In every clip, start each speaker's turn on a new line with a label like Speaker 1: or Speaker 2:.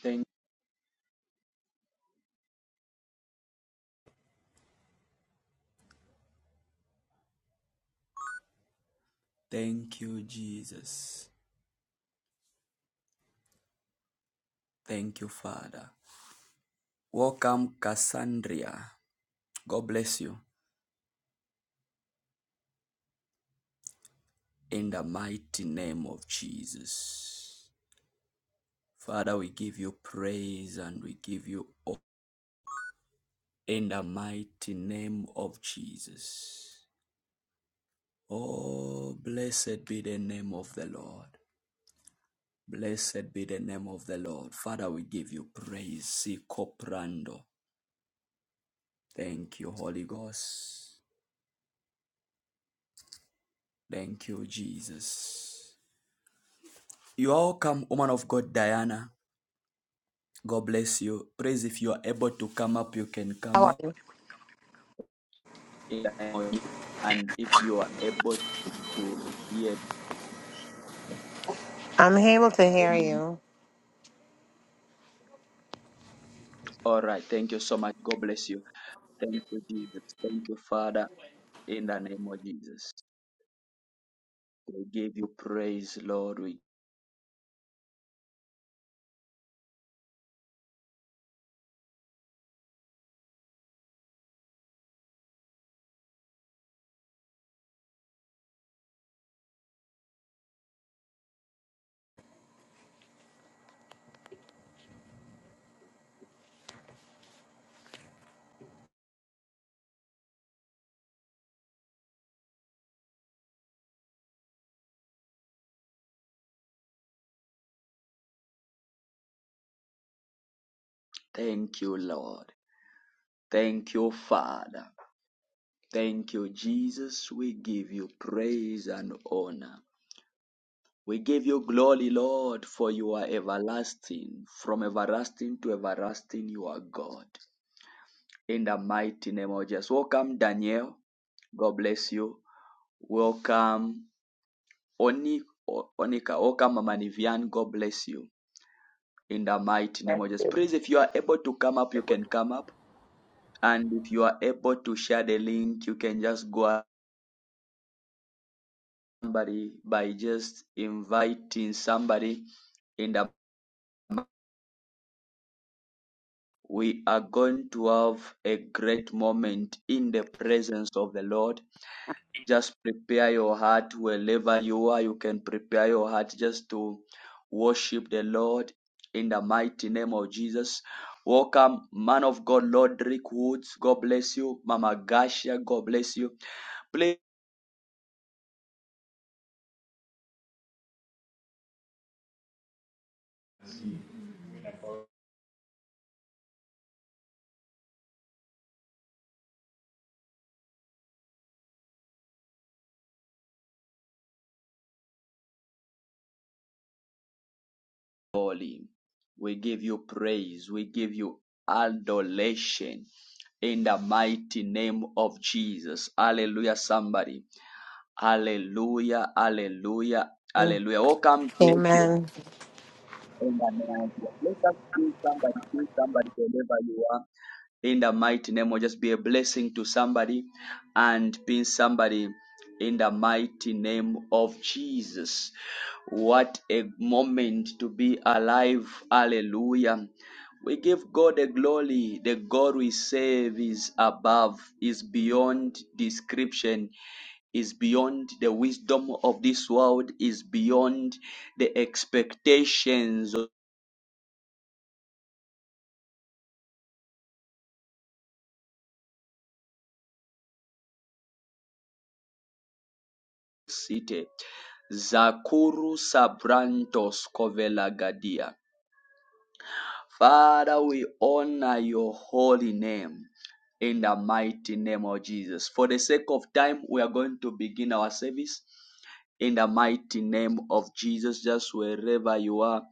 Speaker 1: Thank, thank you, Jesus. Thank you, Father. Welcome, Cassandra. God bless you. In the mighty name of Jesus. Father, we give you praise and we give you honor. in the mighty name of Jesus. Oh, blessed be the name of the Lord. Blessed be the name of the Lord. Father, we give you praise. Sikoprando. Thank you, Holy Ghost. Thank you, Jesus. You're welcome, woman of God, Diana. God bless you. Praise if you are able to come up, you can
Speaker 2: How
Speaker 1: come
Speaker 2: are
Speaker 1: up.
Speaker 2: you?
Speaker 1: And if you are able to hear,
Speaker 2: I'm able to hear you.
Speaker 1: all right. Thank you so much. God bless you. Thank you, Jesus. Thank you, Father, in the name of Jesus. We give you praise, Lord. We thank you, Lord. Thank you, Father. Thank you, Jesus. We give you praise and honor. We give you glory, Lord, for you are everlasting. From everlasting to everlasting, you are God. In the mighty name of Jesus. Welcome, Daniel. God bless you. Welcome, Oni, O- Onika. Welcome, Mama Nivian. God bless you. In the mighty name
Speaker 3: Thank
Speaker 1: of Jesus.
Speaker 3: you.
Speaker 1: Please, if you are able to come up, you
Speaker 4: able
Speaker 1: can come up. And if you are able to share the link, you can just go out somebody by just inviting somebody in the We are going to have a great moment in the presence of the Lord. Just prepare your heart wherever you are. You can prepare your heart just to worship the Lord in the mighty name of Jesus. Welcome, man of God, Lord Rick Woods. God bless you. Mama Gasha, God bless you. Please, holy. We give you praise. We give you adoration in the mighty name of Jesus. Hallelujah, somebody. Hallelujah, hallelujah, hallelujah. Welcome, JJ.
Speaker 2: Amen.
Speaker 1: In the name of Jesus. Let us see somebody, see somebody wherever you are in the mighty name of just be a blessing to somebody and being somebody in the mighty name of Jesus. What a moment to be alive. Hallelujah. We give God the glory. The God we serve is above, is beyond description, is beyond the wisdom of this world, is beyond the expectations City, Zakuru Sabrantos Kovelagadia. Father, we honor your holy name in the mighty name of Jesus. For the sake of time, we are going to begin our service in the mighty name of Jesus, just wherever you are.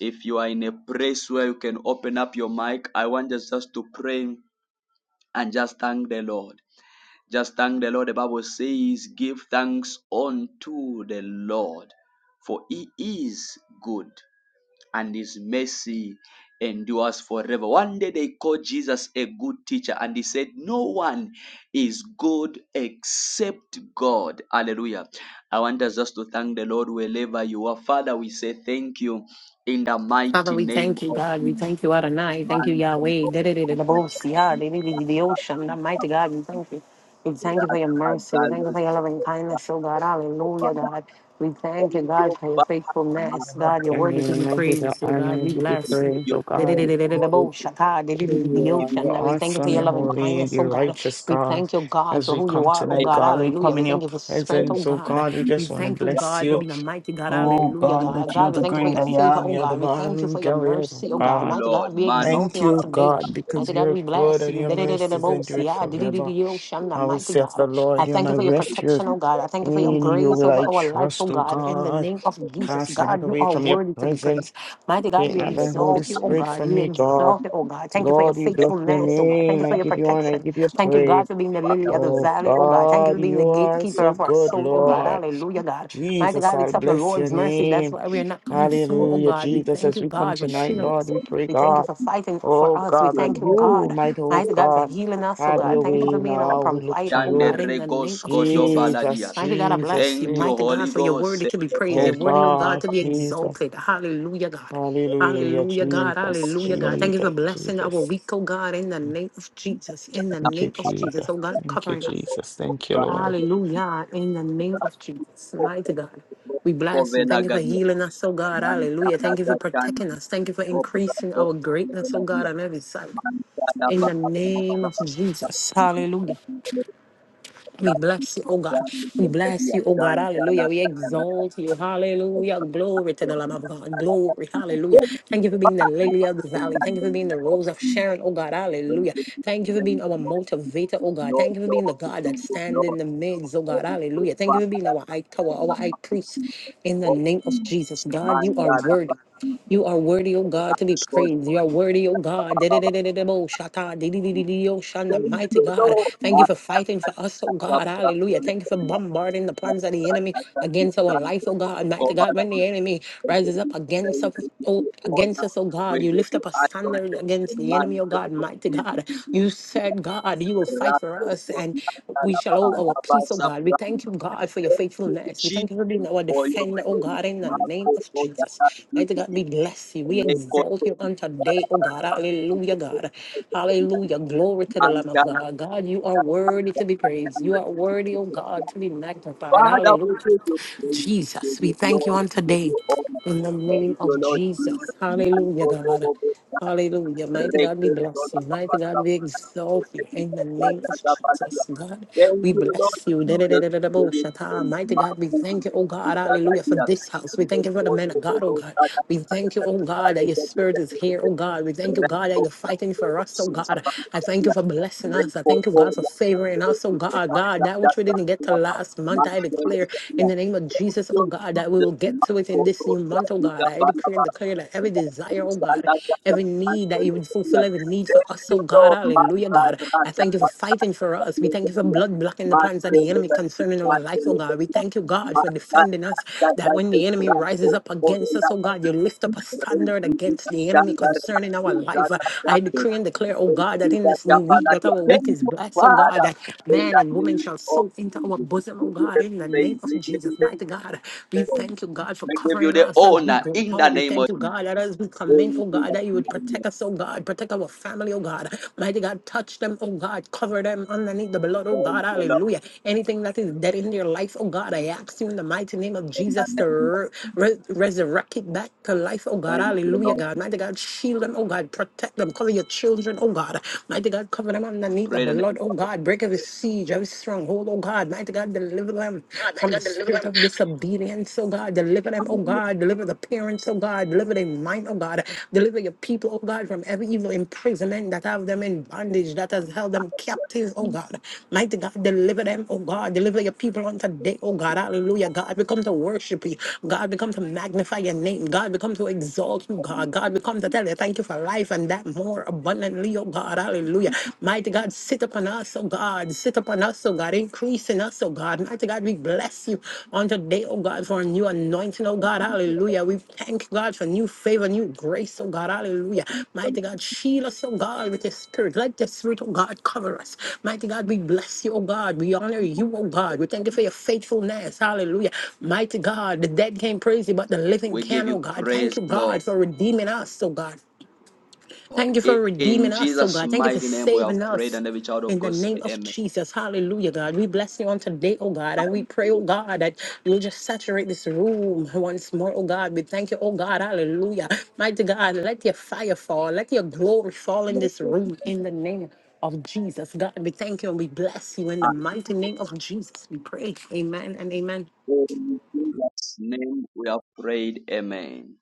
Speaker 1: If you are in a place where you can open up your mic, I want us just to pray and just thank the Lord. Just thank the Lord. The Bible says, Give thanks unto the Lord, for he is good and his mercy endures forever. One day they called Jesus a good teacher, and he said, No one is good except God. Hallelujah. I want us just to thank the Lord wherever you are. Father, we say thank you in the
Speaker 2: Father,
Speaker 1: mighty
Speaker 2: we
Speaker 1: name
Speaker 2: thank you,
Speaker 1: of
Speaker 2: God. We thank you, Adonai. Thank you,
Speaker 1: man.
Speaker 2: Yahweh. Da-da-da-da-da-bo-si, ah, da-da-da-da-da-ocean. The mighty God, we thank you. We
Speaker 1: Father,
Speaker 2: thank you for your mercy. We thank you for your loving kindness, oh God. Hallelujah, God. We thank you,
Speaker 1: thank you,
Speaker 2: God, for your
Speaker 1: Father,
Speaker 2: faithfulness.
Speaker 1: Master,
Speaker 2: God, your
Speaker 3: Your
Speaker 2: word is to be
Speaker 3: name, I
Speaker 1: Father,
Speaker 3: give you
Speaker 2: praised, oh
Speaker 3: honor,
Speaker 2: God.
Speaker 3: I
Speaker 2: We
Speaker 3: give you
Speaker 1: we
Speaker 2: bless you.
Speaker 1: give
Speaker 3: praise,
Speaker 1: you
Speaker 3: oh
Speaker 2: And We
Speaker 3: God. I
Speaker 1: glory,
Speaker 3: thank
Speaker 1: God, we
Speaker 3: you
Speaker 2: thank
Speaker 3: for who
Speaker 1: will
Speaker 3: you
Speaker 1: give
Speaker 3: are.
Speaker 1: you
Speaker 3: You're
Speaker 2: you for
Speaker 3: awesome,
Speaker 2: your
Speaker 1: the
Speaker 3: you're
Speaker 2: loving
Speaker 1: most
Speaker 3: holy, and
Speaker 2: kindness, oh
Speaker 3: you're
Speaker 2: God.
Speaker 3: righteous,
Speaker 2: We
Speaker 3: God.
Speaker 2: thank you, God,
Speaker 3: As
Speaker 2: for
Speaker 3: we
Speaker 2: who you
Speaker 3: come
Speaker 2: are, oh
Speaker 3: tonight,
Speaker 2: God.
Speaker 3: God,
Speaker 1: grateful
Speaker 3: we
Speaker 2: Hallelujah.
Speaker 3: come
Speaker 2: We
Speaker 3: in
Speaker 2: thank
Speaker 3: your
Speaker 2: you for strength, oh
Speaker 1: thanks
Speaker 3: presence, oh
Speaker 1: to
Speaker 2: God.
Speaker 3: God. We
Speaker 1: you,
Speaker 2: We
Speaker 3: just want to
Speaker 2: thank you,
Speaker 1: God,
Speaker 3: bless
Speaker 2: God, for
Speaker 3: you.
Speaker 1: Lord.
Speaker 2: being a mighty God.
Speaker 1: we will give
Speaker 3: Oh
Speaker 2: Hallelujah,
Speaker 3: God,
Speaker 1: you
Speaker 2: God.
Speaker 3: that you're
Speaker 2: God, we
Speaker 3: the
Speaker 2: thank you for
Speaker 3: great
Speaker 2: your
Speaker 1: we praise,
Speaker 3: I
Speaker 2: favor,
Speaker 3: am,
Speaker 2: oh
Speaker 3: you're the
Speaker 2: God. We thank you
Speaker 3: morning
Speaker 2: for your
Speaker 1: we praise, we
Speaker 3: glorious
Speaker 1: praise,
Speaker 3: of
Speaker 2: mercy,
Speaker 1: we
Speaker 2: oh
Speaker 1: praise, we praise, we thank
Speaker 2: God.
Speaker 1: you,
Speaker 3: God.
Speaker 2: Mighty
Speaker 1: Lord,
Speaker 2: God, we
Speaker 1: man,
Speaker 2: exalt
Speaker 3: Thank
Speaker 2: you on
Speaker 3: you,
Speaker 2: today.
Speaker 3: God,
Speaker 1: and thank
Speaker 3: because
Speaker 2: Mighty
Speaker 1: you,
Speaker 2: God,
Speaker 3: you're
Speaker 2: we
Speaker 3: good
Speaker 2: bless
Speaker 3: and
Speaker 2: you.
Speaker 3: your
Speaker 2: Da da da da
Speaker 1: Lord,
Speaker 3: mercies
Speaker 1: we thank
Speaker 3: endure it
Speaker 1: you,
Speaker 3: forever.
Speaker 2: da. Shanna,
Speaker 3: I will
Speaker 2: Mighty
Speaker 3: say of
Speaker 2: God,
Speaker 3: the
Speaker 2: I
Speaker 3: Lord, you're
Speaker 2: thank you
Speaker 3: my
Speaker 2: for your
Speaker 3: refuge.
Speaker 2: protection, oh God. I thank you for your
Speaker 3: In you
Speaker 2: grace
Speaker 3: will
Speaker 2: over
Speaker 3: I
Speaker 2: our life, oh
Speaker 3: trust, O
Speaker 2: God. In the
Speaker 3: God.
Speaker 2: name of Jesus,
Speaker 3: Cast me not
Speaker 2: God, you
Speaker 3: away
Speaker 2: are
Speaker 3: from your
Speaker 2: worthy to be
Speaker 3: presence.
Speaker 2: praised. Mighty God,
Speaker 3: Take
Speaker 2: we
Speaker 3: not thy Holy
Speaker 2: exalt you, oh
Speaker 3: Spirit
Speaker 2: God.
Speaker 3: from
Speaker 2: We
Speaker 3: me, God.
Speaker 2: exalt you, oh God. Thank you for your
Speaker 3: Lord, we bless your
Speaker 2: faithfulness, oh God. Thank
Speaker 3: name.
Speaker 2: you for
Speaker 3: I
Speaker 2: your
Speaker 3: give you honor. I
Speaker 2: protection.
Speaker 3: give you
Speaker 2: Thank you, God,
Speaker 3: praise.
Speaker 2: for being the lily
Speaker 1: Father,
Speaker 2: of the
Speaker 1: for
Speaker 3: Oh
Speaker 1: the
Speaker 2: valley, oh God. Thank you
Speaker 3: God,
Speaker 2: for being the
Speaker 3: you are
Speaker 2: gatekeeper
Speaker 1: gift
Speaker 3: so
Speaker 2: of our
Speaker 3: good,
Speaker 2: soul, oh
Speaker 1: of the man, the land. thank you, Lord, for the Father, for the gift of
Speaker 2: God.
Speaker 1: your
Speaker 3: Lord.
Speaker 2: Hallelujah, God. Mighty
Speaker 3: Jesus,
Speaker 2: God,
Speaker 3: I'll
Speaker 2: it's of the
Speaker 3: bless your
Speaker 2: Lord's mercy. That's
Speaker 3: name.
Speaker 2: why we're not consumed, oh
Speaker 3: Hallelujah,
Speaker 2: God. We
Speaker 3: Jesus.
Speaker 2: thank
Speaker 3: As
Speaker 2: you,
Speaker 3: we come
Speaker 2: God, for
Speaker 3: tonight,
Speaker 2: shielding
Speaker 3: Lord,
Speaker 2: us.
Speaker 3: we pray,
Speaker 2: We thank you
Speaker 3: God,
Speaker 2: for fighting for
Speaker 3: oh
Speaker 2: us. We
Speaker 3: God, that
Speaker 2: thank you,
Speaker 1: Holy Spirit, Lord, we
Speaker 3: you
Speaker 1: give
Speaker 2: God,
Speaker 1: you
Speaker 3: might, oh
Speaker 2: mighty
Speaker 1: praise,
Speaker 2: God, for
Speaker 3: God,
Speaker 2: healing us, oh
Speaker 3: have
Speaker 2: God.
Speaker 3: your
Speaker 1: Lord,
Speaker 2: Thank you
Speaker 3: way
Speaker 2: for being our
Speaker 3: now. We look to
Speaker 2: provider, oh
Speaker 1: Dande
Speaker 3: you.
Speaker 2: God, in the
Speaker 1: regos
Speaker 2: name of
Speaker 1: kodo
Speaker 2: Jesus.
Speaker 1: baladia.
Speaker 3: Jesus,
Speaker 2: Mighty God, I
Speaker 3: Jesus,
Speaker 2: bless you.
Speaker 1: Thank you,
Speaker 2: Mighty God,
Speaker 1: Holy
Speaker 2: for your worthy
Speaker 1: Ghost.
Speaker 2: to be praised.
Speaker 3: Oh
Speaker 2: Your worthy, oh God,
Speaker 3: God,
Speaker 2: to be
Speaker 3: Jesus.
Speaker 2: exalted. Hallelujah, God.
Speaker 3: Hallelujah,
Speaker 2: Hallelujah, God.
Speaker 3: Jesus,
Speaker 2: Hallelujah, God. Thank you for
Speaker 3: Jesus,
Speaker 2: blessing our
Speaker 3: Jesus.
Speaker 2: week, oh God, in the name of Jesus. In the
Speaker 3: Thank you,
Speaker 2: name of Jesus,
Speaker 3: Jesus.
Speaker 2: oh God,
Speaker 3: Thank you,
Speaker 2: covering us.
Speaker 3: Jesus. Thank you, Lord.
Speaker 2: Hallelujah. In the name of Jesus, mighty God. We bless you. Thank you for
Speaker 1: Kovelagadia,
Speaker 2: healing us, oh God. Hallelujah.
Speaker 1: Mantana
Speaker 2: Thank you for
Speaker 1: Gatan,
Speaker 2: protecting us. Thank you for increasing
Speaker 1: Obrato,
Speaker 2: our greatness, oh God,
Speaker 1: Meladia,
Speaker 2: on every side.
Speaker 1: Mantana
Speaker 2: In the name of Jesus. Hallelujah. We bless you, oh God. We bless you, oh God. Hallelujah. We exalt you. Hallelujah. Glory to the Lamb of God. Glory. Hallelujah. Thank you for being the lily of the valley. Thank you for being the rose of Sharon, oh God. Hallelujah. Thank you for being our motivator, oh God. Thank you for being the God that stands in the midst, oh
Speaker 1: Father,
Speaker 2: God.
Speaker 1: in
Speaker 2: Hallelujah. Thank you for being our high tower, our
Speaker 1: the name
Speaker 2: high priest. In the
Speaker 1: of
Speaker 2: name of Jesus,
Speaker 1: Jesus,
Speaker 2: God, you are
Speaker 1: Manda la
Speaker 2: worthy.
Speaker 1: ba-
Speaker 2: You are worthy, O God, to be
Speaker 1: Lord,
Speaker 2: praised. You are worthy, O God.
Speaker 1: ba- ba- ba-
Speaker 2: Da-da-da-da-da-da-bo, shata, di-di-di-di-di-o, shanda.
Speaker 1: Thank
Speaker 2: Mighty
Speaker 1: you,
Speaker 2: God.
Speaker 1: Lord.
Speaker 2: Thank you for
Speaker 1: Ma-
Speaker 2: fighting
Speaker 1: I
Speaker 2: for us, O
Speaker 1: love
Speaker 2: God.
Speaker 1: that. I
Speaker 2: Hallelujah. Thank you for
Speaker 1: love that. I
Speaker 2: bombarding the
Speaker 1: love
Speaker 2: plans of the
Speaker 1: that.
Speaker 2: enemy
Speaker 1: I love
Speaker 2: against our life,
Speaker 1: that.
Speaker 2: O God.
Speaker 1: Go
Speaker 2: Mighty God,
Speaker 1: back
Speaker 2: when the
Speaker 1: and
Speaker 2: enemy
Speaker 1: we give
Speaker 2: rises up
Speaker 1: you
Speaker 2: against
Speaker 1: praise,
Speaker 2: us,
Speaker 1: we give
Speaker 2: oh,
Speaker 1: you
Speaker 2: against
Speaker 1: honor,
Speaker 2: us, O God,
Speaker 1: we
Speaker 2: you
Speaker 1: give
Speaker 2: lift
Speaker 1: you
Speaker 2: up a standard
Speaker 1: adoration, the
Speaker 2: against the
Speaker 1: man
Speaker 2: enemy, O
Speaker 1: to the
Speaker 2: God.
Speaker 1: Lord,
Speaker 2: Mighty
Speaker 1: we give
Speaker 2: God.
Speaker 1: you
Speaker 2: You said
Speaker 1: praise.
Speaker 2: Lord God, you will fight for
Speaker 1: Rapo,
Speaker 2: us
Speaker 1: Lord,
Speaker 2: and
Speaker 1: we thank
Speaker 2: we shall
Speaker 1: you,
Speaker 2: hold
Speaker 1: Lord.
Speaker 2: our
Speaker 1: Abba,
Speaker 2: peace, oh God. We
Speaker 1: Sabra,
Speaker 2: thank you, God, for your
Speaker 1: Thank you,
Speaker 2: faithfulness. We thank
Speaker 1: Jesus,
Speaker 2: you for being our
Speaker 1: for your
Speaker 2: defender, oh
Speaker 1: grace.
Speaker 2: God, in the
Speaker 1: My
Speaker 2: name
Speaker 1: God,
Speaker 2: of
Speaker 1: God, that
Speaker 2: Jesus.
Speaker 1: has been
Speaker 2: Mighty
Speaker 1: with
Speaker 2: God,
Speaker 1: me.
Speaker 2: we bless you. We
Speaker 1: Record
Speaker 2: exalt
Speaker 1: to
Speaker 2: you
Speaker 1: the
Speaker 2: on
Speaker 1: God
Speaker 2: today,
Speaker 1: of
Speaker 2: oh
Speaker 1: our
Speaker 2: God. Hallelujah,
Speaker 1: God.
Speaker 2: God. Hallelujah. Glory to the
Speaker 1: And
Speaker 2: Lamb of
Speaker 1: God,
Speaker 2: God. God, you are
Speaker 1: God, God,
Speaker 2: worthy to be
Speaker 1: God,
Speaker 2: praised.
Speaker 1: God,
Speaker 2: You are worthy, oh God, to be magnified.
Speaker 1: Father, we
Speaker 2: Hallelujah.
Speaker 1: give you praise, we give
Speaker 2: Jesus, we
Speaker 1: you
Speaker 2: thank you
Speaker 1: glory,
Speaker 2: on
Speaker 1: we give
Speaker 2: today
Speaker 1: you honor,
Speaker 2: in the
Speaker 1: we
Speaker 2: name
Speaker 1: give you
Speaker 2: of
Speaker 1: Lord
Speaker 2: Jesus.
Speaker 1: Jesus. And
Speaker 2: Hallelujah,
Speaker 1: God, God,
Speaker 2: God.
Speaker 1: God, God.
Speaker 2: Hallelujah. Mighty
Speaker 1: Thank
Speaker 2: God, we
Speaker 1: you,
Speaker 2: bless you. Mighty God, we exalt you in the name of Jesus. God, we
Speaker 1: Lord
Speaker 2: bless you.
Speaker 1: Jesus. Give us
Speaker 2: Da-da-da-da-da-bo-shata. Mighty God, we thank you, oh God. Hallelujah. For this house. We thank you for the
Speaker 1: for
Speaker 2: men
Speaker 1: the
Speaker 2: of God, oh
Speaker 1: Lord,
Speaker 2: God. We thank you, oh God, that your spirit is here, oh God. We thank you, God, that you're fighting for us, oh God. I thank you for blessing us. I thank you, God, for favoring us, oh God. God, that which we didn't get to last last month. I declare in the name of Jesus, oh God, that we
Speaker 1: Jesus.
Speaker 2: will get to it in this new month, oh God. I declare and declare that every desire, oh God, every
Speaker 1: Thank
Speaker 2: need that
Speaker 1: you,
Speaker 2: you would fulfill, every need for us, oh God, hallelujah, God. I thank you for fighting for us. We thank you for blood blocking the plans of the enemy concerning our life, oh God. We thank you, God, for defending us, that when the enemy rises up against us, oh God, you lift up a standard against the enemy concerning our life. I decree and declare, oh God, that in this new week, that our week is blessed, oh God,
Speaker 1: Father,
Speaker 2: that man
Speaker 1: in
Speaker 2: man
Speaker 1: the
Speaker 2: and woman
Speaker 1: name
Speaker 2: shall sow
Speaker 1: of
Speaker 2: into our
Speaker 1: Jesus.
Speaker 2: bosom,
Speaker 1: We
Speaker 2: oh
Speaker 1: give you
Speaker 2: God,
Speaker 1: the
Speaker 2: in the
Speaker 1: praise,
Speaker 2: name of
Speaker 1: we give
Speaker 2: Jesus,
Speaker 1: you the
Speaker 2: mighty God. We thank you, God, for
Speaker 1: we give you
Speaker 2: covering
Speaker 1: the
Speaker 2: us as we
Speaker 1: honor
Speaker 2: go
Speaker 1: in
Speaker 2: out.
Speaker 1: the
Speaker 2: We
Speaker 1: name
Speaker 2: thank
Speaker 1: of
Speaker 2: you,
Speaker 1: Jesus.
Speaker 2: God, that as we come in,
Speaker 1: Thank
Speaker 2: oh
Speaker 1: you,
Speaker 2: God, that you would protect
Speaker 1: Lord.
Speaker 2: us, oh God, protect our family, oh God. Mighty God, touch them, oh God, cover them underneath the blood, oh God,
Speaker 1: Thank you, Lord.
Speaker 2: hallelujah. Anything that is dead in their life, oh God, I ask you in the mighty name of
Speaker 1: In the
Speaker 2: Jesus to
Speaker 1: name
Speaker 2: re- re- resurrect it back to life, oh God,
Speaker 1: Thank you,
Speaker 2: hallelujah,
Speaker 1: Lord.
Speaker 2: God. Mighty God, shield them, oh God, protect them, cover your children, oh God. Mighty God, cover them underneath
Speaker 1: Of
Speaker 2: underneath the
Speaker 1: bread and
Speaker 2: blood, oh God. Break every siege, every stronghold, oh God. Mighty God, deliver them
Speaker 5: God, mighty
Speaker 2: from the
Speaker 5: God, deliver
Speaker 2: spirit
Speaker 5: them.
Speaker 2: of disobedience, oh God. Deliver them, oh God. Deliver the parents, oh God. Deliver their mind, oh God. Deliver your people, oh God, from every evil imprisonment that have them in bondage, that has held them captive, oh God. Mighty God, deliver them, oh God. Deliver your people on today, oh God. Hallelujah, God. We come to worship you. God, we come to magnify your name. God, we come to exalt you, God. God, we come to tell you thank you for life and that more abundantly abundantly, oh God. Hallelujah. Mighty God, sit upon us, oh God. Sit upon us, oh God. Increase in us, oh God. Mighty God, we bless you on today, oh God, for a new anointing, oh God. Hallelujah. We thank God for new favor, new grace, oh God. Hallelujah. Mighty God, shield us, oh God, with your spirit. Let the spirit, oh God, cover us. Mighty God, we bless you, oh God. We honor you, oh God. We thank you for your faithfulness. Hallelujah. Mighty God, the dead can't praise you, but the living
Speaker 1: we give
Speaker 2: can,
Speaker 1: you
Speaker 2: oh God. Thank
Speaker 1: praise,
Speaker 2: you, God,
Speaker 1: Lord.
Speaker 2: for redeeming us, oh God. Thank you for
Speaker 1: In
Speaker 2: redeeming us, oh
Speaker 1: Jesus'
Speaker 2: God. Thank you for
Speaker 1: mighty name, we
Speaker 2: saving
Speaker 1: have prayed,
Speaker 2: us.
Speaker 1: and every child of
Speaker 2: In the
Speaker 1: God say,
Speaker 2: name of
Speaker 1: Amen.
Speaker 2: Jesus, hallelujah, God. We bless you on today, oh God. And we pray, oh God, that you'll just saturate this room once more, oh God. We thank you, oh God, hallelujah. Mighty God, let your fire fall. Let your glory fall in this room in the name of Jesus, God. We thank you and we bless you in the mighty name of Jesus. We pray. Amen and amen.
Speaker 1: In Jesus' name, we have prayed, Amen.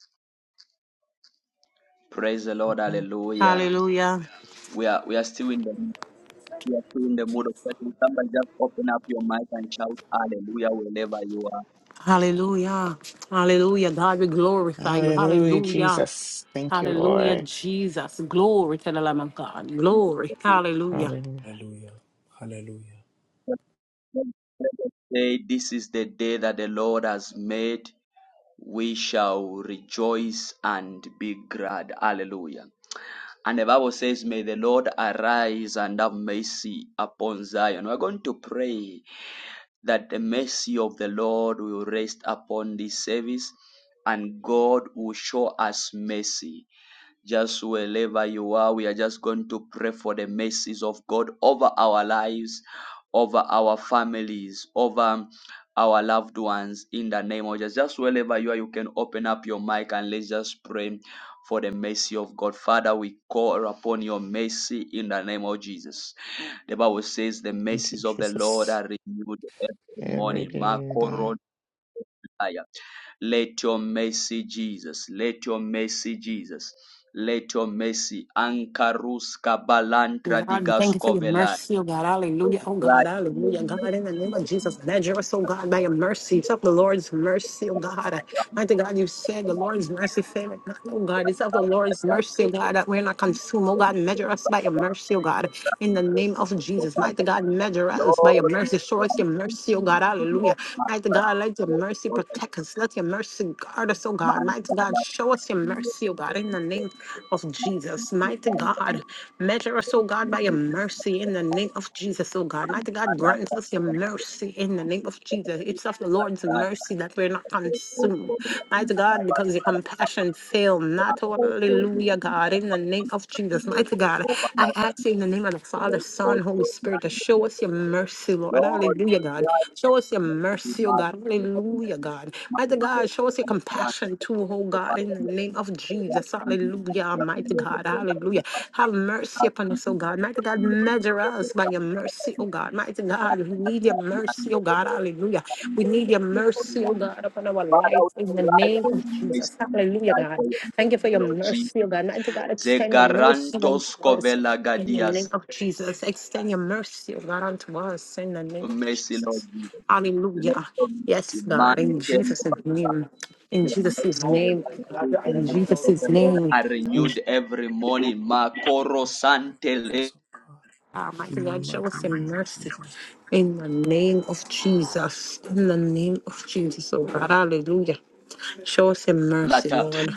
Speaker 1: Praise the Lord, Hallelujah.
Speaker 2: Hallelujah.
Speaker 1: We are we are still in the we are still in the mood of prayer. Somebody just open up your mic and shout Hallelujah wherever you are.
Speaker 2: Hallelujah. Hallelujah. God, we glorify you.
Speaker 3: Hallelujah,
Speaker 2: Hallelujah.
Speaker 3: Jesus. Thank you,
Speaker 2: Hallelujah,
Speaker 3: Lord.
Speaker 2: Jesus. Glory to the Lamb of God. Glory. Hallelujah.
Speaker 3: Hallelujah.
Speaker 6: Hallelujah. Hallelujah.
Speaker 1: Say, this is the day that the Lord has made we shall rejoice and be glad. Hallelujah. And the Bible says, May the Lord arise and have mercy upon Zion. We're going to pray that the mercy of the Lord will rest upon this service and God will show us mercy. Just wherever you are, we are just going to pray for the mercies of God over our lives, over our families, over our loved ones in the name of Jesus. Just wherever you are, you can open up your mic and let's just pray for the mercy of God. Father, we call upon your mercy in the name of Jesus. The Bible says the
Speaker 3: Thank you,
Speaker 1: mercies of the Lord
Speaker 3: Jesus.
Speaker 1: are renewed every
Speaker 3: Every
Speaker 1: morning.
Speaker 3: day,
Speaker 1: Marco
Speaker 3: Lord.
Speaker 1: let your mercy, Jesus. Let your mercy, Jesus. Let your mercy. Ankarus kabalantra
Speaker 2: God,
Speaker 1: digas
Speaker 2: thank you for your
Speaker 1: kovela.
Speaker 2: mercy, oh God, hallelujah, oh God, hallelujah, God, in the name of Jesus, measure us, oh God, by your mercy, it's of the Lord's mercy, oh God, mighty God, you said the Lord's mercy faileth not, oh God, it's of the Lord's mercy, oh God, that we're not consumed, oh God, measure us by your mercy, oh God, in the name of Jesus, mighty God, measure us by your mercy, show us your mercy, oh God, hallelujah, mighty God, let your mercy protect us, let your mercy guard us, oh God, mighty God, show us your mercy, oh God, in the name name of Jesus. Mighty God, measure us, oh God, by your mercy in the name of Jesus, oh God. Mighty God, grant us your mercy in the name of Jesus. It's of the Lord's mercy that we're not consumed. Mighty God, because your compassion fail not. Hallelujah, God, in the name of Jesus. Mighty God, I ask you in the name of the Father, Son, Holy Spirit, to show us your mercy, Lord.
Speaker 1: Lord,
Speaker 2: Hallelujah, God.
Speaker 1: Lord,
Speaker 2: Show us your
Speaker 1: Father, we
Speaker 2: mercy, oh
Speaker 1: cry
Speaker 2: God. Hallelujah, God. Mighty God, Show us your compassion too, oh God, in the name of Jesus. Hallelujah, Almighty God. Hallelujah. Have mercy upon us, oh God. Mighty God, measure us by your mercy, oh God. Mighty God, we need your mercy, oh God. Hallelujah. We need your mercy, oh God, upon our life in the name
Speaker 1: for
Speaker 2: of
Speaker 1: your mercy,
Speaker 2: Jesus.
Speaker 1: we
Speaker 2: Hallelujah,
Speaker 1: cry for
Speaker 2: God.
Speaker 1: your mercy,
Speaker 2: Thank you for your
Speaker 1: Lord Jesus.
Speaker 2: mercy, oh God. Mighty God, extend the mercy unto
Speaker 1: Zegarantos
Speaker 2: us
Speaker 1: covela
Speaker 2: in the name
Speaker 1: gadias.
Speaker 2: of Jesus. Extend your mercy, oh God, unto us in the name of
Speaker 1: Mercy, Lord
Speaker 2: Jesus.
Speaker 1: Jesus. Let
Speaker 2: Hallelujah.
Speaker 1: your mercy
Speaker 2: Yes, God, in Jesus'
Speaker 1: man
Speaker 2: name, in
Speaker 1: The
Speaker 2: Jesus'
Speaker 1: mercy, the
Speaker 2: name,
Speaker 1: mercy, the
Speaker 2: in
Speaker 1: mercy of
Speaker 2: Jesus'
Speaker 1: the Lord
Speaker 2: name,
Speaker 1: are
Speaker 2: in Je-
Speaker 1: renewed every morning. Makoro
Speaker 6: Praise the and
Speaker 1: santele
Speaker 6: praise, oh God.
Speaker 2: Ah, mighty
Speaker 6: In the
Speaker 2: God,
Speaker 6: mighty
Speaker 2: show us your
Speaker 6: name of
Speaker 2: mercy
Speaker 6: Jesus,
Speaker 2: in the name of Jesus, in the name of Jesus, oh God, hallelujah. Show us your mercy,
Speaker 1: lata.
Speaker 2: Lord,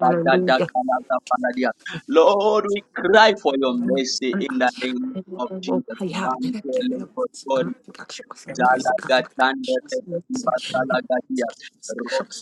Speaker 2: hallelujah.
Speaker 1: Lord, we cry for
Speaker 6: O
Speaker 1: your
Speaker 6: Lord,
Speaker 1: mercy
Speaker 2: Show
Speaker 1: in the
Speaker 2: us
Speaker 1: name of Jesus. Mantele kotori
Speaker 6: I pray for your
Speaker 1: jalagatande teketiva
Speaker 6: wisdom,
Speaker 1: salagadia.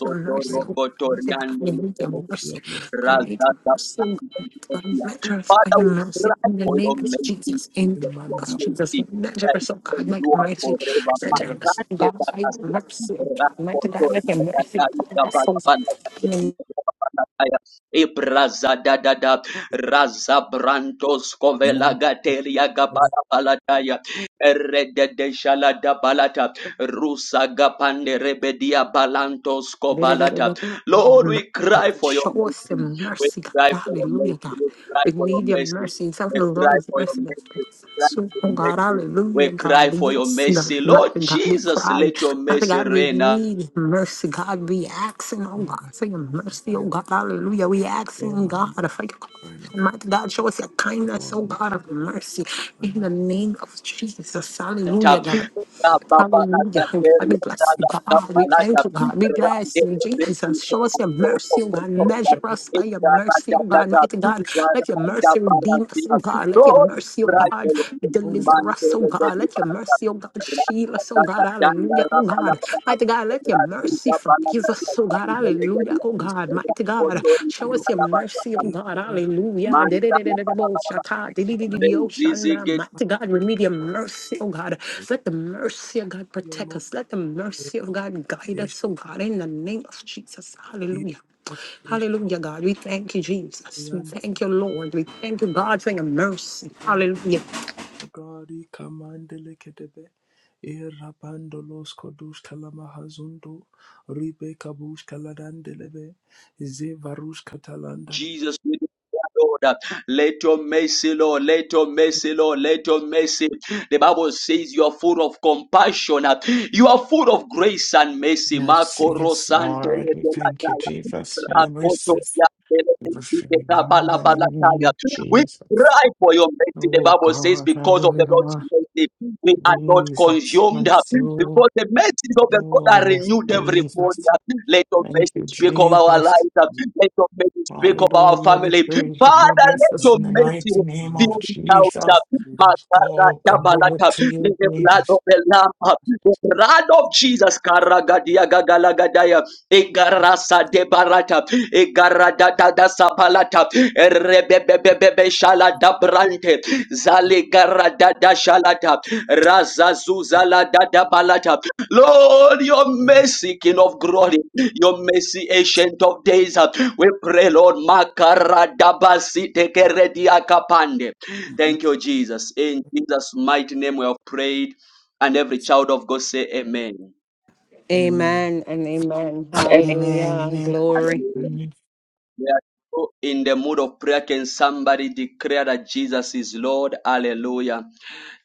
Speaker 2: the mercy,
Speaker 6: crying out
Speaker 2: oh mercy, God, we
Speaker 1: rokotoriandele
Speaker 2: need your
Speaker 6: oh, for
Speaker 2: mercy.
Speaker 6: your mercy,
Speaker 2: We
Speaker 6: O God.
Speaker 2: need your
Speaker 1: Father,
Speaker 2: mercy, oh God, God, measure us by your
Speaker 1: we
Speaker 2: mercy
Speaker 1: cry
Speaker 2: in the
Speaker 1: for
Speaker 2: name
Speaker 1: your
Speaker 2: of
Speaker 1: mercy,
Speaker 2: Jesus. In
Speaker 6: In
Speaker 1: Jesus,
Speaker 6: man,
Speaker 1: your
Speaker 2: us,
Speaker 6: capital,
Speaker 2: Jesus,
Speaker 1: mercy,
Speaker 2: measure
Speaker 1: that
Speaker 2: us, oh
Speaker 1: you
Speaker 2: God, like
Speaker 1: endure
Speaker 2: mercy,
Speaker 1: forever.
Speaker 2: measure
Speaker 6: man,
Speaker 2: us, oh
Speaker 1: Makande
Speaker 2: God, by your
Speaker 1: bakasia,
Speaker 2: mercy, oh God, mighty
Speaker 1: rakoto
Speaker 2: God, like your mercy,
Speaker 1: rakatari
Speaker 2: God, our souls.
Speaker 1: kabakabanda kakakakakakaya. Ibrazadadada, razabrantos
Speaker 6: man, Lord,
Speaker 1: kovelagateria
Speaker 6: for
Speaker 1: gabala balataya, erededeshalada balata, rusagapanderebedia balantos
Speaker 2: God,
Speaker 1: kobalata, Lord, we cry for your
Speaker 2: show us
Speaker 1: mercy.
Speaker 2: some
Speaker 1: We
Speaker 2: mercy,
Speaker 1: cry
Speaker 2: God.
Speaker 1: for your
Speaker 2: Hallelujah,
Speaker 1: mercy.
Speaker 2: God.
Speaker 1: We cry
Speaker 2: We
Speaker 1: for your
Speaker 2: need your
Speaker 1: mercy.
Speaker 2: mercy. It's of
Speaker 1: We
Speaker 2: the
Speaker 1: cry
Speaker 2: Lord's
Speaker 1: for your
Speaker 2: mercy.
Speaker 1: mercy.
Speaker 2: that
Speaker 1: We
Speaker 2: speaks.
Speaker 1: Cry
Speaker 2: So,
Speaker 1: for
Speaker 2: oh
Speaker 1: your
Speaker 6: your
Speaker 2: God,
Speaker 1: mercy.
Speaker 2: hallelujah,
Speaker 1: We cry
Speaker 2: God.
Speaker 1: for your
Speaker 2: Yes, God,
Speaker 1: mercy.
Speaker 2: my
Speaker 1: Lord
Speaker 2: God, we
Speaker 1: Jesus,
Speaker 2: cry.
Speaker 1: let your
Speaker 2: Father
Speaker 1: mercy
Speaker 2: God, we
Speaker 6: help.
Speaker 1: reign.
Speaker 2: need mercy, God. We asking, oh
Speaker 6: Lord, my
Speaker 2: God, for your
Speaker 6: sister,
Speaker 2: mercy,
Speaker 6: crying
Speaker 2: oh
Speaker 6: out,
Speaker 2: God, hallelujah. We
Speaker 6: Lord,
Speaker 2: asking,
Speaker 6: my
Speaker 2: God,
Speaker 6: me,
Speaker 2: for your
Speaker 6: crying out for your
Speaker 2: Mighty God, show us your
Speaker 6: power,
Speaker 2: kindness,
Speaker 6: Lord,
Speaker 2: oh
Speaker 6: my
Speaker 2: God of
Speaker 6: brother,
Speaker 2: mercy,
Speaker 6: crying
Speaker 2: in
Speaker 6: out
Speaker 2: the
Speaker 6: for your power,
Speaker 2: name of
Speaker 6: Lord,
Speaker 2: Jesus, hallelujah,
Speaker 1: Tap.
Speaker 2: God.
Speaker 1: baba
Speaker 6: that
Speaker 1: ba ba la ta
Speaker 2: Hallelujah. And
Speaker 1: te
Speaker 2: God,
Speaker 1: ri
Speaker 2: we
Speaker 1: ta
Speaker 2: bless
Speaker 6: you
Speaker 2: you,
Speaker 1: la ta
Speaker 2: God.
Speaker 1: pa
Speaker 2: We
Speaker 6: have,
Speaker 1: la ta.
Speaker 2: thank you, God. We
Speaker 1: Ra
Speaker 2: bless
Speaker 1: de
Speaker 2: you,
Speaker 1: de de de
Speaker 2: Jesus.
Speaker 1: de
Speaker 2: Show us
Speaker 1: ra
Speaker 2: your
Speaker 1: to to
Speaker 2: mercy, oh
Speaker 1: ko
Speaker 2: God.
Speaker 1: to ya.
Speaker 2: Measure
Speaker 6: Lord,
Speaker 2: us
Speaker 1: E
Speaker 2: by your
Speaker 1: ra ra
Speaker 2: mercy,
Speaker 1: ja
Speaker 2: oh
Speaker 1: ja
Speaker 2: God.
Speaker 1: ja.
Speaker 2: Mighty God,
Speaker 1: Ra ra
Speaker 2: let your
Speaker 1: ra ja
Speaker 2: mercy
Speaker 1: ba la
Speaker 2: redeem
Speaker 1: si
Speaker 2: us,
Speaker 1: la
Speaker 2: oh
Speaker 1: si
Speaker 2: God. Let
Speaker 1: do.
Speaker 2: your mercy, oh
Speaker 1: Ra
Speaker 6: please
Speaker 1: de
Speaker 2: God,
Speaker 1: lo de si
Speaker 6: hold up
Speaker 1: man
Speaker 2: deliver
Speaker 1: de
Speaker 2: us, oh
Speaker 1: lo de
Speaker 2: God.
Speaker 1: di
Speaker 2: Let
Speaker 1: ba
Speaker 2: your
Speaker 1: la ta.
Speaker 2: mercy, oh God,
Speaker 1: Ra
Speaker 2: shield
Speaker 1: ta
Speaker 2: us, oh
Speaker 1: ta ta
Speaker 2: God.
Speaker 1: jan da
Speaker 2: Hallelujah,
Speaker 1: ra
Speaker 2: oh
Speaker 1: pa la
Speaker 2: God.
Speaker 1: pa pa.
Speaker 2: Mighty God, let your
Speaker 1: baba si
Speaker 6: my
Speaker 2: mercy
Speaker 1: ja pa la
Speaker 2: forgive
Speaker 1: ta la
Speaker 2: us, oh
Speaker 1: ta
Speaker 2: God.
Speaker 1: ni de
Speaker 6: mercy,
Speaker 1: le baba
Speaker 2: Hallelujah,
Speaker 1: di.
Speaker 2: oh
Speaker 6: mercy,
Speaker 2: God. Mighty
Speaker 1: Ra
Speaker 2: to
Speaker 1: ko
Speaker 2: God.
Speaker 6: mercy,
Speaker 1: to ri ta
Speaker 2: Show
Speaker 1: ni
Speaker 6: Lord.
Speaker 2: us your
Speaker 1: ta ba ta.
Speaker 2: mercy, oh
Speaker 6: Big,
Speaker 2: God.
Speaker 6: Rabbi,
Speaker 2: Hallelujah.
Speaker 1: Man ta baba baba pa pa pa.
Speaker 2: Di-di-di-di-di-di-bo-shata.
Speaker 6: crying out
Speaker 1: Re zi zi
Speaker 2: Di-di-di-di-di-oshanda.
Speaker 1: ge
Speaker 6: for my
Speaker 2: Mighty God, we need your mercy, oh God.
Speaker 6: mercy,
Speaker 2: Let the mercy of God
Speaker 6: O
Speaker 2: protect
Speaker 6: Lord,
Speaker 2: us. Let the
Speaker 6: hear
Speaker 2: mercy of God guide
Speaker 6: my
Speaker 2: us, oh God, in the name of Jesus.
Speaker 6: Lord,
Speaker 2: Hallelujah. Hallelujah, God. We thank you, Jesus. We thank you, Lord. We thank you, God, for your mercy. Hallelujah.
Speaker 6: O God, I commandele kedebe, e rabandolos kodush kalama hazundo, ribe kabush kaladandelebe, ze varush katalandala.
Speaker 1: Jesus, we Lord, let your mercy, Lord, let your mercy, Lord, let your mercy. The Bible says you are full of compassion, you are full of grace and mercy. Marco
Speaker 3: Mercy is
Speaker 1: Rosante,
Speaker 3: Lord. We thank you, Jesus, for your mercies. We bless you In the name of
Speaker 1: we
Speaker 3: Jesus.
Speaker 1: Cry for your mercy, the
Speaker 3: Oh
Speaker 1: Bible says,
Speaker 3: God,
Speaker 1: because of the Lord's
Speaker 3: hallelujah.
Speaker 1: mercy, we are not
Speaker 3: Jesus,
Speaker 1: consumed.
Speaker 3: thank you,
Speaker 1: Because the mercies of the Lord
Speaker 3: Oh,
Speaker 1: are
Speaker 3: yes,
Speaker 1: renewed every
Speaker 3: Jesus.
Speaker 1: morning. Let your
Speaker 3: Thank
Speaker 1: mercy
Speaker 3: you,
Speaker 1: speak of our
Speaker 3: Jesus.
Speaker 1: lives. Let your mercy speak of our
Speaker 3: Hallelujah. We
Speaker 1: family.
Speaker 3: praise that you
Speaker 1: Father,
Speaker 3: bless
Speaker 1: let
Speaker 3: us
Speaker 1: your
Speaker 3: in the
Speaker 1: mercy
Speaker 3: mighty name of
Speaker 1: fill this house.
Speaker 3: Jesus. Oh, God, we look
Speaker 1: Makarakabalaka.
Speaker 3: to
Speaker 1: Let
Speaker 3: you,
Speaker 1: the blood of
Speaker 3: Jesus.
Speaker 1: the Lamb, the blood of Jesus, Karagadiagagalagadaya. Egarasa de barata, igarada da da sapalata, rebebebebebe shalada brante, zali garada da shalata, raza zuzala da da balata. Lord, your mercy, King of glory, your mercy, ancient of days. We pray, Lord, makarada basi tekeredia akapande. Thank you, Jesus. In Jesus' mighty name we have prayed, and every child of God say amen.
Speaker 6: Amen.
Speaker 2: Amen and amen.
Speaker 3: Amen.
Speaker 2: Hallelujah and
Speaker 3: Amen.
Speaker 2: glory.
Speaker 1: Hallelujah.
Speaker 3: Amen.
Speaker 1: We are so in the mood of prayer. Can somebody declare that Jesus is Lord? Hallelujah.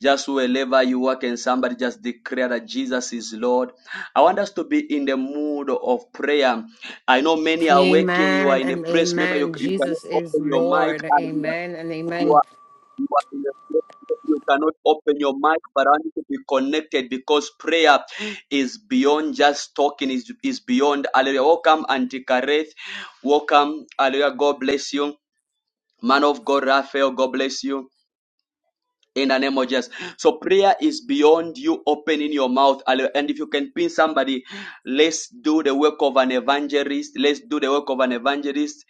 Speaker 1: Just wherever you are, can somebody just declare that Jesus is Lord? I want us to be in the mood of prayer. I know many are waking, you are
Speaker 2: Amen
Speaker 1: in a
Speaker 2: and
Speaker 1: place, maybe you,
Speaker 2: amen.
Speaker 1: you cannot
Speaker 2: Jesus is
Speaker 1: open your mic.
Speaker 2: Lord.
Speaker 1: Hallelujah.
Speaker 2: Amen and
Speaker 1: You
Speaker 2: amen.
Speaker 1: are you are in a place where you cannot open your mic, but I need to be connected because prayer is beyond just talking, is is beyond hallelujah. Welcome, Auntie Kareth. Welcome, hallelujah. God bless you. Man of God, Raphael, God bless you in the name of Jesus. So prayer is beyond you opening your mouth. And if you can pin somebody, let's do the work of an evangelist. Let's do the work of an evangelist.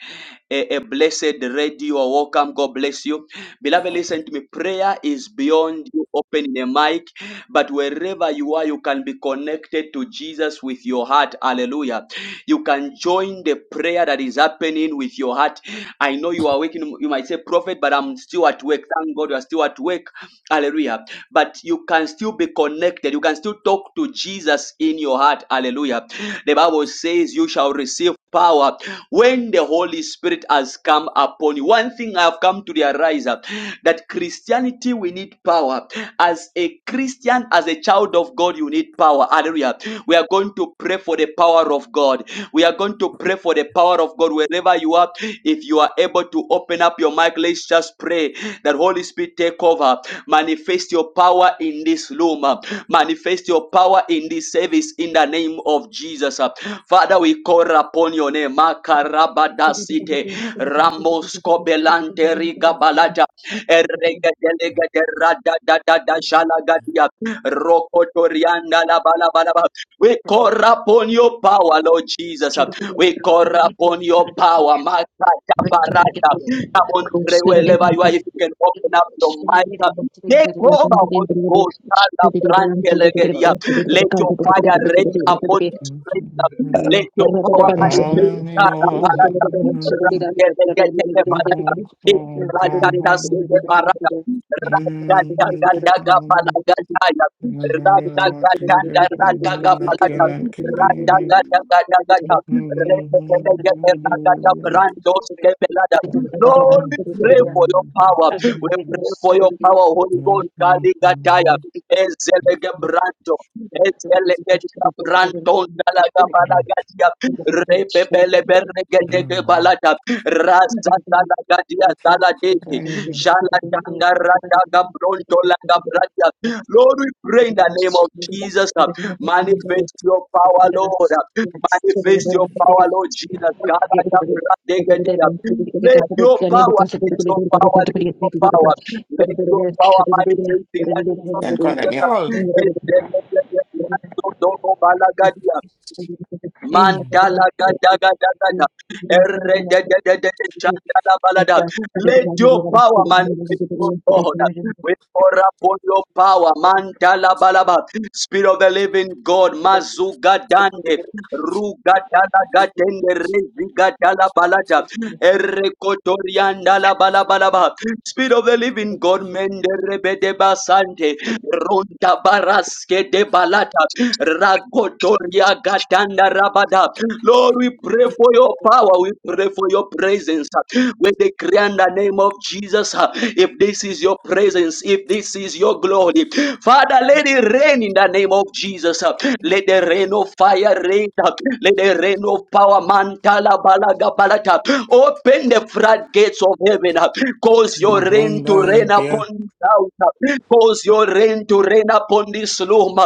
Speaker 1: A, a blessed radio. are Welcome. God bless you. Beloved, listen to me. Prayer is beyond you opening a mic, but wherever you are, you can be connected to Jesus with your heart. Hallelujah. You can join the prayer that is happening with your heart. I know you are work you, you might say prophet but i'm still at work thank god you're still at work hallelujah but you can still be connected you can still talk to jesus in your heart hallelujah the bible says you shall receive power when the holy spirit has come upon you one thing i have come to realize uh, that christianity we need power as a christian as a child of god you need power hallelujah we are going to pray for the power of god we are going to pray for the power of God wherever you are. If you are able to open up your mic, let's just pray that Holy Spirit take over. Manifest your power in this room. uh, Manifest your power in this service in the name of Jesus. uh. Father, we call upon your name. Makarabadasite, Ramoskobelante rigabalata, Eregedelegederadadadadashalagadia, Rokotorianda labalaba. We
Speaker 7: Thank
Speaker 1: call upon your power, Lord Jesus. We call upon your power. Makata
Speaker 8: Thank
Speaker 1: barata. Come on, pray wherever you are. If you can open up your mic, take over, Holy Ghost. Kala brante legedia. Let your fire rain upon this place. Let your power manifest. Kala
Speaker 3: Hallelujah.
Speaker 1: barata. Rante legete barata. Lord, we pray
Speaker 3: Hallelujah. Jesus, there's none like you, none can be.
Speaker 7: you.
Speaker 3: Then
Speaker 1: for your power. We pray for your power, Holy Ghost. Kaligataya. Ezelege branto, ezelege branto, nalaga balaga, repepele bernege balata, Rasataladia Saladeti. Shalatanda Rataka Pronto Lagabratia. Lord, we pray in the name of Jesus. uh, Manifest your power, Lord. uh, Manifest your power, Lord Jesus. Galadabradegedeya. Let your power, let your power, let your power, let your power manifest in the name of
Speaker 3: call them
Speaker 1: Jesus.
Speaker 3: y'all.
Speaker 1: uh,
Speaker 7: Thank
Speaker 1: Don't go
Speaker 3: Mm.
Speaker 1: Mandala gada gada gada. Erre de de de de de chandala balada. Let your power manifest, O God. We pour upon your power, mandala balaba. Spirit of the living God, mazuga dande, ruga dala gatende reziga dala balada. Erre kotorianda la balabalaba. Spirit of the living
Speaker 7: you.
Speaker 1: God, mende rebede basante. Ronda baraske de balata. Ragotoria gatanda rabada. Lord, we pray for your power. We pray for your presence. We decree in the name of Jesus. uh, If this is your presence, if this is your glory, Father, let it rain in the name of Jesus. uh, Let the rain of fire rain. uh, Let the rain of power mantala balaga balata. Open the floodgates of heaven. Cause your rain to rain
Speaker 3: Abundant,
Speaker 1: upon
Speaker 3: dear
Speaker 1: this house. Cause your rain to rain upon this loom.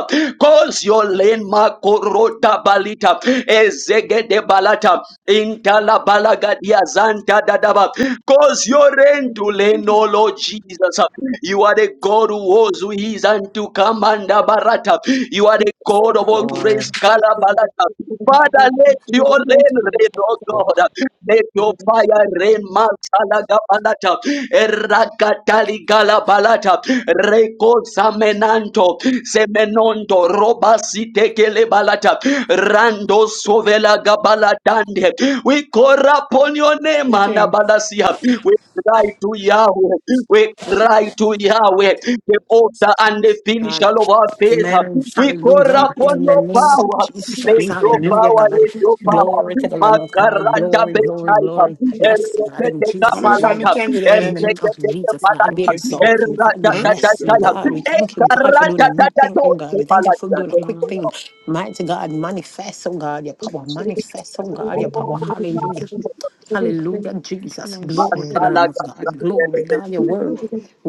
Speaker 1: Cause your rain, Makorota Balita, Ezegede Balata, Intala Balagadia Zanta Dadaba. Cause your rain to rain, O Lord Jesus. You are the God who was, who is, and to come And Barata. You are the God of all grace,
Speaker 3: Lord.
Speaker 1: Kalabalata. Father, let your rain rain, oh
Speaker 3: Walk.
Speaker 1: God. Let your fire rain, Mantalaga Balata, Erakatali Gala balata. Reco Samenanto, Semenonto, Robasite Balata, Rando Sovela Gabalatande. We call upon your name,
Speaker 3: Thank you.
Speaker 1: Anabalasia. We cry to Yahweh. We cry to Yahweh, the author and the finisher of our faith.
Speaker 2: Amen.
Speaker 1: We call
Speaker 2: Hallelujah.
Speaker 3: Sweet.
Speaker 1: upon
Speaker 2: In the
Speaker 1: your
Speaker 2: name of
Speaker 1: power.
Speaker 2: Jesus.
Speaker 1: Let
Speaker 3: Sweet.
Speaker 1: your
Speaker 2: Hallelujah,
Speaker 1: power,
Speaker 2: God.
Speaker 1: let your power.
Speaker 2: Glory to the Lamb of God.
Speaker 1: Makaracha
Speaker 2: Glory, glory,
Speaker 1: benaita.
Speaker 2: glory. Yes, God, in
Speaker 1: Erekete
Speaker 3: How many
Speaker 2: Jesus'
Speaker 3: family
Speaker 2: name.
Speaker 1: kapalata.
Speaker 3: candy there in
Speaker 2: In the name of
Speaker 1: Erekete
Speaker 2: Jesus, God,
Speaker 3: you?
Speaker 2: we
Speaker 3: Thank
Speaker 1: kapalata.
Speaker 3: you.
Speaker 2: exalt you. God, we
Speaker 1: Erraja
Speaker 3: Hmm?
Speaker 1: da da
Speaker 2: bless
Speaker 1: da
Speaker 2: you,
Speaker 1: ya.
Speaker 2: God. We thank you, God, for doing
Speaker 1: Ekaraja
Speaker 2: a
Speaker 1: da
Speaker 2: new
Speaker 1: da
Speaker 2: thing,
Speaker 1: do.
Speaker 2: oh God. We thank you for
Speaker 1: Kapalata.
Speaker 2: doing a quick thing. Mighty God, manifest, oh God, your power. Manifest, oh God, your
Speaker 1: Oh,
Speaker 2: power.
Speaker 3: Mm.
Speaker 1: my
Speaker 2: Hallelujah.
Speaker 1: God.
Speaker 2: Hallelujah, Jesus. Glory to the
Speaker 1: Masala
Speaker 2: Lamb of
Speaker 1: da da
Speaker 2: God.
Speaker 1: da
Speaker 2: Glory,
Speaker 1: da.
Speaker 2: God, your word.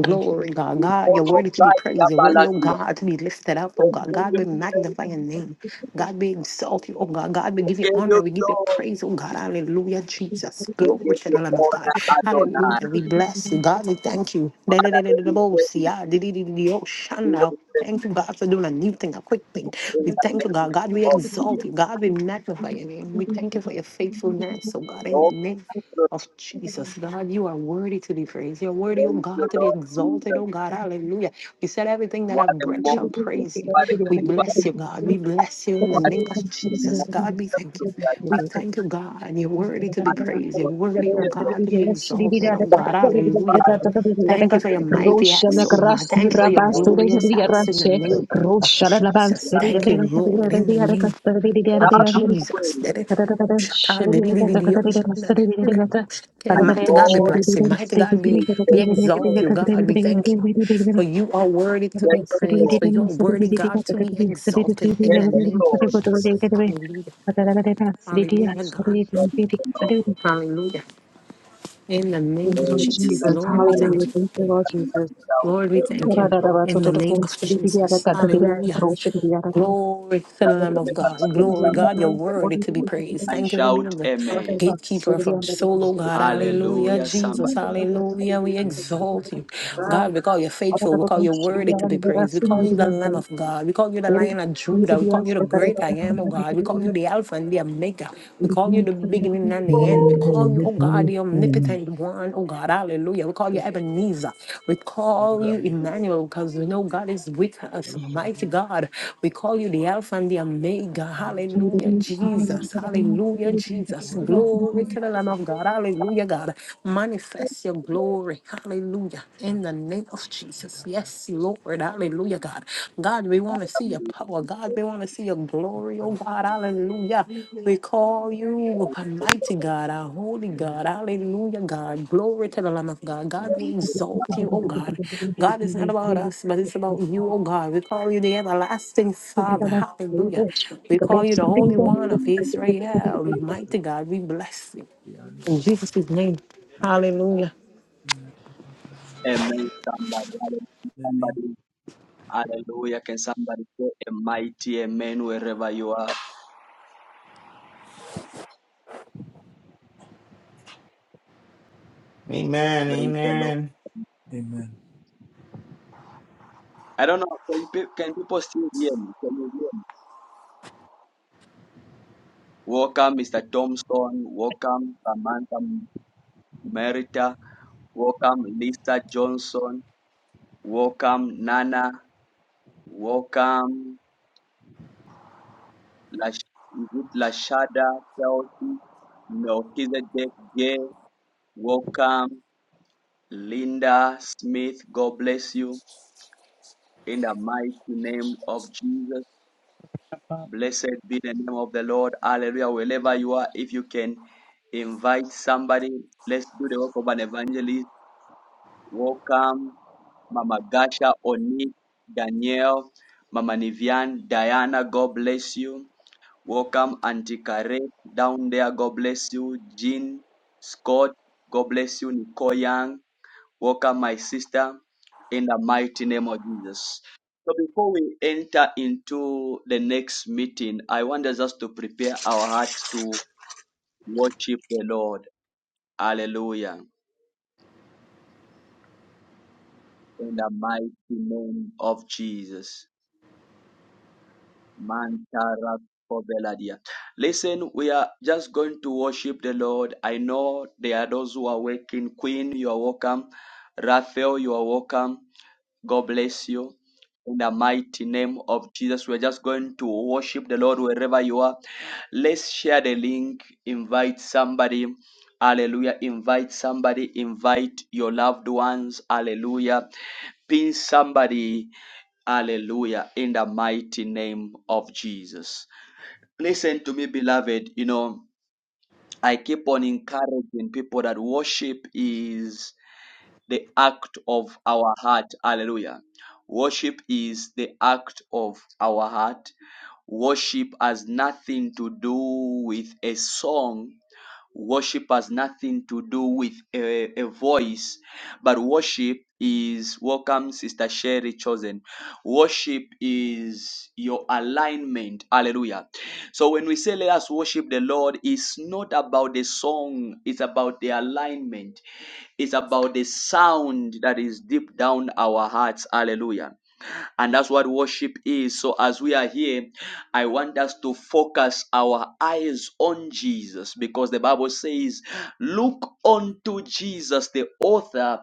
Speaker 2: Glory, God. God, you're worthy to be
Speaker 1: Ikorosai
Speaker 2: praised. You're worthy, oh
Speaker 1: kapalata.
Speaker 2: God, to be lifted up, oh
Speaker 1: Give
Speaker 2: God. God, we magnify your name. God, we exalt you, oh God. God, we give you
Speaker 1: you
Speaker 2: honor. We give you
Speaker 1: glory.
Speaker 2: praise, oh God. Hallelujah, Jesus.
Speaker 1: We give
Speaker 2: Glory to
Speaker 1: you
Speaker 2: the Lamb of God.
Speaker 1: honor, Adonai.
Speaker 2: Hallelujah. We bless you, God. We thank you.
Speaker 1: Father, let me say, we will say,
Speaker 2: Thank you, God, for doing a new thing, a quick thing.
Speaker 7: Roshana
Speaker 1: in
Speaker 2: We thank
Speaker 1: the
Speaker 2: you,
Speaker 1: name
Speaker 2: God. God, we
Speaker 1: of
Speaker 2: exalt
Speaker 1: Jesus.
Speaker 2: you. God, we magnify your name. We thank you for your faithfulness. So, God, in the
Speaker 1: Oh,
Speaker 2: name
Speaker 1: good.
Speaker 2: of Jesus. God, you are worthy to be praised. You're worthy, oh
Speaker 1: Thank you,
Speaker 2: God, to be
Speaker 1: Lord
Speaker 2: exalted,
Speaker 1: Jesus.
Speaker 2: oh God. Hallelujah. You said everything that
Speaker 1: What
Speaker 2: I've
Speaker 1: a
Speaker 2: breath shall
Speaker 1: moment.
Speaker 2: praise you.
Speaker 1: What a
Speaker 2: We
Speaker 1: giver.
Speaker 2: bless you, God. We bless you in the
Speaker 1: What
Speaker 2: name of
Speaker 1: a
Speaker 2: Jesus.
Speaker 1: moment
Speaker 2: God, we thank
Speaker 1: to
Speaker 2: you.
Speaker 1: be
Speaker 2: We
Speaker 1: alive
Speaker 2: thank you, God. You're worthy to be
Speaker 1: and to
Speaker 2: praised. You're
Speaker 1: worship
Speaker 2: worthy, oh
Speaker 1: the Lord.
Speaker 2: God, to be exalted, oh God. Hallelujah,
Speaker 1: Father,
Speaker 2: God. Thank you for your
Speaker 1: let
Speaker 2: mighty acts,
Speaker 1: me
Speaker 2: oh
Speaker 1: speak
Speaker 2: God.
Speaker 1: of
Speaker 7: Krasi
Speaker 2: Thank you for
Speaker 1: your
Speaker 2: your
Speaker 7: Rabasu
Speaker 1: holy
Speaker 2: glorious acts in the
Speaker 7: Rashe
Speaker 2: name of
Speaker 7: Roshana Laban
Speaker 2: Jesus.
Speaker 7: Sri
Speaker 1: plan.
Speaker 2: Thank you, Lord, in the name of
Speaker 1: That's
Speaker 2: Jesus.
Speaker 1: worthy.
Speaker 7: In the Lord Jesus,
Speaker 2: Okay,
Speaker 1: And
Speaker 2: mighty God be
Speaker 1: Lord,
Speaker 2: blessed. Mighty God be,
Speaker 1: we
Speaker 2: be
Speaker 1: thank you.
Speaker 2: exalted. God be thank you. For you are worthy to be
Speaker 1: Thank you,
Speaker 2: praised.
Speaker 1: Lord.
Speaker 2: For you are worthy, God, to be exalted in
Speaker 1: Thank
Speaker 2: the
Speaker 1: you,
Speaker 2: name of
Speaker 1: Lord.
Speaker 2: Jesus. Hallelujah. Hallelujah, God.
Speaker 1: Thank you, Lord.
Speaker 2: Hallelujah. In the name of
Speaker 1: en
Speaker 2: Jesus,
Speaker 1: vidas
Speaker 2: Lord, we
Speaker 1: humanas,
Speaker 2: thank you.
Speaker 7: hallelujah, thank you, Lord
Speaker 2: Lord, we thank you in the name of Jesus. Hallelujah. Glory to the Lamb of God. Glory, God, your word, it could be praised.
Speaker 7: Jesus.
Speaker 1: and
Speaker 2: Thank you for
Speaker 1: shout
Speaker 2: being the
Speaker 1: amen.
Speaker 7: Thank
Speaker 2: gatekeeper from solo, God.
Speaker 6: Takabarian,
Speaker 2: Hallelujah.
Speaker 1: Hallelujah.
Speaker 2: Jesus,
Speaker 1: Somebody
Speaker 2: hallelujah. We
Speaker 6: Era
Speaker 2: exalt you.
Speaker 6: Pakapari,
Speaker 2: God, we call you faithful. We call you worthy to be praised. We call
Speaker 6: Lord,
Speaker 2: you the Lamb of God. We call you the Lion of Judah. We call you the great I am, oh God. We call you the Alpha and the Omega. We call call you the beginning and the end. We call you, oh God, the omnipotent one. Oh God, hallelujah. We call you Ebenezer. We call you
Speaker 6: Lorani,
Speaker 8: you.
Speaker 2: Emmanuel because we know God is with us, mighty
Speaker 6: Lorani,
Speaker 2: God. We call you the Alpha and the Omega.
Speaker 6: Lorani,
Speaker 2: Hallelujah, Jesus. Hallelujah, Jesus.
Speaker 6: Lorani,
Speaker 2: Glory to the Lamb of God. Hallelujah, God. Manifest your glory. Hallelujah. In the name of Jesus. Yes, Lord. Hallelujah, God. God, we want to see your power. God, we want to see your glory. Oh,
Speaker 6: Lorani,
Speaker 2: God. Hallelujah. We call you mighty God, our holy God.
Speaker 6: Lorani,
Speaker 2: Hallelujah, God. Glory to the Lamb of God. God, we exalt you, oh God. God, it's not about us, but it's about you, oh God. We call you the everlasting Father.
Speaker 6: Yeah,
Speaker 2: Hallelujah. We call you the Holy One of Israel.
Speaker 6: it
Speaker 7: you.
Speaker 2: Mighty
Speaker 6: could
Speaker 2: God, we bless you.
Speaker 6: under
Speaker 2: In
Speaker 6: the- under.
Speaker 2: Jesus' name. Hallelujah.
Speaker 6: yeah, Papa, the under
Speaker 1: amen. Somebody,
Speaker 6: the name.
Speaker 1: somebody, hallelujah. Can somebody say a mighty amen wherever you are?
Speaker 3: Amen,
Speaker 1: Praise the Lord.
Speaker 3: amen.
Speaker 6: Amen.
Speaker 1: I don't know. Can, pe- can people still hear me? Can you hear me? Welcome, Mr. Thompson. Welcome, Samantha Merita. Welcome, Lisa Johnson. Welcome, Nana. Welcome, Lash- is it Lashada, Chelsea, Melchizedek, Gay. Welcome, Linda Smith. God bless you. In the mighty name of Jesus, blessed be the name of the Lord. Hallelujah. Wherever you are, if you can invite somebody, let's do the work of an evangelist. Welcome, Mama Gasha, Oni, Danielle, Mama Nivian, Diana. God bless you. Welcome, Auntie Kareth down there. God bless you. Jean Scott, God bless you. Nicole Young, welcome, my sister, in the mighty name of Jesus. So, before we enter into the next meeting, I want us to prepare our heart to worship the Lord. Hallelujah. In the mighty name of Jesus. Mantarabobeladia. Listen, we are just going to worship the Lord. I know there are those who are waking. Queen, you are welcome. Raphael, you are welcome. God bless you. In the mighty name of Jesus, we're just going to worship the Lord wherever you are. Let's share the link. Invite somebody. Hallelujah. Invite somebody. Invite your loved ones. Hallelujah. Pin somebody Hallelujah. In the mighty name of Jesus. Listen to me, beloved. You know, I keep on encouraging people that worship is the act of our heart. Hallelujah. Worship is the act of our heart. Worship has nothing to do with a song Worship has nothing to do with a, a voice, but worship is welcome, Sister Sherry Chosen. Worship is your alignment. Hallelujah. So when we say let us worship the Lord, it's not about the song, it's about the alignment, it's about the sound that is deep down our hearts. Hallelujah. And that's what worship is. So as we are here, I want us to focus our eyes on Jesus because the Bible says, Look unto Jesus, the author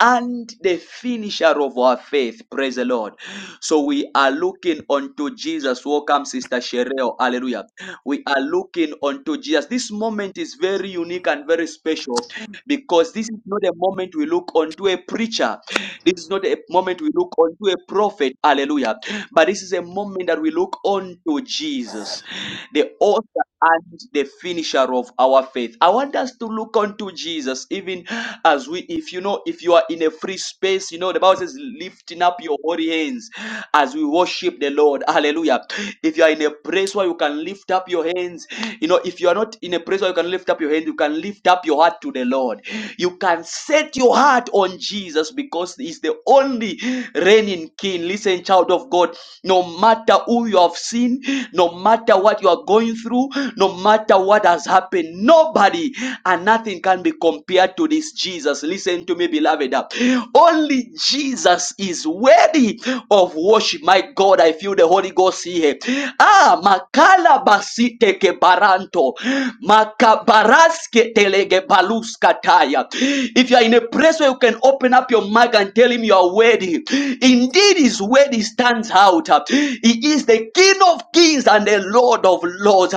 Speaker 1: and the finisher of our faith. Praise the Lord. So we are looking unto Jesus. Welcome, Sister Shereo. Hallelujah. We are looking unto Jesus. This moment is very unique and very special because this is not a moment we look unto a preacher. This is not a moment we look on to a prophet, hallelujah, but this is a moment that we look on to Jesus, the author and the finisher of our faith. I want us to look unto Jesus, even as we, if you know, if you are in a free space, you know, the Bible says, lifting up your holy hands as we worship the Lord. Hallelujah. If you are in a place where you can lift up your hands, you know, if you are not in a place where you can lift up your hands, you can lift up your heart to the Lord. You can say, Set your heart on Jesus because He's the only reigning King. Listen, child of God, no matter who you have seen, no matter what you are going through, no matter what has happened, nobody and nothing can be compared to this Jesus. Listen to me, beloved. Only Jesus is worthy of worship. My God, I feel the Holy Ghost here. Ah, makala basite ke baranto, makabaraske Kataya. If you are in a place where you can open up your mouth and tell him you are worthy, indeed his word stands out. He is the King of kings and the Lord of lords.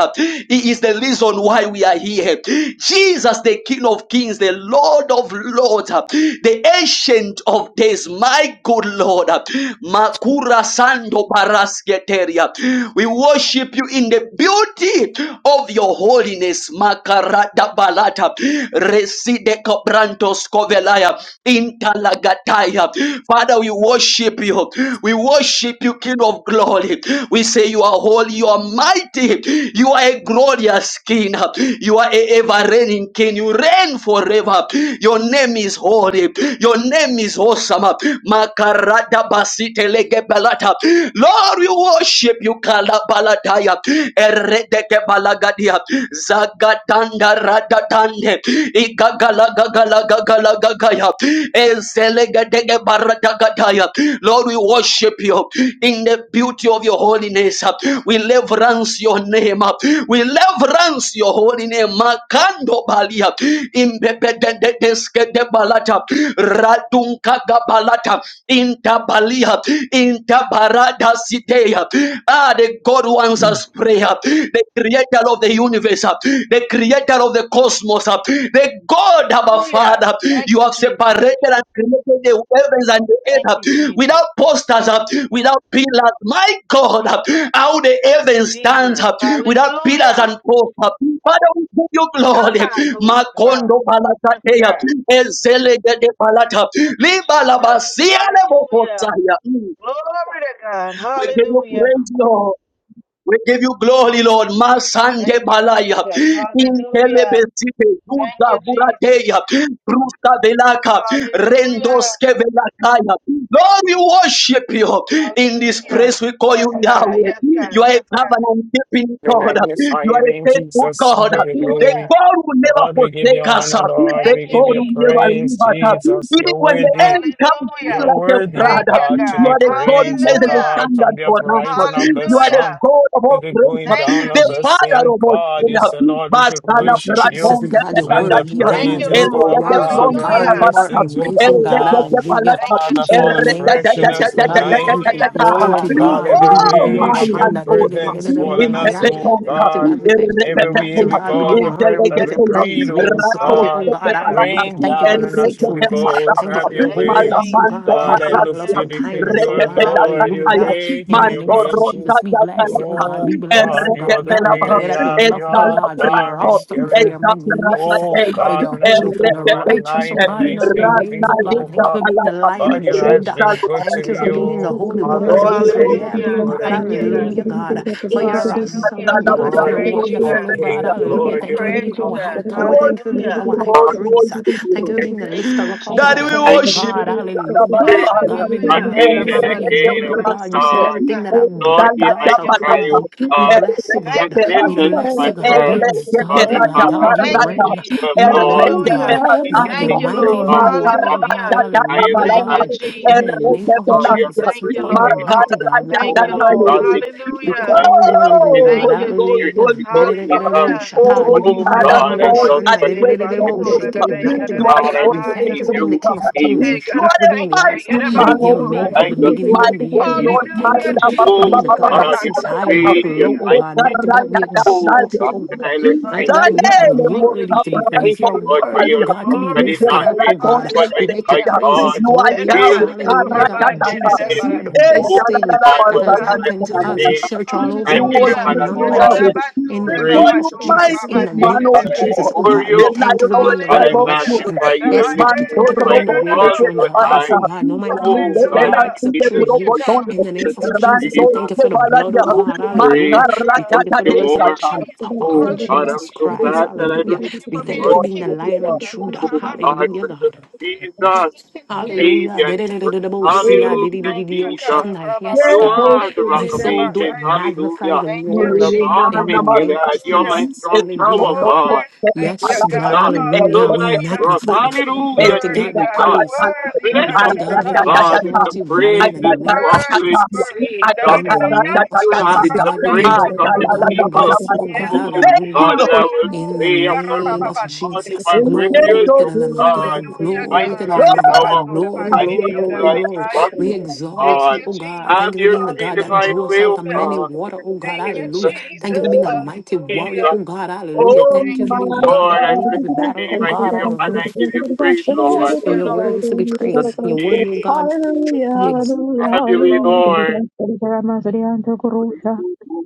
Speaker 1: He is the reason why we are here. Jesus, the King of kings, the Lord of lords, the ancient of days. My good Lord, Makura Sando Barasketeria. We worship you in the beauty of your holiness holiness makarada balata reside cobrantos covelaya intalagataya father we worship you we worship you king of glory we say you are holy you are mighty you are a glorious king you are a ever reigning king you reign forever your name is holy your name is awesome makarada basite lege balata lord we worship you kalabalataya eredeke balagadia zagatanda radatande igagala gagala gagala gagaya ezelegedege baradagadaya Lord we worship you in the beauty of your holiness we reverence your name we reverence your holy name makando balia imbebededeske de balata radunka gabalata intabalia intabarada siteya Ah, the God who answers prayer, the creator of the universe, ah, the creator of the cosmos, ah, the God, our
Speaker 9: Hallelujah.
Speaker 1: Father.
Speaker 9: Thank
Speaker 1: You
Speaker 9: you,
Speaker 1: have
Speaker 9: Jesus.
Speaker 1: separated and created the heavens and the earth
Speaker 9: Thank
Speaker 1: ah,
Speaker 9: you, Jesus.
Speaker 1: without posters, ah, without pillars. My God, ah, how the heavens stands
Speaker 9: Jesus.
Speaker 1: ah, without pillars
Speaker 9: Hallelujah.
Speaker 1: and posts. ah. Father, we give you glory.
Speaker 9: Shamango.
Speaker 1: Makondo
Speaker 9: Yes,
Speaker 1: balatatea,
Speaker 9: God.
Speaker 1: ezele de balata,
Speaker 9: Thank you,
Speaker 1: liba la
Speaker 9: Jesus.
Speaker 1: basia le
Speaker 9: Hallelujah.
Speaker 1: bokosaya. Mm.
Speaker 9: Glory to God.
Speaker 1: We give you
Speaker 9: Hallelujah.
Speaker 1: praise, Lord. We give you glory, Lord. Masande
Speaker 9: Thank you,
Speaker 1: balaya.
Speaker 9: Jesus. Hallelujah.
Speaker 1: Intelebesite.
Speaker 9: Thank
Speaker 1: Duza
Speaker 9: you, Jesus.
Speaker 1: buradeya. Brusa velaka.
Speaker 9: Hallelujah.
Speaker 1: Rendoske velakaya. Lord, we worship you. In this
Speaker 9: Hallelujah.
Speaker 1: place, we call you
Speaker 9: Yes, God.
Speaker 1: Yahweh.
Speaker 9: Yes, God.
Speaker 1: You are a
Speaker 9: Yes, God.
Speaker 1: covenant keeping
Speaker 3: We
Speaker 1: God.
Speaker 3: magnify
Speaker 1: You
Speaker 3: your
Speaker 1: are a
Speaker 3: name,
Speaker 1: faithful
Speaker 3: Jesus. We
Speaker 1: God.
Speaker 3: give you
Speaker 1: The
Speaker 9: Hallelujah.
Speaker 3: glory.
Speaker 1: God who never
Speaker 3: Lord, we give you
Speaker 1: forsake us.
Speaker 3: honor, Lord.
Speaker 1: The
Speaker 9: Thank
Speaker 3: We
Speaker 9: you,
Speaker 3: give
Speaker 1: God
Speaker 3: you
Speaker 1: who
Speaker 9: Jesus.
Speaker 1: never leave
Speaker 3: praise,
Speaker 1: us.
Speaker 3: Jesus.
Speaker 1: Even
Speaker 3: You're
Speaker 1: when the
Speaker 3: worthy.
Speaker 1: enemy comes through
Speaker 3: You're
Speaker 9: Hallelujah.
Speaker 1: like a
Speaker 3: worthy, O
Speaker 9: Thank
Speaker 1: brother,
Speaker 9: you,
Speaker 3: God, to
Speaker 1: you
Speaker 9: God.
Speaker 3: be
Speaker 1: are the God who
Speaker 3: praised, O
Speaker 1: lays the
Speaker 9: Hallelujah.
Speaker 3: God, from
Speaker 1: standard
Speaker 3: the
Speaker 1: for us.
Speaker 3: uprising of the
Speaker 1: You are the
Speaker 9: Hallelujah.
Speaker 3: sun
Speaker 1: God of
Speaker 3: to
Speaker 1: all
Speaker 3: the
Speaker 1: grace,
Speaker 3: going
Speaker 9: Thank you,
Speaker 3: down
Speaker 1: the
Speaker 3: of
Speaker 6: Yes,
Speaker 3: the
Speaker 1: Father
Speaker 9: Jesus.
Speaker 3: same
Speaker 1: of all
Speaker 3: God.
Speaker 1: sin.
Speaker 3: You
Speaker 6: Lord.
Speaker 3: said, Lord, we should
Speaker 1: Basala
Speaker 2: name
Speaker 6: Lord,
Speaker 2: of
Speaker 3: worship
Speaker 2: Jesus,
Speaker 3: you.
Speaker 1: braton de
Speaker 2: God, you're
Speaker 6: Lord,
Speaker 3: When
Speaker 6: we
Speaker 3: the
Speaker 6: worship,
Speaker 2: worthy.
Speaker 1: pelagatia,
Speaker 9: Thank
Speaker 2: God,
Speaker 9: you,
Speaker 3: praises
Speaker 1: el
Speaker 2: you are
Speaker 3: go
Speaker 9: Lord.
Speaker 1: de
Speaker 3: up,
Speaker 1: de
Speaker 6: Lord,
Speaker 2: wonderful.
Speaker 6: we
Speaker 3: God,
Speaker 6: worship,
Speaker 1: pronta
Speaker 3: and the
Speaker 2: God,
Speaker 1: la
Speaker 9: Hallelujah.
Speaker 2: you are
Speaker 1: barata,
Speaker 3: blessings will
Speaker 1: el
Speaker 2: amazing.
Speaker 3: come
Speaker 1: de
Speaker 2: God,
Speaker 6: Lord,
Speaker 3: down.
Speaker 6: we
Speaker 1: de
Speaker 6: worship,
Speaker 2: hallelujah.
Speaker 9: Thank
Speaker 1: palata,
Speaker 9: you,
Speaker 3: Father,
Speaker 1: el
Speaker 2: In
Speaker 3: fall
Speaker 2: the
Speaker 1: de
Speaker 9: Jesus.
Speaker 2: name
Speaker 1: de
Speaker 2: of
Speaker 3: afresh on
Speaker 6: Lord, I
Speaker 1: de
Speaker 2: Jesus,
Speaker 1: de de
Speaker 3: us
Speaker 1: de de
Speaker 6: worship
Speaker 2: God, we
Speaker 6: you,
Speaker 1: de
Speaker 3: tonight.
Speaker 6: Lord, we
Speaker 1: de
Speaker 2: thank
Speaker 9: Glory
Speaker 2: you.
Speaker 6: worship
Speaker 2: We
Speaker 9: unto
Speaker 6: you,
Speaker 2: thank
Speaker 3: O
Speaker 2: you,
Speaker 9: God.
Speaker 1: de de.
Speaker 3: God,
Speaker 2: God.
Speaker 3: let
Speaker 2: We
Speaker 3: the
Speaker 2: give you
Speaker 1: Oh,
Speaker 2: the
Speaker 9: Hallelujah.
Speaker 1: my
Speaker 3: rain of
Speaker 2: ocean.
Speaker 3: your
Speaker 1: Lord,
Speaker 3: presence
Speaker 6: Lord,
Speaker 3: fall
Speaker 6: Lord,
Speaker 3: on
Speaker 9: Thank
Speaker 1: in the
Speaker 9: you,
Speaker 3: us,
Speaker 6: Lord, Lord,
Speaker 9: Jesus.
Speaker 3: O
Speaker 6: Lord,
Speaker 1: petonta,
Speaker 2: Mighty
Speaker 3: God.
Speaker 2: God, we
Speaker 6: hear it.
Speaker 2: thank
Speaker 1: el
Speaker 2: you.
Speaker 1: Thank
Speaker 2: Mighty
Speaker 3: Everywhere
Speaker 9: Thank
Speaker 3: we
Speaker 2: God,
Speaker 9: you,
Speaker 2: we
Speaker 3: go,
Speaker 2: give you
Speaker 3: every
Speaker 9: Lord.
Speaker 3: breath
Speaker 2: honor. We
Speaker 3: that
Speaker 2: give
Speaker 6: Lord,
Speaker 3: we
Speaker 2: you praise.
Speaker 3: breathe,
Speaker 2: We
Speaker 3: O
Speaker 2: exalt you, oh
Speaker 3: God.
Speaker 2: God.
Speaker 9: Hallelujah.
Speaker 2: Hallelujah.
Speaker 3: Rain
Speaker 2: Thank you for
Speaker 3: down
Speaker 2: your
Speaker 6: Lord,
Speaker 3: on us, Holy
Speaker 2: faithfulness.
Speaker 3: Ghost,
Speaker 2: Thank you
Speaker 3: have
Speaker 6: I
Speaker 2: for your
Speaker 6: was
Speaker 3: your
Speaker 9: Thank you,
Speaker 3: way.
Speaker 6: created,
Speaker 2: holiness, oh
Speaker 9: Jesus.
Speaker 2: God. Thank
Speaker 3: Lord,
Speaker 2: you for
Speaker 3: I
Speaker 2: your
Speaker 3: look
Speaker 2: love
Speaker 9: Hallelujah.
Speaker 3: to you
Speaker 2: and
Speaker 3: because
Speaker 2: kindness,
Speaker 3: you
Speaker 2: oh
Speaker 3: are
Speaker 2: God. Hallelujah.
Speaker 3: Lord, you're
Speaker 6: here.
Speaker 2: Hallelujah.
Speaker 9: Hallelujah.
Speaker 3: great and
Speaker 2: In the
Speaker 3: your
Speaker 2: name of
Speaker 3: mercies.
Speaker 2: Jesus, we bless you,
Speaker 6: Lord,
Speaker 2: oh
Speaker 6: I pray,
Speaker 2: God.
Speaker 3: Oh
Speaker 2: We bless you,
Speaker 3: God, you are
Speaker 2: God.
Speaker 3: the
Speaker 6: Lord,
Speaker 2: God, we
Speaker 3: great
Speaker 2: tell you that you
Speaker 3: I am,
Speaker 2: love
Speaker 3: you
Speaker 2: your
Speaker 3: are the
Speaker 2: God for your
Speaker 3: barman
Speaker 2: awesome, for
Speaker 6: Lord,
Speaker 3: killer.
Speaker 2: your magnificent,
Speaker 3: Oh
Speaker 2: for
Speaker 3: God,
Speaker 2: your
Speaker 3: when I
Speaker 2: holy,
Speaker 6: show
Speaker 3: look
Speaker 2: for
Speaker 3: over
Speaker 2: your
Speaker 3: my
Speaker 2: righteous, oh
Speaker 3: life and
Speaker 2: God, in
Speaker 3: I
Speaker 2: all your
Speaker 3: think
Speaker 2: ways,
Speaker 3: things
Speaker 2: oh
Speaker 6: Lord, I
Speaker 2: God. Thank you
Speaker 3: over,
Speaker 2: for being the lion
Speaker 3: God,
Speaker 2: of
Speaker 3: you has
Speaker 2: Judah.
Speaker 3: been good to
Speaker 2: Thank you for
Speaker 3: me.
Speaker 6: seek,
Speaker 7: Thank
Speaker 2: being the
Speaker 3: Oh
Speaker 2: Holy
Speaker 3: God,
Speaker 2: One
Speaker 3: I
Speaker 6: Lord,
Speaker 2: of
Speaker 3: praise
Speaker 2: Israel, oh
Speaker 3: you,
Speaker 9: Hallelujah.
Speaker 3: Lord,
Speaker 2: God,
Speaker 3: I
Speaker 9: Thank
Speaker 3: honor
Speaker 9: you,
Speaker 6: to
Speaker 3: you.
Speaker 9: God.
Speaker 6: bring
Speaker 2: hallelujah, God,
Speaker 6: glory to
Speaker 2: for your
Speaker 3: Yes,
Speaker 6: your name.
Speaker 2: awesome,
Speaker 9: Hallelujah.
Speaker 2: oh
Speaker 9: We
Speaker 2: God, for your
Speaker 3: Lord, the
Speaker 9: praise you,
Speaker 3: King
Speaker 6: Yes,
Speaker 3: of
Speaker 2: wonderful, oh
Speaker 9: God.
Speaker 2: God,
Speaker 3: Kings,
Speaker 9: We
Speaker 2: hallelujah.
Speaker 3: Lord,
Speaker 2: Thank you
Speaker 3: you
Speaker 2: for
Speaker 3: are the
Speaker 9: praise
Speaker 2: being
Speaker 9: you,
Speaker 2: our
Speaker 3: God.
Speaker 9: God.
Speaker 2: high tower. Thank you for being
Speaker 9: Hallelujah.
Speaker 2: our
Speaker 3: of
Speaker 2: high
Speaker 3: all.
Speaker 2: priest.
Speaker 1: you.
Speaker 2: Thank you for being the
Speaker 9: Thank
Speaker 2: lifter
Speaker 9: you,
Speaker 2: up of our
Speaker 1: Daddy, we
Speaker 9: Jesus.
Speaker 2: head, oh
Speaker 3: I
Speaker 1: worship
Speaker 2: God.
Speaker 1: you.
Speaker 2: Hallelujah.
Speaker 3: think
Speaker 2: God, we
Speaker 6: we
Speaker 9: Hallelujah.
Speaker 6: worship.
Speaker 3: again and
Speaker 2: magnify your name,
Speaker 3: again,
Speaker 2: oh
Speaker 9: Rabba,
Speaker 3: oh
Speaker 2: God. You said
Speaker 3: God.
Speaker 9: Yes,
Speaker 2: everything
Speaker 9: God.
Speaker 2: that I've
Speaker 3: Lord,
Speaker 2: breath,
Speaker 3: hear
Speaker 2: God
Speaker 3: my
Speaker 9: Thank
Speaker 2: shall
Speaker 9: you,
Speaker 2: praise
Speaker 3: cry,
Speaker 9: Father.
Speaker 3: O
Speaker 2: you. We
Speaker 3: God.
Speaker 2: bless you,
Speaker 9: Thank
Speaker 3: And
Speaker 2: God.
Speaker 9: you,
Speaker 2: We
Speaker 3: attend
Speaker 9: Father.
Speaker 3: unto
Speaker 2: bless
Speaker 3: my
Speaker 2: you, God. We
Speaker 3: prayer, O God,
Speaker 2: exalt you,
Speaker 3: and my
Speaker 2: God.
Speaker 3: heart.
Speaker 2: God, you
Speaker 9: Thank you,
Speaker 2: reign.
Speaker 9: Jesus.
Speaker 3: Well,
Speaker 2: You
Speaker 3: Lord,
Speaker 2: reign,
Speaker 9: Hallelujah.
Speaker 2: God.
Speaker 3: lead
Speaker 2: God, you're
Speaker 9: Thank
Speaker 3: me
Speaker 9: you,
Speaker 3: to the
Speaker 2: mighty
Speaker 9: Lord.
Speaker 2: in who
Speaker 3: rock,
Speaker 2: you
Speaker 3: O
Speaker 2: are,
Speaker 7: you.
Speaker 2: oh
Speaker 3: God,
Speaker 2: God.
Speaker 3: that
Speaker 9: Hallelujah.
Speaker 3: is higher
Speaker 2: Hallelujah,
Speaker 3: than
Speaker 9: Thank
Speaker 3: I.
Speaker 9: you,
Speaker 2: God.
Speaker 7: Thank
Speaker 2: In
Speaker 9: Jesus.
Speaker 2: the
Speaker 3: O
Speaker 2: name of
Speaker 3: God, you are
Speaker 2: Jesus,
Speaker 9: Thank
Speaker 2: we
Speaker 9: you,
Speaker 2: call
Speaker 3: free,
Speaker 2: you a
Speaker 3: I
Speaker 9: Lord.
Speaker 3: am.
Speaker 2: mighty God. We call
Speaker 9: Thank
Speaker 3: O
Speaker 2: you a
Speaker 9: you, Lord.
Speaker 2: holy
Speaker 3: God, they
Speaker 2: God. We
Speaker 3: cannot
Speaker 9: Hallelujah.
Speaker 3: hide
Speaker 2: call
Speaker 3: you,
Speaker 2: you a living
Speaker 3: nothing
Speaker 1: Oh,
Speaker 3: be
Speaker 2: God.
Speaker 9: Thank
Speaker 1: Holy
Speaker 3: so
Speaker 9: you,
Speaker 1: Ghost,
Speaker 3: fear.
Speaker 2: Hallelujah.
Speaker 9: Jesus.
Speaker 3: you,
Speaker 1: Holy Ghost.
Speaker 3: Jesus,
Speaker 2: De-de-de-de-de-bo,
Speaker 9: Hallelujah.
Speaker 1: Oh,
Speaker 2: shata, de de
Speaker 1: Holy
Speaker 3: oh
Speaker 9: Ora
Speaker 2: de
Speaker 9: ba
Speaker 1: Father,
Speaker 9: ba
Speaker 3: God,
Speaker 2: de
Speaker 9: ba
Speaker 3: I
Speaker 9: ba
Speaker 1: God,
Speaker 3: love
Speaker 9: ndi
Speaker 1: I
Speaker 3: you, I
Speaker 9: ndi ndi
Speaker 1: wait
Speaker 9: ba
Speaker 1: for
Speaker 3: worship
Speaker 9: nso
Speaker 1: you.
Speaker 3: you.
Speaker 9: ora
Speaker 2: shake
Speaker 9: ba
Speaker 2: it,
Speaker 9: ba ika
Speaker 3: Oh
Speaker 2: Mighty
Speaker 9: da
Speaker 1: You
Speaker 9: da
Speaker 1: are
Speaker 2: God.
Speaker 9: di
Speaker 3: God, I
Speaker 1: the
Speaker 2: We
Speaker 9: ahaya.
Speaker 2: thank
Speaker 3: praise
Speaker 2: you for
Speaker 1: Oh,
Speaker 2: being the
Speaker 3: you,
Speaker 1: God,
Speaker 2: King of
Speaker 3: King,
Speaker 1: you
Speaker 2: Kings.
Speaker 1: are a
Speaker 2: We
Speaker 9: Hey, God,
Speaker 2: thank
Speaker 9: I
Speaker 2: you for
Speaker 1: mighty
Speaker 2: being
Speaker 9: thank
Speaker 2: the
Speaker 9: you.
Speaker 2: Alpha,
Speaker 9: Ira ba
Speaker 3: and
Speaker 1: man
Speaker 2: the
Speaker 9: nso
Speaker 1: of
Speaker 9: ora
Speaker 1: God.
Speaker 2: Omega,
Speaker 9: ba.
Speaker 3: I
Speaker 2: the
Speaker 3: adore
Speaker 2: beginning
Speaker 1: My
Speaker 3: you,
Speaker 2: and the
Speaker 1: God,
Speaker 2: end.
Speaker 1: you
Speaker 3: Jesus.
Speaker 2: We
Speaker 1: are my
Speaker 2: thank
Speaker 9: Hallelujah,
Speaker 2: you for
Speaker 3: Oh
Speaker 2: being
Speaker 9: Jesus.
Speaker 1: you
Speaker 2: the God
Speaker 9: Ira
Speaker 2: that
Speaker 3: God,
Speaker 9: ba
Speaker 3: you're
Speaker 2: sits
Speaker 9: nso
Speaker 2: high
Speaker 9: ora
Speaker 2: and
Speaker 9: ba
Speaker 6: Thank
Speaker 2: look
Speaker 3: great,
Speaker 9: ba
Speaker 3: you're
Speaker 2: low,
Speaker 9: ya.
Speaker 2: oh God.
Speaker 3: mighty.
Speaker 2: Mighty God, we
Speaker 3: Oh,
Speaker 2: exalt you,
Speaker 3: God,
Speaker 2: oh God.
Speaker 3: I look
Speaker 2: Mighty
Speaker 3: thank
Speaker 1: are
Speaker 3: you.
Speaker 2: God, you
Speaker 9: Hallelujah.
Speaker 2: are
Speaker 9: Thank you,
Speaker 2: worthy to be praised.
Speaker 3: Thank
Speaker 2: You
Speaker 9: Jesus.
Speaker 2: are
Speaker 3: you, Lord, for
Speaker 2: worthy, oh
Speaker 3: your
Speaker 2: God, to
Speaker 3: love
Speaker 2: be
Speaker 3: that
Speaker 9: Glory
Speaker 3: is
Speaker 9: to
Speaker 2: lifted
Speaker 3: not
Speaker 9: God.
Speaker 2: up,
Speaker 3: missing.
Speaker 2: oh God.
Speaker 3: Lord, my
Speaker 2: We make your
Speaker 3: my
Speaker 9: Hallelujah.
Speaker 2: praises
Speaker 3: God,
Speaker 2: glorious.
Speaker 1: Yahweh.
Speaker 3: feel
Speaker 9: Everybody,
Speaker 3: that
Speaker 9: throw
Speaker 2: Hallelujah,
Speaker 9: their
Speaker 3: it is
Speaker 2: God.
Speaker 7: you.
Speaker 3: forgiven.
Speaker 2: Jesus. You're the
Speaker 7: Thank
Speaker 3: Oh,
Speaker 2: best thing
Speaker 3: God,
Speaker 9: Yes,
Speaker 2: that
Speaker 3: but I
Speaker 2: has
Speaker 9: God.
Speaker 3: bless
Speaker 2: happened to
Speaker 3: your
Speaker 2: us. We
Speaker 3: name.
Speaker 2: search all over,
Speaker 3: I
Speaker 1: You
Speaker 2: we
Speaker 3: give
Speaker 2: couldn't
Speaker 1: was
Speaker 3: you
Speaker 9: Hallelujah.
Speaker 2: find
Speaker 3: honor,
Speaker 2: none
Speaker 9: Yes, that
Speaker 3: Lord,
Speaker 2: like
Speaker 3: and
Speaker 9: that
Speaker 3: I
Speaker 2: you.
Speaker 1: Yahweh.
Speaker 9: body, throw
Speaker 2: In the
Speaker 9: their
Speaker 2: name
Speaker 1: Before
Speaker 3: praise.
Speaker 2: of
Speaker 9: body,
Speaker 1: you
Speaker 9: throw their
Speaker 2: Jesus,
Speaker 1: mighty
Speaker 2: in
Speaker 9: body,
Speaker 2: the
Speaker 3: Oh,
Speaker 9: their-
Speaker 1: man
Speaker 2: name
Speaker 9: their-
Speaker 1: of
Speaker 3: God,
Speaker 9: their-
Speaker 2: of
Speaker 7: you.
Speaker 9: their
Speaker 3: I
Speaker 2: Jesus,
Speaker 9: you.
Speaker 2: oh
Speaker 1: God.
Speaker 3: adore
Speaker 2: God, we
Speaker 1: El
Speaker 3: you.
Speaker 2: thank
Speaker 1: layo
Speaker 2: you for
Speaker 1: no
Speaker 3: Oh,
Speaker 2: being the
Speaker 3: God, I
Speaker 1: recuerdo
Speaker 9: Hallelujah.
Speaker 2: resurrection.
Speaker 3: magnify
Speaker 9: Their- their
Speaker 3: you. I
Speaker 2: Yes,
Speaker 9: body,
Speaker 3: lift
Speaker 1: man,
Speaker 9: yeah,
Speaker 2: God, we
Speaker 3: you
Speaker 9: yeah,
Speaker 3: up.
Speaker 2: thank you for
Speaker 9: yeah,
Speaker 3: I
Speaker 9: yeah,
Speaker 2: being the
Speaker 9: yeah,
Speaker 2: way,
Speaker 9: yeah,
Speaker 2: the
Speaker 3: exalt
Speaker 2: truth, and
Speaker 3: you
Speaker 2: the
Speaker 3: and
Speaker 9: yeah.
Speaker 2: life,
Speaker 3: high.
Speaker 2: oh God. No man
Speaker 3: Oh,
Speaker 2: comes, oh
Speaker 3: God,
Speaker 2: God,
Speaker 9: Hallelujah.
Speaker 2: except through
Speaker 3: Jesus,
Speaker 9: Thank you,
Speaker 2: you.
Speaker 3: Jesus,
Speaker 9: God.
Speaker 2: In the name
Speaker 3: Jesus,
Speaker 2: of Jesus, we thank
Speaker 3: Jesus.
Speaker 2: you for the blood, oh
Speaker 3: Oh,
Speaker 2: God,
Speaker 3: grace,
Speaker 2: hallelujah. We
Speaker 9: Hallelujah.
Speaker 3: love
Speaker 2: thank you for the
Speaker 3: you
Speaker 9: Thank you,
Speaker 3: more.
Speaker 2: resurrection
Speaker 9: Jesus.
Speaker 2: power
Speaker 3: Oh,
Speaker 2: of
Speaker 3: God,
Speaker 2: Jesus
Speaker 3: I'm so
Speaker 9: Hallelujah.
Speaker 2: Christ,
Speaker 3: glad that I
Speaker 2: hallelujah.
Speaker 9: Thank
Speaker 3: don't
Speaker 9: you
Speaker 2: We
Speaker 9: for
Speaker 2: thank you
Speaker 9: being
Speaker 2: for
Speaker 9: a
Speaker 2: being the
Speaker 9: king.
Speaker 2: lion of Judah,
Speaker 3: Oh,
Speaker 9: God.
Speaker 3: I
Speaker 2: hallelujah,
Speaker 3: worship
Speaker 2: God.
Speaker 3: Jesus,
Speaker 9: Thank you, Jesus.
Speaker 2: Hallelujah.
Speaker 3: Savior. and Lord.
Speaker 2: Da-da-da-da-da-da-bo-sia,
Speaker 3: Hallelujah,
Speaker 9: Thank you,
Speaker 3: Jesus.
Speaker 9: God.
Speaker 2: di-di-di-di-di-o-shandai. Yes,
Speaker 3: You
Speaker 2: God.
Speaker 3: are the rock
Speaker 2: My
Speaker 3: of
Speaker 1: Thank
Speaker 2: soul do
Speaker 3: ages.
Speaker 2: it
Speaker 9: Ra-ba-ba-ba-ba-di-di-di-di-ba-ba-ya.
Speaker 2: magnify
Speaker 3: Hallelujah.
Speaker 2: the
Speaker 9: Thank
Speaker 1: Thank
Speaker 9: you,
Speaker 2: Lord
Speaker 3: The
Speaker 1: you,
Speaker 3: bar
Speaker 9: Jesus.
Speaker 2: in the
Speaker 3: in Gilead.
Speaker 2: name of
Speaker 3: You're my
Speaker 9: Hallelujah.
Speaker 2: Jesus.
Speaker 3: strong tower,
Speaker 2: Hallelujah.
Speaker 9: Glory.
Speaker 3: God.
Speaker 9: Thank you,
Speaker 2: Yes,
Speaker 3: Jesus.
Speaker 2: God.
Speaker 9: God.
Speaker 3: So
Speaker 2: Hallelujah.
Speaker 3: when
Speaker 2: We
Speaker 3: I
Speaker 9: Hallelujah.
Speaker 3: cross,
Speaker 2: magnify you.
Speaker 9: You
Speaker 3: hallelujah,
Speaker 2: Mighty
Speaker 9: worthy,
Speaker 2: God, we
Speaker 3: Jesus.
Speaker 9: God. You
Speaker 2: praise you.
Speaker 9: worthy.
Speaker 3: Bless us,
Speaker 2: Mighty
Speaker 3: oh
Speaker 2: God, we
Speaker 9: Da-da-da-da-da-da.
Speaker 3: God, with the
Speaker 2: exalt
Speaker 9: Oh,
Speaker 2: you, God, in the
Speaker 3: praises
Speaker 2: name of
Speaker 3: of
Speaker 9: Worthy,
Speaker 3: you,
Speaker 2: Jesus.
Speaker 9: worthy.
Speaker 3: Jesus.
Speaker 2: In the
Speaker 9: Da-da-da-da-da.
Speaker 2: name of
Speaker 3: You
Speaker 9: Oh,
Speaker 2: Jesus,
Speaker 3: inhabit the
Speaker 2: God, we
Speaker 7: Hallelujah,
Speaker 2: thank
Speaker 3: praises
Speaker 2: you.
Speaker 3: of
Speaker 9: ra-ba-ba-ba-da-da-da-da.
Speaker 3: your
Speaker 2: God, we
Speaker 9: Oh,
Speaker 3: people.
Speaker 2: bless you. Oh, God,
Speaker 9: Yes,
Speaker 3: Oh,
Speaker 9: God.
Speaker 2: hallelujah.
Speaker 3: God, and I
Speaker 1: Lord.
Speaker 3: will
Speaker 2: In the
Speaker 9: Hallelujah.
Speaker 3: say,
Speaker 2: name of
Speaker 9: Ra-ba-ba-ba-di.
Speaker 3: Lord,
Speaker 2: Jesus,
Speaker 3: my
Speaker 2: glory
Speaker 3: refuge,
Speaker 2: to the Lamb of
Speaker 3: God,
Speaker 2: God,
Speaker 9: Hallelujah,
Speaker 3: my
Speaker 2: glory to
Speaker 9: God.
Speaker 2: the
Speaker 3: strong
Speaker 2: Lamb of
Speaker 3: tower,
Speaker 2: God, glory,
Speaker 3: and in
Speaker 2: glory,
Speaker 3: you
Speaker 2: glory,
Speaker 3: I
Speaker 2: glory.
Speaker 9: Ra-ba-ba-ba-do-da-ba-di-ya-da-ba-ya.
Speaker 3: trust,
Speaker 2: We
Speaker 3: O
Speaker 9: Thank
Speaker 2: exalt
Speaker 3: God.
Speaker 2: you,
Speaker 9: you,
Speaker 2: oh God.
Speaker 3: Have
Speaker 2: Thank you
Speaker 9: Jesus.
Speaker 2: for
Speaker 3: your
Speaker 2: being the God that
Speaker 3: divine
Speaker 2: drew us out of
Speaker 3: will,
Speaker 9: Hallelujah.
Speaker 2: many
Speaker 3: God.
Speaker 2: water, oh God,
Speaker 9: Thank
Speaker 3: Jesus,
Speaker 9: you,
Speaker 2: hallelujah. Thank you for
Speaker 9: Jesus.
Speaker 2: being a mighty warrior,
Speaker 9: Hallelujah.
Speaker 3: Jesus,
Speaker 2: oh God, hallelujah.
Speaker 3: O
Speaker 1: Oh,
Speaker 2: Thank
Speaker 9: Thank
Speaker 2: you for
Speaker 9: you,
Speaker 2: being a
Speaker 1: my
Speaker 2: God that
Speaker 3: God,
Speaker 9: Jesus.
Speaker 3: I
Speaker 2: wins
Speaker 1: God.
Speaker 3: praise
Speaker 2: every
Speaker 3: your
Speaker 2: battle,
Speaker 3: name,
Speaker 2: oh
Speaker 3: I
Speaker 2: God,
Speaker 3: give you honor,
Speaker 2: hallelujah.
Speaker 3: I give you praise,
Speaker 2: Jesus,
Speaker 3: Lord.
Speaker 9: Thank
Speaker 2: for
Speaker 9: you,
Speaker 2: your word
Speaker 9: Lord.
Speaker 2: is to be praised. Your word,
Speaker 3: Jesus,
Speaker 2: oh God,
Speaker 7: hallelujah,
Speaker 3: have
Speaker 9: Thank
Speaker 3: your
Speaker 9: you,
Speaker 3: way,
Speaker 9: Lord.
Speaker 3: Lord.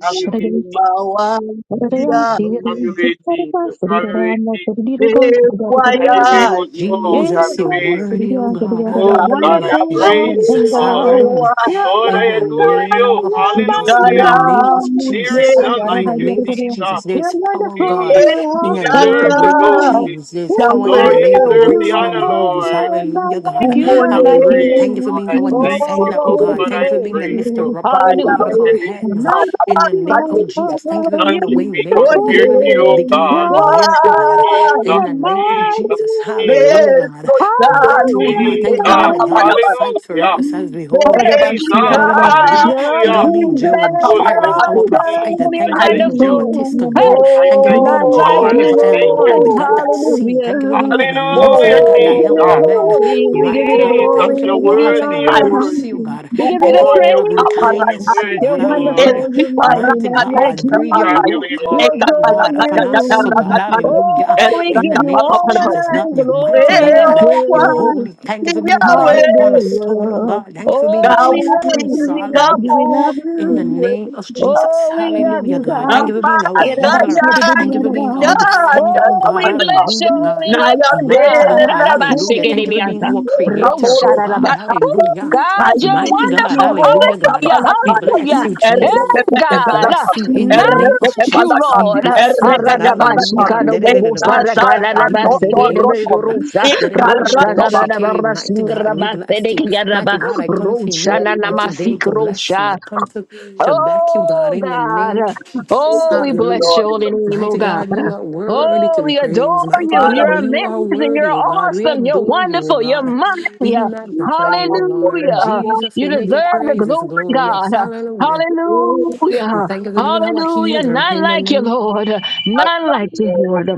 Speaker 3: Have your way, Jesus.
Speaker 1: wangu
Speaker 7: What did I see? What
Speaker 3: Have
Speaker 1: yawe
Speaker 3: your
Speaker 7: did I see?
Speaker 3: way,
Speaker 7: What did
Speaker 3: Jesus.
Speaker 7: I see? What
Speaker 3: Have
Speaker 7: did
Speaker 3: your way,
Speaker 7: I see?
Speaker 3: Jesus.
Speaker 7: What did I see?
Speaker 1: bekwa
Speaker 7: What
Speaker 3: Have
Speaker 7: did I
Speaker 3: your way,
Speaker 7: see?
Speaker 3: Holy
Speaker 7: In
Speaker 3: Ghost. Have
Speaker 7: the
Speaker 2: Jesus,
Speaker 3: your
Speaker 2: you're
Speaker 1: yaimurarira
Speaker 7: presence
Speaker 3: way.
Speaker 7: city,
Speaker 2: worthy, oh God.
Speaker 7: the
Speaker 3: Oh, God,
Speaker 2: Hallelujah.
Speaker 3: I
Speaker 7: wonderful,
Speaker 3: praise you,
Speaker 7: awesome
Speaker 2: Jesus,
Speaker 1: kwamoko
Speaker 3: Lord.
Speaker 7: God.
Speaker 2: hallelujah.
Speaker 7: You're a
Speaker 3: Lord,
Speaker 2: In
Speaker 3: I
Speaker 2: the
Speaker 7: mighty
Speaker 3: adore
Speaker 2: name
Speaker 3: you.
Speaker 7: God.
Speaker 2: of
Speaker 7: You're a
Speaker 2: Jesus,
Speaker 7: mighty
Speaker 2: in
Speaker 3: Hallelujah.
Speaker 2: the
Speaker 7: God.
Speaker 2: name of
Speaker 3: There
Speaker 1: wakugaramuke
Speaker 3: is
Speaker 2: Jesus,
Speaker 7: Yada,
Speaker 3: none
Speaker 7: yada,
Speaker 2: in
Speaker 3: like
Speaker 2: the
Speaker 7: yada,
Speaker 3: you,
Speaker 7: yada,
Speaker 2: name of
Speaker 7: yada.
Speaker 2: Jesus,
Speaker 3: Jesus.
Speaker 2: there
Speaker 7: You're
Speaker 2: is power,
Speaker 7: wonderful.
Speaker 2: God,
Speaker 3: Jesus,
Speaker 7: You're
Speaker 2: in
Speaker 3: you
Speaker 2: your name to
Speaker 3: deserve
Speaker 1: etaka
Speaker 3: the
Speaker 2: break
Speaker 7: awesome.
Speaker 3: glory.
Speaker 2: chains. There's
Speaker 7: Who's
Speaker 2: power in
Speaker 3: Lord,
Speaker 2: your
Speaker 7: not
Speaker 3: you
Speaker 2: name to
Speaker 7: like
Speaker 3: deserve
Speaker 2: break
Speaker 7: you,
Speaker 3: the
Speaker 1: yamweowa
Speaker 3: honor,
Speaker 7: Lord?
Speaker 2: strongholds.
Speaker 3: Lord.
Speaker 7: Not
Speaker 2: Hallelujah,
Speaker 3: You
Speaker 2: God.
Speaker 7: like you,
Speaker 3: deserve
Speaker 7: not
Speaker 3: the
Speaker 1: umone
Speaker 7: like
Speaker 2: Hallelujah.
Speaker 3: praise.
Speaker 2: Thank you for
Speaker 7: you.
Speaker 3: Lord,
Speaker 2: being
Speaker 3: I
Speaker 2: our
Speaker 3: thank you,
Speaker 2: defender, oh
Speaker 3: oh
Speaker 1: isoke
Speaker 7: Oh,
Speaker 2: God.
Speaker 3: God,
Speaker 7: we
Speaker 2: Thank
Speaker 3: I
Speaker 2: you for being
Speaker 7: praise
Speaker 2: the
Speaker 3: praise
Speaker 2: lifter
Speaker 3: you.
Speaker 7: you.
Speaker 2: upper, oh God,
Speaker 3: I
Speaker 2: of
Speaker 7: Hallelujah.
Speaker 1: bayawe
Speaker 2: our
Speaker 3: thank You,
Speaker 7: You're
Speaker 2: heads.
Speaker 7: Not like
Speaker 2: In the name
Speaker 1: harabasage
Speaker 7: you,
Speaker 2: of Jesus. Thank you for
Speaker 7: Lord.
Speaker 2: being
Speaker 3: None
Speaker 2: being the
Speaker 3: can
Speaker 7: You're
Speaker 2: way
Speaker 3: be
Speaker 2: maker. Thank you
Speaker 1: onde
Speaker 3: compared
Speaker 2: for
Speaker 7: beautiful.
Speaker 3: to
Speaker 2: being
Speaker 3: you,
Speaker 2: the
Speaker 3: oh
Speaker 2: beginning
Speaker 7: You're
Speaker 3: God.
Speaker 2: and
Speaker 1: kwa
Speaker 2: the end, oh
Speaker 7: awesome,
Speaker 2: God. In
Speaker 3: Jesus,
Speaker 2: the
Speaker 7: you're
Speaker 2: name of
Speaker 3: Jesus,
Speaker 7: mighty.
Speaker 2: Jesus.
Speaker 3: Jesus,
Speaker 2: Hallelujah, God.
Speaker 1: Beso
Speaker 2: Mighty
Speaker 1: tanu
Speaker 7: Hallelujah.
Speaker 2: God.
Speaker 3: Jesus.
Speaker 1: de
Speaker 2: Thank you for being the
Speaker 1: kana
Speaker 2: God
Speaker 7: hallelujah.
Speaker 1: bana
Speaker 2: that
Speaker 1: bana.
Speaker 2: fights for
Speaker 3: Hallelujah.
Speaker 2: us as we hold our peace, oh
Speaker 1: Beso
Speaker 3: Jesus,
Speaker 2: God.
Speaker 7: Arabashiyarabba.
Speaker 2: Hallelujah.
Speaker 7: You're
Speaker 2: Thank you
Speaker 3: hallelujah.
Speaker 2: for being
Speaker 1: Nina
Speaker 2: Jehovah
Speaker 7: amazing,
Speaker 3: Holy
Speaker 7: you're
Speaker 1: kabara
Speaker 2: Jireh,
Speaker 3: Ghost,
Speaker 2: our
Speaker 1: kaduna.
Speaker 3: Jesus,
Speaker 2: provider.
Speaker 7: awesome, you're
Speaker 3: I
Speaker 2: Thank you
Speaker 1: I
Speaker 2: for
Speaker 3: thank
Speaker 2: being Jehovah
Speaker 3: you.
Speaker 1: need
Speaker 7: wonderful.
Speaker 1: you
Speaker 7: Hey,
Speaker 2: Tiskanu.
Speaker 3: I
Speaker 2: Thank you for
Speaker 3: thank you,
Speaker 2: being
Speaker 7: none
Speaker 1: more.
Speaker 7: like
Speaker 3: Lord.
Speaker 7: you,
Speaker 3: I
Speaker 2: Jehovah
Speaker 3: thank you.
Speaker 2: Elroy, the
Speaker 7: Lord.
Speaker 2: God that sees. Thank you for being
Speaker 7: Hallelujah.
Speaker 2: Ebenezer, the
Speaker 3: Hallelujah,
Speaker 2: God
Speaker 7: Oh,
Speaker 2: that
Speaker 7: we give
Speaker 2: helped
Speaker 7: you
Speaker 3: Jesus.
Speaker 7: the
Speaker 2: men.
Speaker 7: glory, we give
Speaker 2: Mighty
Speaker 7: you the
Speaker 2: God.
Speaker 3: Jesus,
Speaker 7: glory,
Speaker 1: More.
Speaker 2: Thank you,
Speaker 3: you're
Speaker 2: oh
Speaker 7: we give you
Speaker 2: God,
Speaker 7: the
Speaker 2: for
Speaker 3: worthy,
Speaker 2: your
Speaker 3: you're
Speaker 7: honor.
Speaker 2: mercy,
Speaker 3: worthy.
Speaker 2: God.
Speaker 1: Yahweh,
Speaker 7: We give you
Speaker 2: Thank
Speaker 7: the
Speaker 2: you for
Speaker 3: Lord,
Speaker 2: your
Speaker 3: you're
Speaker 2: loving
Speaker 3: worthy, you're
Speaker 7: praise.
Speaker 2: kindness, oh
Speaker 7: You're
Speaker 2: God.
Speaker 3: worthy, Lord.
Speaker 7: wonderful.
Speaker 2: Hallelujah.
Speaker 7: You're mighty,
Speaker 2: Mighty
Speaker 7: not
Speaker 3: Jesus,
Speaker 7: like
Speaker 2: God, breathe your
Speaker 3: God, you're
Speaker 7: you.
Speaker 3: worthy,
Speaker 2: rock.
Speaker 7: We
Speaker 3: Lord.
Speaker 2: Oh
Speaker 7: adore
Speaker 2: God, upon us, oh God,
Speaker 7: you.
Speaker 2: hallelujah.
Speaker 7: Oh, we
Speaker 2: In
Speaker 7: give
Speaker 2: the
Speaker 7: you
Speaker 2: name of
Speaker 7: honor
Speaker 2: Jesus, God,
Speaker 7: and
Speaker 2: your mighty
Speaker 7: glory and
Speaker 2: God, your
Speaker 7: praise.
Speaker 2: holy. Thank you for being our head cornerstone, oh
Speaker 7: Hallelujah.
Speaker 2: God. Thank you for being the
Speaker 7: Oh, we
Speaker 2: chief
Speaker 7: love
Speaker 2: priest,
Speaker 7: you. We
Speaker 1: thou
Speaker 7: love you.
Speaker 2: hallelujah.
Speaker 7: We
Speaker 6: you.
Speaker 7: love
Speaker 2: In the
Speaker 7: you.
Speaker 2: name of
Speaker 1: art
Speaker 2: Jesus,
Speaker 7: Oh, we love
Speaker 2: hallelujah,
Speaker 7: you,
Speaker 2: God.
Speaker 6: Thank
Speaker 2: Thank
Speaker 7: God.
Speaker 2: you for being our healer. Thank you for being our
Speaker 7: Irabashiribibiarara.
Speaker 2: defender, oh
Speaker 7: Oh, we
Speaker 2: God,
Speaker 7: bless
Speaker 2: hallelujah,
Speaker 7: your holy
Speaker 2: God.
Speaker 7: name,
Speaker 2: Mighty
Speaker 7: God.
Speaker 2: God, hallelujah. Thank you for being
Speaker 7: Rarabashikidibianta.
Speaker 2: our creator, oh God,
Speaker 7: Roshararaba. Ooh,
Speaker 2: hallelujah.
Speaker 7: God, you're
Speaker 2: Mighty God,
Speaker 7: wonderful.
Speaker 2: hallelujah, God.
Speaker 7: Hallelujah.
Speaker 2: We bless
Speaker 7: Hallelujah.
Speaker 2: you, Jesus.
Speaker 7: Hey,
Speaker 2: We
Speaker 7: God.
Speaker 2: bless you
Speaker 7: None
Speaker 2: in the name of
Speaker 7: like you,
Speaker 2: Jesus. We
Speaker 7: Lord.
Speaker 2: bless you, God. Hallelujah. Da-da-da-da-da-bo-shaka-di-di-di-di-di-ocean.
Speaker 7: Ararabashikadobobosarakararabasikidibirusa.
Speaker 2: Da-da-da-da-da-da-bo-shake. Mighty God, we bless you. Mighty
Speaker 7: Roshararabarasingrabasedekiyaraba.
Speaker 2: God, I come for you on today to bless you.
Speaker 7: Roshananamasikrosa.
Speaker 2: I come to Shabbat you, God,
Speaker 7: Oh
Speaker 2: in the
Speaker 7: God.
Speaker 2: name of
Speaker 7: Oh, we
Speaker 2: Hallelujah.
Speaker 7: bless your holy name, oh
Speaker 2: Mighty
Speaker 7: God.
Speaker 2: God, you are worthy
Speaker 7: Oh,
Speaker 2: to be
Speaker 7: we
Speaker 2: praised.
Speaker 7: adore
Speaker 2: Mighty
Speaker 7: you.
Speaker 2: God,
Speaker 7: You're
Speaker 2: you are
Speaker 7: amazing. You're
Speaker 2: worthy, oh God. We
Speaker 7: awesome. You're
Speaker 2: adore you, oh
Speaker 7: wonderful. You're
Speaker 2: God. We
Speaker 7: mighty.
Speaker 2: magnify you, oh Lord.
Speaker 7: Hallelujah.
Speaker 2: Jesus,
Speaker 7: You
Speaker 2: we make your
Speaker 7: deserve the
Speaker 2: praises
Speaker 7: glory, God.
Speaker 2: glorious. Hallelujah.
Speaker 1: Para
Speaker 2: We
Speaker 7: Hallelujah.
Speaker 2: thank you for being our
Speaker 7: Hallelujah.
Speaker 2: healer
Speaker 7: Not
Speaker 2: in the
Speaker 7: like you,
Speaker 2: name.
Speaker 7: Lord.
Speaker 1: What
Speaker 7: Not like you, Lord.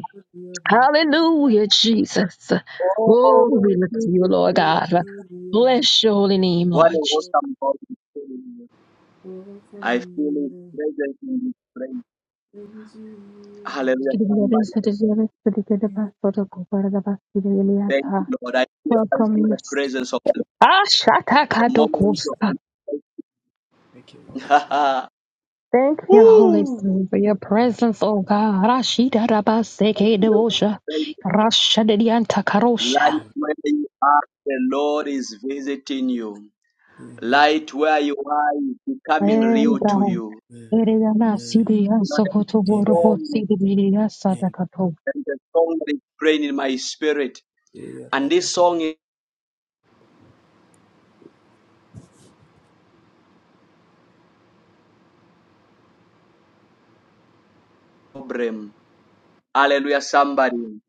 Speaker 7: Hallelujah, Jesus. Oh, we look to you, Lord God. Bless your holy name, Lord
Speaker 1: a
Speaker 7: Jesus.
Speaker 1: welcome God is doing you. I feel His presence in this place. Hallelujah,
Speaker 7: Diligeris
Speaker 1: somebody.
Speaker 7: diligeris diligeribas dodokubarabas
Speaker 1: Thank you,
Speaker 7: diliyata.
Speaker 1: Lord. I feel, I
Speaker 7: Welcome,
Speaker 1: feel the
Speaker 7: Lord.
Speaker 1: presence of the
Speaker 7: Ah,
Speaker 1: Lord. The moment
Speaker 7: shatakatokusa.
Speaker 6: you,
Speaker 1: of
Speaker 6: Lord.
Speaker 1: the Lord.
Speaker 7: Thank you, Holy
Speaker 1: Woo!
Speaker 7: Spirit, for your
Speaker 6: Ora,
Speaker 7: presence, O God. Rashida rabaseke debosha. Rashadidianta
Speaker 1: Light
Speaker 7: karosha.
Speaker 6: ira,
Speaker 1: where you are, the Lord is visiting you.
Speaker 6: Amen.
Speaker 1: Light where you are is becoming
Speaker 7: Praise
Speaker 1: real to
Speaker 7: God.
Speaker 1: you.
Speaker 6: Amen.
Speaker 7: Eriyana
Speaker 6: Amen.
Speaker 7: sidiya
Speaker 1: You know, there's
Speaker 7: sokoto
Speaker 1: a
Speaker 6: Amen. Amen. Amen.
Speaker 7: boroko
Speaker 1: song,
Speaker 7: sidiya sadakato.
Speaker 1: there's a song that is praying in my spirit. And this song problem. Hallelujah, somebody.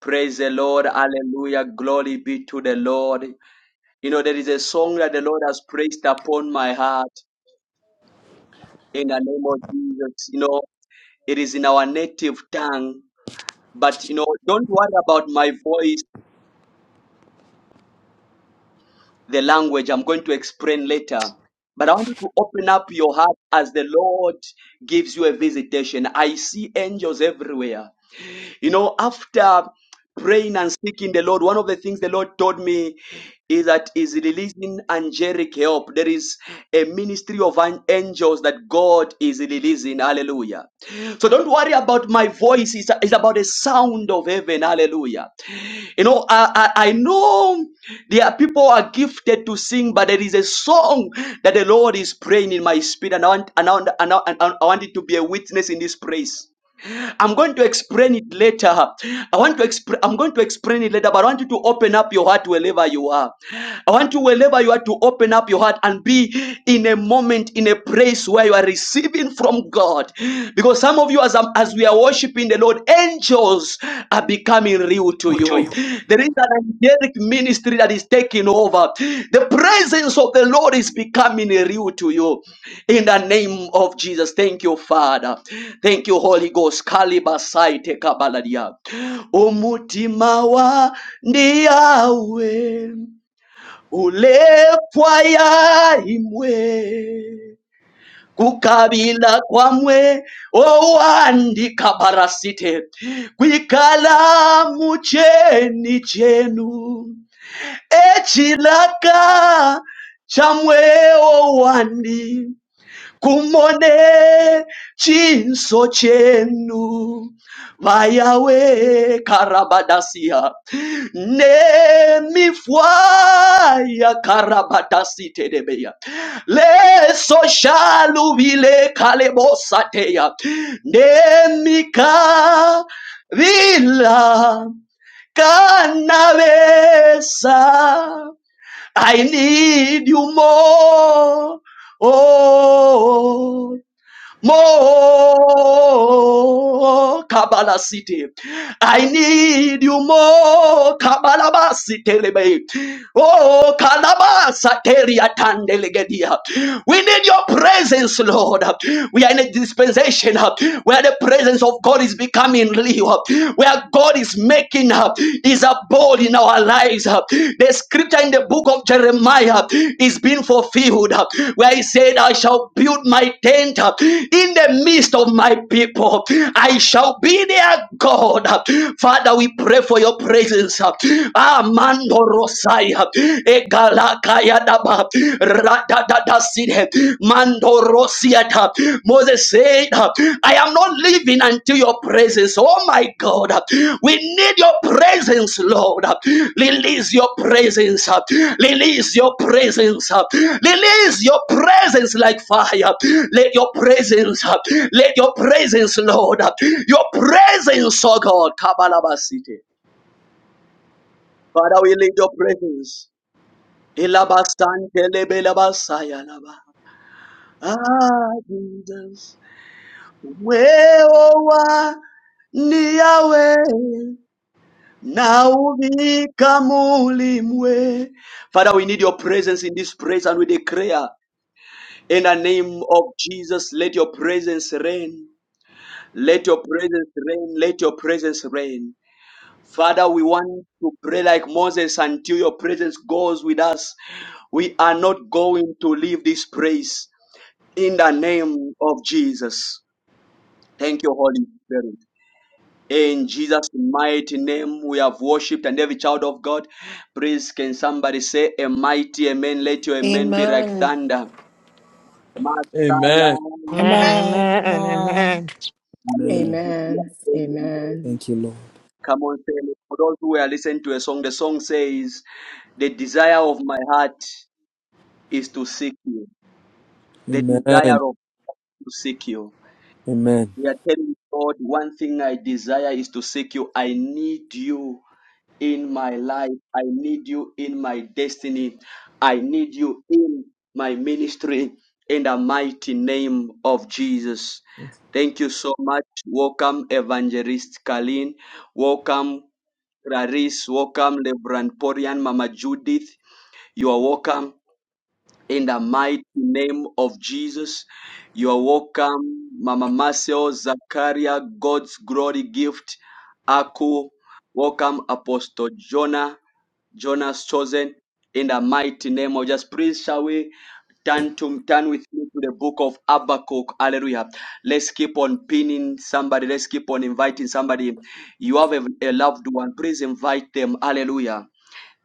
Speaker 1: Praise the Lord. Hallelujah. Glory be to the Lord. You know, there is a song that the Lord has placed upon my heart in the name of Jesus. You know, it is in our native tongue. But, you know, don't worry about my voice, the language. I'm going to explain later. But I want you to open up your heart as the Lord gives you a visitation. I see angels everywhere. You know, after praying and seeking the Lord, one of the things the Lord told me is that is releasing angelic help. There is a ministry of an- angels that God is releasing. Hallelujah. So don't worry about my voice. It's, it's about the sound of heaven. Hallelujah. You know, I, I, I know there are people who are gifted to sing, but there is a song that the Lord is praying in my spirit. And I want, and I want, and I, want, and I want it to be a witness in this place. I'm going to explain it later. I want to explain. I'm going to explain it later, but I want you to open up your heart wherever you are. I want you wherever you are to open up your heart and be in a moment, in a place where you are receiving from God. Because some of you, as, I'm- as we are worshiping the Lord, angels are becoming real to
Speaker 10: to
Speaker 1: you. There is an angelic ministry that is taking over. The presence of the Lord is becoming real to you. In the name of Jesus, thank you, Father. Thank you, Holy Ghost. Kalibasaite kabaladia. Umutima wa ndiawe ulepwa ya imwe kukabila kwamwe owandika barasite kwikalamu cheni chenu echilaka chamwe owandi Kumone chinso chenu vayawe karabadasia ne mi fuaya karabadasi tedebeya le soshalu vile kalebosateya ne mi ka vila canavesa I need you more. Oh, more Kabbalah City. I need you more Kabbalah City. Oh, Kalabasa Teria Tandelegedia. We need your presence, Lord. We are in a dispensation uh, where the presence of God is becoming real, uh, where God is making uh, his abode in our lives. uh. The scripture in the book of Jeremiah is being fulfilled, uh, where he said, I shall build my tent uh, in the midst of my people. I shall be their God. Father, we pray for your presence. Amando Rosai. Egalakayadaba, radadadaside, mandorosiata. Moses said, I am not leaving until your presence. Oh my God, we need your presence, Lord. Release your presence, release your presence, release your presence like fire. Let your presence, let your presence, Lord, your presence, oh God. Kabalabasite. Father, we need your presence. Elabasantelebelasayalaba. Ah, Jesus. weowa ni Yahweh na uvika mulimwe. Father, we need your presence in this place and we declare in the name of Jesus, let your presence reign. Let your presence reign. Let your presence reign. Father, we want to pray like Moses until your presence goes with us. We are not going to leave this place. In the name of Jesus. Thank you, Holy Spirit. In Jesus' mighty name, we have worshipped, and every child of God, please can somebody say a mighty amen? Let your amen be like
Speaker 2: Amen.
Speaker 1: thunder.
Speaker 9: Amen.
Speaker 3: Amen,
Speaker 11: Amen.
Speaker 3: amen,
Speaker 11: Amen.
Speaker 3: amen.
Speaker 6: Amen.
Speaker 12: Amen. Amen.
Speaker 6: Thank you, Lord.
Speaker 1: Come on, say it. For those who are listening to a song, the song says, The desire of my heart is to seek you. The
Speaker 6: Amen.
Speaker 1: desire of to seek you.
Speaker 6: Amen.
Speaker 1: We are telling God, one thing I desire is to seek you. I need you. in my life. I need you in my destiny. I need you in my ministry in the mighty name of Jesus. Thank you so much. Welcome, Evangelist Kalin. Welcome, Clarice. Welcome, Lebron Porian, Mama Judith. You are welcome in the mighty name of Jesus. You are welcome, Mama Marcel, Zakaria, God's glory gift, Aku. Welcome, Apostle Jonah. Jonas chosen in the mighty name of just please shall we turn to turn with me to the book of Habakkuk. Hallelujah. Let's keep on pinning somebody. Let's keep on inviting somebody. You have a, a loved one. Please invite them. Hallelujah.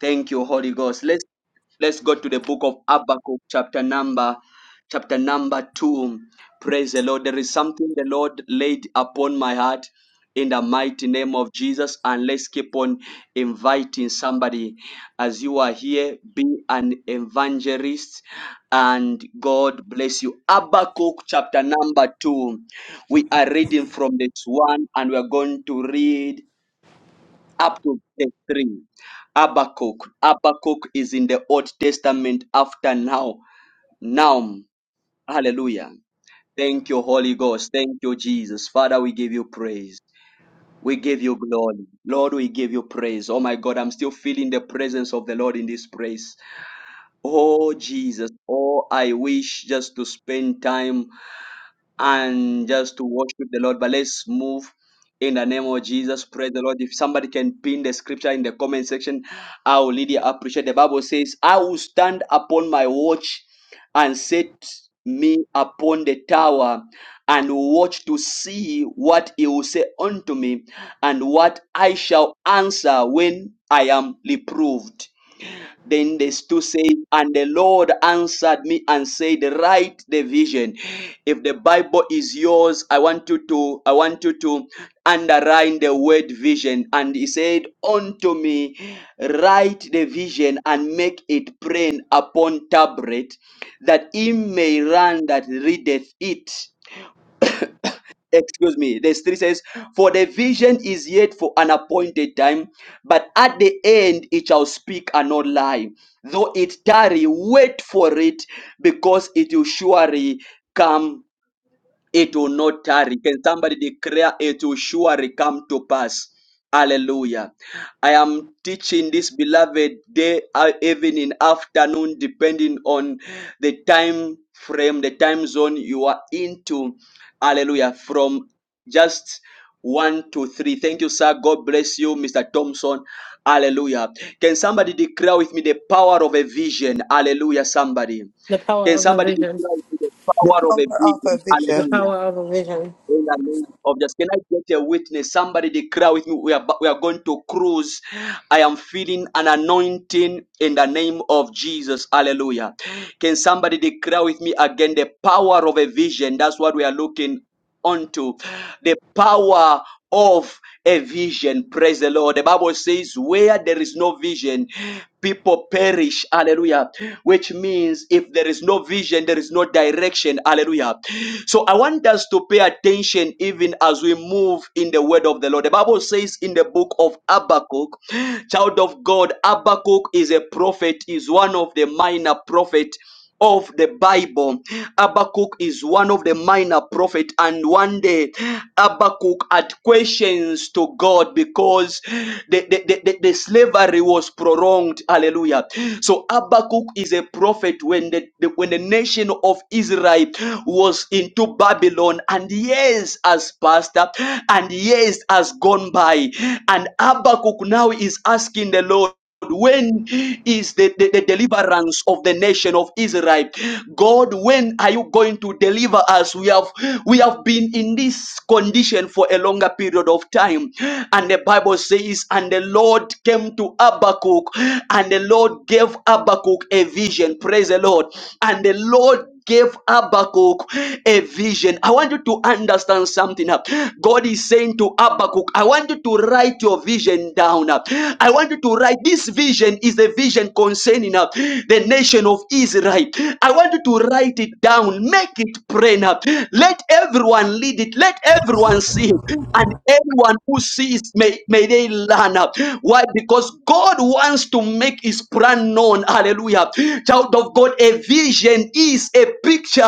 Speaker 1: Thank you, Holy Ghost. Let's let's go to the book of Habakkuk, chapter number chapter number two. Praise the Lord. There is something the Lord laid upon my heart in the mighty name of Jesus. And let's keep on inviting somebody as you are here. Be an evangelist and God bless you. Habakkuk chapter number two. We are reading from this one and we are going to read. Habakkuk the three. Habakkuk. Habakkuk is in the Old Testament after now. Now. Hallelujah. Thank you, Holy Ghost. Thank you, Jesus. Father, we give you praise. We give you glory. Lord, we give you praise. Oh my God, I'm still feeling the presence of the Lord in this place. Oh Jesus. Oh, I wish just to spend time and just to worship the Lord. But let's move in the name of Jesus. Praise the Lord. If somebody can pin the scripture in the comment section, I will really appreciate. The Bible says, I will stand upon my watch and set me upon the tower and watch to see what he will say unto me and what I shall answer when I am reproved. Then they still say, and the Lord answered me and said, write the vision. If the Bible is yours, I want you to, I want you to underline the word vision. And he said unto me, write the vision and make it plain upon tablet that he may run that readeth it excuse me, verse 3 says, For the vision is yet for an appointed time, but at the end it shall speak and not lie. Though it tarry, wait for it, because it will surely come it will not tarry. Can somebody declare it will surely come to pass? Hallelujah. I am teaching this beloved day, uh, even in afternoon, depending on the time frame, the time zone you are into. Hallelujah. From just one to three. Thank you, sir. God bless you, Mr. Thompson. Hallelujah. Can somebody declare with me the power of a vision? Hallelujah, somebody.
Speaker 2: The
Speaker 1: Can somebody
Speaker 2: praise.
Speaker 1: declare with me the
Speaker 13: The
Speaker 1: power of a
Speaker 13: power of a
Speaker 1: vision?
Speaker 13: vision.
Speaker 1: Hallelujah. In the name of just can I get a witness? Somebody declare with me. We are we are going to cruise. I am feeling an anointing in the name of Jesus. Hallelujah. Can somebody declare with me again the power of a vision? That's what we are looking unto the power of a vision. Praise the Lord. The Bible says, where there is no vision, people perish. Hallelujah. Which means if there is no vision, there is no direction. Hallelujah. So I want us to pay attention even as we move in the word of the Lord. The Bible says in the book of Habakkuk, child of God, Habakkuk is a prophet, is one of the minor prophet of the Bible. Habakkuk is one of the minor prophet, and one day Habakkuk had questions to God because the, the, the, the- the slavery was prolonged. Hallelujah. So Habakkuk is a prophet when the, the when the nation of Israel was into Babylon, and years has passed up, and years has gone by, and Habakkuk now is asking the Lord when is the, the, the deliverance of the nation of Israel? God, when are you going to deliver us? We have we have been in this condition for a longer period of time. And the Bible says, and the Lord came to Habakkuk, and the Lord gave Habakkuk a vision. Praise the Lord. And the Lord gave Habakkuk a vision. I want you to understand something. uh. God is saying to Habakkuk, I want you to write your vision down. uh. I want you to write this vision is a vision concerning uh, the nation of Israel. I want you to write it down, make it plain. uh. Let everyone lead it, let everyone see it, and everyone who sees may, may they learn. uh. Why? Because God wants to make his plan known. Hallelujah. Hallelujah. Child of God, a vision is a picture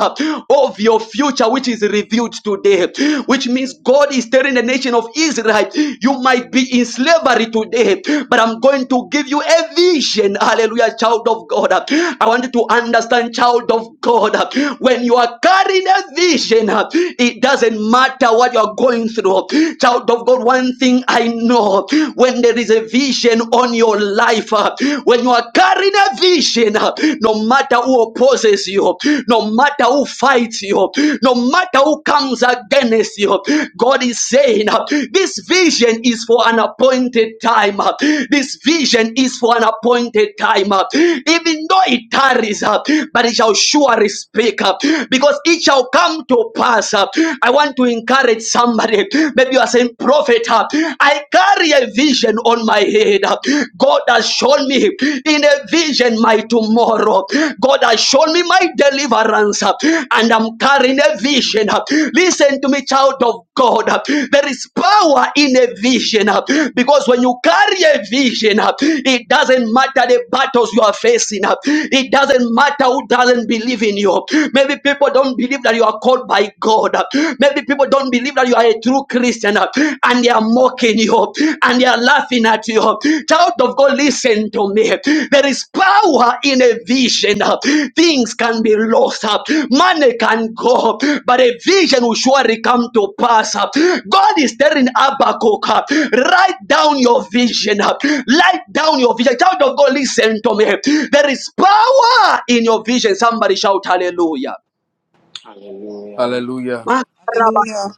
Speaker 1: of your future which is revealed today, which means God is telling the nation of Israel, you might be in slavery today, but I'm going to give you a vision. Hallelujah, child of God. I want you to understand, child of God, when you are carrying a vision, it doesn't matter what you are going through. Child of God, one thing I know when there is a vision, on your life. uh, When you are carrying a vision, uh, no matter who opposes you, no matter who fights you, no matter who comes against you, God is saying, uh, This vision is for an appointed time. uh, This vision is for an appointed time. uh, Even though it tarries, uh, but it shall surely speak uh, because it shall come to pass. uh, I want to encourage somebody. Maybe you are saying, Prophet, uh, uh, I carry a vision on my head. uh, God has shown me in a vision my tomorrow. God has shown me my deliverance, uh, and I'm carrying a vision. uh, Listen to me, child of God. uh, There is power in a vision uh, because when you carry a vision, uh, it doesn't matter the battles you are facing, uh, it doesn't matter who doesn't believe in you. Maybe people don't believe that you are called by God. Maybe people don't believe that you are a true Christian uh, and they are mocking you and they are laughing at you. Child of God, listen to me. There is power in a vision. uh, Things can be lost. uh, Money can go, but a vision will surely come to pass. uh. God is telling Habakkuk, uh, write down your vision. uh, Write down your vision. Child of God, listen to me. There is power in your vision. Somebody shout hallelujah.
Speaker 14: Hallelujah.
Speaker 6: Hallelujah.
Speaker 13: Hallelujah.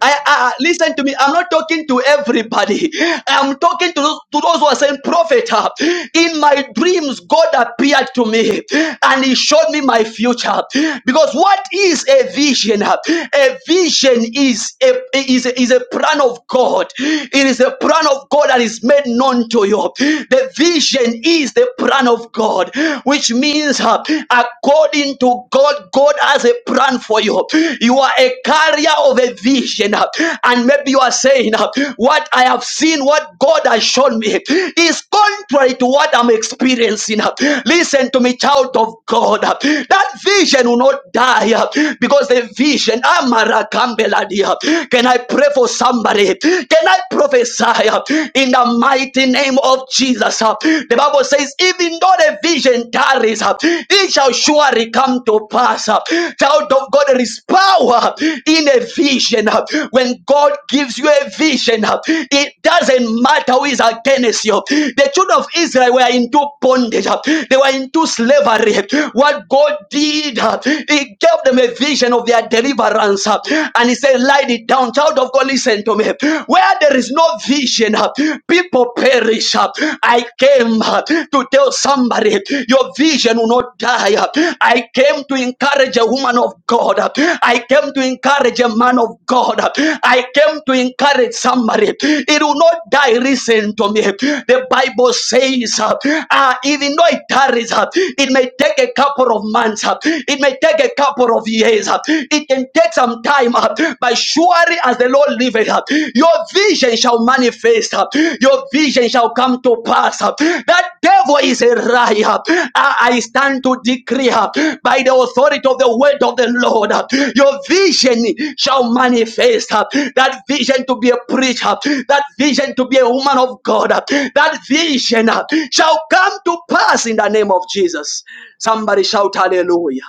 Speaker 1: I, I listen to me. I'm not talking to everybody. I'm talking to those, to those who are saying, "Prophet, uh, in my dreams, God appeared to me and He showed me my future." Because what is a vision? uh? A vision is a is a, is a plan of God. It is a plan of God that is made known to you. The vision is the plan of God, which means uh, according to God. God, God has a plan for you. You are a carrier of a vision, uh, and maybe you are saying, uh, What I have seen, what God has shown me, is contrary to what I'm experiencing. uh." Listen to me, child of God. uh, That vision will not die uh, because the vision, Amarakambeladi, uh, can I pray for somebody? Can I prophesy uh, in the mighty name of Jesus? uh? The Bible Bible says, even though the vision tarries, uh, it shall surely come to pass. uh. Child of God, there is power in a vision. uh. When God gives you a vision, uh, it doesn't matter who is against you. The children of Israel were into bondage, uh. they were into slavery. What God did, uh, He gave them a vision of their deliverance. uh, And He said, Lie it down, child of God, listen to me. Where the there is no vision, uh, people perish. uh. I came uh, to tell somebody your vision will not die. uh. I came to encourage a woman of God. uh. I came to encourage a man of God. uh. I came to encourage somebody. It will not die. Listen to me. The Bible says, uh, uh, even though it tarries, uh, it may take a couple of months, uh, it may take a couple of years, uh, it can Take some time up, but surely as the Lord liveth up, your vision shall manifest up, your vision shall come to pass up. That devil is a lie up. I stand to decree up by the authority of the word of the Lord up. Your vision shall manifest up. That vision to be a preacher, that vision to be a woman of God, that vision shall come to pass in the name of Jesus. Somebody shout hallelujah.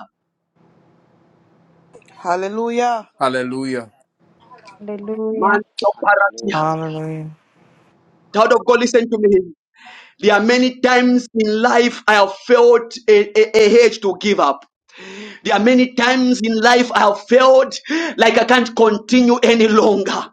Speaker 13: Hallelujah.
Speaker 6: Hallelujah.
Speaker 15: Hallelujah.
Speaker 1: Man,
Speaker 14: Hallelujah.
Speaker 16: Hallelujah.
Speaker 1: Child of God, listen to me. There are many times in life I have felt a, a, a urge to give up. There are many times in life I have failed, like I can't continue any longer.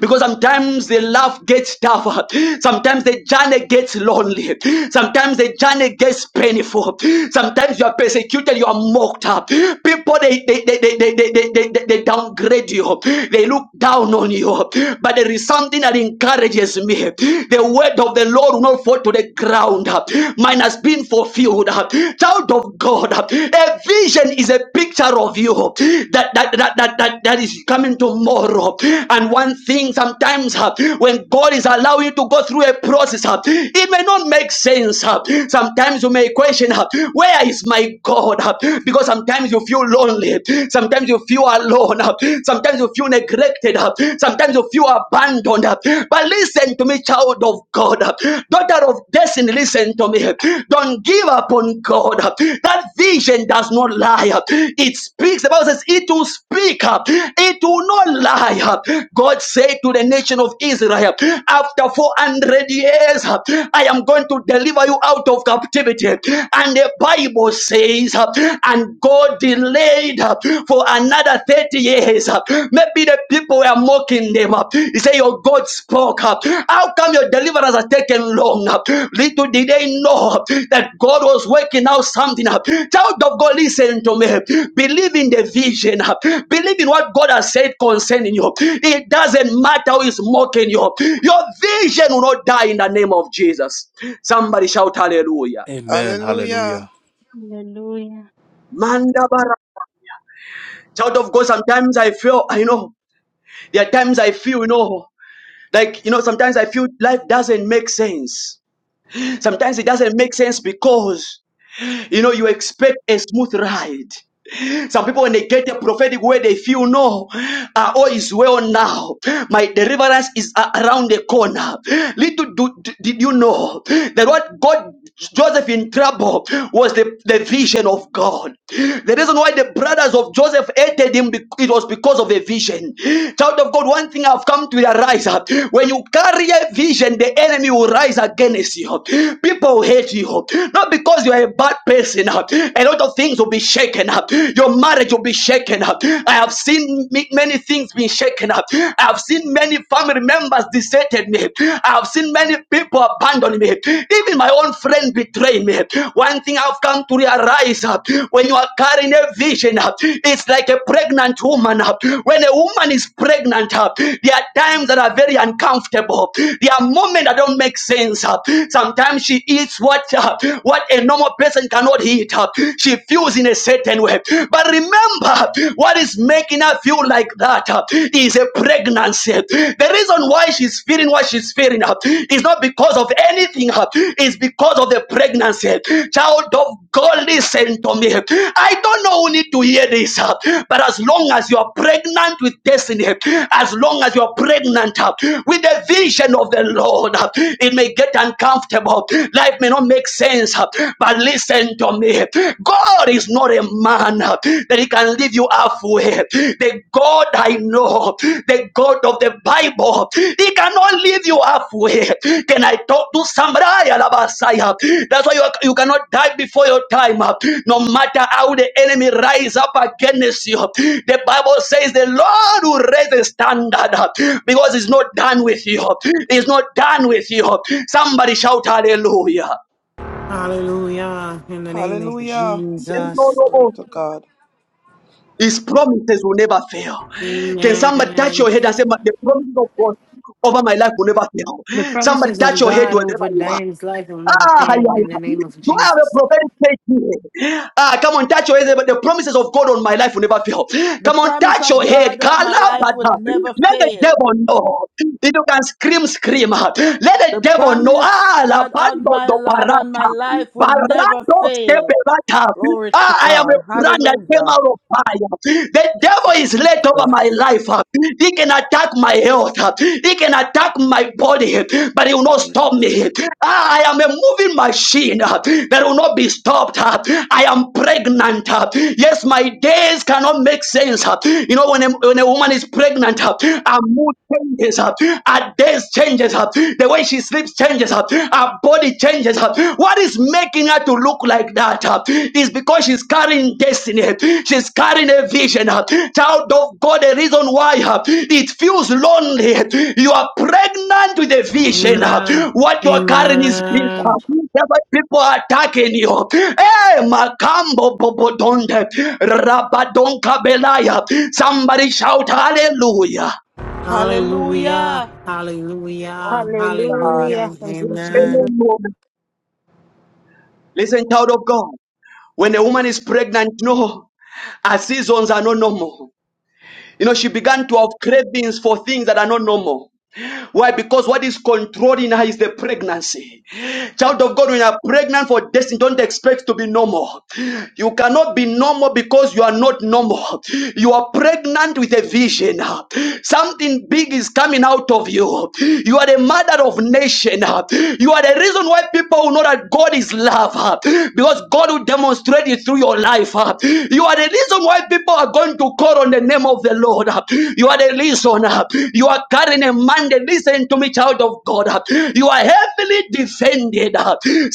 Speaker 1: Because sometimes the love gets tougher. Sometimes the journey gets lonely. Sometimes the journey gets painful. Sometimes you are persecuted, you are mocked up. People, they, they, they, they, they, they, they, they they downgrade you. They look down on you. But there is something that encourages me. The word of the Lord will not fall to the ground ground, uh, mine has been fulfilled. uh. Child of God, uh, a vision is a picture of you that that that that that, that is coming tomorrow. And one thing sometimes uh, when God is allowing you to go through a process, uh, it may not make sense. uh. Sometimes you may question, uh, where is my God? uh? Because sometimes you feel lonely, sometimes you feel alone, uh. sometimes you feel neglected, uh. sometimes you feel abandoned. But listen to me, child of God, daughter of destiny, listen to me. Don't give up on God. That vision does not lie. It speaks. The Bible says it will speak. It will not lie. God said to the nation of Israel, after 400 years, I am going to deliver you out of captivity. And the Bible says, and God delayed for another 30 years. Maybe the people were mocking them. He said, Your God spoke. How come your deliverance has taken long? Little did they know that God was working out something. Child of God, listen to me. Believe in the vision. Believe in what God has said concerning you. It doesn't matter who is mocking you. Your vision will not die in the name of Jesus. Somebody shout hallelujah.
Speaker 6: Amen.
Speaker 13: Hallelujah.
Speaker 6: Hallelujah.
Speaker 15: Hallelujah.
Speaker 1: Mandabara. Child of God, sometimes I feel, I know. There are times I feel, you know, like, you know, sometimes I feel life doesn't make sense. Sometimes it doesn't make sense because, you know, you expect a smooth ride. Some people, when they get a prophetic word, they feel no, uh, all is well now. My deliverance is a- around the corner. Little do, d- did you know that what God, Joseph in trouble, was the, the vision of God. The reason why the brothers of Joseph hated him, bec- it was because of the vision. Child of God, one thing I've come to realize uh, when you carry a vision, the enemy will rise against you. People will hate you, not because you are a bad person. uh, A lot of things will be shaken up. Your marriage will be shaken up. I have seen ma- many things being shaken up. I have seen many family members deserted me. I have seen many people abandon me. Even my own friend betrayed me. One thing I've come to realize uh, when you are carrying a vision, uh, it's like a pregnant woman. uh, When a woman is pregnant, uh, there are times that are very uncomfortable. There are moments that don't make sense. uh. Sometimes she eats what uh, what a normal person cannot eat eat, uh, she feels in a certain way. But remember, what is making her feel like that uh, is a pregnancy. The reason why she's feeling what she's feeling uh, is not because of anything, uh, it's because of the pregnancy. Child of God, listen to me. I don't know who need to hear this, uh, but as long as you are pregnant with destiny, as long as you are pregnant uh, with the vision of the Lord, uh, it may get uncomfortable. Life may not make sense. uh, but listen to me. God is not a man that he can leave you halfway. The God I know, the God of the Bible, he cannot leave you halfway. Can I talk to somebody? Alabasaya. That's why you, you cannot die before your time. No matter how the enemy rise up against you. The Bible says the Lord will raise the standard because it's not done with you. It's not done with you. Somebody shout hallelujah.
Speaker 2: Hallelujah. In the name of
Speaker 13: Hallelujah.
Speaker 2: Jesus.
Speaker 13: Glory to God.
Speaker 1: His promises will never fail. Can somebody touch
Speaker 2: Amen.
Speaker 1: your head and say, "But the promise of God over my life will never fail?
Speaker 2: The
Speaker 1: Somebody
Speaker 2: promises of
Speaker 1: touch your head
Speaker 2: God
Speaker 1: wherever
Speaker 2: over
Speaker 1: you are.
Speaker 2: Dan's life will never
Speaker 1: Ah,
Speaker 2: fail
Speaker 1: yeah,
Speaker 2: in the
Speaker 1: yeah.
Speaker 2: name of
Speaker 1: Do I have a
Speaker 2: Jesus.
Speaker 1: prophetic faith here? Ah, come on, touch your head. But the promises of God on my life will never fail.
Speaker 13: The
Speaker 1: Come on,
Speaker 13: promise
Speaker 1: touch your
Speaker 13: of
Speaker 1: head.
Speaker 13: God on my life will
Speaker 1: Kalabata.
Speaker 13: never
Speaker 1: Let the
Speaker 13: fail.
Speaker 1: devil know. If you can scream, scream. Let the
Speaker 13: The
Speaker 1: devil know.
Speaker 13: promise
Speaker 1: Ah, la
Speaker 13: God on
Speaker 1: bando
Speaker 13: my
Speaker 1: do
Speaker 13: of on
Speaker 1: barata.
Speaker 13: my life will never
Speaker 1: Barado de
Speaker 13: fail.
Speaker 1: barata.
Speaker 13: Glory to
Speaker 1: Ah, I am a
Speaker 13: God.
Speaker 1: brand that came
Speaker 13: Hallelujah.
Speaker 1: out of fire. The
Speaker 13: Thank
Speaker 1: devil
Speaker 13: you,
Speaker 1: is laid over
Speaker 13: Jesus.
Speaker 1: my life. He can attack my health. He can attack my body, but he will not stop me. Ah, I am a moving machine that will not be stopped. I am pregnant. Yes, my days cannot make sense. You know, when a, when a woman is pregnant, her mood changes. Her days changes. The way she sleeps changes. Her body changes. What is making to look like that uh, is because she's carrying destiny. She's carrying a vision. uh. Child of God, the reason why uh, it feels lonely. You are pregnant with a vision. uh.
Speaker 2: Amen.
Speaker 1: What you are carrying is big. uh.
Speaker 2: Amen.
Speaker 1: why People are attacking you. Hey, Makambo Bobodonde, Rabadonka Belaya. Somebody shout hallelujah.
Speaker 2: Hallelujah.
Speaker 13: Hallelujah.
Speaker 2: Hallelujah.
Speaker 13: Glory to God.
Speaker 2: Hallelujah.
Speaker 15: Hallelujah. Thank you,
Speaker 2: Amen.
Speaker 15: Jesus.
Speaker 1: Hallelujah. Listen, child of God. When a woman is pregnant, no, her seasons are not normal. You know, she began to have cravings for things that are not normal. Why? Because what is controlling her is the pregnancy. Child of God, when you are pregnant for destiny, don't expect to be normal. You cannot be normal because you are not normal. You are pregnant with a vision. Something big is coming out of you. You are the mother of nation. You are the reason why people will know that God is love. Because God will demonstrate it through your life. You are the reason why people are going to call on on the name of the Lord. You are the reason. You are carrying a mandate. Listen to me, child of God. You are heavily defended.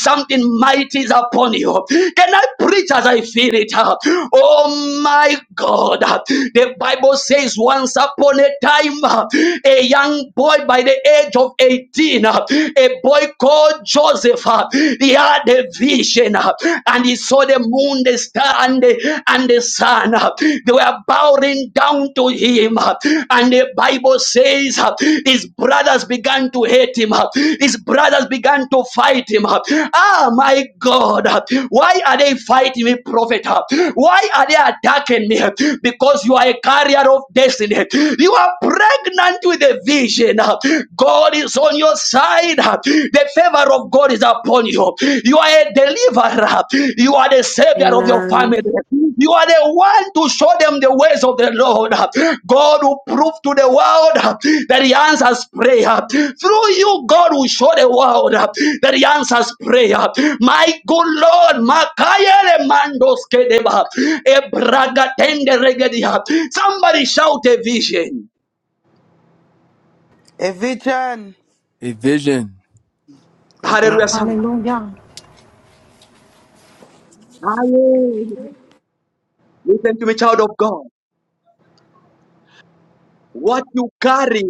Speaker 1: Something mighty is upon you. Can I preach as I feel it? Oh my God. The Bible says once upon a time, a young boy by the age of 18, a boy called Joseph, he had a vision and and he saw the moon, the star, and the, and the sun. They were bowing down to him. And the Bible says his brothers began to hate him. His brothers began to fight him. Ah, my God. Why are they fighting me, prophet? Why are they attacking me? Because you are a carrier of destiny. You are pregnant with a vision. God is on your side. The favor of God is upon you. You are a deliverer. You are the savior of your
Speaker 2: Amen.
Speaker 1: family. You are the one to show them the ways of the Lord. God will prove to the world that He answers prayer. Through you, God will show the world that He answers prayer. My good Lord, Makayele Mandos Kedeba, Ebraga Tende Regedia. Somebody shout a vision.
Speaker 13: A vision.
Speaker 6: A vision.
Speaker 13: Amen.
Speaker 1: Hallelujah. Somebody.
Speaker 2: Hallelujah.
Speaker 1: Hallelujah. Listen to me, child of God. What you carry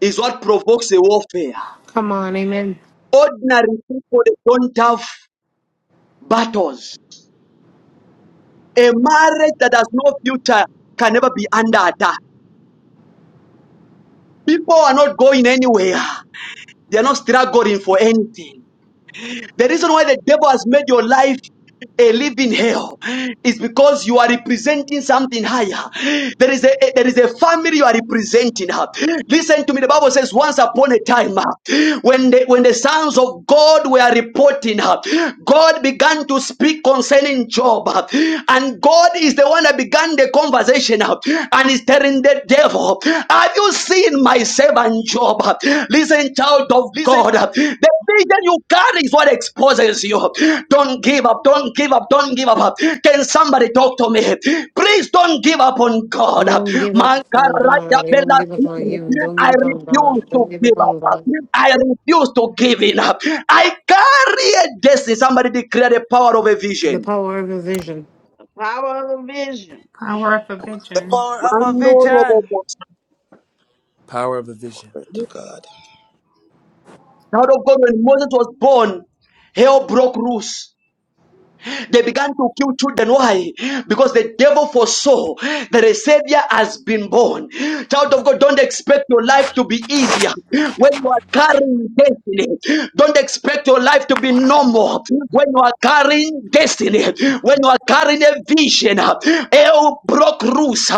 Speaker 1: is what provokes a warfare.
Speaker 2: Come on, amen.
Speaker 1: Ordinary people they don't have battles. A marriage that has no future can never be under attack. People are not going anywhere. They are not struggling for anything. The reason why the devil has made your life a living hell is because you are representing something higher. There is a there is a family you are representing. Listen to me. The Bible says, once upon a time, when the when the sons of God were reporting, God began to speak concerning Job, and God is the one that began the conversation, and is telling the devil, "Have you seen my?" servant Job. Listen, child of
Speaker 17: Listen
Speaker 1: God.
Speaker 17: to
Speaker 1: The vision you carry is what exposes you. Don't give up. Don't give up. Don't give up. Can somebody talk to me? Please don't give up on God.
Speaker 2: Don't give up on
Speaker 1: Mankaraya
Speaker 2: God. It won't
Speaker 1: bela-
Speaker 2: give up on you. Don't
Speaker 1: I
Speaker 2: give up on
Speaker 1: refuse
Speaker 2: God.
Speaker 1: to
Speaker 2: Don't give
Speaker 1: give
Speaker 2: up on
Speaker 1: up.
Speaker 2: God.
Speaker 1: I refuse to give in up. I carry a destiny. Somebody declare the power of a
Speaker 2: The
Speaker 1: vision.
Speaker 2: power of a vision.
Speaker 9: Power of the vision.
Speaker 11: Power of
Speaker 13: The
Speaker 11: prevention.
Speaker 13: power of a
Speaker 1: Mando robo-
Speaker 13: vision.
Speaker 6: Power of a vision.
Speaker 13: Glory to God.
Speaker 1: Child of God, when Moses was born, hell broke loose. They began to kill children. Why? Because the devil foresaw that a savior has been born. Child of God, don't expect your life to be easier when you are carrying destiny. Don't expect your life to be normal when you are carrying destiny. When you carrying a vision. uh, El broke rules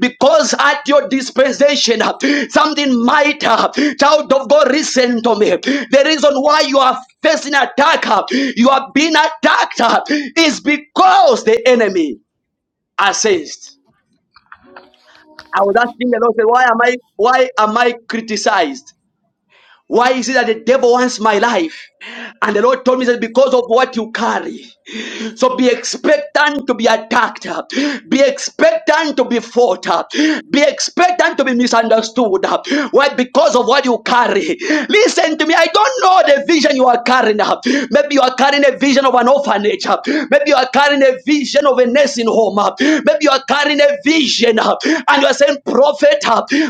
Speaker 1: because at your dispensation, uh, something might, uh, child of God, listen to me. The reason why you are facing attack, uh, you are being attacked, uh, is because the enemy assessed. I was asking the Lord, say, why am I, why am I criticized? Why is it that the devil wants my life? And the Lord told me that because of what you carry. So be expectant to be attacked. Be expectant to be fought. Be expectant to be misunderstood. Why? Because of what you carry. Listen to me. I don't know the vision you are carrying. Maybe you are carrying a vision of an orphanage. Maybe you are carrying a vision of a nursing home. Maybe you are carrying a vision and you are saying, Prophet,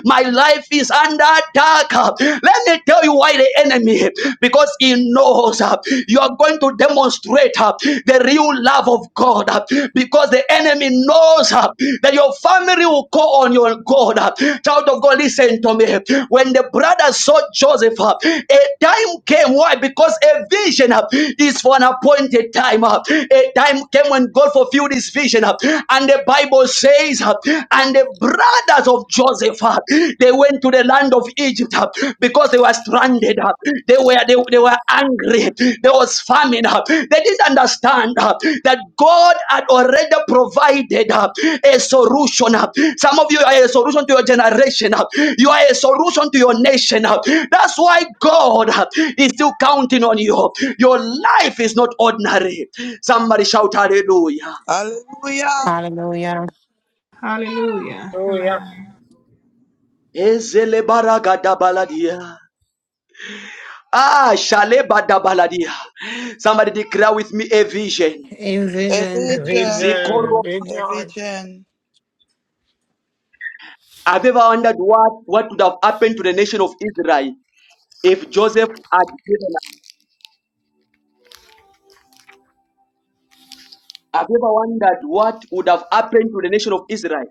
Speaker 1: my life is under attack. Let me tell you why the enemy enemy because he knows uh, you are going to demonstrate uh, the real love of God uh, because the enemy knows uh, that your family will call on your God. uh. Child of God, listen to me. When the brothers saw Joseph, uh, a time came. Why? Because a vision uh, is for an appointed time. uh. A time came when God fulfilled his vision. uh, And the Bible says, uh, and the brothers of Joseph. Joseph. uh, They went to the land of Egypt uh, because they were stranded. uh, They were they, they were angry. There was famine. uh, They didn't understand uh, that God had already provided uh, a solution. uh. Some of you are a solution to your generation. uh. You are a solution to your nation. uh. That's why God uh, is still counting on you. Your life is not ordinary. Somebody shout hallelujah.
Speaker 13: Hallelujah.
Speaker 2: Hallelujah.
Speaker 11: Hallelujah.
Speaker 3: Hallelujah.
Speaker 11: Amen.
Speaker 1: Ezele baragada baladia. Ah, Shaleba Dabaladia. Somebody declare with me a vision.
Speaker 2: In
Speaker 13: Every
Speaker 2: vision,
Speaker 6: A
Speaker 13: gen,
Speaker 1: Zikoro.
Speaker 3: rejoice,
Speaker 6: vision.
Speaker 13: every
Speaker 3: rejoice.
Speaker 13: gen.
Speaker 1: Have you ever wondered what, what would have happened to the nation of Israel if Joseph had given up? Have you ever wondered what would have happened to the nation of Israel?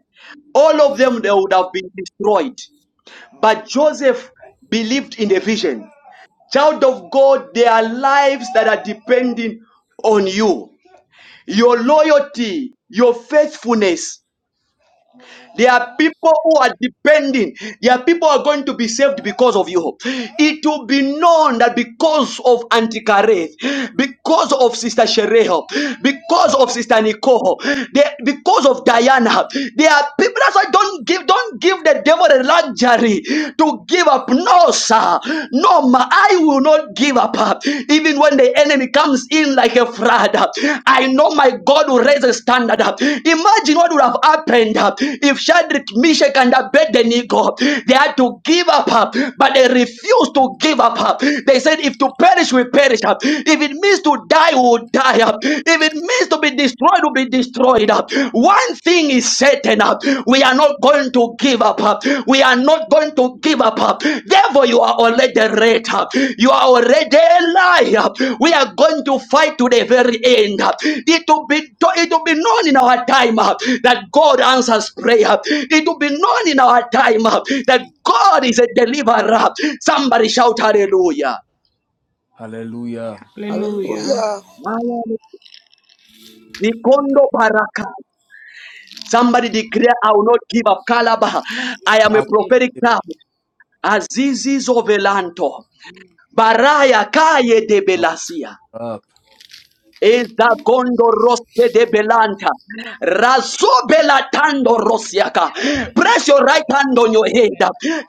Speaker 1: All of them, they would have been destroyed. But Joseph believed in the vision. Child of God, there are lives that are depending on you. Your loyalty, your faithfulness There are people who are depending. There are people who are going to be saved because of you. It will be known that because of Antikareth, because of Sister Shereho, because of Sister Nicole, there- because of Diana, there are people that's why don't give don't give the devil the luxury to give up. No, sir. No, ma, I will not give up. Even when the enemy comes in like a flood, I know my God will raise a standard. Imagine what would have happened if Shadrach, Meshach, and Abednego they had to give up, but they refused to give up. They said, "If to perish, we perish. If it means to die, we will die. If it means to be destroyed, we will be destroyed." One thing is Satan. uh, We are not going to give up. uh, We are not going to give up. uh. Therefore, you are already red. uh, You are already alive. uh. We are going to fight to the very end. uh. It will be it will be known in our time uh, that God answers prayer. It will be known in our time uh, that God is a deliverer. Somebody shout hallelujah.
Speaker 6: Hallelujah.
Speaker 11: Hallelujah.
Speaker 13: Hallelujah.
Speaker 1: Nikondo baraka. Somebody declare, I will not give up. Calabar. I am
Speaker 6: I
Speaker 1: a
Speaker 6: will
Speaker 1: prophetic
Speaker 6: give
Speaker 1: now. Azizi Zovelanto. Baraya Kaye de
Speaker 6: power
Speaker 1: Belasia.
Speaker 6: up.
Speaker 1: Eza gondo roste de belanta. Razo belatando rosiaka. Press your right hand on your head.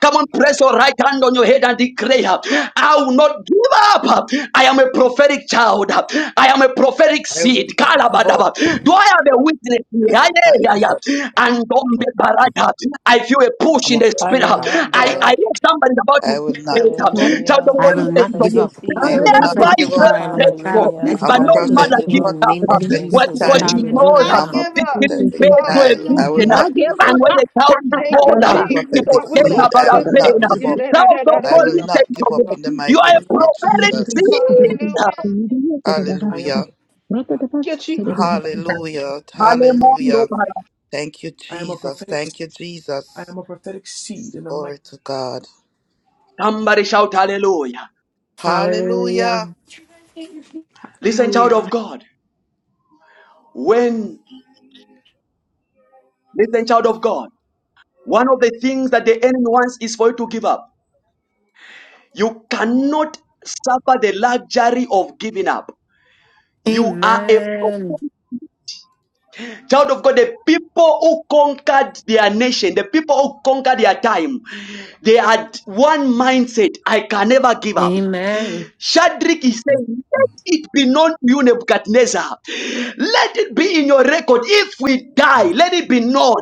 Speaker 1: Come on, press your right hand on your head and declare, I will not give up. I am a prophetic child. I am a prophetic
Speaker 13: I will
Speaker 1: seed.
Speaker 13: not give up,
Speaker 1: Kalabadaba. Do I have a witness? here? Aye,
Speaker 13: not
Speaker 1: aye,
Speaker 13: give up.
Speaker 1: aye. And on
Speaker 6: When
Speaker 1: the
Speaker 6: I give
Speaker 1: barata, I feel a push
Speaker 13: I'm
Speaker 1: in
Speaker 13: a
Speaker 1: the
Speaker 18: I
Speaker 1: spirit.
Speaker 18: will
Speaker 13: prophetic
Speaker 6: power
Speaker 18: not give
Speaker 1: I, I
Speaker 13: child.
Speaker 18: up.
Speaker 1: know somebody's about to
Speaker 13: I will
Speaker 1: give
Speaker 13: not give up.
Speaker 1: faith. Child of
Speaker 18: Hallelujah.
Speaker 2: I
Speaker 1: God,
Speaker 18: I'm a
Speaker 2: will
Speaker 1: listen
Speaker 2: not
Speaker 1: to
Speaker 6: up,
Speaker 2: give
Speaker 1: me.
Speaker 18: prophetic
Speaker 2: up. I
Speaker 18: seed.
Speaker 13: I
Speaker 2: am a
Speaker 13: will not
Speaker 1: Never
Speaker 2: prophetic
Speaker 1: is
Speaker 6: I
Speaker 13: give
Speaker 6: will
Speaker 13: up.
Speaker 7: Hallelujah.
Speaker 1: very
Speaker 2: child. I'm a
Speaker 6: up.
Speaker 2: child of
Speaker 18: Hallelujah.
Speaker 13: I'm
Speaker 1: but
Speaker 13: a
Speaker 18: I
Speaker 1: no
Speaker 2: destiny.
Speaker 18: will
Speaker 13: prophetic,
Speaker 18: not
Speaker 1: matter
Speaker 18: give
Speaker 2: In
Speaker 1: this,
Speaker 2: the
Speaker 18: up.
Speaker 1: uh,
Speaker 2: name
Speaker 6: I
Speaker 1: uh,
Speaker 6: will
Speaker 2: of
Speaker 18: Thank
Speaker 13: prophetic
Speaker 1: well,
Speaker 18: you,
Speaker 2: Jesus.
Speaker 1: because
Speaker 13: child.
Speaker 1: you
Speaker 9: I would
Speaker 6: see.
Speaker 1: know
Speaker 18: Jesus.
Speaker 6: If
Speaker 1: that
Speaker 9: not
Speaker 13: I'm
Speaker 2: Hallelujah.
Speaker 13: a
Speaker 9: give
Speaker 1: this
Speaker 9: up.
Speaker 1: didn't
Speaker 13: prophetic
Speaker 1: pay
Speaker 6: I
Speaker 7: Hallelujah.
Speaker 1: to a
Speaker 6: will
Speaker 13: child.
Speaker 1: victim,
Speaker 13: I will
Speaker 6: give
Speaker 1: uh,
Speaker 9: Hallelujah.
Speaker 13: not
Speaker 6: it,
Speaker 13: give
Speaker 1: and
Speaker 13: up.
Speaker 1: when the child is
Speaker 9: Thank you,
Speaker 1: born, uh,
Speaker 13: I'm a
Speaker 1: you
Speaker 9: Jesus. I
Speaker 13: prophetic
Speaker 9: would not
Speaker 13: seed.
Speaker 1: about
Speaker 13: I
Speaker 1: a
Speaker 13: will
Speaker 9: give up.
Speaker 1: pain.
Speaker 13: not
Speaker 1: uh.
Speaker 13: give
Speaker 9: Yeah,
Speaker 13: up.
Speaker 9: da, da,
Speaker 1: Child
Speaker 9: da,
Speaker 1: of
Speaker 9: da, da,
Speaker 13: I
Speaker 1: God,
Speaker 6: Lord,
Speaker 13: will
Speaker 6: I
Speaker 9: no.
Speaker 13: not
Speaker 6: will
Speaker 1: listen to
Speaker 13: give
Speaker 6: give
Speaker 13: up
Speaker 6: up.
Speaker 13: in the
Speaker 1: me. You
Speaker 6: I
Speaker 1: are
Speaker 13: mighty
Speaker 1: a
Speaker 6: will
Speaker 13: name
Speaker 6: not.
Speaker 13: of
Speaker 1: prophetic
Speaker 13: Jesus.
Speaker 1: seed.
Speaker 9: Hallelujah.
Speaker 6: I am a
Speaker 13: Hallelujah.
Speaker 6: prophet.
Speaker 9: Thank you,
Speaker 6: I
Speaker 9: Jesus.
Speaker 6: am a prophet.
Speaker 13: Hallelujah. Hallelujah.
Speaker 1: Hallelujah.
Speaker 13: Thank you,
Speaker 6: I am a prophet. I am a
Speaker 13: Jesus.
Speaker 6: prophetic
Speaker 13: Thank you,
Speaker 6: I
Speaker 13: Jesus.
Speaker 6: am a prophetic seed in the mighty.
Speaker 13: Glory to God.
Speaker 1: Somebody shout hallelujah.
Speaker 2: Hallelujah.
Speaker 13: Hallelujah.
Speaker 1: Listen, child of
Speaker 11: Hallelujah.
Speaker 1: God. When, listen, child of God, one of the things that the enemy wants is for you to give up. You cannot suffer the luxury of giving up. You are a
Speaker 2: Amen.
Speaker 1: Child of God, the people who conquered their nation, the people who conquered their time, they had one mindset I can never give up.
Speaker 2: Amen.
Speaker 1: Shadrach is
Speaker 6: name.
Speaker 1: saying, Let
Speaker 6: Mm,
Speaker 1: it be known to you, Nebuchadnezzar. Let it be in your record. If we die,
Speaker 6: mm,
Speaker 1: let it be known.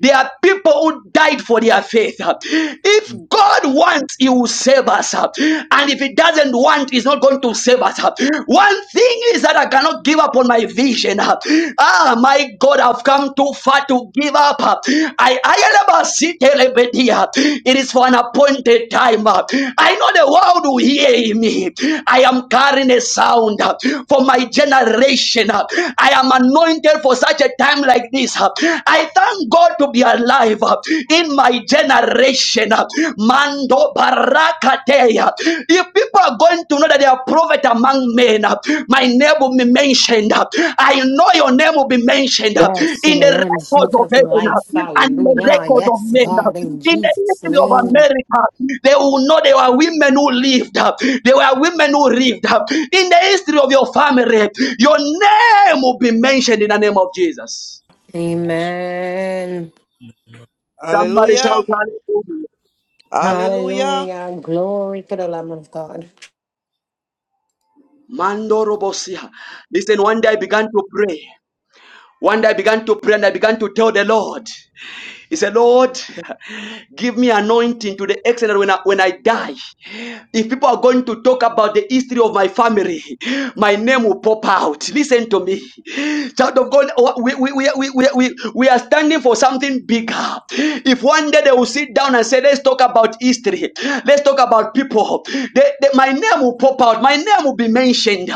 Speaker 1: There are people who died for their faith. If God wants, He will save us. And if He doesn't want, He's not going to save us. One thing is that I cannot give up on my vision. Ah, my God, I've come too far to give up. I I am a city. It is for an appointed time. I know the world will hear me. I am carrying a sound uh, for my generation. uh, I am anointed for such a time like this. uh. I thank God to be alive uh, in my generation. uh. Mando barakateya. If people are going to know that they are prophet among men, uh, my name will be mentioned. uh. I know your name will be mentioned uh,
Speaker 2: Yes, in
Speaker 1: in
Speaker 2: the
Speaker 1: the
Speaker 2: Lamb's
Speaker 1: records
Speaker 2: Book
Speaker 1: of
Speaker 2: of
Speaker 1: heaven uh,
Speaker 2: Life.
Speaker 1: and in the
Speaker 2: Hallelujah.
Speaker 1: records of
Speaker 2: Yes,
Speaker 1: men uh,
Speaker 2: God, in
Speaker 1: in the
Speaker 2: Jesus'
Speaker 1: history of
Speaker 2: name.
Speaker 1: America. They will know there were women who lived. There were women who lived. In the history of your family, your name will be mentioned in the name of Jesus.
Speaker 6: mm.
Speaker 2: Amen.
Speaker 6: Amen.
Speaker 1: Somebody
Speaker 13: Hallelujah.
Speaker 1: shout hallelujah.
Speaker 6: Ha-
Speaker 13: Hallelujah.
Speaker 2: Hallelujah. Glory to the Lamb of God.
Speaker 1: Mando Robosia. Listen, one day I began to pray. One day I began to pray and I began to tell the Lord. He said, Lord, give me anointing to the extent that when I, when I die. If people are going to talk about the history of my family, my name will pop out. Listen to me. Child of God, we, we, we, we, we, we we are standing for something bigger. If one day they will sit down and say, let's talk about history, let's talk about people, they, they- my name will pop out. My name will be mentioned.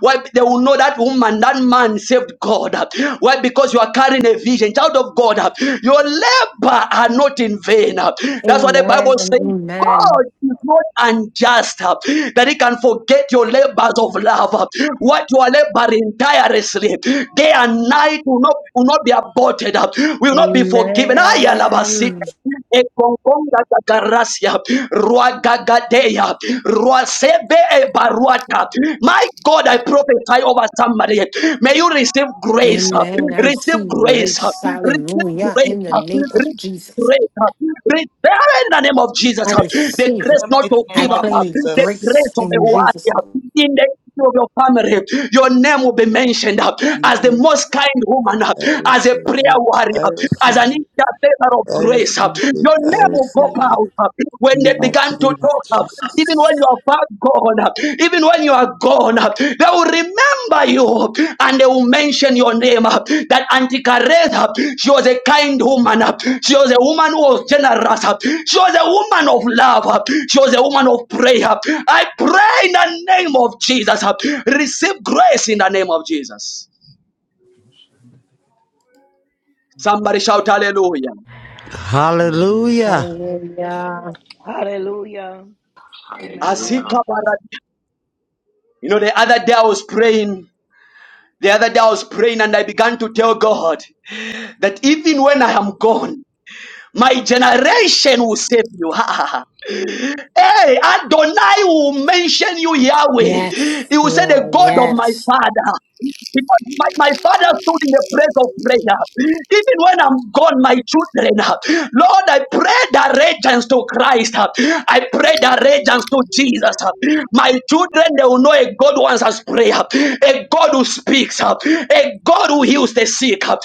Speaker 1: Why? They will know that woman, that man saved God. Why? Because you are carrying a vision. Child of God, your labor are not in vain. That's what the
Speaker 2: Amen
Speaker 1: Bible
Speaker 2: and
Speaker 1: says.
Speaker 2: amen.
Speaker 1: God is not unjust uh, that He can forget your labors of love. uh, What you are laboring tirelessly, day and night, will not, will not be aborted, uh, will not be forgiven. Ay, alabasita.
Speaker 2: Amen.
Speaker 1: Ekongonga kakarasia, ruagagadea, ruasebe ebaruata. My God, I prophesy over somebody. May you receive grace, uh,
Speaker 2: Amen. I
Speaker 1: receive
Speaker 2: receive
Speaker 1: grace, uh,
Speaker 2: grace.
Speaker 1: receive
Speaker 2: Hallelujah.
Speaker 1: grace,
Speaker 2: In the name
Speaker 1: uh,
Speaker 2: of Jesus.
Speaker 1: grace. uh, Prepare in the name of Jesus.
Speaker 13: I
Speaker 2: I
Speaker 1: uh,
Speaker 13: receive
Speaker 1: The
Speaker 13: it
Speaker 2: receive
Speaker 13: in
Speaker 2: it.
Speaker 1: grace
Speaker 13: the
Speaker 1: not
Speaker 13: mighty
Speaker 1: to
Speaker 2: I
Speaker 13: name
Speaker 1: give
Speaker 13: of
Speaker 1: up. uh,
Speaker 2: claim
Speaker 1: The
Speaker 13: Jesus.
Speaker 2: grace
Speaker 1: grace of the
Speaker 2: in Jesus'
Speaker 1: warrior
Speaker 2: name.
Speaker 1: In the history of your family, your name will be mentioned uh, as the
Speaker 13: Amen.
Speaker 1: most kind woman, uh,
Speaker 13: I
Speaker 1: as a
Speaker 13: receive
Speaker 1: prayer
Speaker 13: it. I
Speaker 1: warrior, as
Speaker 13: receive
Speaker 1: an
Speaker 13: it.
Speaker 1: intercessor of
Speaker 13: I
Speaker 1: grace. uh,
Speaker 13: receive it.
Speaker 1: Your
Speaker 13: I
Speaker 1: name will go
Speaker 13: receive it
Speaker 1: out uh, when
Speaker 13: in the
Speaker 1: they
Speaker 13: mighty
Speaker 1: began to
Speaker 13: name of
Speaker 1: talk. uh,
Speaker 13: Jesus.
Speaker 1: Even when you are about God. Even when you are gone, they will remember you and they will mention your name. That Auntie Antikareth, she was a kind woman. She was a woman who was generous. She was a woman of love. She was a woman of prayer. I pray in the name of Jesus. Receive grace in the name of Jesus. Somebody shout hallelujah.
Speaker 6: Hallelujah.
Speaker 19: Hallelujah.
Speaker 2: Hallelujah.
Speaker 18: Hallelujah.
Speaker 14: Hallelujah.
Speaker 1: Azika
Speaker 18: Amen.
Speaker 1: bara- You know, the other day I was praying. The other day I was praying and I began to tell God that even when I am gone, My generation will save you. Ha, ha, ha. Hey, Adonai will mention you, Yahweh.
Speaker 2: Yes,
Speaker 1: He will say, The
Speaker 2: Lord.
Speaker 1: God of my
Speaker 2: Yes.
Speaker 1: father. Because my, my father stood in the place of prayer. Even when I'm gone, my children, Lord, I pray the regents to Christ. I pray the regents to Jesus. My children, they will know a God who answers prayer, a God who speaks, a God who heals the sick, a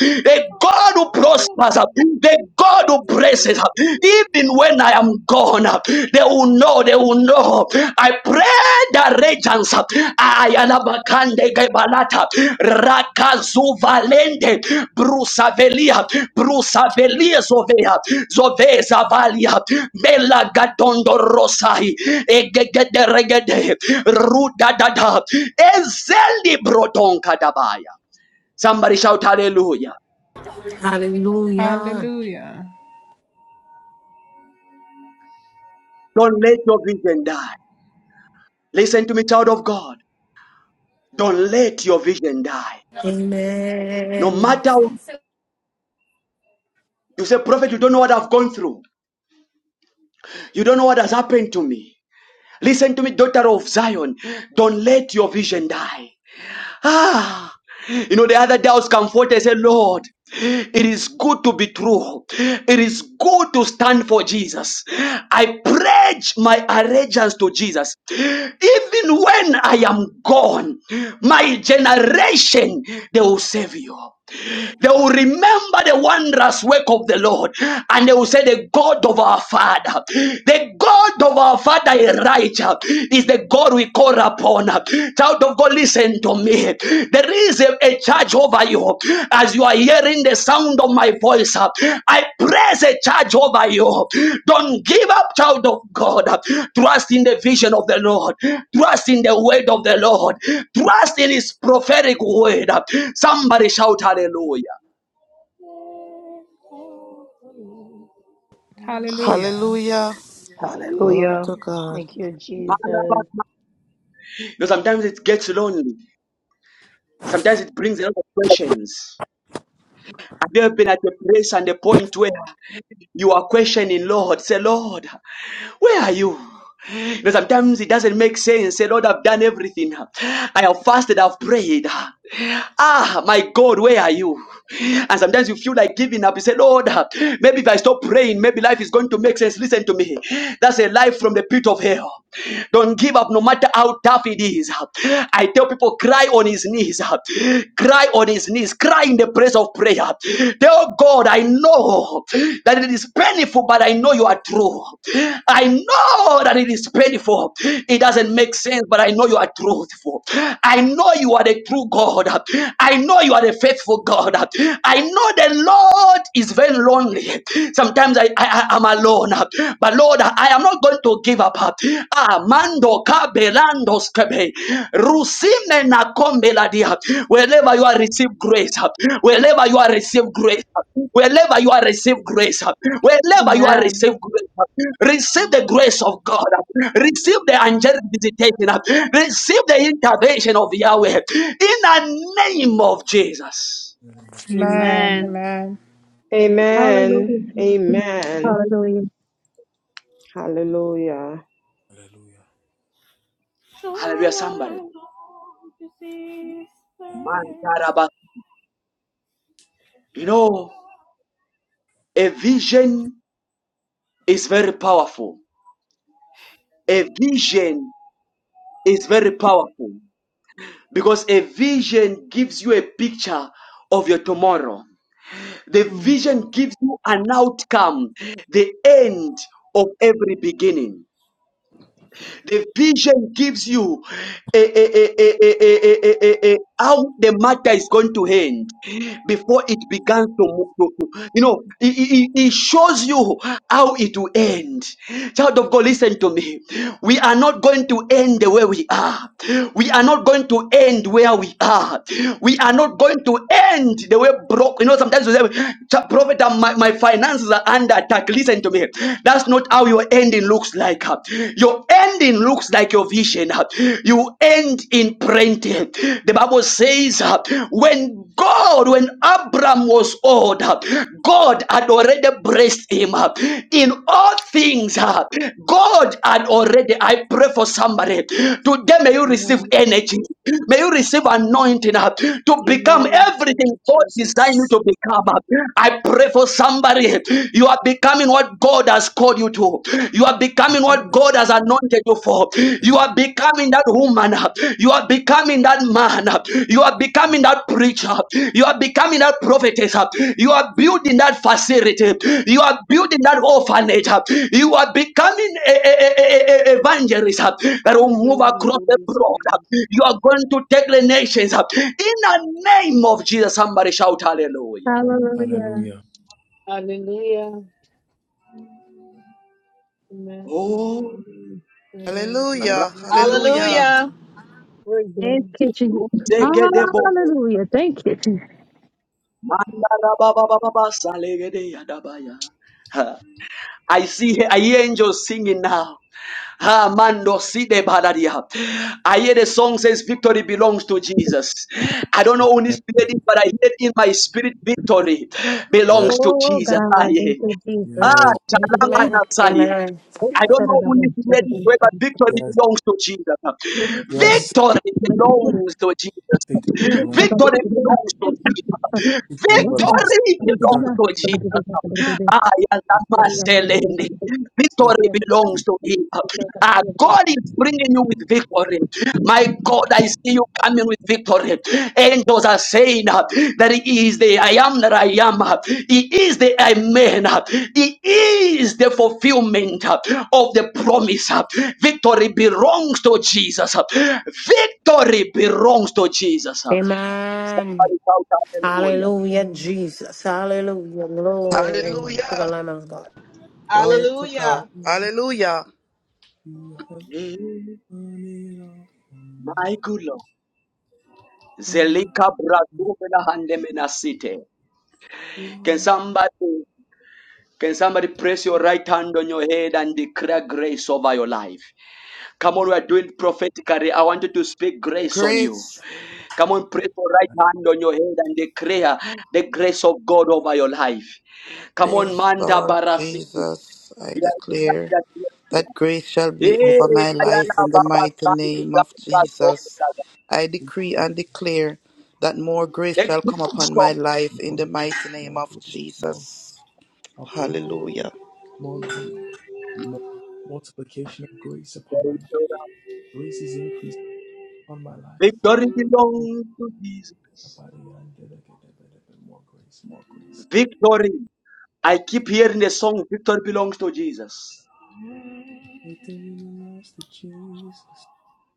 Speaker 1: God who prospers, the God who blesses, even when I am gone. They will know, they will know. I pray the regents. Ayalabakande Gebalata Rakazu Valente Brusavelia Brusavelia Zovea Zove Zavalia Mela Gadondo Rosai Egede Regede Rudadada. Dada Ezeli Brotonka Dabaya. Somebody shout hallelujah.
Speaker 2: Hallelujah.
Speaker 11: Hallelujah.
Speaker 1: Don't let your vision die. Listen to me, child of God. Don't let your vision die. No
Speaker 2: Amen.
Speaker 1: matter what, you say, Prophet, you don't know what I've gone through. You don't know what has happened to me. Listen to me, daughter of Zion. Don't let your vision die. Ah. You know, the other day I was comforted. I said, Lord, it is good to be true. It is good to stand for Jesus. I pledge my allegiance to Jesus. Even when I am gone, my generation, they will save you. They will remember the wondrous work of the Lord and they will say, The God of our Father, the God of our Father is righteous, is the God we call upon. Child of God, listen to me. There is a, a charge over you as you are hearing the sound of my voice, uh, I praise a charge over you. Don't give up, child of God. Trust in the vision of the Lord. Trust in the word of the Lord. Trust in His prophetic word. Somebody shout hallelujah.
Speaker 11: Hallelujah.
Speaker 13: Hallelujah. Glory
Speaker 18: Hallelujah.
Speaker 13: to God.
Speaker 18: Thank you, Jesus.
Speaker 1: You know, sometimes it gets lonely. Sometimes it brings a lot of questions. Have you ever been at a place and a point where you are questioning, Lord? Say, Lord. Where are you? You know, sometimes it doesn't make sense. Say, Lord, I've done everything. I have fasted, I've prayed. Ah, my God, where are you? And sometimes you feel like giving up. You say, Lord, maybe if I stop praying, maybe life is going to make sense. Listen to me. That's a life from the pit of hell. Don't give up no matter how tough it is. I tell people, cry on his knees, cry on his his knees, cry in the place of prayer. Tell God, I know that it is painful, but I know you are true. I know that it is painful. It doesn't make sense, but I know you are truthful. I know you are the true God. I know you are the faithful God. I know the Lord is very lonely. Sometimes I, I I am alone, but Lord, I am not going to give up. Ah, mando kabelando skebe. Rusime na kombela dia. Wherever you are received grace, wherever you are received grace, wherever you are received grace, wherever you are
Speaker 20: Amen.
Speaker 1: received grace, receive the grace of God, receive the angelic visitation, receive the intervention of
Speaker 6: In
Speaker 1: Yahweh in the name of Jesus.
Speaker 6: the name of Jesus.
Speaker 11: Amen.
Speaker 20: Amen.
Speaker 11: Amen.
Speaker 12: Amen. Amen.
Speaker 7: Hallelujah.
Speaker 12: Hallelujah.
Speaker 6: Hallelujah.
Speaker 1: Hallelujah, somebody.
Speaker 6: Hallelujah.
Speaker 1: Man, You know, a vision is very powerful A vision is very powerful because a vision gives you a picture of your tomorrow. The
Speaker 20: Oh,
Speaker 1: vision gives you an outcome, the end of every beginning. The vision gives you a, a, a, a, a, a, a, a, a- how the matter is going to end before it begins to move. to, You know, it, it, it shows you how it will end. Child of God, listen to me. We are not going to end the way we are. We are not going to end where we are. We are not going to end the way broke. You know, sometimes we say, "Ch- Prophet, uh, my, my finances are under attack. Listen to me. That's not how your ending looks like. Your ending looks like your vision you end in plenty. The Bible says, uh, when God, when Abram was old, uh, God had already blessed him. uh, In all things, uh, God had already, I pray for somebody. Today, may you receive
Speaker 20: Amen.
Speaker 1: energy. May you receive anointing uh, to become
Speaker 20: Amen.
Speaker 1: everything
Speaker 20: Thank you,
Speaker 1: God designed you
Speaker 20: Jesus.
Speaker 1: to become. uh. I pray for somebody somebody, you are becoming what God has called you to. You are
Speaker 6: Amen.
Speaker 1: becoming what
Speaker 20: Mm.
Speaker 1: God has anointed you for. You
Speaker 6: Amen.
Speaker 1: are becoming that woman. You are becoming that man. You are becoming
Speaker 6: Lord.
Speaker 1: that preacher. You are becoming that prophetess. You are building that facility. You are building that orphanage. You are becoming a, a, a- a- a- evangelist
Speaker 20: I
Speaker 1: that will
Speaker 20: don't
Speaker 1: move
Speaker 20: want to
Speaker 1: across
Speaker 20: do
Speaker 1: the
Speaker 20: this.
Speaker 1: broad.
Speaker 20: Amen.
Speaker 1: You are going to take the nations. In the name of Jesus, somebody shout hallelujah.
Speaker 7: Hallelujah.
Speaker 6: Hallelujah.
Speaker 20: Hallelujah. Amen.
Speaker 1: Oh.
Speaker 20: Hallelujah. I don't want to do this.
Speaker 13: Hallelujah.
Speaker 20: Hallelujah.
Speaker 13: Hallelujah.
Speaker 21: Hallelujah.
Speaker 20: We're
Speaker 7: Thank
Speaker 20: done.
Speaker 7: you, Jesus.
Speaker 20: Thank you, Jesus.
Speaker 7: Hallelujah. Thank you, Jesus.
Speaker 1: I see I hear angels singing now. Ha mando si de baladia. I hear the song says victory belongs to Jesus. I don't know who needs
Speaker 6: Amen.
Speaker 1: to hear this, but I hear it in my spirit victory
Speaker 6: Yes.
Speaker 1: belongs to
Speaker 7: Oh,
Speaker 1: Jesus.
Speaker 7: God.
Speaker 1: Ah, yeah.
Speaker 7: Thank you, Jesus.
Speaker 6: Yes.
Speaker 7: Thank you, Jesus.
Speaker 2: Amen.
Speaker 1: Ah,
Speaker 2: Amen.
Speaker 7: Oh,
Speaker 1: I don't
Speaker 7: God, I
Speaker 1: know who
Speaker 7: love you.
Speaker 1: needs to hear
Speaker 7: Thank you,
Speaker 1: this
Speaker 7: Jesus.
Speaker 1: word, but victory
Speaker 6: Yes.
Speaker 1: belongs to
Speaker 7: Thank
Speaker 1: Jesus.
Speaker 6: Yes.
Speaker 1: Victory belongs to Jesus.
Speaker 6: Victory
Speaker 7: you,
Speaker 6: belongs.
Speaker 7: Jesus. Thank
Speaker 1: Victory belongs
Speaker 7: you,
Speaker 1: to Jesus.
Speaker 7: Jesus.
Speaker 6: Victory
Speaker 7: Thank
Speaker 6: belongs. to
Speaker 1: Victory belongs
Speaker 6: Jesus.
Speaker 1: to Jesus. Ah, yeah,
Speaker 6: Yes,
Speaker 1: Lama
Speaker 6: Lord.
Speaker 1: Selene.
Speaker 6: Yes.
Speaker 1: Victory belongs
Speaker 6: You
Speaker 1: to him. Ah, God is bringing you with victory. My God, I see you coming with victory. Angels are saying ah, that He is the I am that I am. ah. He is the Amen. ah. He is the fulfillment ah, of the promise. ah. Victory belongs to Jesus. ah. Victory belongs to Jesus. ah.
Speaker 2: Amen.
Speaker 1: Somebody shout hallelujah.
Speaker 2: Hallelujah, Jesus. Hallelujah. Glory to the
Speaker 13: Hallelujah.
Speaker 2: Lamb of God.
Speaker 13: Glory to God.
Speaker 21: Hallelujah.
Speaker 13: Hallelujah.
Speaker 6: you have
Speaker 1: Mm,
Speaker 6: done it all for me.
Speaker 1: My good Lord.
Speaker 6: And now
Speaker 1: Zelika brazuvela hande menasite.
Speaker 6: you
Speaker 1: Can
Speaker 6: are
Speaker 1: somebody can somebody press your
Speaker 6: the
Speaker 1: right hand on your head and declare grace over your life? Come on, we
Speaker 6: victory.
Speaker 1: are doing prophetically. I want you to speak grace on you.
Speaker 13: Grace.
Speaker 1: Come on, press your right
Speaker 6: I
Speaker 1: hand on your head and declare the grace of God over your life. Come on,
Speaker 13: Praise
Speaker 1: Manda
Speaker 13: Lord
Speaker 1: Barasiti.
Speaker 13: Jesus. I
Speaker 1: We are in the church
Speaker 13: declare
Speaker 1: that we are.
Speaker 13: that grace shall be
Speaker 1: here.
Speaker 13: over
Speaker 1: Eh,
Speaker 13: my life
Speaker 1: Ayala
Speaker 13: in the
Speaker 1: Baba
Speaker 13: mighty
Speaker 1: Sati,
Speaker 13: name
Speaker 1: Baba
Speaker 13: of
Speaker 1: Sati,
Speaker 13: Jesus.
Speaker 1: Baba.
Speaker 13: I
Speaker 6: give
Speaker 13: decree
Speaker 6: you
Speaker 13: and declare that more grace
Speaker 1: The
Speaker 13: shall come
Speaker 1: grace
Speaker 13: upon
Speaker 1: of
Speaker 13: my life in
Speaker 6: More,
Speaker 13: the mighty name
Speaker 6: more grace. More
Speaker 13: of
Speaker 6: grace. more
Speaker 13: Jesus.
Speaker 6: upon
Speaker 13: Hallelujah.
Speaker 6: more grace, more multiplication of grace upon my life.
Speaker 1: God.
Speaker 6: Grace is increased upon my life.
Speaker 1: Victory
Speaker 6: Oh,
Speaker 1: belongs to Jesus.
Speaker 6: body, I did it, get it, get it, get More grace, more grace.
Speaker 1: Victory. I keep hearing the song, Victory belongs to Jesus.
Speaker 6: Victory belongs to Jesus.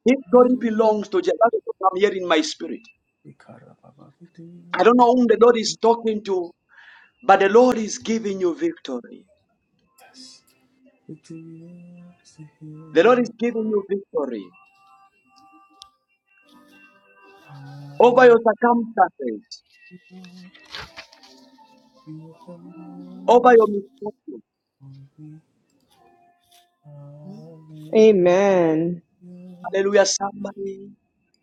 Speaker 1: Victory belongs to Jesus. That's what I'm hearing in my spirit.
Speaker 6: We cut victory
Speaker 1: I don't
Speaker 6: belongs
Speaker 1: know whom the Lord
Speaker 6: to
Speaker 1: is
Speaker 6: Jesus.
Speaker 1: talking to, but the Lord is giving you victory.
Speaker 6: Yes. Victory belongs to
Speaker 1: The Lord is
Speaker 6: Him.
Speaker 1: giving you victory over
Speaker 6: Hallelujah.
Speaker 1: your circumstances,
Speaker 6: You have
Speaker 1: over
Speaker 6: won
Speaker 1: your mistakes.
Speaker 6: for me. Hallelujah.
Speaker 12: Amen.
Speaker 1: Hallelujah, somebody.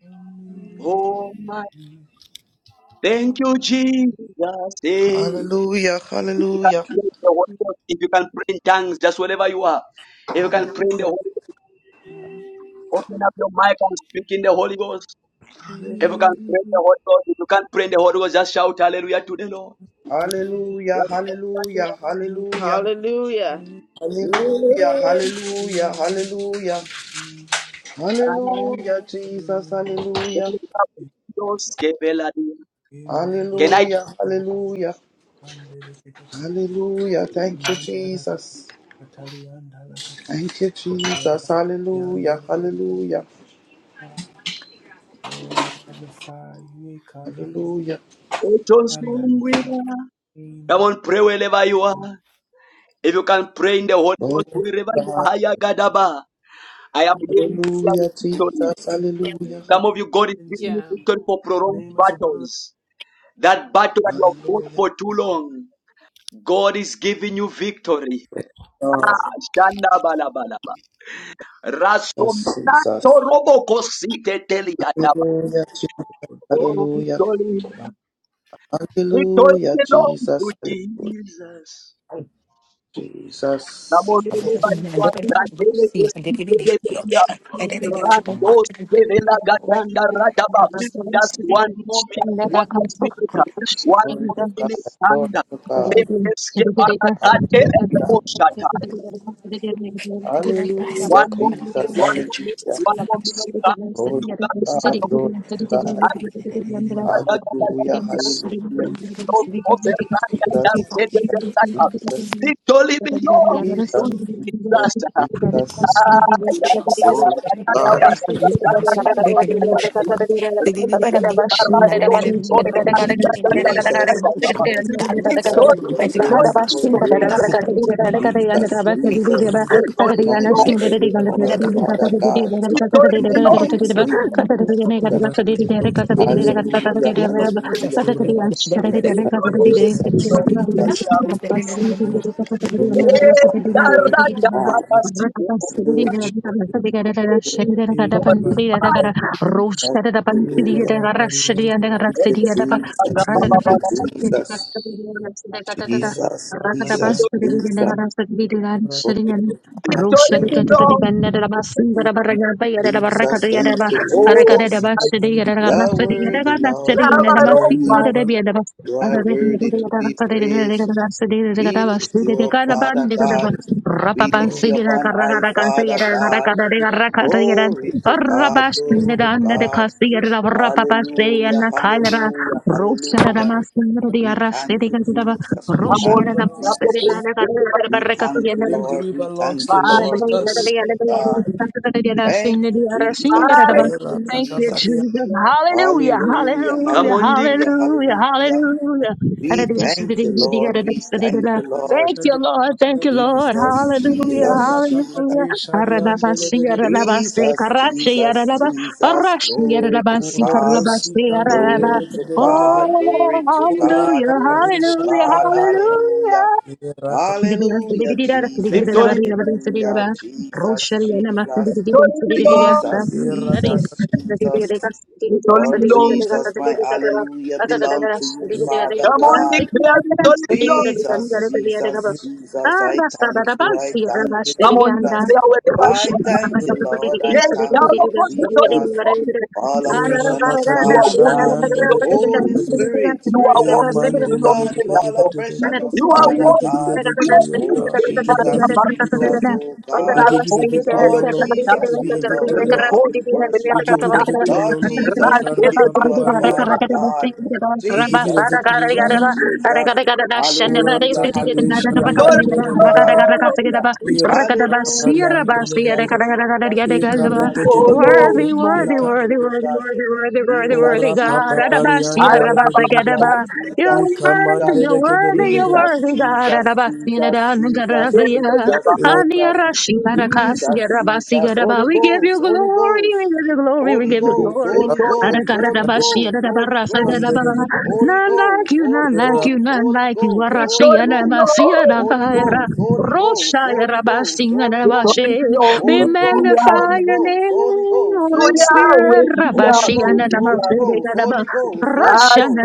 Speaker 6: Only
Speaker 1: Oh my.
Speaker 6: your
Speaker 1: Thank
Speaker 6: feet.
Speaker 1: you, Jesus. Hey.
Speaker 13: Hallelujah. Hallelujah.
Speaker 1: If you can pray in tongues, just wherever you are. If you can
Speaker 6: Thank
Speaker 1: pray
Speaker 6: you,
Speaker 1: in the Holy Ghost,
Speaker 6: Jesus.
Speaker 1: open up your mic and speak in the Holy Ghost. If you
Speaker 13: Hallelujah.
Speaker 1: can pray
Speaker 6: Lord,
Speaker 1: in
Speaker 6: I
Speaker 1: the Holy Ghost, if you can not pray in the Holy Ghost, just shout hallelujah to the Lord.
Speaker 13: Hallelujah, hallelujah, hallelujah,
Speaker 9: Hallelujah.
Speaker 13: hallelujah, hallelujah, hallelujah, hallelujah, Jesus, hallelujah.
Speaker 1: Can I
Speaker 13: Hallelujah, hallelujah, hallelujah. Thank you, Jesus. Thank you, Jesus. Hallelujah, hallelujah,
Speaker 6: magnify you, Ekara.
Speaker 13: hallelujah.
Speaker 6: I magnify the name
Speaker 1: come
Speaker 6: of
Speaker 1: on, pray wherever you
Speaker 6: the
Speaker 1: are? If you can pray in the Holy
Speaker 13: Glory
Speaker 1: Ghost,
Speaker 13: to
Speaker 1: wherever
Speaker 6: name.
Speaker 1: you
Speaker 13: God.
Speaker 1: are, I am hearing prayer
Speaker 13: Hallelujah,
Speaker 1: victory.
Speaker 13: Jesus. Hallelujah,
Speaker 6: Name is
Speaker 1: Some of you, God is giving
Speaker 6: ministry.
Speaker 1: you victory for prolonged
Speaker 6: Name is above.
Speaker 1: battles. That battle that you have fought
Speaker 13: hallelujah.
Speaker 1: for too long, God is giving you victory.
Speaker 13: God, Jesus, Jesus.
Speaker 1: Rasominato robo cosique teliadaba.
Speaker 13: Hallelujah, Jesus.
Speaker 6: your
Speaker 1: Oh,
Speaker 13: Hallelujah,
Speaker 1: victory.
Speaker 6: divine.
Speaker 1: Victory
Speaker 13: hallelujah,
Speaker 1: belongs to
Speaker 13: Jesus. Hallelujah,
Speaker 1: Jesus.
Speaker 13: Jesus.
Speaker 6: Rakman,
Speaker 1: Namolele baitua tangele kesikele bedia. Ratos kevela gatanda radaba. Just one more minute, one more minute, one
Speaker 13: Glory
Speaker 1: more
Speaker 13: to God.
Speaker 1: minute,
Speaker 13: Glory
Speaker 1: and tanda.
Speaker 13: to God.
Speaker 1: Refeske barakate
Speaker 13: Hallelujah,
Speaker 1: rebo shata.
Speaker 13: hallelujah,
Speaker 1: One more minute,
Speaker 13: Jesus.
Speaker 1: one
Speaker 7: you.
Speaker 1: more
Speaker 13: Hallelujah.
Speaker 1: minute, one
Speaker 7: Thank
Speaker 1: more minute, God.
Speaker 13: Glory
Speaker 1: do
Speaker 13: to
Speaker 1: that in my
Speaker 13: God,
Speaker 1: life.
Speaker 13: glory to God.
Speaker 6: Imarus,
Speaker 13: Hallelujah, hallelujah. Jesus, Jesus,
Speaker 1: Victory belongs to
Speaker 13: Jesus, Jesus.
Speaker 2: In the name of Jesus.
Speaker 13: Glory to
Speaker 2: God,
Speaker 13: God, I worship
Speaker 6: Thank
Speaker 13: you.
Speaker 7: you. Rosh
Speaker 13: Jesus, Jesus,
Speaker 2: makes
Speaker 13: Jesus,
Speaker 2: us do it.
Speaker 13: for
Speaker 1: Jesus.
Speaker 2: mighty God, we
Speaker 13: grace,
Speaker 2: bless
Speaker 13: for
Speaker 2: you. Mighty God,
Speaker 13: grace.
Speaker 2: we thank you.
Speaker 13: Jesus,
Speaker 2: What may happen, what may happen, what
Speaker 13: Jesus.
Speaker 1: Victory, victory,
Speaker 2: may
Speaker 1: victory,
Speaker 2: happen.
Speaker 13: Anoint my every part, Father God, in
Speaker 1: belongs Victory belongs Victory
Speaker 13: the
Speaker 2: We
Speaker 1: belongs to
Speaker 13: mighty
Speaker 2: bless you.
Speaker 13: name
Speaker 2: We
Speaker 13: of
Speaker 2: thank you.
Speaker 13: Jesus.
Speaker 2: We bless your face. So,
Speaker 13: Hallelujah,
Speaker 2: make us bless us.
Speaker 13: hallelujah. Jesus, Jesus, Jesus.
Speaker 2: Bless us.
Speaker 13: Glory to God, glory
Speaker 1: Jesus. Victory
Speaker 13: to
Speaker 1: belongs to Jesus.
Speaker 13: God.
Speaker 1: Oh, I
Speaker 13: Hallelujah. Thank you, Jesus.
Speaker 7: Para dapat
Speaker 13: Thank you,
Speaker 7: ang checkpoint na
Speaker 13: Jesus.
Speaker 7: kita bilang sa pagtatata.
Speaker 13: Jesus,
Speaker 7: Para dapat ang
Speaker 13: Jesus,
Speaker 7: sa pagbilin na
Speaker 13: Jesus.
Speaker 7: kita sa pagbiliran,
Speaker 13: Glory
Speaker 7: saling ano. Roshan
Speaker 13: God, glory Jesus. Thank you, Jesus. You are worthy, Lord. You
Speaker 1: never
Speaker 13: are
Speaker 1: of
Speaker 13: worthy.
Speaker 1: my
Speaker 13: You are worthy to be praised. We lift you up, Father God. We lift you up on high, Father God. Glory to God, glory to God. Hallelujah,
Speaker 6: you.
Speaker 13: hallelujah, hallelujah. We thank you, Jesus. We
Speaker 1: amor.
Speaker 6: Victory
Speaker 13: thank you,
Speaker 6: belongs to
Speaker 13: Jesus.
Speaker 6: Jesus.
Speaker 13: We thank you, Lord.
Speaker 6: Victory
Speaker 13: We
Speaker 6: belongs
Speaker 13: thank
Speaker 6: to
Speaker 13: you,
Speaker 1: My,
Speaker 7: Thank
Speaker 13: Lord. Glory
Speaker 6: Jesus.
Speaker 13: to God. Thank you, Jesus. Thank you,
Speaker 1: my,
Speaker 7: you,
Speaker 13: Jesus.
Speaker 7: Jesus. Hallelujah.
Speaker 13: Hallelujah.
Speaker 1: come
Speaker 7: Hallelujah.
Speaker 1: on, the
Speaker 13: Hallelujah.
Speaker 7: Hallelujah.
Speaker 13: Hallelujah.
Speaker 7: Hallelujah.
Speaker 13: We thank you, Lord. We thank you, Lord.
Speaker 7: Thank you, Lord. Thank you, Lord.
Speaker 13: Jesus,
Speaker 7: Hallelujah.
Speaker 13: Jesus, Jesus.
Speaker 7: Hallelujah.
Speaker 1: kings to it.
Speaker 13: Jesus, Jesus, Jesus. Glory to God. Glory to God,
Speaker 7: Oh,
Speaker 13: glory to God,
Speaker 7: hallelujah.
Speaker 13: glory to
Speaker 7: Hallelujah.
Speaker 13: God, hallelujah.
Speaker 7: Hallelujah. Rosh
Speaker 13: Hallelujah, Jesus,
Speaker 1: victory.
Speaker 13: hallelujah, Jesus, Jesus,
Speaker 1: Victory belongs to
Speaker 13: Jesus,
Speaker 1: him.
Speaker 13: Jesus, Jesus.
Speaker 1: Victory
Speaker 13: Oh,
Speaker 1: belongs to him.
Speaker 13: Jesus, my hallelujah belong to you, Father
Speaker 1: Come on,
Speaker 13: God.
Speaker 1: declare victory belongs.
Speaker 13: Jesus, Jesus, Jesus, I thank you, I thank you,
Speaker 1: Come on,
Speaker 13: Jesus.
Speaker 1: declare wherever you
Speaker 13: I
Speaker 1: are.
Speaker 13: thank you, Lord, I
Speaker 1: Yes,
Speaker 13: thank
Speaker 1: child
Speaker 13: you,
Speaker 1: of God, victory
Speaker 13: Jesus.
Speaker 1: belongs. to You
Speaker 13: All afresh on us,
Speaker 1: You are
Speaker 13: Father
Speaker 1: walking
Speaker 13: God.
Speaker 1: into your
Speaker 13: Holy
Speaker 1: victory.
Speaker 6: Era
Speaker 13: Spirit,
Speaker 1: You are
Speaker 13: Spirit of the
Speaker 1: walking
Speaker 6: Amen.
Speaker 13: living
Speaker 1: into your
Speaker 13: God, fall
Speaker 1: miracle.
Speaker 13: afresh
Speaker 7: Worthy,
Speaker 13: on us,
Speaker 1: You
Speaker 7: worthy, worthy,
Speaker 1: are
Speaker 6: Oh,
Speaker 13: Father
Speaker 6: we
Speaker 7: worthy,
Speaker 6: give
Speaker 1: walking
Speaker 6: you the
Speaker 1: in
Speaker 13: God.
Speaker 1: your
Speaker 6: victory, oh
Speaker 1: through
Speaker 13: Oh,
Speaker 6: God.
Speaker 1: the
Speaker 6: We give you the
Speaker 13: Jesus,
Speaker 6: victory, oh
Speaker 1: Maria
Speaker 6: Lord.
Speaker 13: Jesus, oh
Speaker 6: We
Speaker 13: God.
Speaker 6: give you the
Speaker 1: Rakon
Speaker 6: victory, O
Speaker 13: Lord
Speaker 6: Lord. We
Speaker 13: Jesus,
Speaker 6: give
Speaker 1: Sebekataya,
Speaker 13: we
Speaker 6: you the
Speaker 13: love you,
Speaker 6: victory, O
Speaker 13: Lord,
Speaker 1: Report
Speaker 13: we
Speaker 6: We
Speaker 13: worship
Speaker 6: give you
Speaker 13: you.
Speaker 6: the
Speaker 1: Sebekataya,
Speaker 6: victory, O
Speaker 13: Lord
Speaker 6: Lord.
Speaker 1: Ran
Speaker 13: Jesus, we lift you up,
Speaker 6: Ikarapapaparianda.
Speaker 1: Sebekataya.
Speaker 13: Father God.
Speaker 6: We give you the
Speaker 13: Jesus,
Speaker 6: victory, O
Speaker 13: Jesus,
Speaker 6: God.
Speaker 13: Jesus.
Speaker 6: Ora
Speaker 13: Hallelujah,
Speaker 6: takade
Speaker 13: hallelujah,
Speaker 6: shariande
Speaker 1: Don't
Speaker 13: hallelujah,
Speaker 6: lebedebe.
Speaker 13: hallelujah.
Speaker 1: know,
Speaker 13: Hallelujah,
Speaker 6: Irapapariande
Speaker 13: Jesus,
Speaker 6: lebedebe.
Speaker 13: Jesus,
Speaker 6: Ikarete
Speaker 13: Jesus,
Speaker 1: oh
Speaker 13: Jesus,
Speaker 1: no,
Speaker 6: kedebedebe.
Speaker 1: no,
Speaker 6: Ikarete.
Speaker 13: Jesus,
Speaker 7: worthy, worthy, worthy,
Speaker 13: Jesus,
Speaker 7: worthy,
Speaker 6: Ora
Speaker 13: Jesus,
Speaker 6: papapariande
Speaker 13: Jesus, Jesus,
Speaker 6: lebedebedebe.
Speaker 7: God.
Speaker 1: Arabakataya,
Speaker 7: You're
Speaker 13: Jesus, Jesus.
Speaker 7: worthy, you're
Speaker 6: Ikamandele
Speaker 7: worthy, you're
Speaker 6: kedebedebe.
Speaker 7: worthy, God. Arabasina dan garasia.
Speaker 1: Sebekataya,
Speaker 7: Ania rashi arakas garabasi garaba. We give you glory, we give you glory, we give you glory.
Speaker 1: Retori,
Speaker 6: Ikarete
Speaker 7: Arakaradabashi arabarasa garaba. None like you, none like you, none like you.
Speaker 13: So
Speaker 7: Arashi
Speaker 1: Retori, no,
Speaker 7: aramasia
Speaker 13: we go,
Speaker 7: rakaira.
Speaker 13: go,
Speaker 7: Rosha
Speaker 13: holy go,
Speaker 7: arabasina
Speaker 13: holy go,
Speaker 1: Retori,
Speaker 7: arabashi.
Speaker 1: no,
Speaker 7: We
Speaker 13: holy go,
Speaker 7: magnify
Speaker 13: holy
Speaker 7: your
Speaker 13: go, holy
Speaker 7: name,
Speaker 13: go,
Speaker 7: Holy
Speaker 13: holy
Speaker 7: Spirit.
Speaker 13: go,
Speaker 1: Yahweh,
Speaker 7: Russia,
Speaker 13: holy
Speaker 1: Yahweh,
Speaker 13: go,
Speaker 1: Yahweh,
Speaker 13: holy go, holy go, holy go.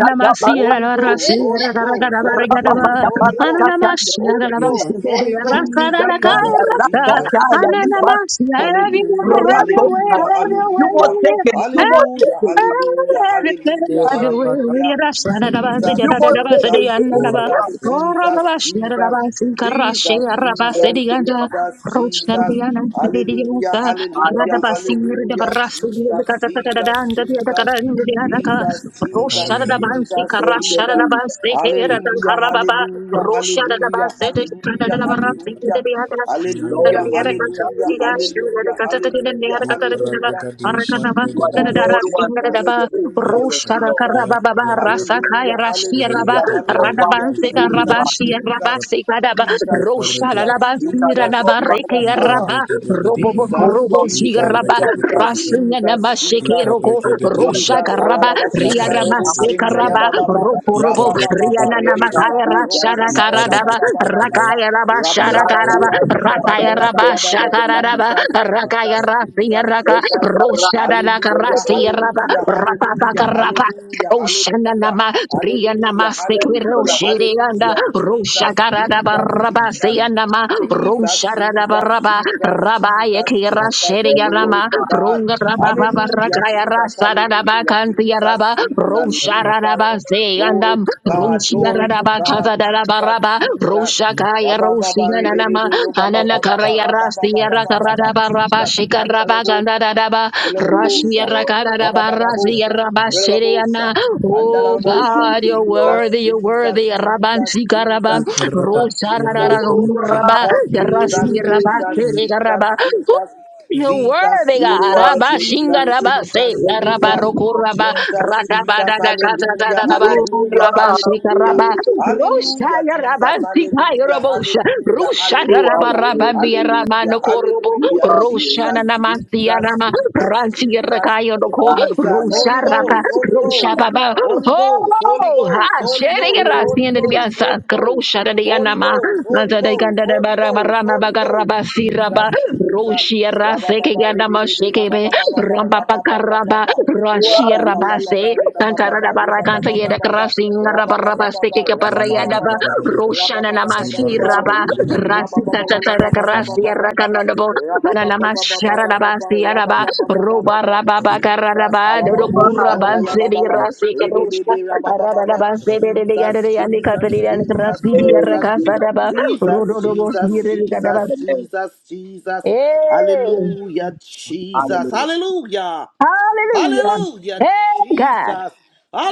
Speaker 13: Holy
Speaker 1: Yahweh,
Speaker 13: Ghost, Holy Ghost,
Speaker 1: You
Speaker 13: Holy Ghost, Holy Ghost, Holy Ghost, Holy Ghost, Jesus, Jesus, Jesus. Hallelujah, hallelujah,
Speaker 1: were
Speaker 13: hallelujah.
Speaker 1: taken, you were
Speaker 13: Hallelujah,
Speaker 1: taken,
Speaker 13: hallelujah, hallelujah, hallelujah.
Speaker 1: you
Speaker 13: Jesus,
Speaker 1: were
Speaker 13: Jesus,
Speaker 1: taken. You
Speaker 13: Jesus, Jesus, Jesus, Jesus, Jesus, Jesus, Jesus. Hallelujah,
Speaker 7: Rosha
Speaker 13: hallelujah, hallelujah. Jesus, Jesus, Jesus. Jesus, Jesus, Jesus, Jesus, Hallelujah, hallelujah, hallelujah, hallelujah, hallelujah, hallelujah, hallelujah, hallelujah, hallelujah, hallelujah.
Speaker 7: Arkanaba,
Speaker 1: are the
Speaker 13: Jesus,
Speaker 7: Dadara,
Speaker 1: Lord who has made
Speaker 13: Jesus,
Speaker 7: Singadaba,
Speaker 1: the night fair,
Speaker 13: Jesus,
Speaker 1: you
Speaker 7: Roshara,
Speaker 1: know.
Speaker 13: Jesus.
Speaker 7: Karababa, Rasakaya,
Speaker 13: Hallelujah,
Speaker 7: Rashia,
Speaker 1: You
Speaker 7: Raba,
Speaker 1: cannot
Speaker 13: hallelujah,
Speaker 1: go back
Speaker 13: hallelujah,
Speaker 1: to
Speaker 7: Radabanseka,
Speaker 1: who you are.
Speaker 13: Jesus,
Speaker 7: Rabashia,
Speaker 13: Jesus,
Speaker 7: Rabaseka, Daba,
Speaker 13: Jesus,
Speaker 7: Roshara,
Speaker 13: Jesus,
Speaker 7: Raba,
Speaker 1: You
Speaker 7: Sira,
Speaker 1: cannot
Speaker 13: Jesus,
Speaker 1: go
Speaker 7: Raba,
Speaker 1: back to
Speaker 7: Reke,
Speaker 13: Jesus.
Speaker 1: your
Speaker 13: Ah,
Speaker 7: Raba,
Speaker 6: Ikareke
Speaker 7: Robo,
Speaker 6: debedebe,
Speaker 13: Jesus,
Speaker 1: own
Speaker 7: Robo,
Speaker 1: love. You
Speaker 7: Shia,
Speaker 13: Jesus,
Speaker 1: need
Speaker 7: Raba,
Speaker 1: to
Speaker 13: Jesus,
Speaker 1: do
Speaker 7: Rasinga, Nama,
Speaker 13: Jesus, Jesus.
Speaker 7: Shekero,
Speaker 6: ikareke
Speaker 1: You are
Speaker 6: debedebe,
Speaker 13: Jesus,
Speaker 7: Roshakaraba,
Speaker 13: Alalaba
Speaker 1: worthy.
Speaker 13: Senda
Speaker 1: You
Speaker 13: Robo Senda
Speaker 6: Ikarekedebedebe,
Speaker 7: Riaramasekaraba,
Speaker 13: Yababa,
Speaker 7: Roporobo,
Speaker 13: Rababa Baba,
Speaker 6: ikarekedebedebe,
Speaker 13: Ribibi
Speaker 7: Riananamakaya
Speaker 13: Baba, Robo Baba,
Speaker 7: Rasharakaraba,
Speaker 13: Rababa Baba
Speaker 6: ikarekedebedebe,
Speaker 13: Baba,
Speaker 7: Rakaya Raba
Speaker 13: Rababa Baba,
Speaker 6: mandolo,
Speaker 7: Sharakaraba,
Speaker 13: Baba yeba, baba,
Speaker 7: Rakaya Raba
Speaker 13: Rababa Baba,
Speaker 7: Shakaraba,
Speaker 13: Jesus,
Speaker 6: mandolo,
Speaker 7: Rakaya
Speaker 13: Jesus, Jesus,
Speaker 7: Rasiaraka,
Speaker 13: Jesus. Hallelujah, hallelujah, hallelujah,
Speaker 7: Roshadanakarasiaraba,
Speaker 13: hallelujah, hallelujah,
Speaker 7: Oshananama,
Speaker 13: hallelujah,
Speaker 7: Priyanama, Sekiro,
Speaker 13: hallelujah,
Speaker 7: Shadianda,
Speaker 13: hallelujah,
Speaker 7: Rosha
Speaker 13: Jesus, Jesus,
Speaker 7: Garadabaraba,
Speaker 13: Jesus,
Speaker 7: Sayanama,
Speaker 13: Jesus, Jesus,
Speaker 7: Rosharabaraba,
Speaker 13: Jesus,
Speaker 7: Rabaya
Speaker 13: Jesus,
Speaker 7: Kira,
Speaker 13: Jesus, glory
Speaker 7: Shadianama,
Speaker 13: to God. Hallelujah,
Speaker 7: Rungarababarakaya,
Speaker 13: Jesus,
Speaker 7: Rasadaba,
Speaker 13: hallelujah, Jesus,
Speaker 7: Kantiaraba,
Speaker 13: Jesus, Jesus.
Speaker 7: Rosharaba,
Speaker 13: Glory
Speaker 7: Sayandam,
Speaker 13: to God, glory to
Speaker 7: Rumshiaraba,
Speaker 13: God, Jesus,
Speaker 7: Kazadarabaraba,
Speaker 13: Jesus.
Speaker 6: mandolo,
Speaker 7: Roshakaya,
Speaker 13: Rabba baba rebe
Speaker 7: Rosianama,
Speaker 13: rebe roba baba baba
Speaker 7: Ananakaraya,
Speaker 13: rabba baba
Speaker 7: Rasiara,
Speaker 13: baba baba
Speaker 7: Karabaraba,
Speaker 13: Jesus
Speaker 7: Shikaraba, Rashia
Speaker 13: Ilalabosha,
Speaker 7: rakarara barasia
Speaker 13: Rabababosha, Relabosha,
Speaker 7: rabashiriana. Oh
Speaker 13: Andalabosha,
Speaker 7: God, you're worthy,
Speaker 13: Jesus,
Speaker 7: you're
Speaker 13: Jesus,
Speaker 7: worthy.
Speaker 13: Jesus,
Speaker 7: Rabansi karaba,
Speaker 13: Jesus, Jesus,
Speaker 7: rosarara
Speaker 13: Jesus,
Speaker 7: raba,
Speaker 13: Jesus, Jesus,
Speaker 7: yarasi
Speaker 13: Jesus,
Speaker 7: rabashiri
Speaker 13: Jesus,
Speaker 7: karaba.
Speaker 13: Jesus,
Speaker 7: You're
Speaker 13: Jesus,
Speaker 7: worthy, God.
Speaker 13: Jesus,
Speaker 7: Rabba
Speaker 13: Jesus,
Speaker 7: shinga rabba se
Speaker 13: Jesus,
Speaker 7: rabba
Speaker 13: Jesus.
Speaker 7: roku rabba
Speaker 13: Jesus,
Speaker 7: rabba
Speaker 13: Jesus,
Speaker 7: da da da da da
Speaker 13: hallelujah,
Speaker 7: da da ba,
Speaker 13: hallelujah,
Speaker 7: rabba shika
Speaker 13: hallelujah,
Speaker 7: rabba rusha
Speaker 13: hallelujah,
Speaker 7: ya
Speaker 13: Jesus,
Speaker 7: rabba sika ya
Speaker 13: hallelujah,
Speaker 7: rabosha
Speaker 13: hallelujah,
Speaker 7: rusha ra
Speaker 1: are
Speaker 7: rabba
Speaker 13: hallelujah,
Speaker 7: rabba biya
Speaker 1: worthy.
Speaker 7: rabba
Speaker 13: hallelujah,
Speaker 7: noko robo
Speaker 1: You
Speaker 13: hallelujah,
Speaker 1: are
Speaker 7: rusha
Speaker 1: worthy.
Speaker 7: na
Speaker 13: Jesus,
Speaker 7: namasti ya
Speaker 13: Jesus,
Speaker 7: nama
Speaker 13: Jesus,
Speaker 7: ranchi ya
Speaker 13: Jesus,
Speaker 7: rakaya noko
Speaker 13: Jesus,
Speaker 7: rusha
Speaker 1: Hallelujah.
Speaker 13: Holy
Speaker 7: rabba
Speaker 13: Ghost, Holy
Speaker 7: rusha
Speaker 13: Ghost,
Speaker 7: baba
Speaker 13: Holy Ghost, Holy
Speaker 7: oh ha
Speaker 13: Ghost, Holy
Speaker 7: shere ya
Speaker 13: Ghost,
Speaker 7: rasi
Speaker 13: Holy
Speaker 7: ya
Speaker 13: Ghost,
Speaker 7: biya sa
Speaker 13: Holy Ghost,
Speaker 7: rusha da ya
Speaker 13: Holy
Speaker 7: nama
Speaker 13: Ghost,
Speaker 7: na
Speaker 13: Holy
Speaker 7: da da
Speaker 13: Ghost,
Speaker 7: ganda da
Speaker 13: Holy
Speaker 7: ba rabba
Speaker 13: Ghost,
Speaker 7: rabba
Speaker 13: Holy
Speaker 7: ba
Speaker 13: Ghost,
Speaker 7: rabba si
Speaker 13: Jesus,
Speaker 7: rabba
Speaker 13: Jesus,
Speaker 7: Roshia
Speaker 13: rabba
Speaker 7: Raseke
Speaker 13: Baba,
Speaker 7: Ganama
Speaker 13: rabba
Speaker 7: Shekebe
Speaker 13: Baba,
Speaker 7: Rampa
Speaker 13: rabba Baba,
Speaker 7: Pakaraba
Speaker 13: Baba,
Speaker 7: Rashia
Speaker 13: rabba Baba, Baba,
Speaker 7: Rabase
Speaker 13: rabba
Speaker 7: Tantarada Barakanta Yeda
Speaker 13: Baba, rabba Baba, Baba,
Speaker 7: Krasin
Speaker 13: rabba
Speaker 7: Raba Raba Seke
Speaker 13: Baba,
Speaker 7: Parayadaba
Speaker 13: Baba, rabba
Speaker 7: Roshana
Speaker 13: Rabababa,
Speaker 7: Namasi
Speaker 6: Zibarus,
Speaker 7: Raba
Speaker 6: Mandu,
Speaker 13: Ribibidi, rabba
Speaker 7: Rasita
Speaker 13: Rabababa,
Speaker 7: Tatara Krasia
Speaker 13: Rabababa,
Speaker 7: Rakanabo
Speaker 13: Ribababa,
Speaker 7: Ranama
Speaker 13: Ribababa, Rabababa, Rabababa, Rabababa, Ribibidi, Rabababa,
Speaker 7: Sharanabasi Araba
Speaker 13: Rabababa,
Speaker 7: Roba
Speaker 13: Rabababa,
Speaker 7: Raba
Speaker 13: Jesus,
Speaker 7: Bakaraba
Speaker 6: Alabama,
Speaker 13: Alalabo,
Speaker 7: Dokura
Speaker 13: Shandaya,
Speaker 7: Bansedi
Speaker 13: Baba, Jesus, Jesus, Jesus, Jesus,
Speaker 7: Rasika Rosha Arabase Yandi Katari and the Catalina Rasidi
Speaker 13: Jesus,
Speaker 6: Hallelujah.
Speaker 7: Rakasa Rodobo
Speaker 13: Jesus,
Speaker 7: Siri
Speaker 13: Jesus,
Speaker 6: Hallelujah.
Speaker 7: Gadaba
Speaker 13: Jesus, Jesus. Hallelujah, Jesus. Hallelujah.
Speaker 7: Hallelujah.
Speaker 13: Hallelujah,
Speaker 7: Hey, God.
Speaker 13: Jesus.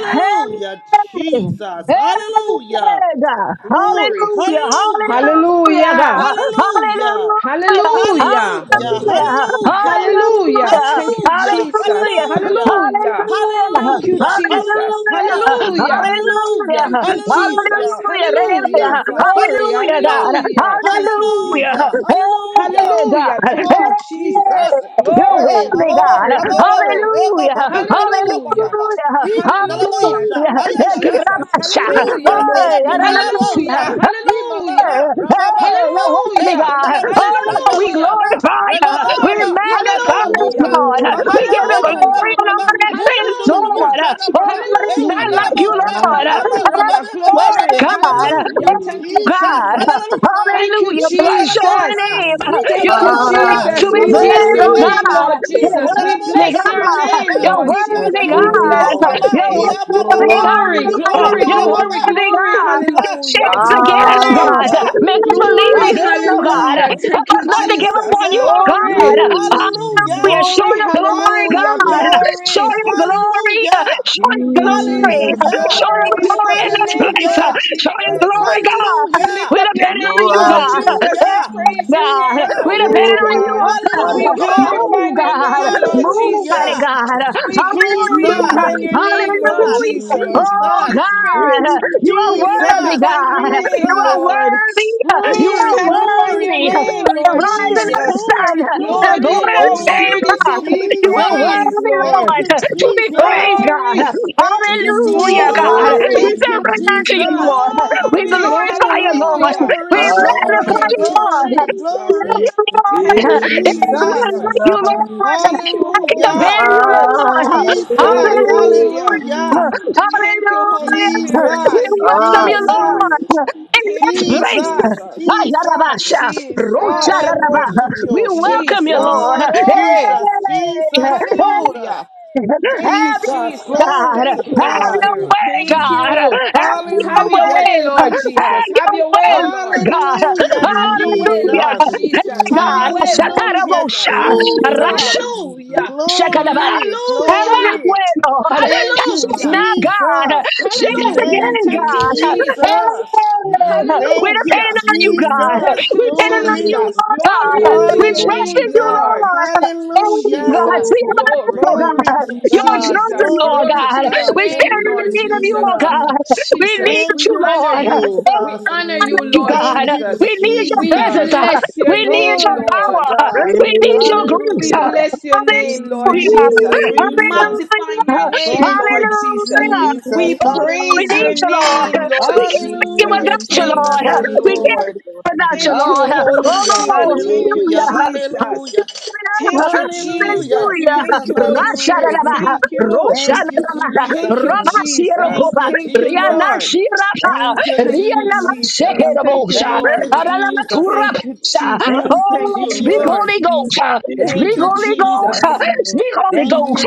Speaker 7: Hey, hey,
Speaker 13: Jesus.
Speaker 7: God.
Speaker 13: Hallelujah.
Speaker 7: Hallelujah.
Speaker 13: Glory. Hallelujah.
Speaker 7: Hallelujah,
Speaker 12: Hallelujah.
Speaker 7: God. Hallelujah.
Speaker 13: Hallelujah.
Speaker 7: Hallelujah. Hallelujah.
Speaker 12: Hallelujah.
Speaker 13: Hallelujah,
Speaker 7: Hallelujah.
Speaker 13: hallelujah,
Speaker 12: Hallelujah. Thank
Speaker 7: Hallelujah.
Speaker 12: you,
Speaker 13: hallelujah,
Speaker 12: Jesus.
Speaker 7: Hallelujah.
Speaker 13: hallelujah,
Speaker 12: Hallelujah.
Speaker 7: Hallelujah.
Speaker 12: Thank you,
Speaker 13: hallelujah,
Speaker 12: Jesus.
Speaker 7: Hallelujah.
Speaker 13: hallelujah,
Speaker 12: Hallelujah.
Speaker 13: hallelujah,
Speaker 12: Thank you, Jesus.
Speaker 13: hallelujah,
Speaker 7: Hallelujah.
Speaker 12: Hallelujah.
Speaker 13: Jesus,
Speaker 12: Glory.
Speaker 7: Hallelujah,
Speaker 13: hallelujah,
Speaker 7: God.
Speaker 12: Hallelujah. Thank you,
Speaker 7: Hallelujah.
Speaker 13: hallelujah,
Speaker 12: Jesus.
Speaker 13: hallelujah,
Speaker 7: Hey, God.
Speaker 12: Hallelujah. Thank
Speaker 13: oh
Speaker 12: you,
Speaker 7: Hey,
Speaker 13: Jesus,
Speaker 12: Jesus.
Speaker 7: you're
Speaker 13: hey,
Speaker 12: Glory,
Speaker 7: worthy,
Speaker 13: mama,
Speaker 7: God.
Speaker 13: baba,
Speaker 12: glory,
Speaker 13: rabababa,
Speaker 12: glory.
Speaker 13: rabababa,
Speaker 7: Hallelujah.
Speaker 12: Hallelujah.
Speaker 13: rabababa,
Speaker 7: Hallelujah.
Speaker 13: he
Speaker 12: Hallelujah.
Speaker 13: kandalabosha,
Speaker 12: Thank you,
Speaker 13: ayayaya,
Speaker 12: Jesus.
Speaker 1: Thank you,
Speaker 12: Hallelujah.
Speaker 13: Jesus,
Speaker 1: Lord
Speaker 13: ele
Speaker 1: Jesus.
Speaker 7: Hallelujah.
Speaker 12: Hallelujah.
Speaker 13: kandalabosha,
Speaker 7: Hey,
Speaker 13: he
Speaker 12: Hallelujah.
Speaker 13: mama,
Speaker 7: Hey, you're
Speaker 13: rabababa,
Speaker 7: worthy,
Speaker 13: hey
Speaker 12: Hallelujah.
Speaker 7: God. Oh,
Speaker 13: kandalabosha,
Speaker 7: no,
Speaker 13: ya
Speaker 7: we
Speaker 12: Hallelujah.
Speaker 7: glorify you. We
Speaker 12: Glory.
Speaker 7: magnify you,
Speaker 12: Hallelujah.
Speaker 7: Lord. We give him
Speaker 12: Hallelujah.
Speaker 7: glory and honor and praise,
Speaker 12: Hallelujah.
Speaker 7: Lord.
Speaker 13: mama,
Speaker 7: Oh, Lord, it's not like
Speaker 12: Hallelujah.
Speaker 7: you, Lord.
Speaker 12: Hallelujah.
Speaker 7: Where
Speaker 12: Glory.
Speaker 6: Oh,
Speaker 7: God?
Speaker 6: I thank
Speaker 12: Hallelujah.
Speaker 6: you.
Speaker 7: Oh,
Speaker 12: Thank you,
Speaker 13: Jesus,
Speaker 7: God.
Speaker 13: Hallelujah!
Speaker 12: Jesus.
Speaker 13: Alaba,
Speaker 12: Thank you,
Speaker 7: Hallelujah. Bless your holy
Speaker 12: Jesus.
Speaker 13: Ikandalabosa,
Speaker 7: name.
Speaker 6: Hallelujah.
Speaker 12: Thank
Speaker 7: You're
Speaker 12: you,
Speaker 6: Lord,
Speaker 7: worthy
Speaker 6: I
Speaker 13: Ikandalabosa,
Speaker 7: to
Speaker 12: Jesus.
Speaker 7: be
Speaker 12: We
Speaker 6: glorify
Speaker 13: Mama,
Speaker 12: bless
Speaker 7: praised,
Speaker 12: your
Speaker 7: oh
Speaker 1: Hallelujah.
Speaker 12: name,
Speaker 13: Rababa,
Speaker 7: God.
Speaker 12: Lord
Speaker 7: You're
Speaker 6: I
Speaker 12: Jesus. We
Speaker 6: glorify
Speaker 7: worthy,
Speaker 12: bless
Speaker 6: you.
Speaker 13: Ikandalabosa,
Speaker 12: your
Speaker 7: God.
Speaker 12: name,
Speaker 13: Mayaba,
Speaker 7: You're
Speaker 12: Lord
Speaker 6: I
Speaker 12: Jesus.
Speaker 7: worthy,
Speaker 13: Ikanda,
Speaker 6: glorify
Speaker 12: We
Speaker 6: your
Speaker 12: bless
Speaker 7: God.
Speaker 13: Oh
Speaker 7: God.
Speaker 12: your
Speaker 6: name.
Speaker 13: Mama,
Speaker 7: You're
Speaker 12: name.
Speaker 6: Lord,
Speaker 13: Ia
Speaker 7: worthy,
Speaker 13: Mama,
Speaker 12: Glory,
Speaker 13: Ima
Speaker 7: God.
Speaker 13: Mama
Speaker 6: Lord,
Speaker 12: glory,
Speaker 7: You're
Speaker 13: Ya
Speaker 12: glory,
Speaker 13: Baba,
Speaker 7: worthy,
Speaker 12: glory.
Speaker 7: God.
Speaker 13: Jesus,
Speaker 7: Shake
Speaker 6: I
Speaker 12: Hallelujah.
Speaker 7: us again,
Speaker 6: glorify,
Speaker 7: oh
Speaker 12: Glory,
Speaker 7: God.
Speaker 13: Hallelujah,
Speaker 7: Make us believe
Speaker 12: glory.
Speaker 7: again, oh
Speaker 6: I
Speaker 7: God.
Speaker 13: Hallelujah,
Speaker 6: glorify
Speaker 12: Hallelujah.
Speaker 6: your
Speaker 7: Help
Speaker 12: Thank
Speaker 7: us
Speaker 12: you,
Speaker 7: not to
Speaker 6: name.
Speaker 7: give up
Speaker 12: Jesus.
Speaker 7: on you,
Speaker 13: Hallelujah,
Speaker 7: oh God.
Speaker 12: Glory,
Speaker 6: Mm,
Speaker 7: Hallelujah.
Speaker 13: Hallelujah,
Speaker 6: Yes,
Speaker 7: Show
Speaker 6: Lord.
Speaker 12: glory.
Speaker 7: your glory,
Speaker 12: Hallelujah.
Speaker 7: God.
Speaker 13: Hallelujah,
Speaker 7: Show
Speaker 12: Glory.
Speaker 7: your glory.
Speaker 13: Hallelujah,
Speaker 7: Show
Speaker 12: Thank
Speaker 7: your
Speaker 12: you,
Speaker 1: You
Speaker 7: glory.
Speaker 12: Jesus.
Speaker 13: Hallelujah,
Speaker 7: Show
Speaker 12: Glory.
Speaker 6: Mm.
Speaker 7: your
Speaker 12: We lift
Speaker 7: glory
Speaker 12: up
Speaker 7: in
Speaker 12: your
Speaker 7: this
Speaker 12: name,
Speaker 7: place.
Speaker 12: Lord
Speaker 13: Hallelujah,
Speaker 7: Show your
Speaker 6: If
Speaker 12: Jesus.
Speaker 6: I
Speaker 7: glory,
Speaker 6: don't have
Speaker 7: God.
Speaker 6: you,
Speaker 12: We
Speaker 13: Hallelujah,
Speaker 12: lift
Speaker 7: We
Speaker 12: up
Speaker 6: if
Speaker 12: your
Speaker 7: depend on
Speaker 12: name,
Speaker 7: you,
Speaker 12: Lord
Speaker 1: are
Speaker 7: God.
Speaker 6: I don't
Speaker 12: Jesus. We
Speaker 13: Hallelujah.
Speaker 12: praise
Speaker 1: worthy.
Speaker 12: your
Speaker 7: God.
Speaker 12: name,
Speaker 7: We
Speaker 13: Jesus.
Speaker 12: Almighty
Speaker 7: depend on
Speaker 1: Oh,
Speaker 7: you,
Speaker 12: God.
Speaker 7: oh God.
Speaker 12: We
Speaker 13: Hallelujah.
Speaker 1: Marabasale.
Speaker 12: glorify
Speaker 7: Move,
Speaker 12: your
Speaker 7: God.
Speaker 12: name, Lord
Speaker 7: Move, mighty
Speaker 13: Hallelujah.
Speaker 12: Jesus.
Speaker 7: God.
Speaker 12: We
Speaker 6: have
Speaker 13: Jesus.
Speaker 7: Hallelujah.
Speaker 12: glorify
Speaker 1: Jesus,
Speaker 6: you,
Speaker 12: your name, Lord
Speaker 13: Jesus.
Speaker 7: Hallelujah.
Speaker 12: Jesus.
Speaker 7: Oh
Speaker 13: Jesus.
Speaker 12: Holy
Speaker 6: Hallelujah.
Speaker 7: God.
Speaker 12: Spirit,
Speaker 7: You are
Speaker 12: we
Speaker 7: worthy,
Speaker 13: Jesus.
Speaker 12: magnify your
Speaker 7: God. You
Speaker 12: name,
Speaker 7: are
Speaker 13: Jesus.
Speaker 12: Lord.
Speaker 7: worthy. You
Speaker 12: We
Speaker 13: Glory,
Speaker 7: are
Speaker 12: magnify
Speaker 13: glory,
Speaker 12: your
Speaker 7: worthy.
Speaker 12: name,
Speaker 13: glory,
Speaker 7: The
Speaker 12: Lord
Speaker 7: rising
Speaker 13: glory,
Speaker 6: Hallelujah.
Speaker 7: of the
Speaker 12: Jesus.
Speaker 7: sun
Speaker 13: glory,
Speaker 7: and the
Speaker 12: Lord,
Speaker 7: going
Speaker 13: glory.
Speaker 12: you
Speaker 7: of the
Speaker 12: are
Speaker 1: Thank you,
Speaker 7: same
Speaker 12: worthy
Speaker 1: Lord.
Speaker 7: God.
Speaker 12: to be
Speaker 7: You are
Speaker 13: Jesus.
Speaker 12: praised,
Speaker 7: worthy,
Speaker 13: Thank
Speaker 12: Lord.
Speaker 7: Lord,
Speaker 13: you,
Speaker 7: to be
Speaker 13: Jesus.
Speaker 7: praised, God.
Speaker 12: Glory,
Speaker 13: Thank you,
Speaker 7: Hallelujah, God.
Speaker 13: Jesus.
Speaker 7: We
Speaker 1: Oh,
Speaker 12: glory,
Speaker 13: Thank you,
Speaker 7: surrender to you, Lord.
Speaker 13: Jesus.
Speaker 7: Lord. We
Speaker 12: glory.
Speaker 7: glorify you,
Speaker 13: Glory,
Speaker 7: Lord. We
Speaker 12: Hallelujah.
Speaker 13: glory, glory,
Speaker 7: magnify you,
Speaker 12: Thank you,
Speaker 7: Lord.
Speaker 13: glory,
Speaker 7: We
Speaker 12: Jesus.
Speaker 13: glory.
Speaker 7: love you,
Speaker 12: Thank
Speaker 7: Lord.
Speaker 12: you,
Speaker 7: It is
Speaker 13: Jesus,
Speaker 7: none like
Speaker 1: Hallelujah.
Speaker 12: Jesus.
Speaker 7: you,
Speaker 1: hallelujah.
Speaker 7: Lord.
Speaker 12: Thank you,
Speaker 7: I can
Speaker 12: Holy
Speaker 7: compare
Speaker 13: Hallelujah.
Speaker 7: to you,
Speaker 12: Spirit.
Speaker 7: Lord.
Speaker 13: Jesus.
Speaker 7: Hallelujah.
Speaker 12: Hallelujah.
Speaker 13: Hallelujah.
Speaker 12: Thank you, Holy
Speaker 7: Hallelujah.
Speaker 12: Spirit.
Speaker 7: We
Speaker 13: Jesus.
Speaker 12: Thank you,
Speaker 7: welcome
Speaker 1: I
Speaker 7: you,
Speaker 12: Jesus.
Speaker 13: Jesus.
Speaker 7: Lord,
Speaker 1: will see
Speaker 7: in this
Speaker 12: Thank you,
Speaker 7: place.
Speaker 1: you.
Speaker 13: Jesus.
Speaker 12: Jesus.
Speaker 13: Jesus.
Speaker 7: Ayarabasha,
Speaker 13: Lord,
Speaker 12: Jesus.
Speaker 13: I
Speaker 7: rocharabah.
Speaker 13: worship
Speaker 7: We
Speaker 13: you.
Speaker 1: Thank
Speaker 7: welcome you,
Speaker 12: Jesus.
Speaker 7: Lord.
Speaker 13: Lord
Speaker 12: Glory.
Speaker 13: Jesus.
Speaker 7: Hey, hey,
Speaker 13: Jesus.
Speaker 7: hey.
Speaker 13: Jesus.
Speaker 12: Hallelujah.
Speaker 7: Have God,
Speaker 12: Thank you,
Speaker 13: Jesus.
Speaker 12: Jesus.
Speaker 13: Glory
Speaker 7: have
Speaker 13: to
Speaker 12: Thank you, Holy
Speaker 13: God.
Speaker 7: your
Speaker 12: Spirit.
Speaker 7: way,
Speaker 12: Thank
Speaker 7: God, have
Speaker 12: you.
Speaker 7: your
Speaker 12: Have
Speaker 7: way,
Speaker 12: your
Speaker 13: Hallelujah.
Speaker 12: way, Lord
Speaker 7: have
Speaker 12: Jesus.
Speaker 13: Jesus.
Speaker 12: Have
Speaker 7: your
Speaker 12: your
Speaker 7: way,
Speaker 12: way,
Speaker 7: Lord
Speaker 12: Lord.
Speaker 7: God,
Speaker 13: Hallelujah.
Speaker 1: you,
Speaker 12: Have your way,
Speaker 1: Jesus.
Speaker 7: hallelujah,
Speaker 12: Lord
Speaker 13: Jesus.
Speaker 7: hey
Speaker 12: Jesus. Have your
Speaker 7: God,
Speaker 12: way, Lord
Speaker 13: Hallelujah,
Speaker 12: Jesus.
Speaker 1: The
Speaker 6: Hallelujah.
Speaker 13: Jesus.
Speaker 7: Shatarabosha,
Speaker 1: glory,
Speaker 12: Hallelujah.
Speaker 7: Shakadaba.
Speaker 13: Glory,
Speaker 7: Have your
Speaker 12: Hallelujah.
Speaker 13: glory,
Speaker 7: way, Lord.
Speaker 13: Thank
Speaker 7: Touch
Speaker 13: you,
Speaker 7: us
Speaker 12: Hallelujah.
Speaker 7: now, God.
Speaker 13: Jesus.
Speaker 7: Shake us again,
Speaker 12: Hallelujah.
Speaker 13: Thank you,
Speaker 12: Thank you,
Speaker 7: God. Hey,
Speaker 12: Jesus.
Speaker 13: Jesus.
Speaker 7: we're
Speaker 13: Thank you,
Speaker 7: depending
Speaker 12: Hallelujah.
Speaker 7: on you, God.
Speaker 13: Jesus.
Speaker 12: Thank you,
Speaker 7: We're depending on you,
Speaker 13: Glory.
Speaker 12: Jesus.
Speaker 7: Lord God.
Speaker 12: Glory unto
Speaker 7: We
Speaker 12: your
Speaker 7: trust
Speaker 12: name,
Speaker 7: in you,
Speaker 6: Hallelujah.
Speaker 13: Hallelujah.
Speaker 12: Lord.
Speaker 7: Lord. Oh,
Speaker 13: Hallelujah.
Speaker 7: God.
Speaker 12: Jesus,
Speaker 7: See about us, oh,
Speaker 12: glory.
Speaker 7: God.
Speaker 13: Glory to
Speaker 7: Your
Speaker 13: God.
Speaker 7: children,
Speaker 12: Jesus,
Speaker 7: Lord
Speaker 13: Glory
Speaker 12: glory
Speaker 13: to
Speaker 7: God.
Speaker 12: to your
Speaker 13: God.
Speaker 7: We
Speaker 12: name,
Speaker 7: stand
Speaker 13: Thank
Speaker 7: in
Speaker 13: you,
Speaker 7: the
Speaker 12: Lord
Speaker 7: need of you,
Speaker 12: Jesus.
Speaker 7: oh,
Speaker 13: Jesus.
Speaker 7: God. We
Speaker 12: Jesus,
Speaker 7: need
Speaker 13: Thank
Speaker 12: we
Speaker 7: you,
Speaker 13: you,
Speaker 12: honor
Speaker 7: Lord.
Speaker 12: you. We
Speaker 13: Jesus.
Speaker 7: Oh,
Speaker 12: honor you,
Speaker 7: you,
Speaker 12: Lord
Speaker 7: God.
Speaker 13: Thank you,
Speaker 12: Jesus.
Speaker 7: We need your
Speaker 12: We
Speaker 7: presence.
Speaker 13: Jesus.
Speaker 7: uh,
Speaker 12: bless your
Speaker 7: We need
Speaker 12: name,
Speaker 7: your
Speaker 13: Glory to
Speaker 12: Lord.
Speaker 7: power. uh,
Speaker 13: God.
Speaker 7: We need your grace.
Speaker 12: We
Speaker 7: uh.
Speaker 13: Hallelujah.
Speaker 12: bless your name, Lord
Speaker 13: Thank you,
Speaker 7: Hallelujah.
Speaker 6: Jesus.
Speaker 12: Jesus. We
Speaker 13: Jesus.
Speaker 12: magnify
Speaker 7: Hallelujah.
Speaker 12: your name,
Speaker 13: Thank you,
Speaker 12: Lord Jesus.
Speaker 7: Hallelujah.
Speaker 13: Jesus.
Speaker 12: We
Speaker 7: Oh,
Speaker 12: praise
Speaker 7: we need
Speaker 12: your
Speaker 13: Hallelujah.
Speaker 7: you, Lord.
Speaker 12: name, Lord
Speaker 7: We can't make it
Speaker 12: Jesus.
Speaker 13: Hallelujah,
Speaker 7: without you,
Speaker 12: Thank
Speaker 13: Jesus,
Speaker 12: you,
Speaker 7: Lord. We can't
Speaker 13: hallelujah.
Speaker 7: make
Speaker 12: Lord.
Speaker 7: it without you,
Speaker 12: Thank you,
Speaker 7: Lord.
Speaker 12: Holy
Speaker 13: Hallelujah,
Speaker 12: Spirit.
Speaker 7: Oh,
Speaker 12: Thank you,
Speaker 13: hallelujah,
Speaker 7: hallelujah.
Speaker 12: Jesus.
Speaker 13: hallelujah.
Speaker 12: Thank you,
Speaker 13: Hallelujah,
Speaker 12: Jesus.
Speaker 7: Hallelujah.
Speaker 12: Thank
Speaker 13: Jesus,
Speaker 12: you, Holy
Speaker 13: hallelujah.
Speaker 12: Spirit.
Speaker 7: Rashadalaba,
Speaker 12: Thank you.
Speaker 13: Thank you,
Speaker 7: Roshadalaba,
Speaker 13: Jesus.
Speaker 12: Thank you, Jesus.
Speaker 13: Thank
Speaker 7: Rabasirokova,
Speaker 13: you,
Speaker 12: Thank you,
Speaker 7: Riana
Speaker 13: Jesus.
Speaker 12: Lord.
Speaker 7: Shirapa,
Speaker 13: Thank you,
Speaker 12: Thank you,
Speaker 7: Riana
Speaker 13: Jesus.
Speaker 12: Jesus. Thank you,
Speaker 7: Shekerabosha,
Speaker 13: Thank you,
Speaker 12: Lord.
Speaker 7: Adalama
Speaker 13: Jesus.
Speaker 12: Thank you,
Speaker 7: Turapsa.
Speaker 12: Jesus.
Speaker 13: Thank you,
Speaker 12: Thank
Speaker 7: Oh,
Speaker 12: you,
Speaker 7: speak
Speaker 13: Jesus.
Speaker 12: Lord.
Speaker 7: Holy Ghost,
Speaker 13: Thank
Speaker 12: Thank
Speaker 7: speak
Speaker 12: you,
Speaker 13: you,
Speaker 7: Holy
Speaker 13: Jesus.
Speaker 12: Jesus.
Speaker 7: Ghost, speak Holy
Speaker 13: Thank you,
Speaker 7: Ghost.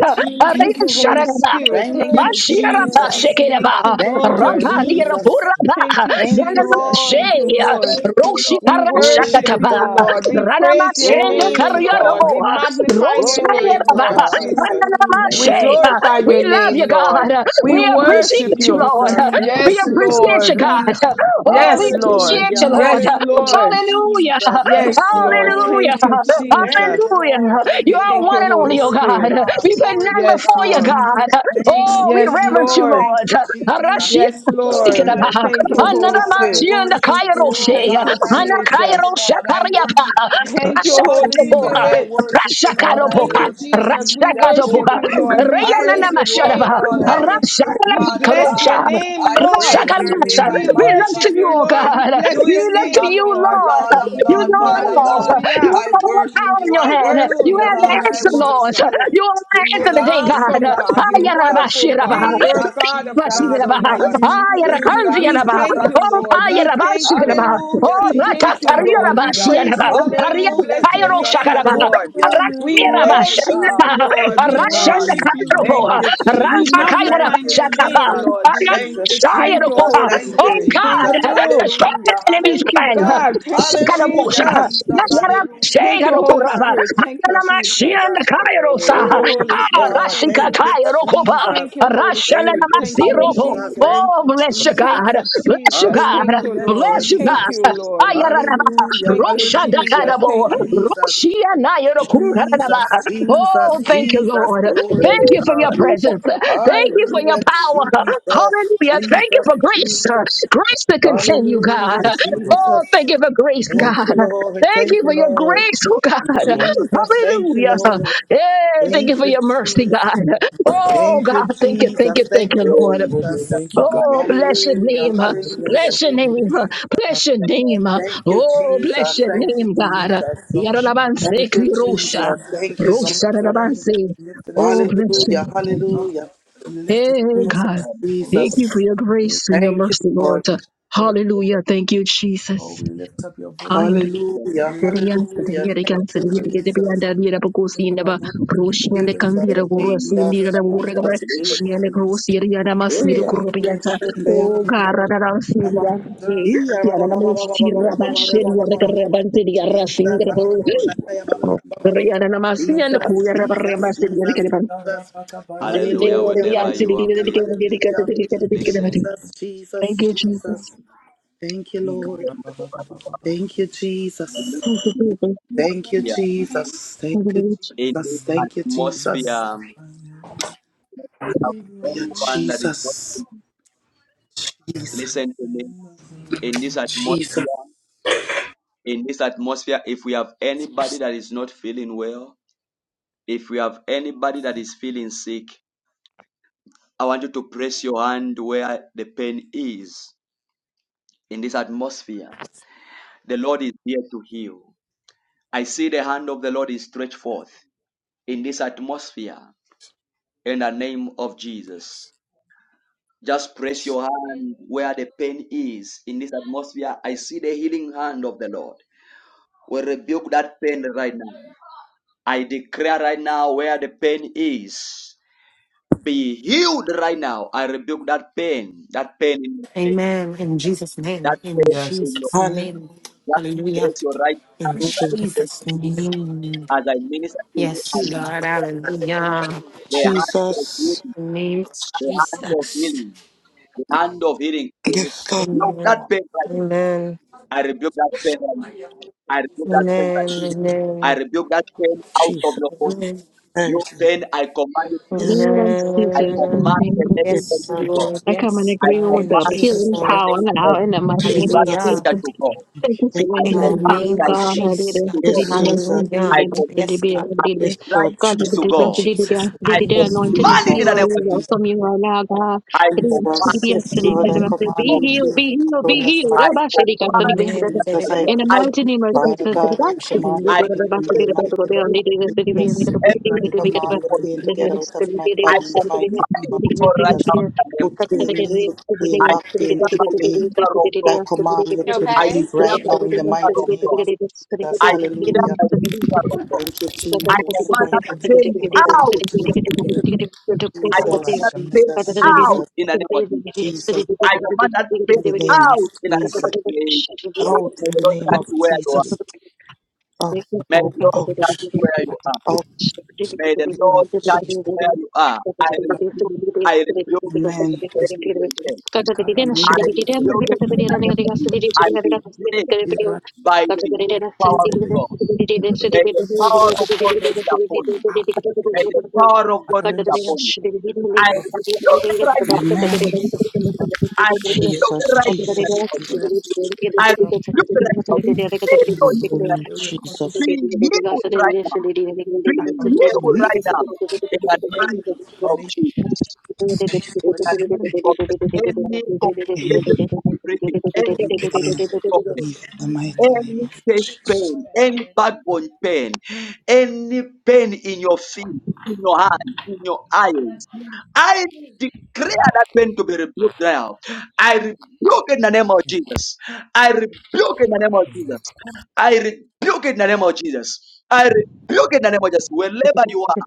Speaker 12: Thank
Speaker 13: Jesus.
Speaker 7: Riana
Speaker 12: you, Holy
Speaker 7: Sharanaba.
Speaker 12: Spirit.
Speaker 13: Thank you,
Speaker 12: Thank you,
Speaker 7: Bashirata
Speaker 13: Jesus.
Speaker 12: Jesus. Thank
Speaker 7: Shekereba,
Speaker 12: you,
Speaker 13: Thank
Speaker 6: Thank
Speaker 13: you,
Speaker 12: Lord.
Speaker 7: Rabanira
Speaker 6: you.
Speaker 13: Jesus.
Speaker 7: Puraba,
Speaker 12: Thank you,
Speaker 13: Thank you,
Speaker 7: Yanama
Speaker 12: Jesus.
Speaker 7: Shea,
Speaker 13: Lord.
Speaker 12: Thank
Speaker 6: won't
Speaker 12: you,
Speaker 6: come
Speaker 12: Lord.
Speaker 7: Roshi
Speaker 12: We
Speaker 6: with the
Speaker 13: Glory
Speaker 6: time.
Speaker 12: worship
Speaker 13: to
Speaker 7: Parashakataba,
Speaker 12: you,
Speaker 13: God.
Speaker 12: Lord. We
Speaker 7: Ranama
Speaker 12: praise your
Speaker 7: Shenda
Speaker 13: Glory
Speaker 12: name,
Speaker 13: to
Speaker 12: Lord.
Speaker 7: Karyarabo,
Speaker 13: God.
Speaker 12: We
Speaker 6: It's
Speaker 12: magnify your
Speaker 6: the
Speaker 13: Glory
Speaker 12: name,
Speaker 13: to
Speaker 7: Roshanaba,
Speaker 12: Lord
Speaker 6: particle
Speaker 13: God.
Speaker 6: of
Speaker 12: Jesus.
Speaker 7: Ranama
Speaker 13: We
Speaker 12: We
Speaker 13: thank
Speaker 7: Shea.
Speaker 13: you,
Speaker 12: glorify
Speaker 7: We
Speaker 12: your
Speaker 6: the
Speaker 7: love
Speaker 12: name,
Speaker 13: Jesus.
Speaker 7: you,
Speaker 12: Lord.
Speaker 7: God.
Speaker 12: We
Speaker 7: We
Speaker 13: Thank you,
Speaker 12: worship
Speaker 7: appreciate you,
Speaker 6: So
Speaker 12: you.
Speaker 7: Lord.
Speaker 13: Jesus.
Speaker 6: we
Speaker 13: Thank
Speaker 7: We
Speaker 6: lift
Speaker 12: Yes,
Speaker 13: you,
Speaker 7: appreciate you,
Speaker 12: Lord. We
Speaker 13: Jesus.
Speaker 7: God. Oh, we
Speaker 12: Yes, Lord.
Speaker 7: appreciate
Speaker 13: Hallelujah.
Speaker 7: you,
Speaker 12: Yes,
Speaker 7: Lord.
Speaker 13: Hallelujah,
Speaker 12: Lord.
Speaker 7: Hallelujah.
Speaker 13: Jesus.
Speaker 12: Yes,
Speaker 13: Thank you,
Speaker 12: Lord.
Speaker 13: Lord.
Speaker 7: Hallelujah.
Speaker 12: Thank you,
Speaker 13: Thank
Speaker 12: Jesus.
Speaker 13: you, Lord.
Speaker 7: Hallelujah. You
Speaker 13: Thank you,
Speaker 7: are
Speaker 12: Thank
Speaker 7: one
Speaker 12: you,
Speaker 13: Lord.
Speaker 7: and
Speaker 12: Holy
Speaker 7: only, oh
Speaker 13: Glory
Speaker 7: God.
Speaker 13: to
Speaker 12: Spirit.
Speaker 13: God.
Speaker 7: We put
Speaker 13: Glory
Speaker 7: none
Speaker 13: to
Speaker 12: Yes,
Speaker 7: before you,
Speaker 13: God.
Speaker 12: Lord.
Speaker 7: God.
Speaker 13: Thank you,
Speaker 7: Oh, we
Speaker 12: Yes,
Speaker 7: reverence
Speaker 13: Jesus.
Speaker 7: you,
Speaker 12: Lord.
Speaker 13: Thank you,
Speaker 7: Lord.
Speaker 13: Jesus. Lord,
Speaker 12: Yes,
Speaker 7: Rashi.
Speaker 12: Lord.
Speaker 13: I
Speaker 7: Stikirabaha,
Speaker 13: lift
Speaker 12: Thank
Speaker 13: you
Speaker 12: you,
Speaker 13: up.
Speaker 12: Holy
Speaker 13: Lord, I
Speaker 7: Ananamasi
Speaker 12: Spirit.
Speaker 7: and the
Speaker 13: worship you. Oh,
Speaker 7: Kairose,
Speaker 12: Thank you,
Speaker 13: God, I worship you,
Speaker 12: Jesus.
Speaker 7: Anakairosa
Speaker 13: Lord. I
Speaker 7: Kariapa,
Speaker 13: worship you.
Speaker 12: Thank you,
Speaker 13: Lord
Speaker 12: Holy
Speaker 13: Jesus,
Speaker 7: Rasakatoboha,
Speaker 13: I
Speaker 12: Spirit.
Speaker 13: worship you, Lord.
Speaker 6: our
Speaker 13: I
Speaker 12: Thank
Speaker 7: Rasakaroboka,
Speaker 12: you,
Speaker 6: voice
Speaker 13: worship you in
Speaker 6: to
Speaker 12: Jesus. We
Speaker 13: beauty of
Speaker 12: worship
Speaker 7: Rasakatoboka,
Speaker 12: you,
Speaker 13: holiness.
Speaker 12: Lord. We
Speaker 6: you.
Speaker 13: I
Speaker 12: praise
Speaker 13: lift
Speaker 12: your
Speaker 13: you up,
Speaker 12: name,
Speaker 7: Rayananamasharaba,
Speaker 13: Lord. I
Speaker 6: Hallelujah.
Speaker 12: Lord.
Speaker 13: lift you up,
Speaker 12: We
Speaker 13: Father
Speaker 12: bless your
Speaker 7: Rasakalapakarosha,
Speaker 13: God.
Speaker 12: name,
Speaker 13: I
Speaker 12: Lord.
Speaker 13: praise your
Speaker 7: Rasakarasa.
Speaker 13: name.
Speaker 12: We
Speaker 13: I
Speaker 7: We
Speaker 6: Hallelujah.
Speaker 7: look
Speaker 12: worship
Speaker 13: magnify
Speaker 7: to
Speaker 12: you,
Speaker 13: your
Speaker 7: you,
Speaker 12: Lord.
Speaker 13: name.
Speaker 12: We
Speaker 7: God.
Speaker 13: You
Speaker 12: bless your
Speaker 13: is
Speaker 7: You look
Speaker 13: King
Speaker 7: to
Speaker 13: of
Speaker 12: name,
Speaker 7: you,
Speaker 13: King and
Speaker 12: Lord.
Speaker 13: Lord
Speaker 7: Lord.
Speaker 13: of
Speaker 6: Thank
Speaker 7: You know
Speaker 13: Lord,
Speaker 6: you for
Speaker 7: it
Speaker 13: Father
Speaker 6: your
Speaker 7: all.
Speaker 6: blood.
Speaker 13: God.
Speaker 7: You
Speaker 12: Hallelujah.
Speaker 7: have
Speaker 6: Thank
Speaker 13: I
Speaker 6: you
Speaker 7: all the
Speaker 13: worship
Speaker 7: power in
Speaker 13: you.
Speaker 7: your
Speaker 13: I
Speaker 7: hand.
Speaker 13: worship
Speaker 7: You
Speaker 13: you,
Speaker 12: Hallelujah.
Speaker 7: have the
Speaker 13: Lord.
Speaker 12: Thank you,
Speaker 13: I
Speaker 7: answer, Lord.
Speaker 13: worship
Speaker 12: Jesus.
Speaker 13: you.
Speaker 7: You are the
Speaker 12: You're
Speaker 7: answer
Speaker 12: an
Speaker 13: Jesus,
Speaker 7: today, God.
Speaker 13: Jesus,
Speaker 12: awesome God. You're a
Speaker 13: Jesus,
Speaker 12: wonderful
Speaker 7: Ayarabashiraba.
Speaker 12: God. You're a
Speaker 13: Jesus,
Speaker 12: God of
Speaker 13: Jesus,
Speaker 12: God,
Speaker 7: Ayarabashiraba.
Speaker 13: Jesus,
Speaker 12: Almighty Jesus.
Speaker 13: Jesus,
Speaker 12: We
Speaker 7: Ayarakanziaraba.
Speaker 12: thank you,
Speaker 13: Jesus,
Speaker 7: Oh,
Speaker 12: Lord.
Speaker 13: Jesus.
Speaker 12: We thank you.
Speaker 7: Ayarabashiraba.
Speaker 13: Hallelujah,
Speaker 7: Oh,
Speaker 12: We
Speaker 13: Jesus,
Speaker 12: thank you, Lord. We
Speaker 13: hallelujah.
Speaker 12: praise
Speaker 7: Ratatariarabashiraba.
Speaker 12: your name. We bless
Speaker 13: Hallelujah,
Speaker 12: your
Speaker 13: Jesus,
Speaker 12: name,
Speaker 7: Arianapayaroshakaraba.
Speaker 12: Lord.
Speaker 13: hallelujah.
Speaker 12: We
Speaker 13: Glory to
Speaker 12: worship
Speaker 7: Aratirabashanaba.
Speaker 13: God,
Speaker 12: you,
Speaker 13: glory
Speaker 12: Lord.
Speaker 13: to
Speaker 12: We
Speaker 13: God.
Speaker 12: worship you,
Speaker 13: Thank
Speaker 12: Lord.
Speaker 13: you,
Speaker 12: We
Speaker 13: Jesus,
Speaker 7: Arashandakayarobo. Oh
Speaker 12: magnify
Speaker 13: thank you,
Speaker 12: your name,
Speaker 13: Jesus.
Speaker 12: Lord
Speaker 13: Thank
Speaker 12: Jesus.
Speaker 13: you,
Speaker 12: Thank
Speaker 13: Jesus.
Speaker 12: you, Holy
Speaker 13: Thank you,
Speaker 12: Spirit.
Speaker 13: Jesus.
Speaker 12: Thank
Speaker 7: God,
Speaker 12: you.
Speaker 7: destroy the
Speaker 13: Hallelujah.
Speaker 7: enemy's
Speaker 12: Thank you,
Speaker 7: plan.
Speaker 13: Hallelujah.
Speaker 12: God. Thank you,
Speaker 7: Sakalabosha.
Speaker 13: Hallelujah,
Speaker 12: Jesus.
Speaker 13: Jesus. Hallelujah,
Speaker 12: Thank you, Holy
Speaker 7: Nagarabashayarokora.
Speaker 13: Jesus.
Speaker 12: Spirit. Thank you,
Speaker 13: Jesus,
Speaker 12: Jesus.
Speaker 13: Jesus.
Speaker 7: Ananamashianakairosa.
Speaker 12: Thank
Speaker 7: Ah,
Speaker 12: you,
Speaker 1: oh,
Speaker 13: Glory
Speaker 12: Holy
Speaker 13: to
Speaker 1: the
Speaker 12: Spirit.
Speaker 13: God.
Speaker 1: glory.
Speaker 12: Thank
Speaker 13: Thank
Speaker 12: you.
Speaker 13: you,
Speaker 7: Rashikatayarokoba.
Speaker 13: Jesus.
Speaker 12: Thank you, Holy
Speaker 13: Thank
Speaker 12: Spirit.
Speaker 13: you,
Speaker 12: Thank you,
Speaker 7: Rashananamasiroko.
Speaker 13: Jesus.
Speaker 1: Hallelujah.
Speaker 12: Jesus.
Speaker 13: Thank
Speaker 7: Oh,
Speaker 13: you,
Speaker 7: bless you, God.
Speaker 13: Jesus.
Speaker 12: Thank you,
Speaker 7: Bless you,
Speaker 12: Jesus. Thank
Speaker 7: God.
Speaker 12: you,
Speaker 13: Hallelujah,
Speaker 12: Lord.
Speaker 7: Bless you,
Speaker 12: Thank
Speaker 13: Jesus.
Speaker 12: you,
Speaker 7: God.
Speaker 12: Lord.
Speaker 13: Hallelujah,
Speaker 12: Thank you, Jesus.
Speaker 7: Ayararaba.
Speaker 13: hallelujah,
Speaker 7: Oh,
Speaker 12: Thank you.
Speaker 13: Jesus. Jesus, Jesus,
Speaker 7: thank you,
Speaker 13: Jesus.
Speaker 7: Lord.
Speaker 13: Glory to
Speaker 7: Thank you for
Speaker 1: Praise
Speaker 7: your
Speaker 13: God.
Speaker 1: Jesus,
Speaker 7: presence.
Speaker 1: my
Speaker 7: Thank you for your
Speaker 13: Hallelujah,
Speaker 7: power.
Speaker 13: Jesus,
Speaker 7: Hallelujah. Thank you
Speaker 13: Jesus,
Speaker 7: for grace.
Speaker 13: Jesus.
Speaker 7: Grace to continue, God.
Speaker 13: Hallelujah, Jesus.
Speaker 7: Oh, thank you for grace,
Speaker 13: Thank
Speaker 7: God.
Speaker 13: you, Lord.
Speaker 7: Thank you
Speaker 13: Thank you,
Speaker 7: for your
Speaker 13: Lord.
Speaker 7: grace, oh
Speaker 6: for your
Speaker 7: God.
Speaker 6: anointing.
Speaker 13: Jesus, thank you,
Speaker 7: Hallelujah.
Speaker 13: Lord.
Speaker 7: Hey, thank you
Speaker 13: Thank
Speaker 7: for
Speaker 13: you,
Speaker 7: your mercy,
Speaker 13: Jesus.
Speaker 7: God. Oh,
Speaker 13: Thank
Speaker 7: God.
Speaker 13: you,
Speaker 7: Thank you, thank you,
Speaker 13: Jesus.
Speaker 7: thank
Speaker 13: Thank
Speaker 7: you,
Speaker 13: you,
Speaker 7: Lord.
Speaker 1: own
Speaker 6: Oh, we
Speaker 13: Jesus.
Speaker 1: Jesus,
Speaker 6: thank you, God.
Speaker 1: my
Speaker 7: Oh, bless your
Speaker 13: Hallelujah.
Speaker 6: Oh,
Speaker 7: name. uh,
Speaker 6: we bless
Speaker 13: Hallelujah.
Speaker 6: your
Speaker 7: Bless your
Speaker 13: Thank
Speaker 6: holy
Speaker 7: name.
Speaker 13: you,
Speaker 7: uh,
Speaker 6: name.
Speaker 13: Jesus.
Speaker 7: Bless your name.
Speaker 6: we
Speaker 7: uh,
Speaker 6: lift
Speaker 13: Thank you,
Speaker 7: Oh, bless
Speaker 13: Jesus.
Speaker 7: your
Speaker 6: you up.
Speaker 13: Thank you,
Speaker 7: name, God.
Speaker 13: Jesus.
Speaker 7: Yaralabanse
Speaker 13: Thank you,
Speaker 7: kirosha.
Speaker 13: Jesus.
Speaker 6: and
Speaker 13: Thank you,
Speaker 6: exalt
Speaker 7: Rosha
Speaker 13: Jesus.
Speaker 6: your name.
Speaker 7: rarabanse.
Speaker 6: We lift and
Speaker 7: Oh,
Speaker 6: exalt your
Speaker 7: bless
Speaker 6: name.
Speaker 13: Hallelujah.
Speaker 7: you.
Speaker 6: We lift and exalt your name, oh God.
Speaker 13: Hallelujah.
Speaker 6: We lift and exalt
Speaker 7: Hey,
Speaker 6: your
Speaker 13: Jesus.
Speaker 7: God.
Speaker 6: name, oh
Speaker 7: Thank
Speaker 6: Lord.
Speaker 7: you for
Speaker 13: Jesus.
Speaker 7: your
Speaker 6: Eh,
Speaker 7: grace and your
Speaker 13: Thank you,
Speaker 7: mercy,
Speaker 6: God,
Speaker 7: Lord.
Speaker 13: Lord.
Speaker 6: we
Speaker 7: Hallelujah. Thank you,
Speaker 6: Oh,
Speaker 7: Jesus.
Speaker 6: we lift up your voice. We
Speaker 13: Hallelujah.
Speaker 6: lift up
Speaker 7: Serians, the
Speaker 13: Hallelujah. Thank
Speaker 6: your
Speaker 7: Yerikans, the
Speaker 13: you,
Speaker 6: praise.
Speaker 7: Yerikans,
Speaker 13: Jesus.
Speaker 7: the
Speaker 6: We lift
Speaker 7: Yerapocosi,
Speaker 6: up our
Speaker 7: Naba,
Speaker 6: voice and give you
Speaker 7: Roshian, the
Speaker 6: praise.
Speaker 13: Jesus.
Speaker 7: Candida, Guras,
Speaker 6: We lift
Speaker 7: India,
Speaker 6: up
Speaker 7: the
Speaker 13: Jesus.
Speaker 6: our
Speaker 7: Wurra,
Speaker 6: voice
Speaker 13: Jesus.
Speaker 6: and give
Speaker 7: she and
Speaker 13: Jesus.
Speaker 6: you
Speaker 7: the
Speaker 6: praise.
Speaker 7: Gross Yeriana
Speaker 6: You deserve
Speaker 13: Glory,
Speaker 7: Masiro
Speaker 6: the
Speaker 13: hallelujah.
Speaker 6: praise.
Speaker 7: Kurubiata,
Speaker 6: You
Speaker 13: Shanda ya ba
Speaker 7: O
Speaker 6: deserve.
Speaker 13: ba
Speaker 7: Gara,
Speaker 13: ba ba.
Speaker 7: Syria,
Speaker 6: You deserve.
Speaker 13: Iya ba ba ba ba
Speaker 7: Yanamo
Speaker 13: ba ba ba ba ba
Speaker 7: Sira,
Speaker 1: King.
Speaker 13: ba ba
Speaker 7: Shedia,
Speaker 13: ba
Speaker 7: the
Speaker 13: ba
Speaker 6: the
Speaker 13: ba.
Speaker 7: Rabante, the
Speaker 6: Oh,
Speaker 7: Arasin,
Speaker 13: Jesus,
Speaker 7: the
Speaker 6: Lord, you are
Speaker 13: hallelujah, Baba,
Speaker 6: worthy.
Speaker 7: Riana, Masi,
Speaker 6: Yes.
Speaker 7: and the
Speaker 13: Jesus,
Speaker 7: Kuya
Speaker 13: Jesus,
Speaker 7: Rabas, the
Speaker 13: Jesus,
Speaker 7: Yerikan,
Speaker 13: hallelujah,
Speaker 1: Hallelujah.
Speaker 7: the
Speaker 1: Wherever
Speaker 7: answer, the
Speaker 1: you are, please
Speaker 7: dedicated, the dedicated.
Speaker 1: listen.
Speaker 7: Thank you, Jesus. Thank you, Jesus. Thank you, Jesus.
Speaker 1: in this atmosphere, um, anyone that is watching, listen to me. In this
Speaker 13: Jesus,
Speaker 1: atmosphere, in this atmosphere, if we have anybody that is not feeling well, if we have anybody that is feeling sick, I want you to press your hand where the pain is in this atmosphere. The Lord is here to heal. I see the hand of the Lord is stretched forth in this atmosphere in the name of Jesus. Just press your hand where the pain is. In this atmosphere, I see the healing hand of the Lord. We rebuke that pain right now. I declare right now where the pain is. Be healed right now. I rebuke that pain. That pain in
Speaker 2: Amen. In Jesus'
Speaker 1: that
Speaker 2: name. In
Speaker 6: Yes.
Speaker 1: in your
Speaker 2: Jesus' name.
Speaker 1: that
Speaker 2: Hallelujah.
Speaker 1: place your right
Speaker 2: In
Speaker 1: hand
Speaker 13: hallelujah,
Speaker 2: Jesus' name.
Speaker 1: as I minister to you. I
Speaker 2: Yes, God. Hallelujah.
Speaker 1: the hand of
Speaker 13: Jesus,
Speaker 1: healing.
Speaker 2: In the name of
Speaker 1: The hand of
Speaker 2: Jesus.
Speaker 1: healing. The hand of healing.
Speaker 13: yes, Lord,
Speaker 1: Look
Speaker 2: Amen.
Speaker 1: that pain right.
Speaker 2: Amen.
Speaker 1: now. I rebuke that pain right now. I rebuke that pain right now.
Speaker 13: Jesus,
Speaker 1: I
Speaker 2: Amen. Amen.
Speaker 1: rebuke that pain out of
Speaker 13: Jesus,
Speaker 1: your body.
Speaker 2: Amen.
Speaker 13: I
Speaker 1: You
Speaker 13: receive,
Speaker 1: pain, I command you to
Speaker 7: Thank
Speaker 1: go.
Speaker 13: yes,
Speaker 7: you,
Speaker 1: I
Speaker 7: Jesus.
Speaker 2: Amen.
Speaker 7: Thank
Speaker 1: command the next
Speaker 7: you,
Speaker 13: yes,
Speaker 1: pain
Speaker 2: Yes,
Speaker 1: to
Speaker 13: Lord,
Speaker 1: go.
Speaker 2: Lord.
Speaker 7: I come in
Speaker 2: Yes,
Speaker 1: I
Speaker 2: God.
Speaker 7: agreement with
Speaker 2: In
Speaker 7: the
Speaker 1: command
Speaker 13: yes,
Speaker 2: Jesus'
Speaker 7: healing
Speaker 1: in the
Speaker 13: Lord,
Speaker 2: name.
Speaker 7: power
Speaker 1: name of
Speaker 7: now in the mighty
Speaker 1: the
Speaker 7: name
Speaker 13: Jesus,
Speaker 1: blood
Speaker 7: of
Speaker 2: Hallelujah.
Speaker 1: pressure
Speaker 7: Jesus.
Speaker 1: to go.
Speaker 7: Take this
Speaker 13: yes,
Speaker 1: I
Speaker 7: away,
Speaker 2: In the
Speaker 7: healing
Speaker 13: Lord,
Speaker 1: command
Speaker 7: power,
Speaker 2: name of
Speaker 7: God,
Speaker 2: Jesus.
Speaker 1: diabetes
Speaker 7: hallelujah.
Speaker 1: to
Speaker 7: Good
Speaker 1: go.
Speaker 7: the
Speaker 13: yes, Jesus,
Speaker 7: Lord.
Speaker 2: Hallelujah.
Speaker 1: I
Speaker 2: Yes, God.
Speaker 1: command
Speaker 13: yes, Lord,
Speaker 1: diabetes
Speaker 13: Jesus, yes,
Speaker 1: to
Speaker 2: In
Speaker 1: go.
Speaker 2: Jesus'
Speaker 1: I
Speaker 2: name.
Speaker 13: Jesus, yes, Jesus,
Speaker 1: command it in the name of Jesus. I
Speaker 13: Jesus,
Speaker 1: command
Speaker 13: yes,
Speaker 1: in the
Speaker 13: Lord, I
Speaker 1: name
Speaker 13: command
Speaker 1: of
Speaker 13: you,
Speaker 1: Jesus.
Speaker 13: fill the cup out of my
Speaker 1: I command in
Speaker 2: Amen.
Speaker 1: the
Speaker 13: Jesus,
Speaker 1: name
Speaker 13: I,
Speaker 1: of
Speaker 13: Father
Speaker 1: Jesus.
Speaker 13: God, I command you,
Speaker 1: I declare it. I
Speaker 13: to be in the
Speaker 1: declare
Speaker 13: mighty name of
Speaker 1: everything,
Speaker 13: Jesus.
Speaker 6: I declare and I decree
Speaker 1: everything
Speaker 13: command the
Speaker 1: for
Speaker 6: divine
Speaker 1: you.
Speaker 13: pain to
Speaker 6: favor
Speaker 13: get out of my
Speaker 1: I
Speaker 13: body in the mighty
Speaker 1: command
Speaker 6: every
Speaker 13: name
Speaker 1: it
Speaker 6: day.
Speaker 13: of
Speaker 1: to go right
Speaker 13: Jesus.
Speaker 1: now in the name
Speaker 13: Foot
Speaker 1: of Jesus.
Speaker 13: pain, knee pain,
Speaker 1: I
Speaker 6: The
Speaker 13: back pain,
Speaker 1: declare by
Speaker 13: hip
Speaker 1: the
Speaker 13: pain.
Speaker 1: finger of
Speaker 13: I
Speaker 1: God.
Speaker 13: command you
Speaker 2: You
Speaker 13: to
Speaker 1: I
Speaker 2: okay?
Speaker 13: leave
Speaker 1: declare
Speaker 13: right
Speaker 6: show
Speaker 1: by
Speaker 13: now
Speaker 1: the
Speaker 13: in the
Speaker 1: finger
Speaker 13: mighty
Speaker 1: of
Speaker 6: come in
Speaker 13: name
Speaker 1: God.
Speaker 13: of Jesus.
Speaker 1: I declare
Speaker 13: Hallelujah.
Speaker 1: by the finger of God.
Speaker 13: Thank you,
Speaker 6: the
Speaker 1: I
Speaker 13: Jesus.
Speaker 1: command that
Speaker 13: Thank you,
Speaker 1: pain
Speaker 6: name
Speaker 13: Jesus.
Speaker 6: of
Speaker 13: Thank you,
Speaker 1: out.
Speaker 13: Jesus.
Speaker 6: Jesus.
Speaker 1: I
Speaker 6: I know I
Speaker 1: command
Speaker 13: Jesus,
Speaker 1: that
Speaker 6: command
Speaker 1: pain
Speaker 6: right.
Speaker 13: Jesus,
Speaker 1: out
Speaker 13: Jesus,
Speaker 1: in the name of Jesus.
Speaker 13: Jesus.
Speaker 1: I command that
Speaker 13: In
Speaker 1: pain
Speaker 13: the name of
Speaker 1: out in the name of
Speaker 13: Jesus.
Speaker 1: Jesus.
Speaker 13: Out
Speaker 1: May
Speaker 13: in
Speaker 1: the
Speaker 13: the
Speaker 1: Lord
Speaker 13: name
Speaker 1: touch
Speaker 13: of
Speaker 1: you where you are.
Speaker 13: Jesus. Out,
Speaker 1: May the
Speaker 13: out,
Speaker 1: Lord
Speaker 13: out.
Speaker 1: touch you where
Speaker 6: I
Speaker 1: you
Speaker 6: command.
Speaker 1: are.
Speaker 13: Out
Speaker 1: May the
Speaker 13: in the name
Speaker 1: Lord
Speaker 13: of
Speaker 1: touch
Speaker 13: Jesus.
Speaker 1: you where you are. I
Speaker 6: I
Speaker 1: rebuke, I
Speaker 6: command.
Speaker 1: rebuke
Speaker 13: Amen.
Speaker 6: this
Speaker 1: every rejection.
Speaker 6: we corrupt
Speaker 1: I
Speaker 13: Amen.
Speaker 1: rebuke it in the name of Jesus. I declare by the healing power of God. May the power of God rest upon you.
Speaker 6: Wow.
Speaker 1: May the power of
Speaker 6: I
Speaker 1: God
Speaker 6: commend
Speaker 1: rest
Speaker 6: the soul
Speaker 1: upon you. I
Speaker 6: of
Speaker 1: look it right
Speaker 13: Amen.
Speaker 1: now. I
Speaker 6: the
Speaker 1: look it
Speaker 13: Jesus,
Speaker 1: right
Speaker 13: Jesus,
Speaker 6: whatever
Speaker 1: now.
Speaker 13: Jesus,
Speaker 6: we
Speaker 1: I
Speaker 6: corrupt the
Speaker 1: look it right now. Receive your
Speaker 6: temple
Speaker 13: hallelujah,
Speaker 6: area causing.
Speaker 13: Jesus,
Speaker 1: healing. Be healed right now. Be
Speaker 6: I command you
Speaker 1: healed
Speaker 6: leave
Speaker 1: right
Speaker 6: in
Speaker 1: now. In the name
Speaker 6: the
Speaker 1: of
Speaker 6: name
Speaker 1: Jesus. In
Speaker 6: of
Speaker 1: the
Speaker 6: Jesus.
Speaker 1: name of Jesus.
Speaker 6: And it-
Speaker 1: Any
Speaker 13: pain
Speaker 1: complicated breathing,
Speaker 13: for
Speaker 1: any
Speaker 13: pain,
Speaker 6: Iraq, the
Speaker 1: problem,
Speaker 13: in the
Speaker 6: body and
Speaker 13: mighty name
Speaker 1: any
Speaker 6: get
Speaker 13: of
Speaker 6: it.
Speaker 1: chest pain, any backbone pain, any pain in your feet, in your hand, in your eyes. I declare that pain to be rebuked now. I rebuke it in the name of
Speaker 6: Amen.
Speaker 1: Jesus. I rebuke it in the name of Jesus.
Speaker 6: Amen.
Speaker 1: I rebuke it in the name of Jesus. I rebuke it in the name
Speaker 6: Yeah.
Speaker 1: of Jesus. Wherever you are,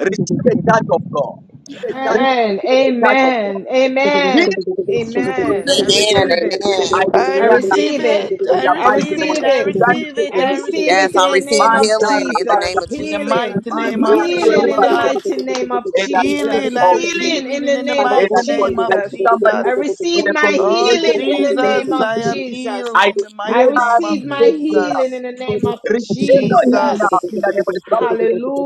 Speaker 1: receive a touch of God.
Speaker 17: the judgment
Speaker 12: And
Speaker 1: Receive a touch of God.
Speaker 12: amen. Amen.
Speaker 1: Healing
Speaker 6: Yeah.
Speaker 1: is
Speaker 12: Amen. I
Speaker 1: children's
Speaker 22: Amen.
Speaker 12: receive it.
Speaker 1: I
Speaker 22: Amen.
Speaker 13: I
Speaker 12: I
Speaker 1: declare that
Speaker 13: receive
Speaker 12: receive it.
Speaker 13: it,
Speaker 1: in
Speaker 13: I
Speaker 1: the
Speaker 12: I
Speaker 1: mighty
Speaker 13: receive
Speaker 1: name of
Speaker 13: it,
Speaker 12: receive
Speaker 13: I
Speaker 12: it.
Speaker 1: Jesus. Thank
Speaker 13: receive
Speaker 1: you,
Speaker 13: it,
Speaker 12: I
Speaker 13: I
Speaker 1: Jesus.
Speaker 12: receive
Speaker 13: receive
Speaker 22: Yes,
Speaker 12: it in
Speaker 22: I
Speaker 12: the
Speaker 13: it,
Speaker 22: receive
Speaker 12: name of
Speaker 1: Manta
Speaker 22: healing in the name
Speaker 12: Jesus.
Speaker 22: of
Speaker 13: in the
Speaker 22: Jesus.
Speaker 12: Healing.
Speaker 13: mighty
Speaker 17: Mm.
Speaker 13: name
Speaker 17: My the
Speaker 13: of
Speaker 17: mighty
Speaker 12: Healing in the
Speaker 1: rabasa.
Speaker 13: Jesus.
Speaker 12: mighty name of
Speaker 1: in the name
Speaker 13: Healing,
Speaker 12: Jesus.
Speaker 13: I
Speaker 1: of
Speaker 13: receive
Speaker 1: Jesus.
Speaker 12: Healing in
Speaker 13: healing
Speaker 12: the
Speaker 13: in the
Speaker 12: name of
Speaker 1: In the
Speaker 13: mighty
Speaker 1: name of
Speaker 13: name
Speaker 1: I
Speaker 13: of
Speaker 12: Jesus.
Speaker 1: see
Speaker 6: Lord,
Speaker 1: somebody
Speaker 13: Jesus.
Speaker 12: I
Speaker 1: with
Speaker 12: receive
Speaker 1: a
Speaker 12: my
Speaker 13: Oh,
Speaker 1: communication
Speaker 12: healing in
Speaker 1: of
Speaker 12: the name
Speaker 13: Jesus,
Speaker 1: beauty.
Speaker 12: of
Speaker 13: I
Speaker 6: I'm
Speaker 13: am
Speaker 12: Jesus.
Speaker 13: healed
Speaker 1: I
Speaker 13: in the
Speaker 12: I
Speaker 13: mighty
Speaker 1: declare
Speaker 13: name
Speaker 1: the
Speaker 13: of
Speaker 12: receive my
Speaker 1: great
Speaker 6: interrupting.
Speaker 1: prayer.
Speaker 12: healing
Speaker 13: Jesus.
Speaker 12: in the name of
Speaker 6: Lord,
Speaker 1: Receive on him now
Speaker 12: Jesus.
Speaker 1: in the name
Speaker 13: Jesus,
Speaker 1: of the Lord.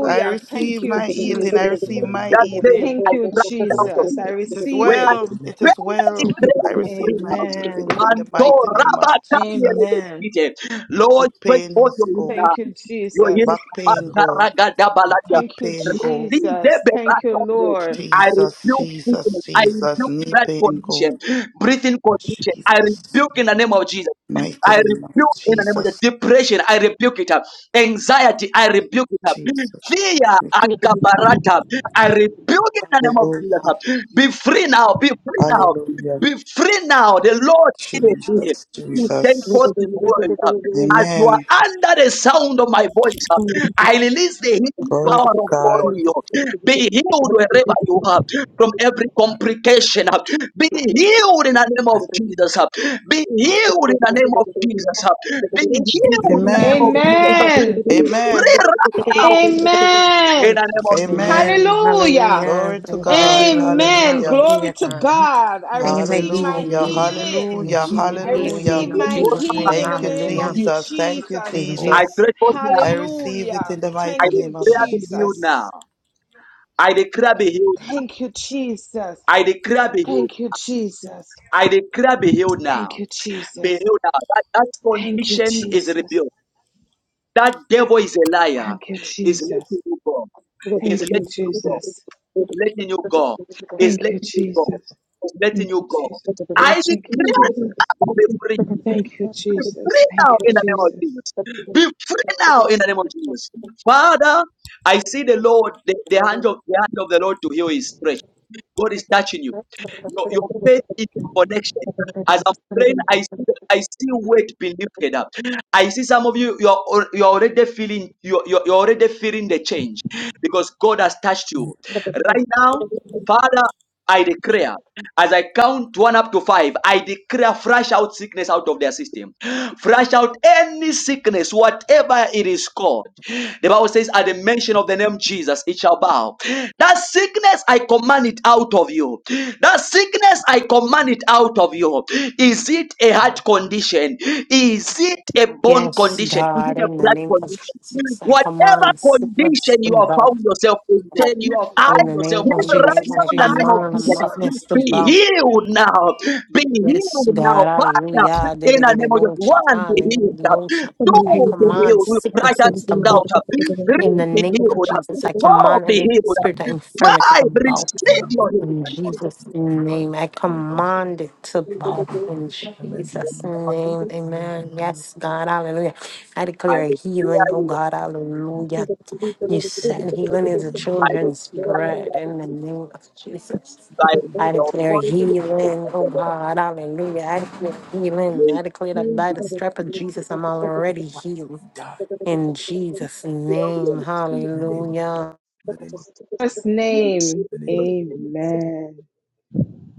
Speaker 13: I
Speaker 12: Thank
Speaker 13: receive
Speaker 12: you,
Speaker 13: my healing,
Speaker 1: It
Speaker 13: I
Speaker 12: Jesus.
Speaker 13: receive
Speaker 1: is
Speaker 6: Lord,
Speaker 13: my
Speaker 6: my
Speaker 1: That
Speaker 6: boy.
Speaker 1: name
Speaker 13: healing.
Speaker 12: Thank
Speaker 1: I
Speaker 12: you,
Speaker 1: cry out
Speaker 6: Lord,
Speaker 1: of
Speaker 12: Jesus.
Speaker 1: you.
Speaker 12: I
Speaker 13: It is
Speaker 12: receive
Speaker 1: When I
Speaker 12: it.
Speaker 6: my
Speaker 13: well.
Speaker 6: neck.
Speaker 13: It
Speaker 1: pray,
Speaker 13: is
Speaker 1: I
Speaker 13: well.
Speaker 1: declare
Speaker 13: I
Speaker 1: this
Speaker 13: receive my
Speaker 1: prayer.
Speaker 12: Amen.
Speaker 13: healing
Speaker 6: It's
Speaker 13: in the
Speaker 1: Mando
Speaker 13: mighty name of
Speaker 1: Rabba
Speaker 13: Jesus.
Speaker 12: Amen.
Speaker 1: Daniel Lord,
Speaker 13: Foot
Speaker 1: break
Speaker 13: pain
Speaker 1: forth your
Speaker 13: must go.
Speaker 1: leader.
Speaker 12: Thank you,
Speaker 1: You're
Speaker 12: Jesus.
Speaker 1: hearing
Speaker 13: Back
Speaker 6: the
Speaker 13: pain
Speaker 6: other place.
Speaker 13: go.
Speaker 1: Makaragadabalaya.
Speaker 13: Hip
Speaker 12: Thank you,
Speaker 13: pain go.
Speaker 12: Jesus. Thank you,
Speaker 1: Rizeberatombe.
Speaker 12: Lord.
Speaker 1: I
Speaker 13: Jesus,
Speaker 1: rebuke
Speaker 13: Jesus,
Speaker 1: sickness. I
Speaker 13: Jesus.
Speaker 1: rebuke
Speaker 13: Knee
Speaker 1: that
Speaker 13: pain
Speaker 1: condition,
Speaker 13: go.
Speaker 1: breathing condition. I
Speaker 13: Jesus.
Speaker 1: rebuke in the name of Jesus.
Speaker 13: Mighty
Speaker 1: I
Speaker 13: name of
Speaker 1: rebuke in the name of the
Speaker 13: Jesus.
Speaker 1: depression. I rebuke it. Anxiety. I rebuke it.
Speaker 13: Jesus.
Speaker 1: Fear. Akabarata. I rebuke it in the name of
Speaker 13: Hallelujah.
Speaker 1: Jesus. Be free now. Be free now.
Speaker 13: Hallelujah.
Speaker 1: Be free now. The Lord is here.
Speaker 13: Jesus,
Speaker 1: He sent forth
Speaker 13: Jesus.
Speaker 1: his
Speaker 6: Yes, I
Speaker 1: word. As you
Speaker 6: know
Speaker 1: are
Speaker 13: Amen.
Speaker 1: under the sound of my voice, I release the healing
Speaker 13: Glory
Speaker 1: power
Speaker 13: to
Speaker 1: of God
Speaker 13: God.
Speaker 1: on you. Be healed wherever you are from every
Speaker 6: that
Speaker 1: complication. Be
Speaker 6: power.
Speaker 1: healed in the name
Speaker 6: I
Speaker 1: of Jesus. Be
Speaker 6: God.
Speaker 1: healed in the
Speaker 6: I
Speaker 1: name of Jesus. Be healed in
Speaker 6: heal
Speaker 1: the name
Speaker 13: Amen.
Speaker 1: of Jesus.
Speaker 12: Amen.
Speaker 1: Be
Speaker 13: Amen.
Speaker 1: free right
Speaker 6: power.
Speaker 1: now in the
Speaker 12: Amen.
Speaker 1: name of
Speaker 6: Heal
Speaker 13: Amen.
Speaker 2: Amen.
Speaker 12: Hallelujah.
Speaker 2: Hallelujah.
Speaker 13: Glory to
Speaker 2: Thank
Speaker 6: of
Speaker 2: you for
Speaker 6: Jesus.
Speaker 13: God.
Speaker 2: healing me.
Speaker 12: Amen.
Speaker 13: Hallelujah.
Speaker 12: Glory
Speaker 2: Hallelujah,
Speaker 12: to
Speaker 6: Be
Speaker 2: God.
Speaker 6: healed.
Speaker 12: God. I
Speaker 6: Be
Speaker 2: Thank you for
Speaker 6: healed.
Speaker 12: receive my
Speaker 6: Be
Speaker 2: healing me.
Speaker 13: Hallelujah.
Speaker 6: healed.
Speaker 12: healing.
Speaker 6: Be
Speaker 13: Hallelujah.
Speaker 6: healed
Speaker 2: in Jesus' name.
Speaker 12: I
Speaker 6: right now.
Speaker 2: Healing me
Speaker 13: Hallelujah.
Speaker 12: receive
Speaker 6: Be
Speaker 2: in
Speaker 12: my
Speaker 6: healed
Speaker 1: Jesus.
Speaker 6: right
Speaker 2: Jesus' name.
Speaker 12: healing
Speaker 13: Thank
Speaker 12: in
Speaker 13: you,
Speaker 12: the
Speaker 6: now.
Speaker 12: name
Speaker 6: Be
Speaker 12: of
Speaker 2: Yeah.
Speaker 6: healed.
Speaker 13: Jesus. Thank you,
Speaker 12: Jesus.
Speaker 2: In
Speaker 6: Oh, I
Speaker 2: Je-
Speaker 1: I
Speaker 6: can
Speaker 13: Jesus.
Speaker 1: pray for
Speaker 6: feel it
Speaker 1: now.
Speaker 13: I receive it
Speaker 12: Hallelujah.
Speaker 13: in the
Speaker 1: I
Speaker 13: mighty
Speaker 12: Thank
Speaker 13: name
Speaker 12: you,
Speaker 13: of
Speaker 1: declare
Speaker 6: healing.
Speaker 1: be healed
Speaker 12: Jesus.
Speaker 13: Jesus.
Speaker 1: now. I declare be healed.
Speaker 6: Name of
Speaker 12: Thank you, Jesus.
Speaker 1: I declare be
Speaker 6: prayer.
Speaker 1: healed.
Speaker 12: Thank you, Jesus.
Speaker 1: I do
Speaker 12: Thank
Speaker 1: now.
Speaker 12: you,
Speaker 1: Be
Speaker 12: Jesus.
Speaker 1: healed now. That, that
Speaker 12: Thank you,
Speaker 1: condition is
Speaker 12: Jesus.
Speaker 1: healed. That devil is a liar.
Speaker 12: Thank you,
Speaker 1: Is
Speaker 12: Jesus.
Speaker 1: letting you go. Is
Speaker 12: Thank
Speaker 1: letting
Speaker 12: you,
Speaker 1: you go.
Speaker 12: Jesus.
Speaker 1: Is letting you go. Is
Speaker 12: Thank you,
Speaker 1: letting you go.
Speaker 12: Jesus.
Speaker 1: Is letting
Speaker 12: Thank you,
Speaker 1: you go.
Speaker 12: Jesus.
Speaker 1: I
Speaker 12: Thank you,
Speaker 1: declare
Speaker 12: Jesus.
Speaker 1: now be free.
Speaker 12: Thank you, Jesus.
Speaker 1: free
Speaker 12: Thank
Speaker 1: now
Speaker 12: you,
Speaker 1: in the name of
Speaker 12: Jesus.
Speaker 1: Jesus. Be free now. Father, I see the Lord, the, the hand of the hand of the Lord to heal is stretched. God is touching you. Your, your faith is your connection. As I'm praying, I see I see weight being lifted up. I see some of you you're al- you're already feeling you're, you're you're already feeling the change because God has touched you. Right now, Father, I declare as I count one up to five, I declare fresh out sickness out of their system. Fresh out any sickness, whatever it is called. The Bible says, at the mention of the name Jesus, it shall bow. That sickness, I command it out of you. That sickness, I command it out of you. Is it a heart condition? Is it a bone
Speaker 2: Yes,
Speaker 1: condition? Is
Speaker 2: God,
Speaker 1: it a
Speaker 2: in the
Speaker 1: blood
Speaker 2: name of
Speaker 1: condition?
Speaker 2: Jesus, I
Speaker 1: Whatever
Speaker 2: command
Speaker 1: condition
Speaker 2: sickness to
Speaker 1: you have
Speaker 2: bow.
Speaker 1: found yourself in, Lord,
Speaker 17: tell you of
Speaker 1: I
Speaker 17: how
Speaker 2: In the name
Speaker 17: yourself is
Speaker 2: of
Speaker 17: In
Speaker 1: right
Speaker 17: the wrong. name of
Speaker 1: write
Speaker 2: Jesus,
Speaker 17: I
Speaker 2: I
Speaker 1: down
Speaker 17: Jesus,
Speaker 1: the name
Speaker 17: I
Speaker 1: of
Speaker 17: never
Speaker 2: command
Speaker 17: command
Speaker 1: Jesus,
Speaker 2: sickness to
Speaker 1: be
Speaker 2: bow.
Speaker 1: healed now. Be
Speaker 2: Yes,
Speaker 1: healed
Speaker 2: God,
Speaker 1: now, Father.
Speaker 2: hallelujah. Did
Speaker 1: In the name of Jesus, one be healed,
Speaker 2: Hallelujah. I
Speaker 1: two be
Speaker 2: command
Speaker 1: healed. We pray that
Speaker 2: sicknesses to bow.
Speaker 1: out.
Speaker 2: In the
Speaker 1: Three be
Speaker 2: name of
Speaker 1: healed,
Speaker 2: Jesus, I
Speaker 1: four
Speaker 2: command
Speaker 1: be
Speaker 2: every spirit
Speaker 6: Amen.
Speaker 2: of
Speaker 1: healed,
Speaker 6: Be-
Speaker 2: infirmity
Speaker 1: five
Speaker 2: to bow.
Speaker 1: receive
Speaker 6: Amen. Be
Speaker 1: your
Speaker 2: In
Speaker 1: healing.
Speaker 2: Jesus' name, I
Speaker 6: Amen. Be healed.
Speaker 2: command it to
Speaker 6: Amen.
Speaker 2: bow.
Speaker 6: Be
Speaker 2: In
Speaker 6: healed. Amen. Be
Speaker 2: Jesus'
Speaker 6: healed.
Speaker 2: name,
Speaker 1: Jesus,
Speaker 6: Amen. Be
Speaker 2: amen.
Speaker 6: healed.
Speaker 2: Yes, God, hallelujah. I
Speaker 1: I
Speaker 2: declare healing,
Speaker 1: declare
Speaker 2: oh
Speaker 1: you,
Speaker 2: God,
Speaker 6: Amen.
Speaker 2: hallelujah. You
Speaker 6: Amen.
Speaker 2: said healing
Speaker 6: In
Speaker 2: is
Speaker 6: the
Speaker 2: the
Speaker 6: name of
Speaker 1: I
Speaker 2: children's
Speaker 1: declare
Speaker 2: bread.
Speaker 1: that
Speaker 2: In the
Speaker 6: Jesus,
Speaker 2: name of Jesus.
Speaker 1: by
Speaker 6: every
Speaker 2: I
Speaker 1: the
Speaker 2: declare
Speaker 1: authority of
Speaker 2: healing, oh
Speaker 1: the Lord,
Speaker 2: God, hallelujah. I declare
Speaker 6: that's
Speaker 1: we
Speaker 2: healing. I declare that
Speaker 1: feel
Speaker 2: by
Speaker 1: the
Speaker 2: the strap of Jesus, I'm already
Speaker 6: right.
Speaker 2: healed.
Speaker 6: Die. In
Speaker 2: In Jesus' name,
Speaker 1: children,
Speaker 6: the name of,
Speaker 2: hallelujah.
Speaker 6: in the name of,
Speaker 12: First
Speaker 1: we see,
Speaker 12: name.
Speaker 6: in the name of,
Speaker 12: Amen.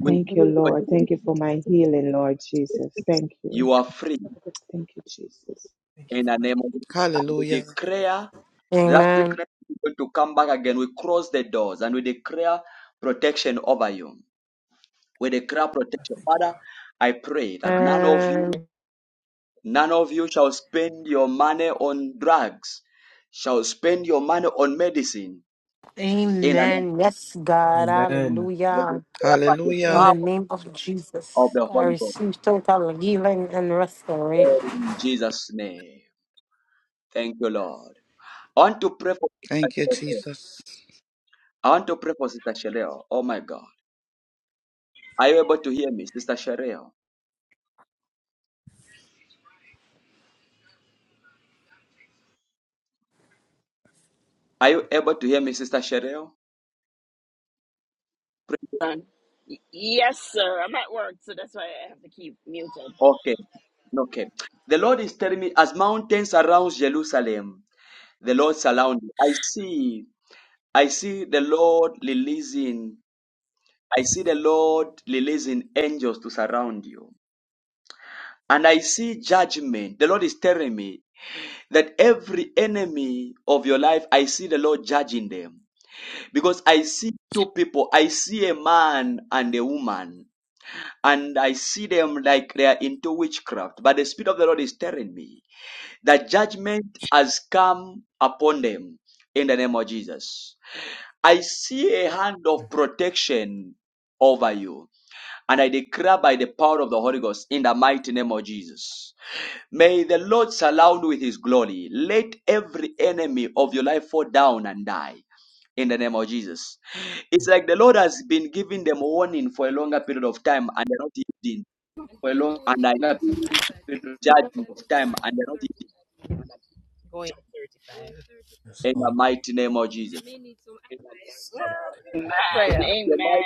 Speaker 1: we
Speaker 12: Thank you,
Speaker 1: feel what
Speaker 12: Lord. Thank you for my healing, Lord Jesus. Thank you.
Speaker 1: you are free
Speaker 12: Thank you, Jesus.
Speaker 6: thank you
Speaker 1: in
Speaker 6: for
Speaker 1: the
Speaker 6: my,
Speaker 1: name of Jesus. We
Speaker 13: Hallelujah.
Speaker 1: declare that
Speaker 2: Amen.
Speaker 1: secret is going to come back again. We close the doors and we declare protection over you. We declare
Speaker 6: I
Speaker 1: protection.
Speaker 6: thank you,
Speaker 1: Father,
Speaker 6: God.
Speaker 1: I pray that none of you,
Speaker 2: Amen.
Speaker 1: none of you shall spend your money on drugs, shall spend your money on medicine. In the
Speaker 2: Yes, God,
Speaker 6: Amen.
Speaker 1: name of
Speaker 2: hallelujah.
Speaker 1: the
Speaker 2: In
Speaker 13: Hallelujah.
Speaker 1: Lord,
Speaker 2: the name of
Speaker 1: of
Speaker 2: Jesus,
Speaker 1: the
Speaker 2: I
Speaker 1: Holy Ghost
Speaker 2: receive total healing and restoration.
Speaker 1: in Jesus' name. Thank you, Lord. I want to pray for
Speaker 13: Thank you, Jesus.
Speaker 1: I want to pray for Sister Shereo. Oh my God. Are you able to hear me, Sister Shereo? Are you able to hear me, Sister Shereo? Pray-
Speaker 23: Son. Y- Yes, sir. I'm at work, so that's why I have to keep muted.
Speaker 1: Okay, okay. The Lord is telling me as mountains surround Jerusalem, the Lord surrounds you. I see, I see the Lord releasing, I see the Lord releasing angels to surround you. And I see judgment. The Lord is telling me that every enemy of your life, I see the Lord judging them. Because I see two people, I see a man and a woman, and I see them like they are into witchcraft. But the Spirit of the Lord is telling me that judgment has come upon them in the name of Jesus. I see a hand of protection over you, and I declare by the power of the Holy Ghost in the mighty name of Jesus May the Lord surround with his glory. Let every enemy of your life fall down and die. In the name of Jesus. It's like the Lord has been giving them warning for a longer period of time and they're not yielding.
Speaker 17: for a
Speaker 1: And
Speaker 17: long
Speaker 1: I
Speaker 17: period
Speaker 1: feel judgment
Speaker 17: of time and they're not
Speaker 6: Yes,
Speaker 1: in the
Speaker 6: Lord.
Speaker 1: mighty name of Jesus.
Speaker 17: eating.
Speaker 6: Remember that
Speaker 23: Man,
Speaker 1: Your
Speaker 23: amen.
Speaker 1: mic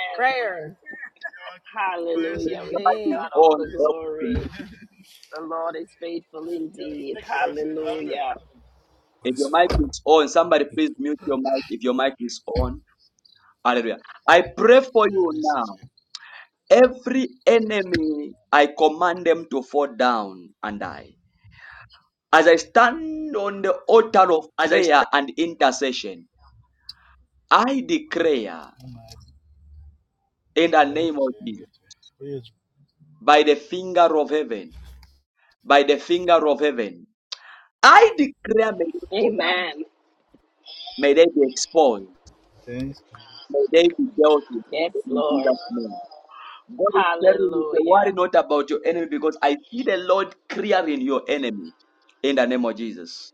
Speaker 23: Hallelujah. We give God all the
Speaker 1: on.
Speaker 23: glory. The Lord is faithful indeed. Hallelujah.
Speaker 6: God
Speaker 1: If
Speaker 6: is
Speaker 1: your mic
Speaker 6: faithful.
Speaker 1: is on, somebody please mute your mic if your mic is on. Hallelujah. I pray for you now. Every enemy, I command them to fall down and die As I stand on the altar of
Speaker 17: As I
Speaker 1: prayer and intercession, I declare in the name of Jesus, by the finger of heaven, by the finger of heaven, I declare may,
Speaker 23: Amen.
Speaker 1: may they be exposed, may they be dealt with
Speaker 23: Yes,
Speaker 1: in
Speaker 23: Lord.
Speaker 1: Jesus' name. God is telling you to worry
Speaker 23: Hallelujah.
Speaker 1: not about your enemy because I see the Lord clearing your enemy in the name of Jesus.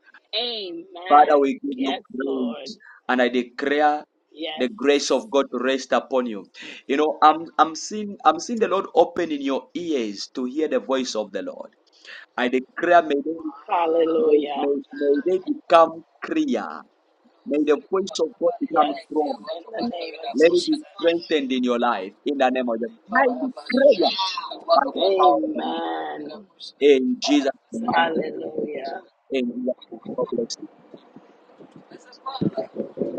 Speaker 1: Father,
Speaker 23: Amen.
Speaker 1: we give you
Speaker 23: Yes, Lord.
Speaker 1: praise and I declare
Speaker 23: Yes.
Speaker 1: the grace of God to rest upon you. You know, I'm I'm seeing I'm seeing the Lord opening your ears to hear the voice of the Lord. I declare may they, may,
Speaker 23: Hallelujah.
Speaker 1: may, may they become clear. May the voice of God become
Speaker 23: Yes.
Speaker 1: strong.
Speaker 23: In the name of
Speaker 1: Let it be
Speaker 23: Jesus.
Speaker 1: strengthened in your life in the name of Jesus. I declare by the power of the Lord.
Speaker 23: Amen.
Speaker 1: in Jesus' name.
Speaker 23: Hallelujah.
Speaker 1: In Jesus' name. God bless you.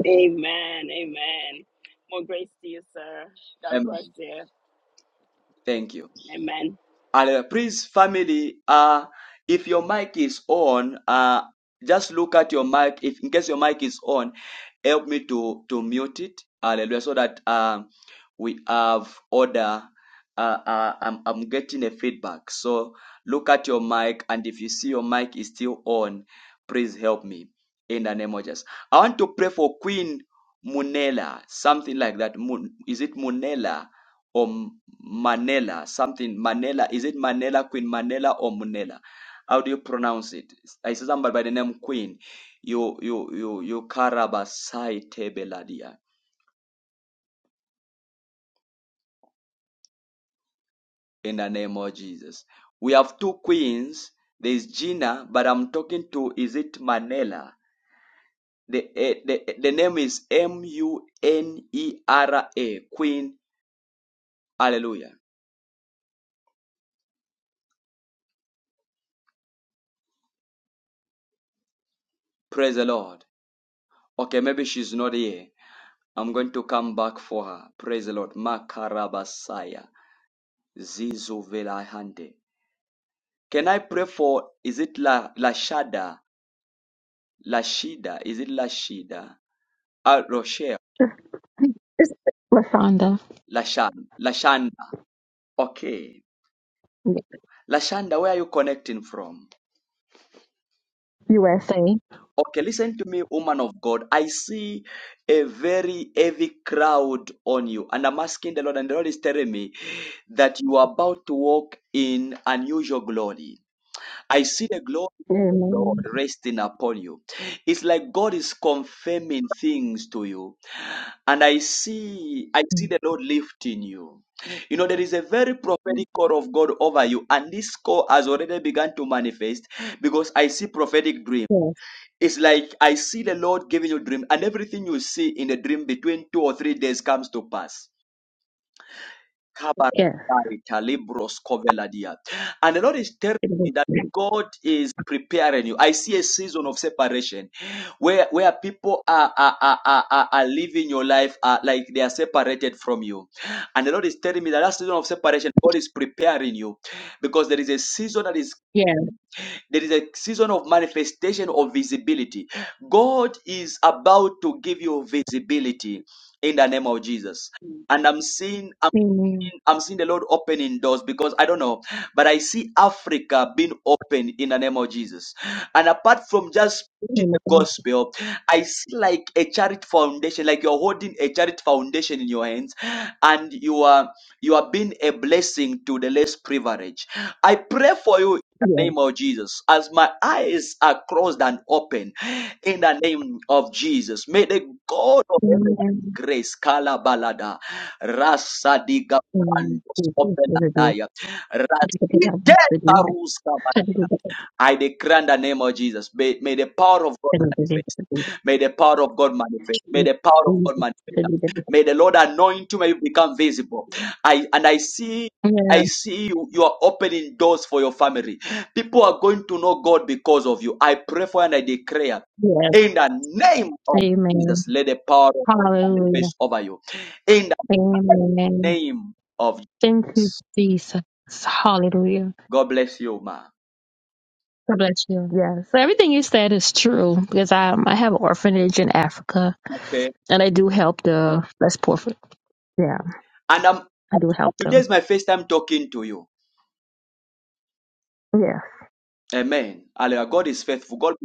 Speaker 23: Amen. Amen. More grace to you, sir. God bless
Speaker 1: Amen.
Speaker 23: you.
Speaker 1: Thank you.
Speaker 23: Amen.
Speaker 1: And uh, please, family, uh, if your mic is on, uh, just look at your mic. If in case your mic is on, help me to to mute it. Hallelujah, so that um we have order. Uh, uh, I'm I'm getting a feedback. So look at your mic, and if you see your mic is still on, please help me in the name of Jesus. I want to pray for Queen Munela, something like that. Mun, is it Munela or? Manela, something Manela. Is it Manela, Queen Manela, or Munela? How do you pronounce it? I see somebody by the name Queen. You, you, you, you Karabasai Tebeladia. In the name of Jesus, we have two queens. There is Gina, but I'm talking to. Is it Manela? The eh, the, the name is M U N E R A. Queen. Hallelujah. Praise the Lord. Okay, maybe she's not here. I'm going to come back for her. Praise the Lord. Makarabasaya. Zizuvelahande. Can I pray for, is it La, Lashada? Lashida? Is it Lashida? Ah, Rochelle? Lashan. Lashanda. Okay. Lashanda, where are you connecting from? Okay, listen to me, woman of God. I see a very heavy crowd on you. And I'm asking the Lord, and the Lord is telling me that you are about to walk in unusual glory. I see the glory resting upon you. It's like God is confirming things to you. And I see, I see the Lord lifting you. You know, there is a very prophetic call of God over you, and this call has already begun to manifest because I see prophetic dream. It's like I see the Lord giving you dream, and everything you see in the dream between two or three days comes to pass. Kabaraita, Libros Koveladia. And the Lord is telling me that God is preparing you. I see a season of separation where, where people are, are, are, are, are are living your life uh, like they are separated from you. And the Lord is telling me that that season of separation, God is preparing you because there is a season that is,
Speaker 7: Yeah.
Speaker 1: there is a season of manifestation of visibility. God is about to give you visibility in the name of Jesus. And I'm seeing
Speaker 7: Amen.
Speaker 1: I'm seeing the Lord opening doors because I don't know, but I see Africa being open in the name of Jesus. And apart from just preaching the gospel, I see like a charity foundation, like you're holding a charity foundation in your hands, and you are you are being a blessing to the less privileged. I pray for you in the name of Jesus, as my eyes are closed and open, in the name of Jesus. May the God of heaven and grace, Kalabalada. Rasa diga brandos openadaya. Raside paruska bana. I declare in the name of Jesus. May, may the power of God manifest. May the power of God manifest. May the power of God manifest. May the Lord anoint you. May you become visible. I and I see. I see you, you are opening doors for your family. People are going to know God because of you. I pray for you and I declare in the name of Jesus, let the power of God manifest over you. In the name of God bless you, ma. Okay. And I'm today is my first time talking to you. Amen. Hallelujah. God is faithful. God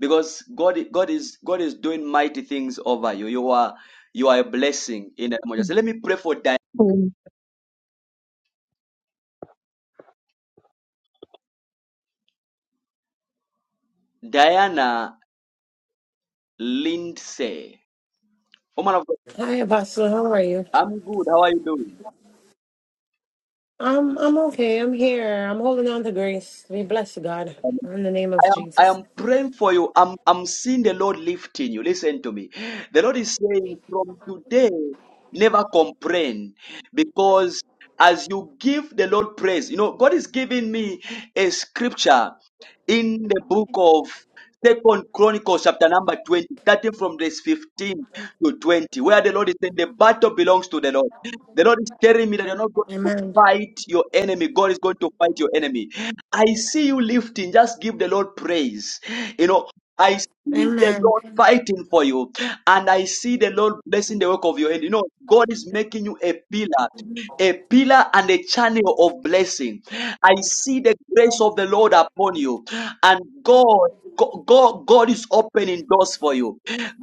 Speaker 1: because God God is God is doing mighty things over you. You are you are a blessing in the name of Jesus. Let me pray for Di- Diana Lindsay. Woman of God,
Speaker 2: Hi, Apostle, how are you?
Speaker 1: I'm good. How are you doing?
Speaker 2: I'm, I'm okay. I'm here. I'm holding on to grace. We bless God. In the name
Speaker 1: I
Speaker 2: of
Speaker 1: am, I
Speaker 2: Jesus.
Speaker 1: am praying for you. I'm, I'm seeing the Lord lifting you. Listen to me. The Lord is saying, from today, never complain because as you give the Lord praise, you know, God is giving me a scripture in the book of Second Chronicles, chapter number 20, starting from verse 15 to 20, where the Lord is saying, The battle belongs to the Lord. The Lord is telling me that you're not going to
Speaker 2: Amen.
Speaker 1: fight your enemy. God is going to fight your enemy. I see you lifting. Just give the Lord praise. You know, I see the
Speaker 2: Amen.
Speaker 1: Lord fighting for you, and I see the Lord blessing the work of your hand. You know, God is making you a pillar, a pillar and a channel of blessing. I see the grace
Speaker 2: Amen.
Speaker 1: of the Lord upon you, and God. Go- God, God is opening doors for you.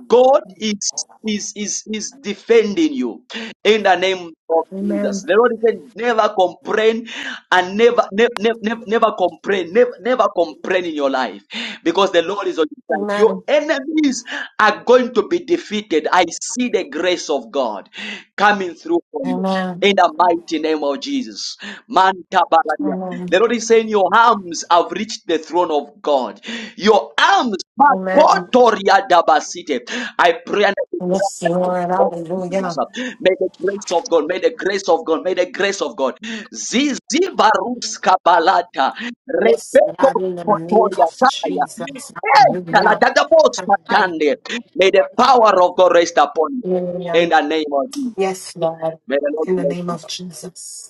Speaker 1: God is is is is defending you in the name of Jesus.
Speaker 2: Amen.
Speaker 1: The Lord said, never complain and never, never, never, never complain, never, never complain in your life because the Lord is on your side. Your enemies are going to be defeated. I see the grace of God coming through for you.
Speaker 2: Amen.
Speaker 1: In the mighty name of Jesus. Man kabaladia.
Speaker 2: Amen.
Speaker 1: The Lord is saying your arms have reached the throne of God. Your arms,
Speaker 2: Amen.
Speaker 1: Makotoria dabasite. I pray and
Speaker 2: Yes,
Speaker 1: I
Speaker 2: Lord.
Speaker 1: declare Jesus.
Speaker 2: Hallelujah.
Speaker 1: May the grace of God, may the grace of God, may the grace of God. Zizibarus kabalata.
Speaker 2: Yes,
Speaker 1: Rebeto
Speaker 2: God, in the name
Speaker 1: kotoya
Speaker 2: of
Speaker 1: kaya.
Speaker 2: Jesus.
Speaker 1: Eh,
Speaker 2: Hallelujah.
Speaker 1: taladadabos katande. May the power of God rest upon you. In
Speaker 2: Hallelujah.
Speaker 1: the name of Jesus.
Speaker 2: Yes, Lord.
Speaker 1: May the Lord
Speaker 2: In the
Speaker 1: bless
Speaker 2: name of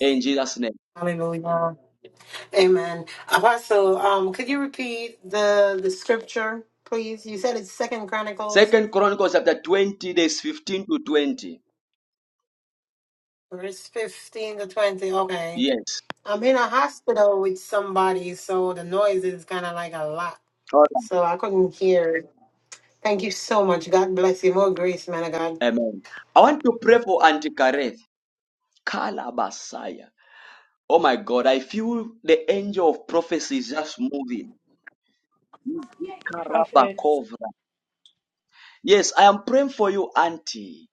Speaker 1: you. In Jesus' name.
Speaker 2: Hallelujah. Amen. Apostle, um, could you repeat the the scripture, please? You said it's Second Chronicles,
Speaker 1: Second Chronicles chapter 20, days 15 to 20.
Speaker 2: verse fifteen to twenty. Okay.
Speaker 1: Yes.
Speaker 2: I'm in a hospital with somebody, so the noise is kind of like a lot,
Speaker 1: All right.
Speaker 2: so I couldn't hear it. Thank you so much. God bless you. More grace, man of God.
Speaker 1: Amen. I want to pray for Antikareth. Kalabasaya. Oh my God, I feel the angel of prophecy is just moving.
Speaker 18: Prophet.
Speaker 1: Yes, I am praying for you, Auntie.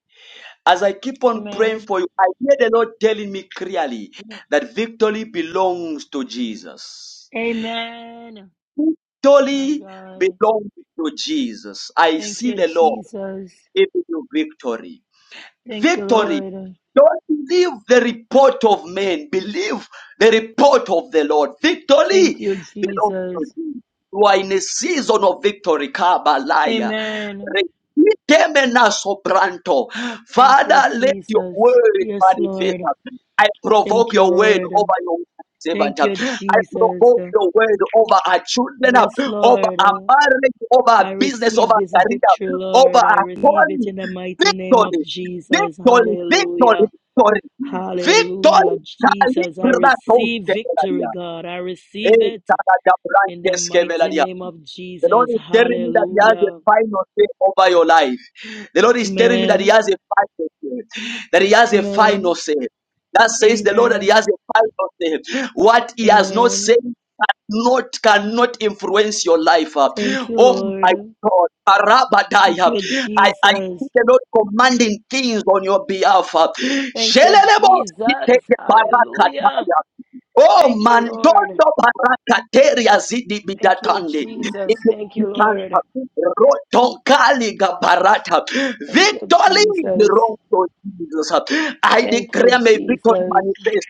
Speaker 1: As I keep on praying
Speaker 18: Amen.
Speaker 1: for you, I hear the Lord telling me clearly that victory belongs to Jesus.
Speaker 18: Amen. My
Speaker 1: Victory
Speaker 18: God.
Speaker 1: belongs to Jesus. I
Speaker 18: Thank
Speaker 1: see
Speaker 18: you,
Speaker 1: the Lord
Speaker 18: Jesus.
Speaker 1: giving you victory.
Speaker 18: Thank you,
Speaker 1: Victory
Speaker 18: Lord.
Speaker 1: Don't believe the report of men. Believe the report of the Lord.
Speaker 18: Thank
Speaker 1: Victory
Speaker 18: you,
Speaker 1: belongs to
Speaker 18: Jesus.
Speaker 1: you. You are in a season of victory. Kabalaya.
Speaker 18: Amen.
Speaker 1: Rekemena sobranto.
Speaker 18: Thank you,
Speaker 1: Father, let your
Speaker 18: Jesus.
Speaker 1: word
Speaker 18: Yes,
Speaker 1: manifest.
Speaker 18: Lord.
Speaker 1: I provoke
Speaker 18: Thank you,
Speaker 1: your word
Speaker 18: Lord.
Speaker 1: over your servant.
Speaker 18: Thank
Speaker 1: I
Speaker 18: you, Jesus.
Speaker 1: provoke your word over our children,
Speaker 18: Yes,
Speaker 1: over
Speaker 18: Lord.
Speaker 1: our marriage, over our
Speaker 18: I
Speaker 1: business, over
Speaker 18: receive this
Speaker 1: our
Speaker 18: victory,
Speaker 1: career, over
Speaker 18: Lord. I
Speaker 1: our
Speaker 18: receive it
Speaker 1: calling.
Speaker 18: in the mighty name
Speaker 1: Victory.
Speaker 18: of Jesus.
Speaker 1: Victory, victory,
Speaker 18: Hallelujah.
Speaker 1: victory, victory.
Speaker 18: Hallelujah. Jesus, I
Speaker 1: Calibra
Speaker 18: receive
Speaker 1: doce
Speaker 18: victory,
Speaker 1: velaria.
Speaker 18: God. I receive it in the
Speaker 1: E
Speaker 18: mighty name of
Speaker 1: the Lord
Speaker 18: Jesus.
Speaker 1: is telling me that He has a
Speaker 18: Hallelujah.
Speaker 1: final say over your life. The Lord is telling me that He
Speaker 18: Amen.
Speaker 1: has a final say. That He has a final
Speaker 18: Amen.
Speaker 1: say. That says the Lord that He
Speaker 18: Amen.
Speaker 1: has a final say. What He has not said
Speaker 18: Amen.
Speaker 1: cannot cannot influence your life. uh.
Speaker 18: Thank you,
Speaker 1: Oh my
Speaker 18: Lord.
Speaker 1: God,
Speaker 18: Thank
Speaker 1: Parabadaya.
Speaker 18: you,
Speaker 1: I, I see
Speaker 18: Jesus.
Speaker 1: the Lord commanding things on your behalf. uh.
Speaker 18: Thank you,
Speaker 1: Shelelebo
Speaker 18: Jesus.
Speaker 1: siteke
Speaker 18: Hallelujah.
Speaker 1: barakataya. Oh,
Speaker 18: Thank you, Lord.
Speaker 1: mandondo barakateria zidi
Speaker 18: Thank you,
Speaker 1: bidatande.
Speaker 18: Jesus. Thank you, Lord.
Speaker 1: Rotokaliga parata.
Speaker 18: Thank you,
Speaker 1: Victory
Speaker 18: Jesus.
Speaker 1: belongs to Jesus. I
Speaker 18: Thank you,
Speaker 1: declare my victory
Speaker 18: Jesus.
Speaker 1: manifest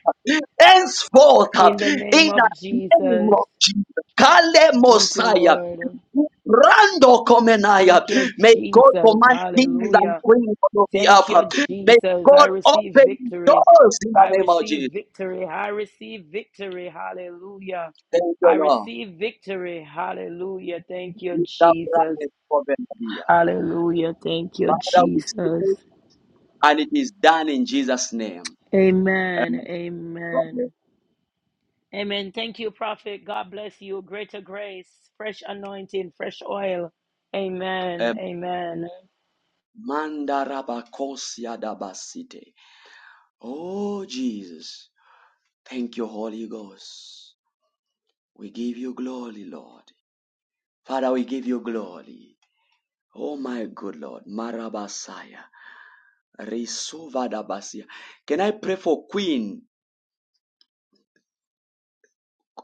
Speaker 1: henceforth
Speaker 18: In the name
Speaker 1: in the
Speaker 18: of
Speaker 1: name
Speaker 18: Jesus.
Speaker 1: of Jesus. Kale
Speaker 18: Thank you,
Speaker 1: Mosiah.
Speaker 18: Lord.
Speaker 1: Rando Komenaya.
Speaker 18: Thank you,
Speaker 1: May God
Speaker 18: Jesus.
Speaker 1: command kings and
Speaker 18: Hallelujah.
Speaker 1: queens on your
Speaker 18: Thank you,
Speaker 1: behalf. May
Speaker 18: Jesus. I
Speaker 1: God
Speaker 18: receive
Speaker 1: open
Speaker 18: victory.
Speaker 1: doors in the
Speaker 18: I
Speaker 1: name of
Speaker 18: receive
Speaker 1: Jesus.
Speaker 18: victory. I receive victory. Hallelujah.
Speaker 1: Thank you,
Speaker 18: I
Speaker 1: Lord.
Speaker 18: receive victory. Hallelujah. Thank you, Jesus. Hallelujah. Thank you,
Speaker 1: Father, we
Speaker 18: Jesus.
Speaker 1: and it is done in Jesus' name.
Speaker 18: Amen. Amen. Amen. Thank you, Prophet. God bless you. Greater grace, fresh anointing, fresh oil.
Speaker 1: Eh,
Speaker 18: Amen. Amen.
Speaker 1: Oh, Jesus. Thank you, Holy Ghost. We give you glory, Lord. Father, we give you glory. Oh, my good Lord. Marabasaya. Risuvadabasia. Can I pray for Queen?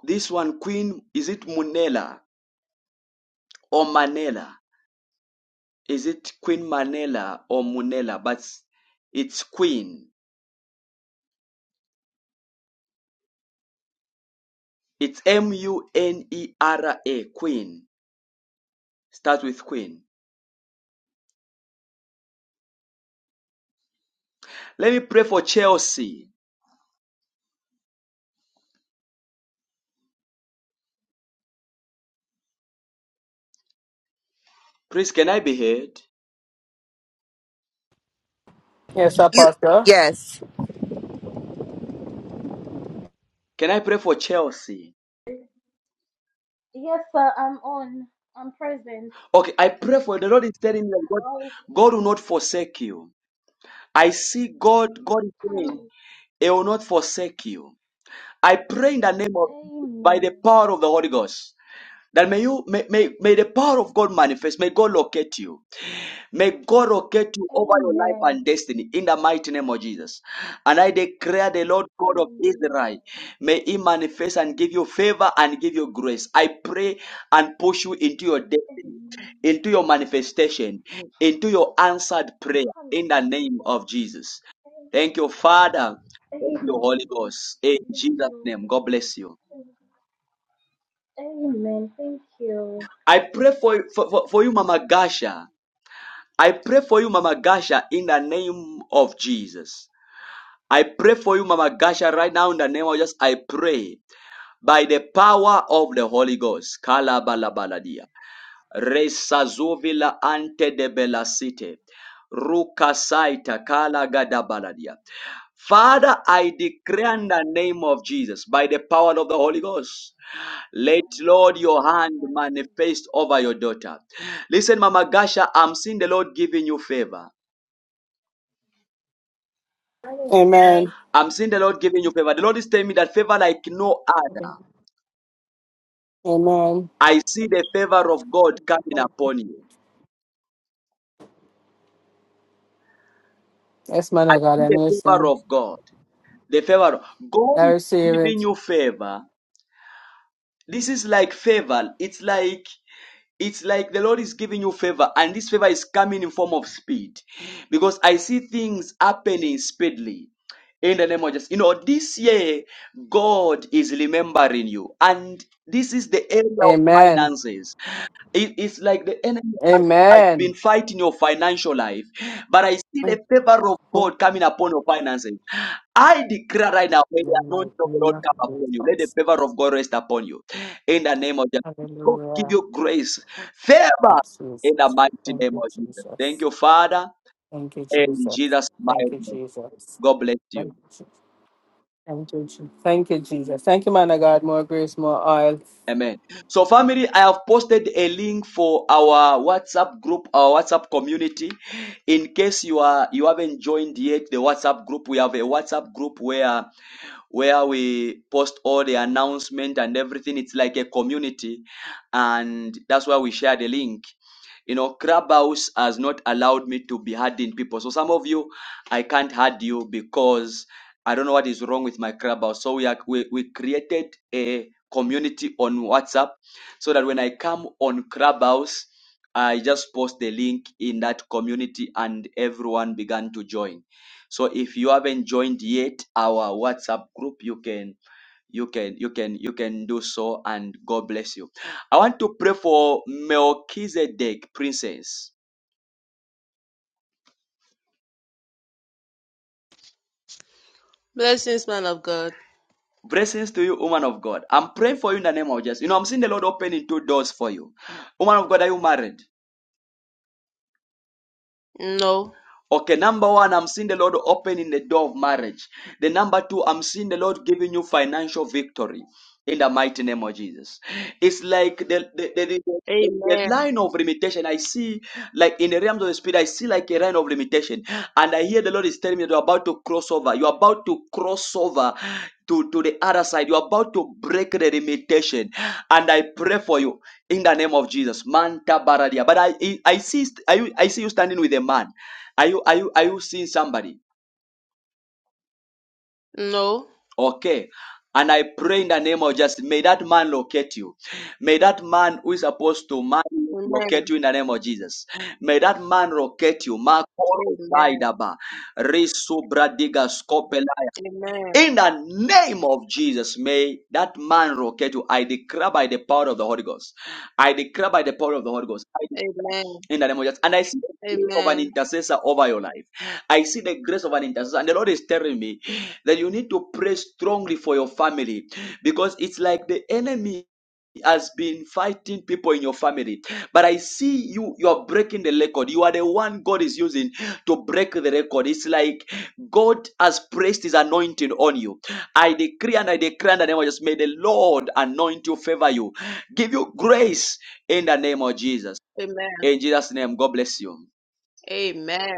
Speaker 1: This one, Queen, is it Munela or Manela? Is it Queen Manela or Munela? But it's Queen. It's M U N E R A, Queen. Start with Queen. Let me pray for Chelsea. Please, can I be heard?
Speaker 24: Yes,
Speaker 22: You
Speaker 24: Apostle.
Speaker 22: yes.
Speaker 1: Can I pray for Chelsea?
Speaker 25: Yes, sir, I'm on. I'm present.
Speaker 1: Okay, I pray for the Lord is telling me that God,
Speaker 25: Hello.
Speaker 1: God will not forsake you. I see God, God is saying,
Speaker 25: Amen.
Speaker 1: He will not forsake you. I pray in the name of, by the
Speaker 25: Amen.
Speaker 1: power of the Holy Ghost, that may you, may, may, may the power of God manifest, may God locate you. May God locate you over your life
Speaker 25: Amen.
Speaker 1: and destiny in the mighty name of Jesus. And I declare the Lord God of
Speaker 25: Hallelujah.
Speaker 1: Israel, may He manifest and give you favor and give you grace. I pray and push you into your destiny,
Speaker 25: Amen.
Speaker 1: into your manifestation, into your answered prayer in the name
Speaker 25: Hallelujah.
Speaker 1: of Jesus. Thank you, Father. Thank you,
Speaker 25: Amen.
Speaker 1: Holy Ghost. In
Speaker 25: Yes,
Speaker 1: Jesus'
Speaker 25: Lord.
Speaker 1: name, God bless you.
Speaker 25: Amen. Thank you.
Speaker 1: I pray for, for, for for you, Mama Gasha. I pray for you, Mama Gasha, in the name of Jesus. I pray for you, Mama Gasha, right now in the name of Jesus. I pray by the power of the Holy Ghost. Kalabalabaladia. resazovila ante de belasite. Rukasaita kalagadabaladia. Father, I
Speaker 25: Oh
Speaker 1: declare in
Speaker 25: my
Speaker 1: the name of Jesus, by the power of the Holy Ghost, let Lord your hand manifest over your
Speaker 25: God.
Speaker 1: daughter. Listen, Mama Gasha, I'm seeing the Lord giving you favor.
Speaker 24: Amen.
Speaker 1: I'm seeing the Lord giving you favor. The Lord is telling me that favor like no other.
Speaker 24: Amen.
Speaker 1: I see the favor of God coming upon you.
Speaker 24: Yes, man
Speaker 1: I
Speaker 24: of God,
Speaker 1: see
Speaker 24: I'm
Speaker 1: the favor
Speaker 24: listening.
Speaker 1: of God. The favor of God
Speaker 24: I
Speaker 1: is
Speaker 24: receive
Speaker 1: giving
Speaker 24: it.
Speaker 1: you favor. This is like favor. It's like it's like the Lord is giving you favor, and this favor is coming in form of speed. Because I see things happening speedily. In the name of Jesus. You know, this year, God is remembering you. And this is the area of
Speaker 24: Amen.
Speaker 1: finances. It- it's like the enemy has has been
Speaker 24: Amen.
Speaker 1: fighting your financial life, but I see the
Speaker 24: Thank
Speaker 1: favor of
Speaker 24: you.
Speaker 1: God coming upon your finances. I declare right now, may the
Speaker 24: In my
Speaker 1: anointing of the
Speaker 24: name
Speaker 1: Lord
Speaker 24: of
Speaker 1: come upon you. Let the
Speaker 24: Jesus.
Speaker 1: favor of God rest upon you. In the name of Jesus, God give
Speaker 24: Hallelujah.
Speaker 1: you grace, favor
Speaker 24: Good Jesus.
Speaker 1: in the mighty
Speaker 24: Thank
Speaker 1: name
Speaker 24: you,
Speaker 1: of Jesus. Thank
Speaker 24: Jesus.
Speaker 1: you, Father,
Speaker 24: Thank you,
Speaker 1: in
Speaker 24: Jesus.
Speaker 1: Jesus'
Speaker 24: Thank
Speaker 1: mighty
Speaker 24: you,
Speaker 1: name.
Speaker 24: Jesus.
Speaker 1: God bless you.
Speaker 24: Thank you, Jesus. Thank you, Jesus. Thank you, Jesus. Thank you, man of God. More grace, more oil.
Speaker 1: Amen. So, family, I have posted a link for our WhatsApp group, our WhatsApp community. In case you are you haven't joined yet, the WhatsApp group, we have a WhatsApp group where where we post all the announcement and everything. It's like a community, and that's why we share the link. You know, Clubhouse has not allowed me to be adding people. So some of you, I can't add you because I don't know what is wrong with my Clubhouse. So we are we, we created a community on WhatsApp so that when I come on Clubhouse, I just post the link in that community and everyone began to join. So if you haven't joined yet our WhatsApp group, you can you can you can you can do so and God bless you. I want to pray for Melchizedek princess.
Speaker 26: Blessings, man of God.
Speaker 1: Blessings to you, woman of God. I'm praying for you in the name of Jesus. You know, I'm seeing the Lord opening two doors for you. Woman of God, are you married?
Speaker 26: No.
Speaker 1: Okay, number one, I'm seeing the Lord opening the door of marriage. The number two, I'm seeing the Lord giving you financial victory in the mighty name of Jesus. It's like the the, the, the the
Speaker 26: Amen.
Speaker 1: line of limitation. I see, like in the realms of the spirit, I see like a line of limitation, and I hear the Lord is telling me that you're about to cross over. You're about to cross over to to the other side. You're about to break the limitation, and I pray for you in the name of Jesus. Manta baradia. But I I I see I, I see you standing with a man. Are you are you are you seeing somebody?
Speaker 26: No.
Speaker 1: Okay. And I pray in the name of Jesus, may that man locate you. May that man who is supposed to marry you locate
Speaker 26: Amen.
Speaker 1: you in the name of Jesus. May that man locate you. Makoro
Speaker 26: Amen.
Speaker 1: Zaidaba, Risubradiga Skopelaya.
Speaker 26: Amen.
Speaker 1: In the name of Jesus, may that man locate you. I declare by the power of the Holy Ghost. I declare by the power of the Holy Ghost.
Speaker 26: Amen.
Speaker 1: in the name of Jesus. And I see the grace of an
Speaker 26: Amen.
Speaker 1: intercessor over your life. I see the grace of an intercessor. And the Lord is telling me that you need to pray strongly for your family because it's like the enemy has been fighting people in your family but i see you you are breaking the record you are the one god is using to break the record it's like god has placed his anointing on you i decree and i declare in the name of jesus may the lord anoint you favor you give you grace in the name of jesus
Speaker 26: Amen.
Speaker 1: in Jesus' name, God bless you.
Speaker 26: Amen.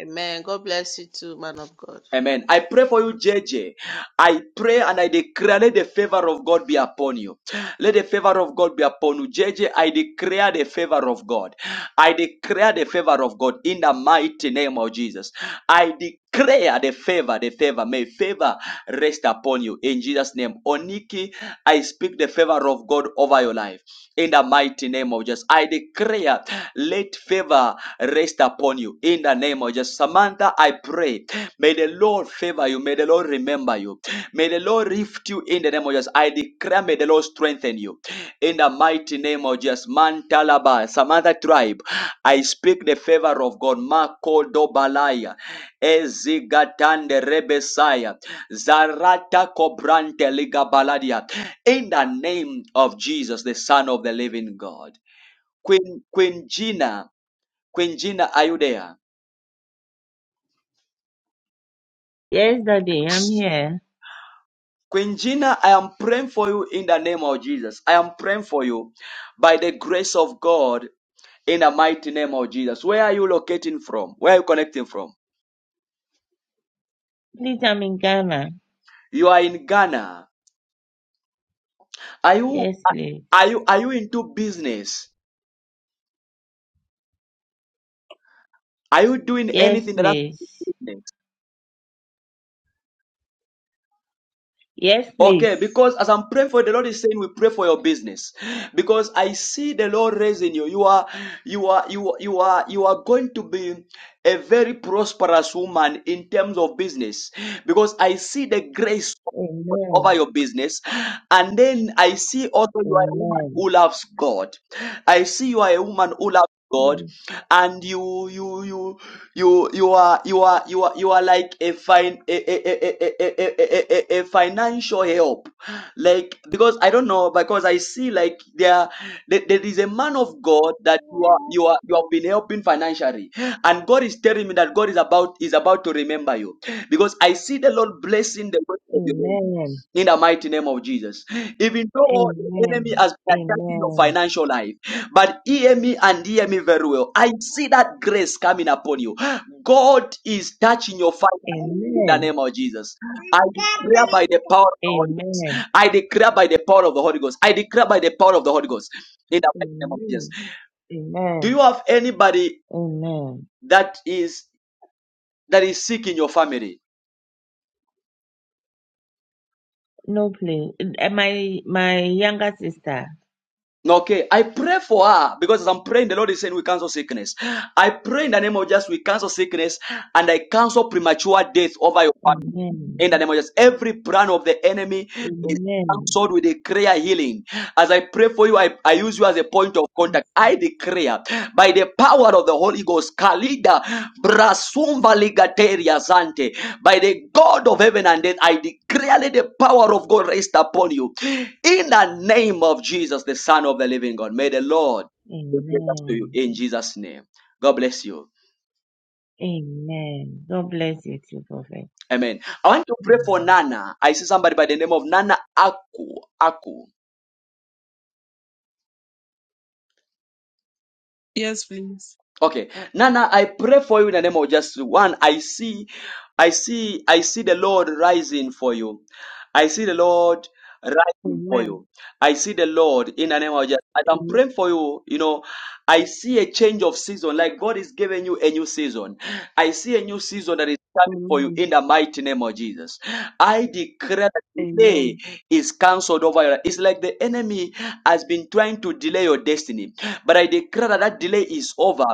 Speaker 26: Amen. God bless you too, man of God.
Speaker 1: Amen. I pray for you, J J. I pray and I declare, let the favor of God be upon you. Let the favor of God be upon you. J J. I declare the favor of God. I declare the favor of God in the mighty name of Jesus. I declare the favor, the favor. May favor rest upon you in Jesus' name. Oniki, I speak the favor of God over your life. in the mighty name of Jesus. I declare, let favor rest upon you in the name of Jesus. Samantha, I pray, may the Lord favor you, may the Lord remember you, may the Lord lift you in the name of Jesus. I declare, may the Lord strengthen you in the mighty name of Jesus. Mantalaba, Samantha tribe, I speak the favor of God. Mako dobalaya, ezigatande rebesaya, zarata kobrante ligabaladia in the name of Jesus, the Son of the Living God. Queen Queen Gina, Queen Gina, are you there?
Speaker 27: Yes, Daddy, I'm here.
Speaker 1: Queen Gina, I am praying for you in the name of Jesus. I am praying for you by the grace of God in the mighty name of Jesus. Where are you locating from? Where are you connecting from?
Speaker 27: Please, I'm in Ghana.
Speaker 1: You are in Ghana. Are you
Speaker 27: Yes, please.
Speaker 1: are you are you into business? Are you doing
Speaker 27: Yes,
Speaker 1: anything that has to
Speaker 27: please.
Speaker 1: do with business?
Speaker 27: Yes,
Speaker 1: Okay,
Speaker 27: please.
Speaker 1: because as I'm praying for you, the Lord is saying we pray for your business. Because I see the Lord raising you. You are you are you are you are you are going to be a very prosperous woman in terms of business. Because I see the grace over
Speaker 27: Amen.
Speaker 1: your business. And then I see also you are a woman
Speaker 27: Amen.
Speaker 1: who loves God. I see you are a woman who loves God
Speaker 27: Yes.
Speaker 1: and you you you you you are you are you are you are like a fine a, a, a, a, a, a, a a- a financial help like because i don't know because i see like there there there is a man of god that you are you are you have been helping financially and god is telling me that god is about is about to remember you because i see the lord blessing the work of your hand
Speaker 27: Amen.
Speaker 1: in the mighty name of Jesus. Even though the enemy
Speaker 27: Amen.
Speaker 1: has been attacking your
Speaker 27: Amen.
Speaker 1: financial life, but hear me and hear me very well. I see that grace coming upon you. God is touching your fire in the
Speaker 27: Amen.
Speaker 1: name of Jesus. I declare by the power of the Holy Ghost.
Speaker 27: Amen.
Speaker 1: I declare by the power of the Holy Ghost. I declare by the power of the Holy Ghost in the mighty name of Jesus.
Speaker 27: Amen.
Speaker 1: Do you
Speaker 27: Amen.
Speaker 1: have anybody
Speaker 27: Amen.
Speaker 1: that is that is sick in your family?
Speaker 27: No, please. Uh, My my younger sister.
Speaker 1: Okay, I pray for her because as I'm praying, the Lord is saying we cancel sickness. I pray in the name of Jesus, we cancel sickness and I cancel premature death over your family.
Speaker 27: Amen.
Speaker 1: In the name of Jesus, every plan of the enemy is
Speaker 27: Amen.
Speaker 1: sword with a prayer healing. As I pray for you, I, I use you as a point of contact. I declare by the power of the Holy Ghost, Kalida Brasumva Ligateria Sante, by the God of heaven and earth, I declare let the power of God rest upon you. In the name of Jesus, the Son of the Living God, may the Lord be gracious to you
Speaker 27: Amen.
Speaker 1: in Jesus' name. God bless you.
Speaker 27: Amen. God bless you too, Prophet.
Speaker 1: Amen. I want to pray for
Speaker 27: Amen.
Speaker 1: Nana. I see somebody by the name of Nana Aku. Aku.
Speaker 28: Yes, please.
Speaker 1: Okay, Nana, I pray for you in the name of just one. I see, I see, I see the Lord rising for you. I see the Lord rising for
Speaker 28: Amen.
Speaker 1: you. I see the Lord in the name of just. As I'm
Speaker 28: Amen.
Speaker 1: praying for you, you know, I see a change of season. Like God is giving you a new season. I see a new season that is coming for you
Speaker 28: Amen.
Speaker 1: in the mighty name of Jesus. I declare that delay
Speaker 28: Amen.
Speaker 1: is cancelled over your. life. It's like the enemy has been trying to delay your destiny. But I declare that that delay is over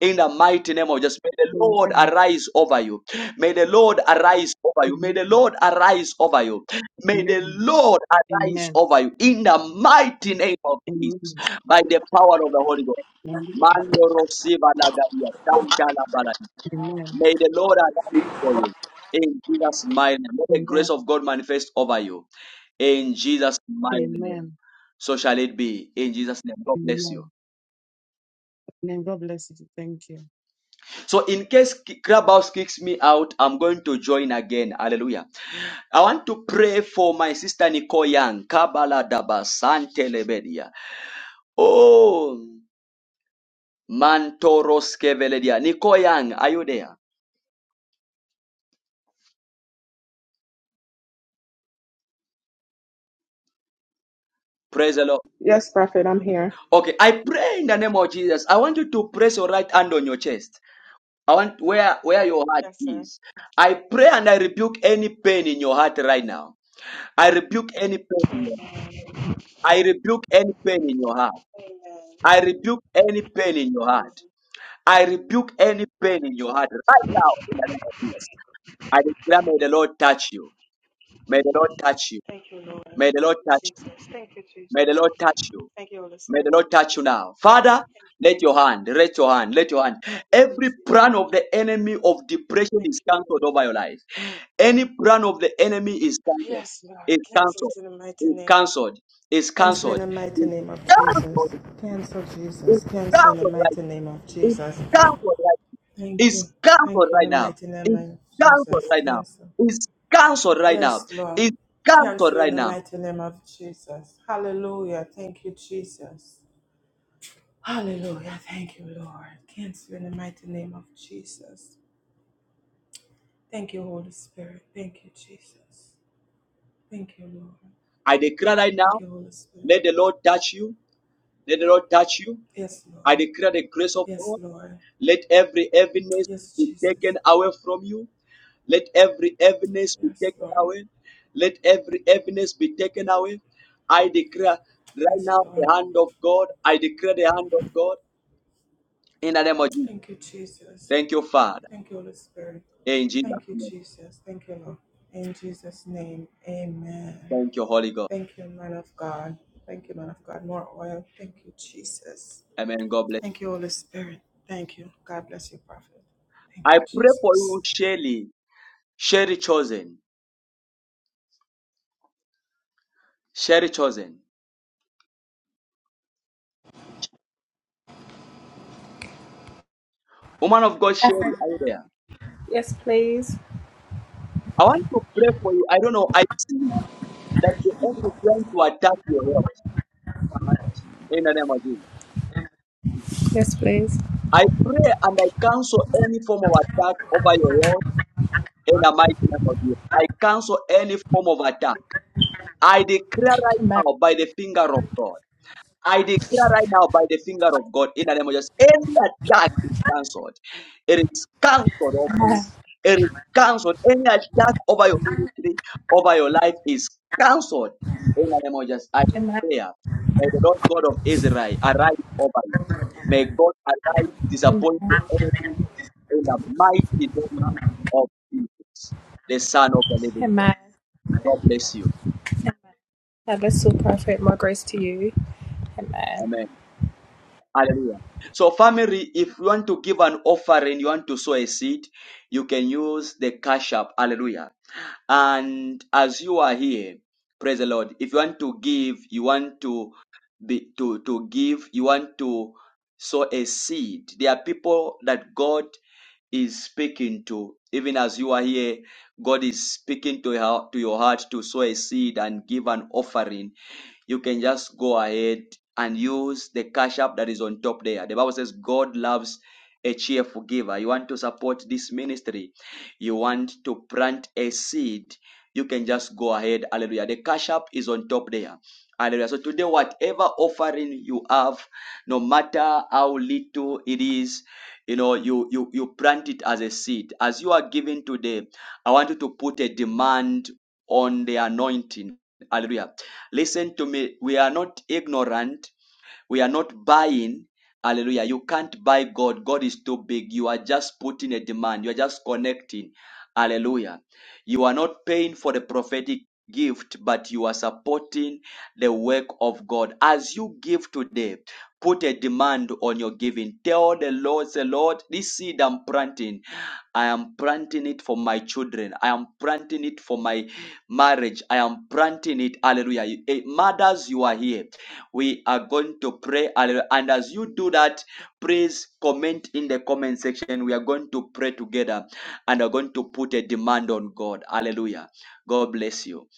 Speaker 1: in the mighty name of Jesus. May the Lord
Speaker 28: Amen.
Speaker 1: arise over you. May the Lord arise over you. May
Speaker 28: Amen.
Speaker 1: the Lord arise over you. May the Lord arise
Speaker 28: Amen.
Speaker 1: over you in the mighty name of
Speaker 28: Amen.
Speaker 1: Jesus
Speaker 28: Amen.
Speaker 1: by the power of the Holy Ghost.
Speaker 28: Amen.
Speaker 1: Mando Rosiva Lagaria, Tanka Labala.
Speaker 28: Amen.
Speaker 1: May the Lord arise for you. In Jesus' mighty name. May the
Speaker 28: Amen.
Speaker 1: grace of God manifest over you. In Jesus' mighty name. So shall it be. In Jesus' name. God bless you.
Speaker 28: Amen. Amen. God bless you. Thank you.
Speaker 1: So in case K- Clubhouse kicks me out, I'm going to join again. Hallelujah. I want to pray for my sister Nicole Young. Kabala daba sante lebedia. Oh, mantoros keveledia. Nicole Young, are you there? Praise the Lord.
Speaker 12: Yes, Prophet, I'm here.
Speaker 1: Okay, I pray in the name of Jesus. I want you to press your right hand on your chest. I want where where your heart
Speaker 12: Yes, sir.
Speaker 1: is. I pray and I rebuke any pain in your heart right now. I rebuke any pain.
Speaker 12: Amen.
Speaker 1: I rebuke any pain in your heart.
Speaker 12: Amen.
Speaker 1: I rebuke any pain in your
Speaker 12: Amen.
Speaker 1: heart. I rebuke any
Speaker 12: Thank
Speaker 1: pain in
Speaker 12: you,
Speaker 1: your heart right
Speaker 12: Jesus.
Speaker 1: now in the name of Jesus. I declare, may the Lord touch you. May the Lord touch you.
Speaker 12: Thank you, Lord.
Speaker 1: May the
Speaker 12: Thank
Speaker 1: Lord
Speaker 12: you,
Speaker 1: touch you.
Speaker 12: Jesus. Thank you,
Speaker 1: May the
Speaker 12: Jesus.
Speaker 1: Lord touch you.
Speaker 12: Thank you, Holy
Speaker 1: May the
Speaker 12: Spirit.
Speaker 1: Lord touch you now. Father,
Speaker 12: Thank you,
Speaker 1: let
Speaker 12: Holy
Speaker 1: your
Speaker 12: Spirit.
Speaker 1: hand, let your hand, let your hand.
Speaker 12: Thank you,
Speaker 1: Every
Speaker 12: Jesus.
Speaker 1: plan of the enemy of depression
Speaker 12: Thank
Speaker 1: is
Speaker 12: you,
Speaker 1: cancelled
Speaker 12: Lord.
Speaker 1: over your life. Any plan of the enemy is cancelled.
Speaker 12: Yes, Lord.
Speaker 1: Is
Speaker 12: Cancel it
Speaker 1: cancelled.
Speaker 12: in the mighty
Speaker 1: Is
Speaker 12: name.
Speaker 1: cancelled. Is
Speaker 12: Cancel in
Speaker 1: cancelled.
Speaker 12: the mighty
Speaker 1: Is
Speaker 12: name of Jesus.
Speaker 1: cancelled.
Speaker 12: Cancel
Speaker 1: Is
Speaker 12: Jesus. Cancel in the
Speaker 1: cancelled. Right.
Speaker 12: mighty name of
Speaker 1: Is
Speaker 12: Jesus.
Speaker 1: cancelled. right
Speaker 12: Thank
Speaker 1: is
Speaker 12: you.
Speaker 1: cancelled
Speaker 12: Thank you in
Speaker 1: right
Speaker 12: the
Speaker 1: now.
Speaker 12: mighty name
Speaker 1: Is
Speaker 12: of
Speaker 1: cancelled
Speaker 12: Jesus.
Speaker 1: right now.
Speaker 12: Cancel.
Speaker 1: Is cancelled right now.
Speaker 12: Yes, Lord.
Speaker 1: Is cancelled
Speaker 12: Cancel in
Speaker 1: right
Speaker 12: the
Speaker 1: now.
Speaker 12: mighty name of Jesus. Hallelujah. Thank you, Jesus. Hallelujah. Thank you, Lord. Cancel in the mighty name of Jesus. Thank you, Holy Spirit. Thank you, Jesus. Thank you, Lord.
Speaker 1: I declare right
Speaker 12: Thank
Speaker 1: now,
Speaker 12: you, Holy Spirit.
Speaker 1: let the Lord touch you. Let the Lord touch you.
Speaker 12: Yes,
Speaker 1: I
Speaker 12: Lord.
Speaker 1: declare the grace of
Speaker 12: Yes,
Speaker 1: God.
Speaker 12: Lord.
Speaker 1: Let every heaviness
Speaker 12: Yes,
Speaker 1: be
Speaker 12: Jesus.
Speaker 1: taken away from you. Let every heaviness be
Speaker 12: Yes,
Speaker 1: taken
Speaker 12: Lord.
Speaker 1: away. Let every heaviness be taken away. I declare right
Speaker 12: Yes,
Speaker 1: now
Speaker 12: Lord.
Speaker 1: the hand of God. I declare the hand of God in the name of Jesus.
Speaker 12: Thank you, Jesus.
Speaker 1: Thank you, Father.
Speaker 12: Thank you, Holy Spirit.
Speaker 1: In Jesus'
Speaker 12: Thank you,
Speaker 1: name.
Speaker 12: Jesus. Thank you, Lord. In Jesus' name, amen.
Speaker 1: Thank you, Holy Ghost.
Speaker 12: Thank you, man of God. Thank you, man of God. More oil. Thank you, Jesus.
Speaker 1: Amen. God bless.
Speaker 12: Thank you, Holy Spirit. Thank you. God bless you, prophet. Thank
Speaker 1: I
Speaker 12: you,
Speaker 1: pray for
Speaker 12: Jesus.
Speaker 1: you,
Speaker 12: Thank
Speaker 1: Sherry. Sherry Chosen. Sherry Chosen. Woman of God, Sherry, are you there?
Speaker 11: Yes, please.
Speaker 1: I want to pray for you. I don't know. I see that the enemy is trying to attack your health in the name of Jesus.
Speaker 11: Yes, please.
Speaker 1: I pray and I cancel any form of attack over your health in the mighty name of Jesus. I cancel any form of attack. I declare right
Speaker 11: Amen.
Speaker 1: now by the finger of God. I declare right now by the finger of God in the name of Jesus. Any attack is cancelled. It is cancelled oh It is cancelled. Any attack over your ministry, over your life is cancelled. In the name of Jesus, I
Speaker 11: Amen.
Speaker 1: prayer. May the Lord God of Israel arise over you. May God arise, disappoint the enemy in the mighty name of Jesus, the Son of the Living God.
Speaker 11: Amen.
Speaker 1: God bless you.
Speaker 11: God bless you, prophet. More grace to you. Amen.
Speaker 1: Amen. Hallelujah. So, family, if you want to give an offering, you want to sow a seed, you can use the cash app. Hallelujah And as you are here, praise the Lord. If you want to give, you want to be to, to give, you want to sow a seed. There are people that God is speaking to. Even as you are here, God is speaking to your, to your heart to sow a seed and give an offering. You can just go ahead and use the cash app that is on top there. The Bible says God loves a cheerful giver. You want to support this ministry you want to plant a seed, you can just go ahead. Hallelujah. The cash app is on top there. Hallelujah. So today, whatever offering you have, no matter how little it is, you know, you you you plant it as a seed. As you are giving today, I want you to put a demand on the anointing. Hallelujah. Listen to me. We are not ignorant we are not buying. Hallelujah. You can't buy God. God is too big. You are just putting a demand. You are just connecting. Hallelujah. You are not paying for the prophetic gift, but you are supporting the work of God. As you give today, put a demand on your giving. Tell the Lord, say, Lord, this seed I'm planting, I am planting it for my children. I am planting it for my marriage. I am planting it. Hallelujah. You- eh, Mothers, you are here we are going to pray Hallelujah. and as you do that please comment in the comment section we are going to pray together and are going to put a demand on god hallelujah god bless you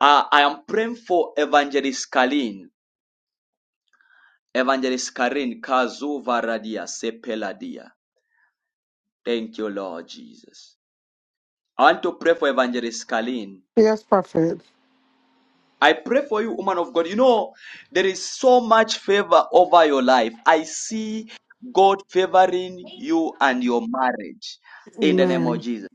Speaker 1: uh, i am praying for evangelist kalin evangelist karin kazuva radia sepeladia thank you lord jesus i want to pray for evangelist kalin
Speaker 29: Yes, Prophet.
Speaker 1: I pray for you, woman of God. You know, there is so much favor over your life. I see God favoring you and your marriage in the name of
Speaker 29: Amen.
Speaker 1: Jesus.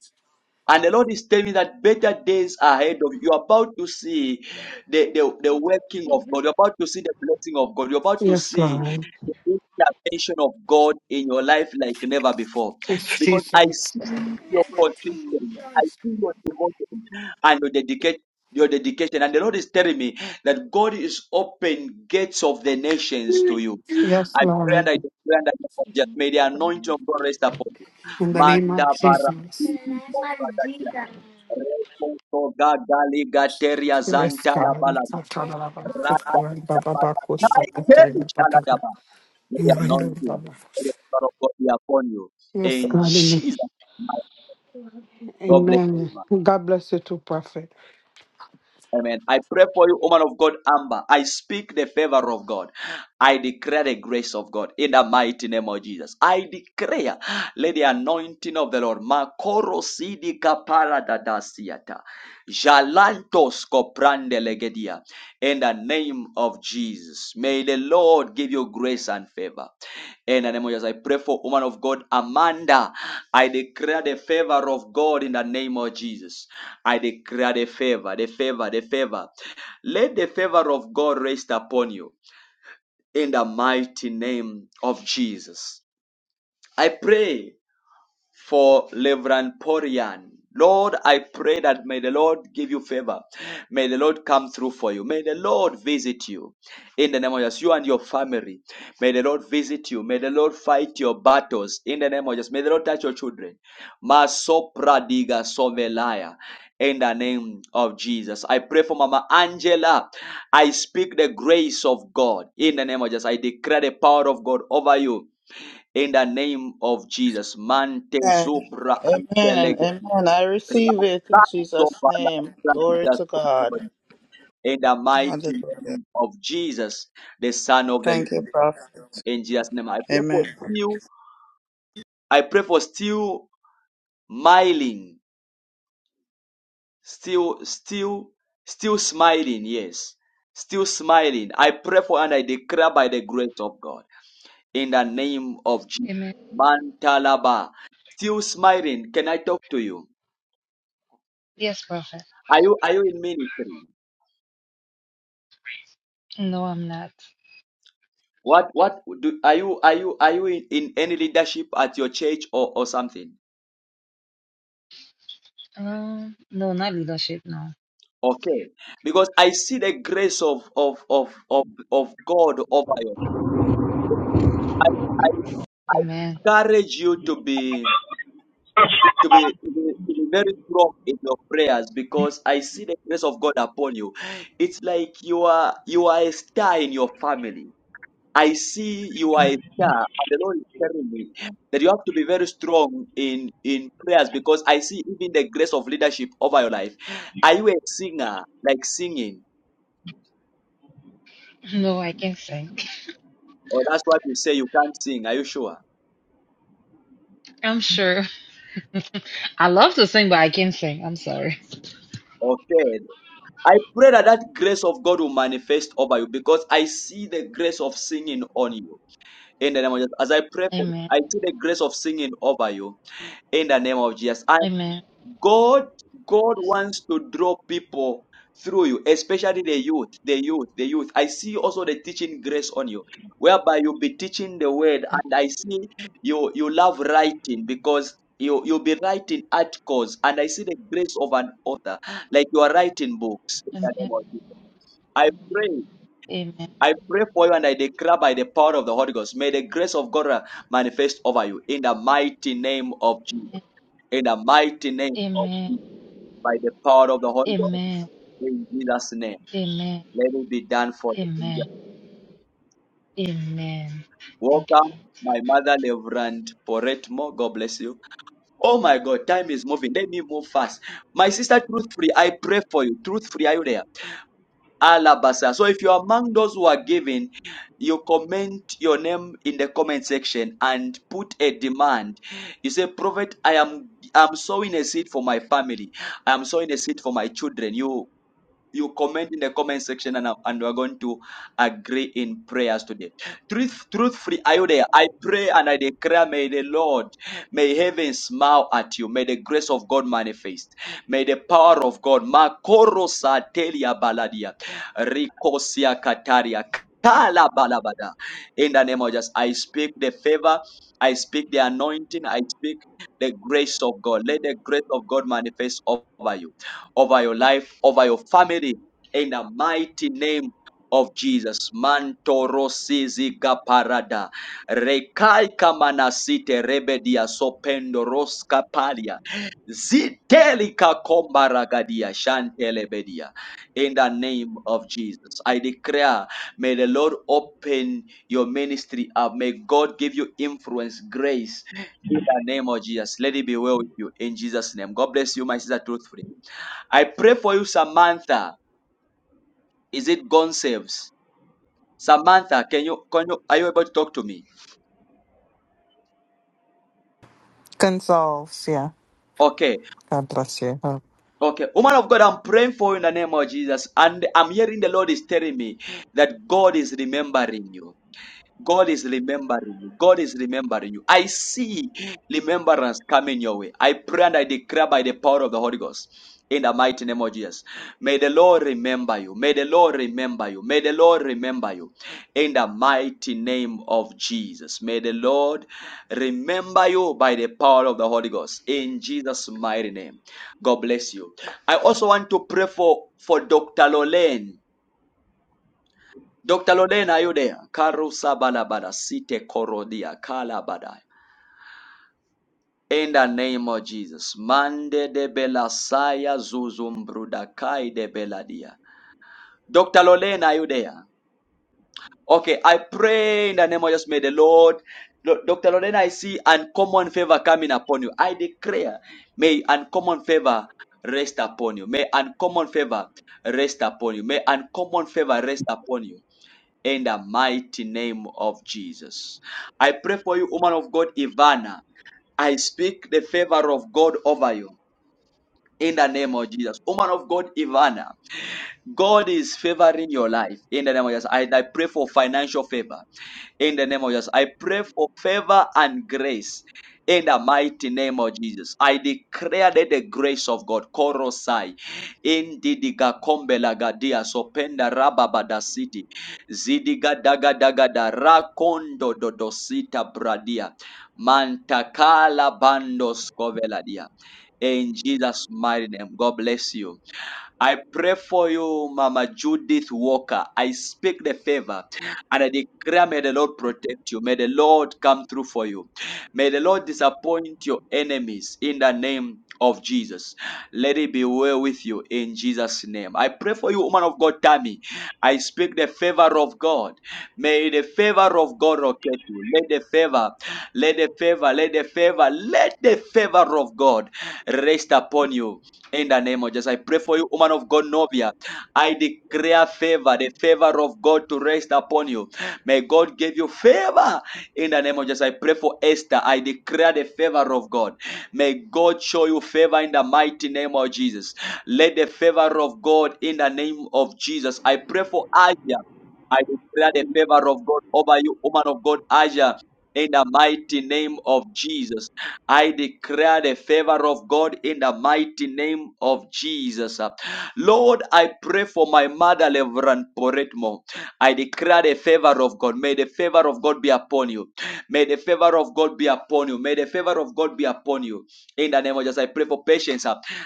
Speaker 1: And the Lord is telling me that better days are ahead of you. You're about to see the, the, the working of God. You're about to see the blessing of God. You're about to
Speaker 29: Yes,
Speaker 1: see
Speaker 29: Lord.
Speaker 1: the intervention of God in your life like never before.
Speaker 29: Yes,
Speaker 1: Because I
Speaker 29: Jesus.
Speaker 1: see your consistency. I see your devotion and your dedicate your dedication and the lord is telling me that god is open gates of the nations to you
Speaker 29: Yes,
Speaker 1: i pray and
Speaker 29: Lord.
Speaker 1: i declare and I just may the anointing of god rest upon you
Speaker 29: In the name
Speaker 1: manda
Speaker 29: of
Speaker 1: bara
Speaker 29: Jesus.
Speaker 1: Gateria
Speaker 29: Yes,
Speaker 1: Zantala
Speaker 29: God.
Speaker 1: Bala
Speaker 29: Yes, God.
Speaker 1: Rada Dabala, Naike, May the anointing may the power of God be upon you. In Jesus' name, God bless you.
Speaker 29: Amen. God bless you too, Prophet.
Speaker 1: Amen. I pray for you, woman of God, Amber. I speak the favor of God. I declare the grace of God in the mighty name of Jesus. I declare, let the anointing of the Lord, Makoro Sidika Paradadasiata, Jalantos Koprande Legedia, in the name of Jesus. May the Lord give you grace and favor. Eh, In the name of Jesus, I pray for woman of God, Amanda. I declare the favor of God in the name of Jesus. I declare the favor, the favor, the favor. Let the favor of God rest upon you in the mighty name of Jesus. I pray for Reverend Porian. Lord, I pray that may the Lord give you favor. May the Lord come through for you. May the Lord visit you in the name of Jesus, you and your family. May the Lord visit you. May the Lord fight your battles in the name of Jesus. May the Lord touch your children. Masopra diga sovelaya. In the name of Jesus, I pray for Mama Angela. I speak the grace of God in the name of Jesus. I declare the power of God over you in the name of Jesus. Mante
Speaker 13: Amen.
Speaker 1: zubra
Speaker 13: Amen.
Speaker 1: antelege
Speaker 13: Amen. I receive it in Jesus' name. Glory to God.
Speaker 1: in the mighty
Speaker 13: Hallelujah.
Speaker 1: name of Jesus, the Son of the
Speaker 13: Thank you,
Speaker 1: Living.
Speaker 13: Prophet.
Speaker 1: In Jesus' name, I pray for
Speaker 13: Amen.
Speaker 1: you. I pray for still smiling, still, still, still smiling. Yes, still smiling. I pray for and I declare by the grace of God in the name of Jesus.
Speaker 30: Amen.
Speaker 1: Mantalaba, still smiling. Can I talk to you?
Speaker 30: Yes, Prophet.
Speaker 1: Are you are you in ministry?
Speaker 30: No, I'm not.
Speaker 1: What what do are you are you are you in, in any leadership at your church or, or something?
Speaker 30: Um, no, not leadership. No.
Speaker 1: Okay. Because I see the grace of of of of, of God over you. I
Speaker 30: Amen.
Speaker 1: encourage you to be to be, to be to be very strong in your prayers because I see the grace of God upon you. It's like you are you are a star in your family I see you are a star, and the Lord is telling me that you have to be very strong in in prayers because I see even the grace of leadership over your life. Are you a singer, like singing,
Speaker 30: No, I can't sing.
Speaker 1: or that's what you say you can't sing? Are you sure?
Speaker 30: I'm sure. I love to sing, but I can't sing. I'm sorry.
Speaker 1: Okay. I pray that that grace of God will manifest over you because I see the grace of singing on you. In the name of Jesus, as I pray for, you,
Speaker 30: Amen.
Speaker 1: I see the grace of singing over you. In the name of Jesus,
Speaker 30: Amen.
Speaker 1: God, God wants to draw people through you, especially the youth, the youth, the youth. I see also the teaching grace on you, whereby you'll be teaching the word, and I see you you love writing because you you'll be writing articles, and I see the grace of an author, like you are writing books. in the
Speaker 30: Amen.
Speaker 1: name of Jesus. I pray.
Speaker 30: Amen.
Speaker 1: I pray for you and I declare by the power of the Holy Ghost. May the grace of God uh, manifest over you in the mighty name of Jesus. In the mighty name
Speaker 30: Amen.
Speaker 1: by the power of the Holy Ghost
Speaker 30: Amen.
Speaker 1: in Jesus' name.
Speaker 30: Amen.
Speaker 1: Let it be done for the
Speaker 30: Amen.
Speaker 1: kingdom.
Speaker 30: Amen. Thank you,
Speaker 1: Welcome,
Speaker 30: Lord.
Speaker 1: my mother Reverend Poretmo. God bless you. Oh my God, time is moving. Let me move fast. My sister Truth Free, I pray for you. Truth Free, are you there? Alabasa. So if you're among those who are giving, you comment your name in the comment section and put a demand. You say, Prophet, I am I'm sowing a seed for my family. I am sowing a seed for my children. You you comment in the comment section and, I'm- and we're going to agree in prayers today. Truth, truth free, are you there? I pray and I declare, may the Lord, may heaven smile at you. May the grace of God manifest. May the power of God, Makoro Satelia Baladia, Rikosia Kataria. Kala balabada. In the name of Jesus, I speak the favor, I speak the anointing, I speak the grace of God. Let the grace of God manifest over you over your life, over your family, in the mighty name of Jesus. Mantoro siziga parada. Rekai kamanasite rebedia sopendo roska palia. Zitelika kombaragadia shantelebedia. In the name of Jesus. I declare, may the Lord open your ministry up. May God give you influence, grace. In the name of Jesus. Let it be well with you. In Jesus' name. God bless you, my sister, truthfully. I pray for you, Samantha. Is it gone saves? Samantha, can you, can you, are you able to talk to me?
Speaker 16: Gonzalez, yeah.
Speaker 1: Okay,
Speaker 16: God bless you.
Speaker 1: okay. Woman of God, I'm praying for you in the name of Jesus. And I'm hearing the Lord is telling me that God is remembering you. God is remembering you. God is remembering you. I see remembrance coming your way. I pray and I declare by the power of the Holy Ghost. In the mighty name of Jesus. May the Lord remember you. May the Lord remember you. May the Lord remember you. In the mighty name of Jesus. May the Lord remember you by the power of the Holy Ghost. In Jesus' mighty name. God bless you. I also want to pray for, for Dr. Lorraine. Dr. Lorena, are you there? Karusa balabada site korodia kalabada. In the name of Jesus. Mande de belasaya zuzumbrudakay de beladia. Dr. Lorena, are you there? Okay, I pray in the name of Jesus, may the Lord. Lo- Dr. Lorena, I see uncommon favor coming upon you. I declare, may uncommon favor rest upon you. May uncommon favor rest upon you. May uncommon favor rest upon you. in the mighty name of Jesus. I pray for you, woman of God, Ivana. I speak the favor of God over you in the name of Jesus. Woman of God, Ivana. God is favoring your life in the name of Jesus. I, I pray for financial favor in the name of Jesus. I pray for favor and grace in the mighty name of Jesus. I declare that the grace of God, Korosai, Indidiga Kombela Gadia, Sopenda Rababada City, Zidiga Daga Daga da Rakondo Dodosita Bradia, Mantakala Bando Scoveladia. In Jesus' mighty name, God bless you. I pray for you, Mama Judith Walker. I speak the favor and I declare, may the Lord protect you. May the Lord come through for you. May the Lord disappoint your enemies in the name of Jesus. Let it be well with you in Jesus' name. I pray for you, woman of God, Tammy. I speak the favor of God. May the favor of God rocket you. Let the favor, let the favor, let the favor, let the favor of God rest upon you in the name of Jesus, I pray for you, woman of God, Novia. I declare favor, the favor of God to rest upon you. May God give you favor. In the name of Jesus, I pray for Esther. I declare the favor of God. May God show you favor in the mighty name of Jesus. Let the favor of God in the name of Jesus. I pray for Asia. I declare the favor of God over you, woman of God, Asia. In the mighty name of Jesus. I declare the favor of God in the mighty name of Jesus. Lord, I pray for my mother, Reverend Poretmo. I declare the favor of God. May the favor of God be upon you. May the favor of God be upon you. May the favor of God be upon you. In the name of Jesus, I pray for patience.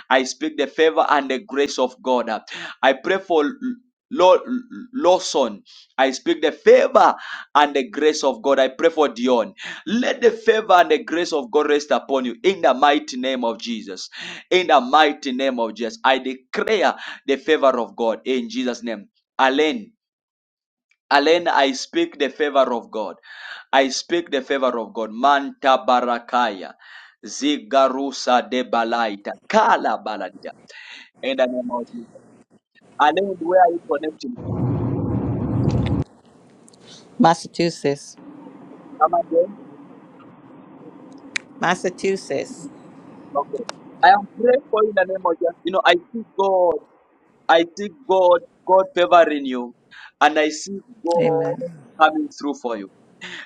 Speaker 1: I speak the favor and the grace of God. I pray for Lord Lawson. I speak the favor and the grace of God. I pray for Dion. Let the favor and the grace of God rest upon you in the mighty name of Jesus. In the mighty name of Jesus, I declare the favor of God in Jesus' name. Alain, Alain, I speak the favor of God. I speak the favor of God. Manta barakaya, zigarusa de balaita, kala baladia. In the name of Jesus. Alain, where are you connecting?
Speaker 31: Massachusetts.
Speaker 1: Come again?
Speaker 31: Massachusetts.
Speaker 1: Okay. I am praying for you in the name of Jesus. You know, I see God. I see God, God favoring you, and I see God
Speaker 31: Amen.
Speaker 1: coming through for you.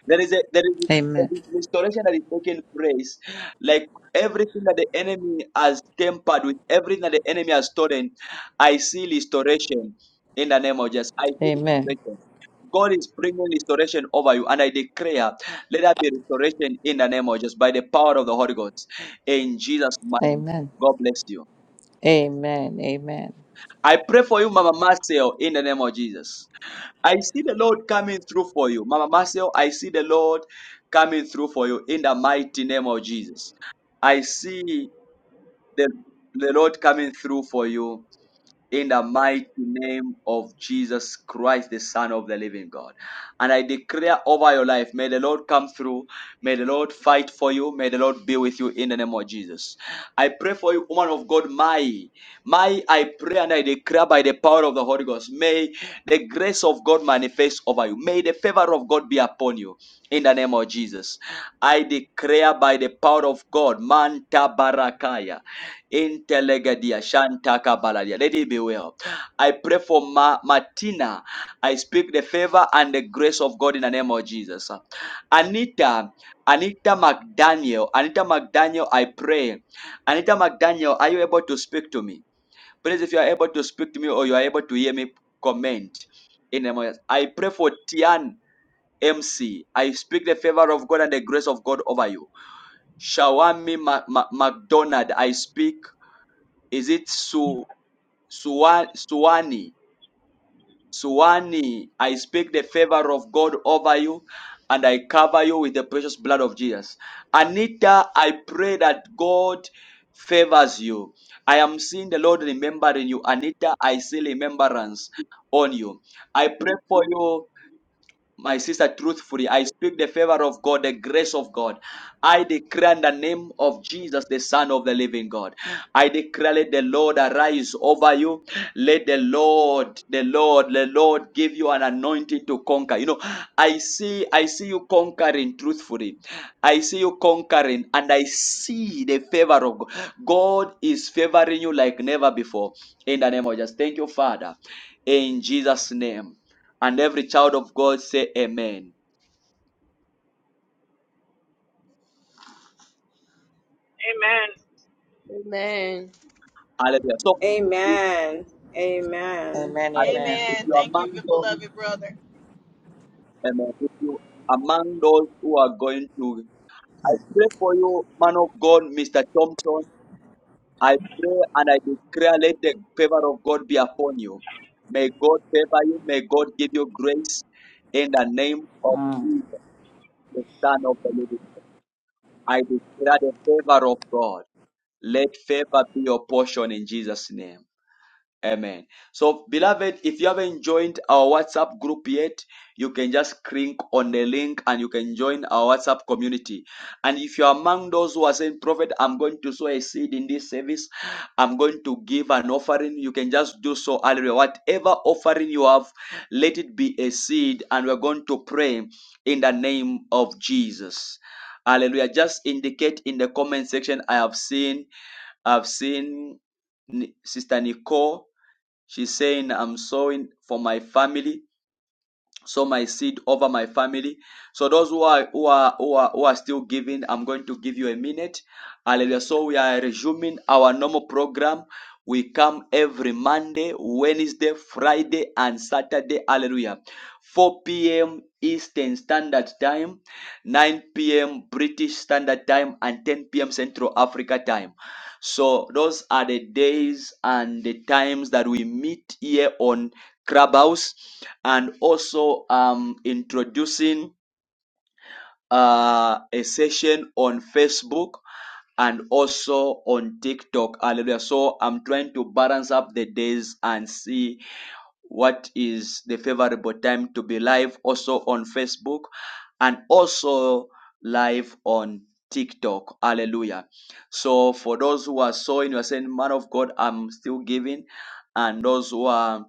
Speaker 1: There is a there is a
Speaker 31: Amen.
Speaker 1: restoration that is taking place. Like everything that the enemy has tempered with, everything that the enemy has stolen, I see restoration in the name of Jesus. I see
Speaker 31: Amen.
Speaker 1: restoration. God is bringing restoration over you, and I declare, let there be restoration in the name of Jesus by the power of the Holy Ghost. In Jesus' mighty name,
Speaker 31: Amen. Amen.
Speaker 1: God bless you.
Speaker 31: Amen.
Speaker 1: I pray for you, Mama Marcel, in the name of Jesus. I see the Lord coming through for you. Mama Marcel, I see the Lord coming through for you in the mighty name of Jesus. I see the, the Lord coming through for you in the mighty name of Jesus Christ, the Son of the living God. And I declare over your life, may the Lord come through. May the Lord fight for you. May the Lord be with you in the name of Jesus. I pray for you, woman of God, my, my, I pray and I declare by the power of the Holy Ghost, may the grace of God manifest over you. May the favor of God be upon you in the name of Jesus. I declare by the power of God, Manta Barakaya. Intelegadia, shantaka baladia. Let it be well. I pray for Ma- Martina. I speak the favor and the grace of God in the name of Jesus. Anita, Anita McDaniel, Anita McDaniel, I pray. Anita McDaniel, are you able to speak to me? Please, if you are able to speak to me or you are able to hear me, comment. In the name of Jesus. I pray for Tian MC. I speak the favor of God and the grace of God over you. Shawami Ma- Ma- McDonald, I speak. Is it Su Suwa- Suwani? Suwani, I speak the favor of God over you and I cover you with the precious blood of Jesus. Anita, I pray that God favors you. I am seeing the Lord remembering you. Anita, I see remembrance on you. I pray for you my sister, truthfully, I speak the favor of God, the grace of God. I declare in the name of Jesus, the Son of the living God. I declare, let the Lord arise over you. Let the Lord, the Lord, the Lord give you an anointing to conquer. You know, I see, I see you conquering truthfully. I see you conquering, and I see the favor of God. God is favoring you like never before. In the name of Jesus. Thank you, Father. In Jesus' name. And every child of God say amen.
Speaker 32: Amen.
Speaker 26: Amen.
Speaker 1: Hallelujah. So
Speaker 12: you. Amen.
Speaker 31: Amen.
Speaker 12: Amen.
Speaker 31: Amen.
Speaker 1: if
Speaker 21: Amen.
Speaker 1: you are
Speaker 21: Thank you,
Speaker 1: among those,
Speaker 21: beloved brother.
Speaker 1: amen. If you are among those who are going to, I pray for you, man of God, Mr. Thompson. I pray and I declare let the favor of God be upon you. May God favor you. May God give you grace in the name of
Speaker 31: Mm.
Speaker 1: Jesus, the Son of the Living. God. I declare the favor of God. Let favor be your portion in Jesus' name. Amen. So, beloved, if you haven't joined our WhatsApp group yet, you can just click on the link and you can join our WhatsApp community. And if you're among those who are saying, Prophet, I'm going to sow a seed in this service, I'm going to give an offering, you can just do so. Hallelujah. Whatever offering you have, let it be a seed, and we're going to pray in the name of Jesus. Hallelujah. Just indicate in the comment section, I have seen, I've seen Ni- Sister Nicole. She's saying I'm sewing for my family sow my seed over my family. So those who are who are who are, who are still giving, I'm going to give you a minute. Hallelujah. So we are resuming our normal program. We come every Monday, Wednesday, Friday, and Saturday. Hallelujah. 4 p.m. Eastern Standard Time, 9 p.m. British Standard Time, and 10 p.m. Central Africa Time. So those are the days and the times that we meet here on Clubhouse and also um, introducing uh, a session on Facebook and also on TikTok. Hallelujah. So I'm trying to balance up the days and see what is the favorable time to be live also on Facebook and also live on TikTok. Hallelujah. So for those who are sowing, you are saying, Man of God, I'm still giving. And those who are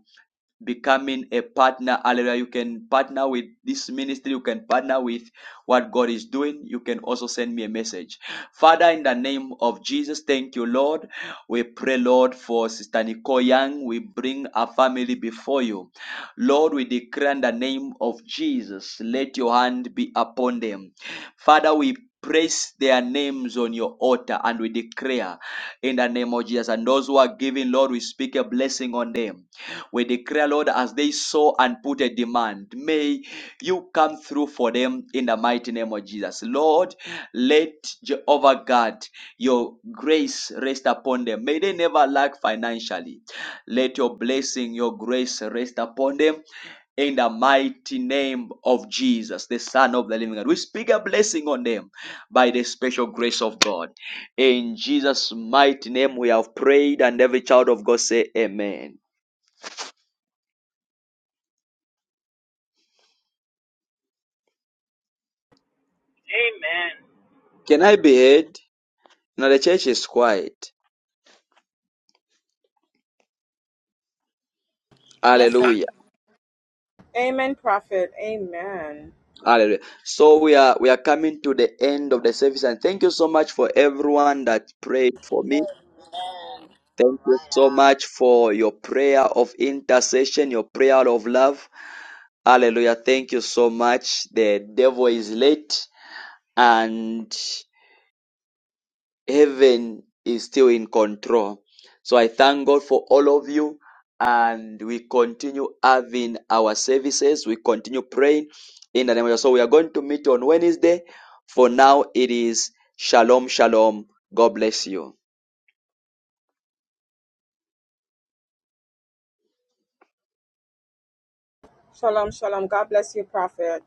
Speaker 1: becoming a partner. Hallelujah. You can partner with this ministry. You can partner with what God is doing. You can also send me a message. Father, in the name of Jesus, thank you, Lord. We pray, Lord, for Sister Nicole Young. We bring our family before you. Lord, we declare in the name of Jesus, let your hand be upon them. Father, we Place their names on your altar and we declare in the name of Jesus. And those who are giving, Lord, we speak a blessing on them. We declare, Lord, as they sow and put a demand, may you come through for them in the mighty name of Jesus. Lord, let Jehovah God, your grace rest upon them. May they never lack financially. Let your blessing, your grace rest upon them in the mighty name of Jesus, the Son of the living God. We speak a blessing on them by the special grace of God. In Jesus' mighty name, we have prayed, and every child of God say, Amen.
Speaker 32: Amen.
Speaker 1: Can I be heard? Now the church is quiet.
Speaker 33: Yes, sir.
Speaker 1: Hallelujah.
Speaker 12: Amen, Prophet. Amen.
Speaker 1: Hallelujah. So we are we are coming to the end of the service and thank you so much for everyone that prayed for me. Thank you so much for your prayer of intercession, your prayer of love. Hallelujah. Thank you so much. The devil is late and heaven is still in control. So I thank God for all of you. And we continue having our services. We continue praying in the name of Jesus. So we are going to meet on Wednesday. For now, it is Shalom, Shalom. God bless you.
Speaker 12: Shalom, shalom. God bless you, Prophet.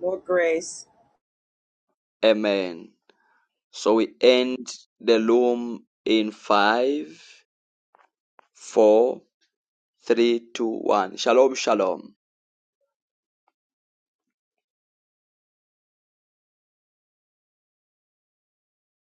Speaker 12: More grace.
Speaker 1: Amen. So we end the loom in five, four, three, two, one. Shalom, Shalom.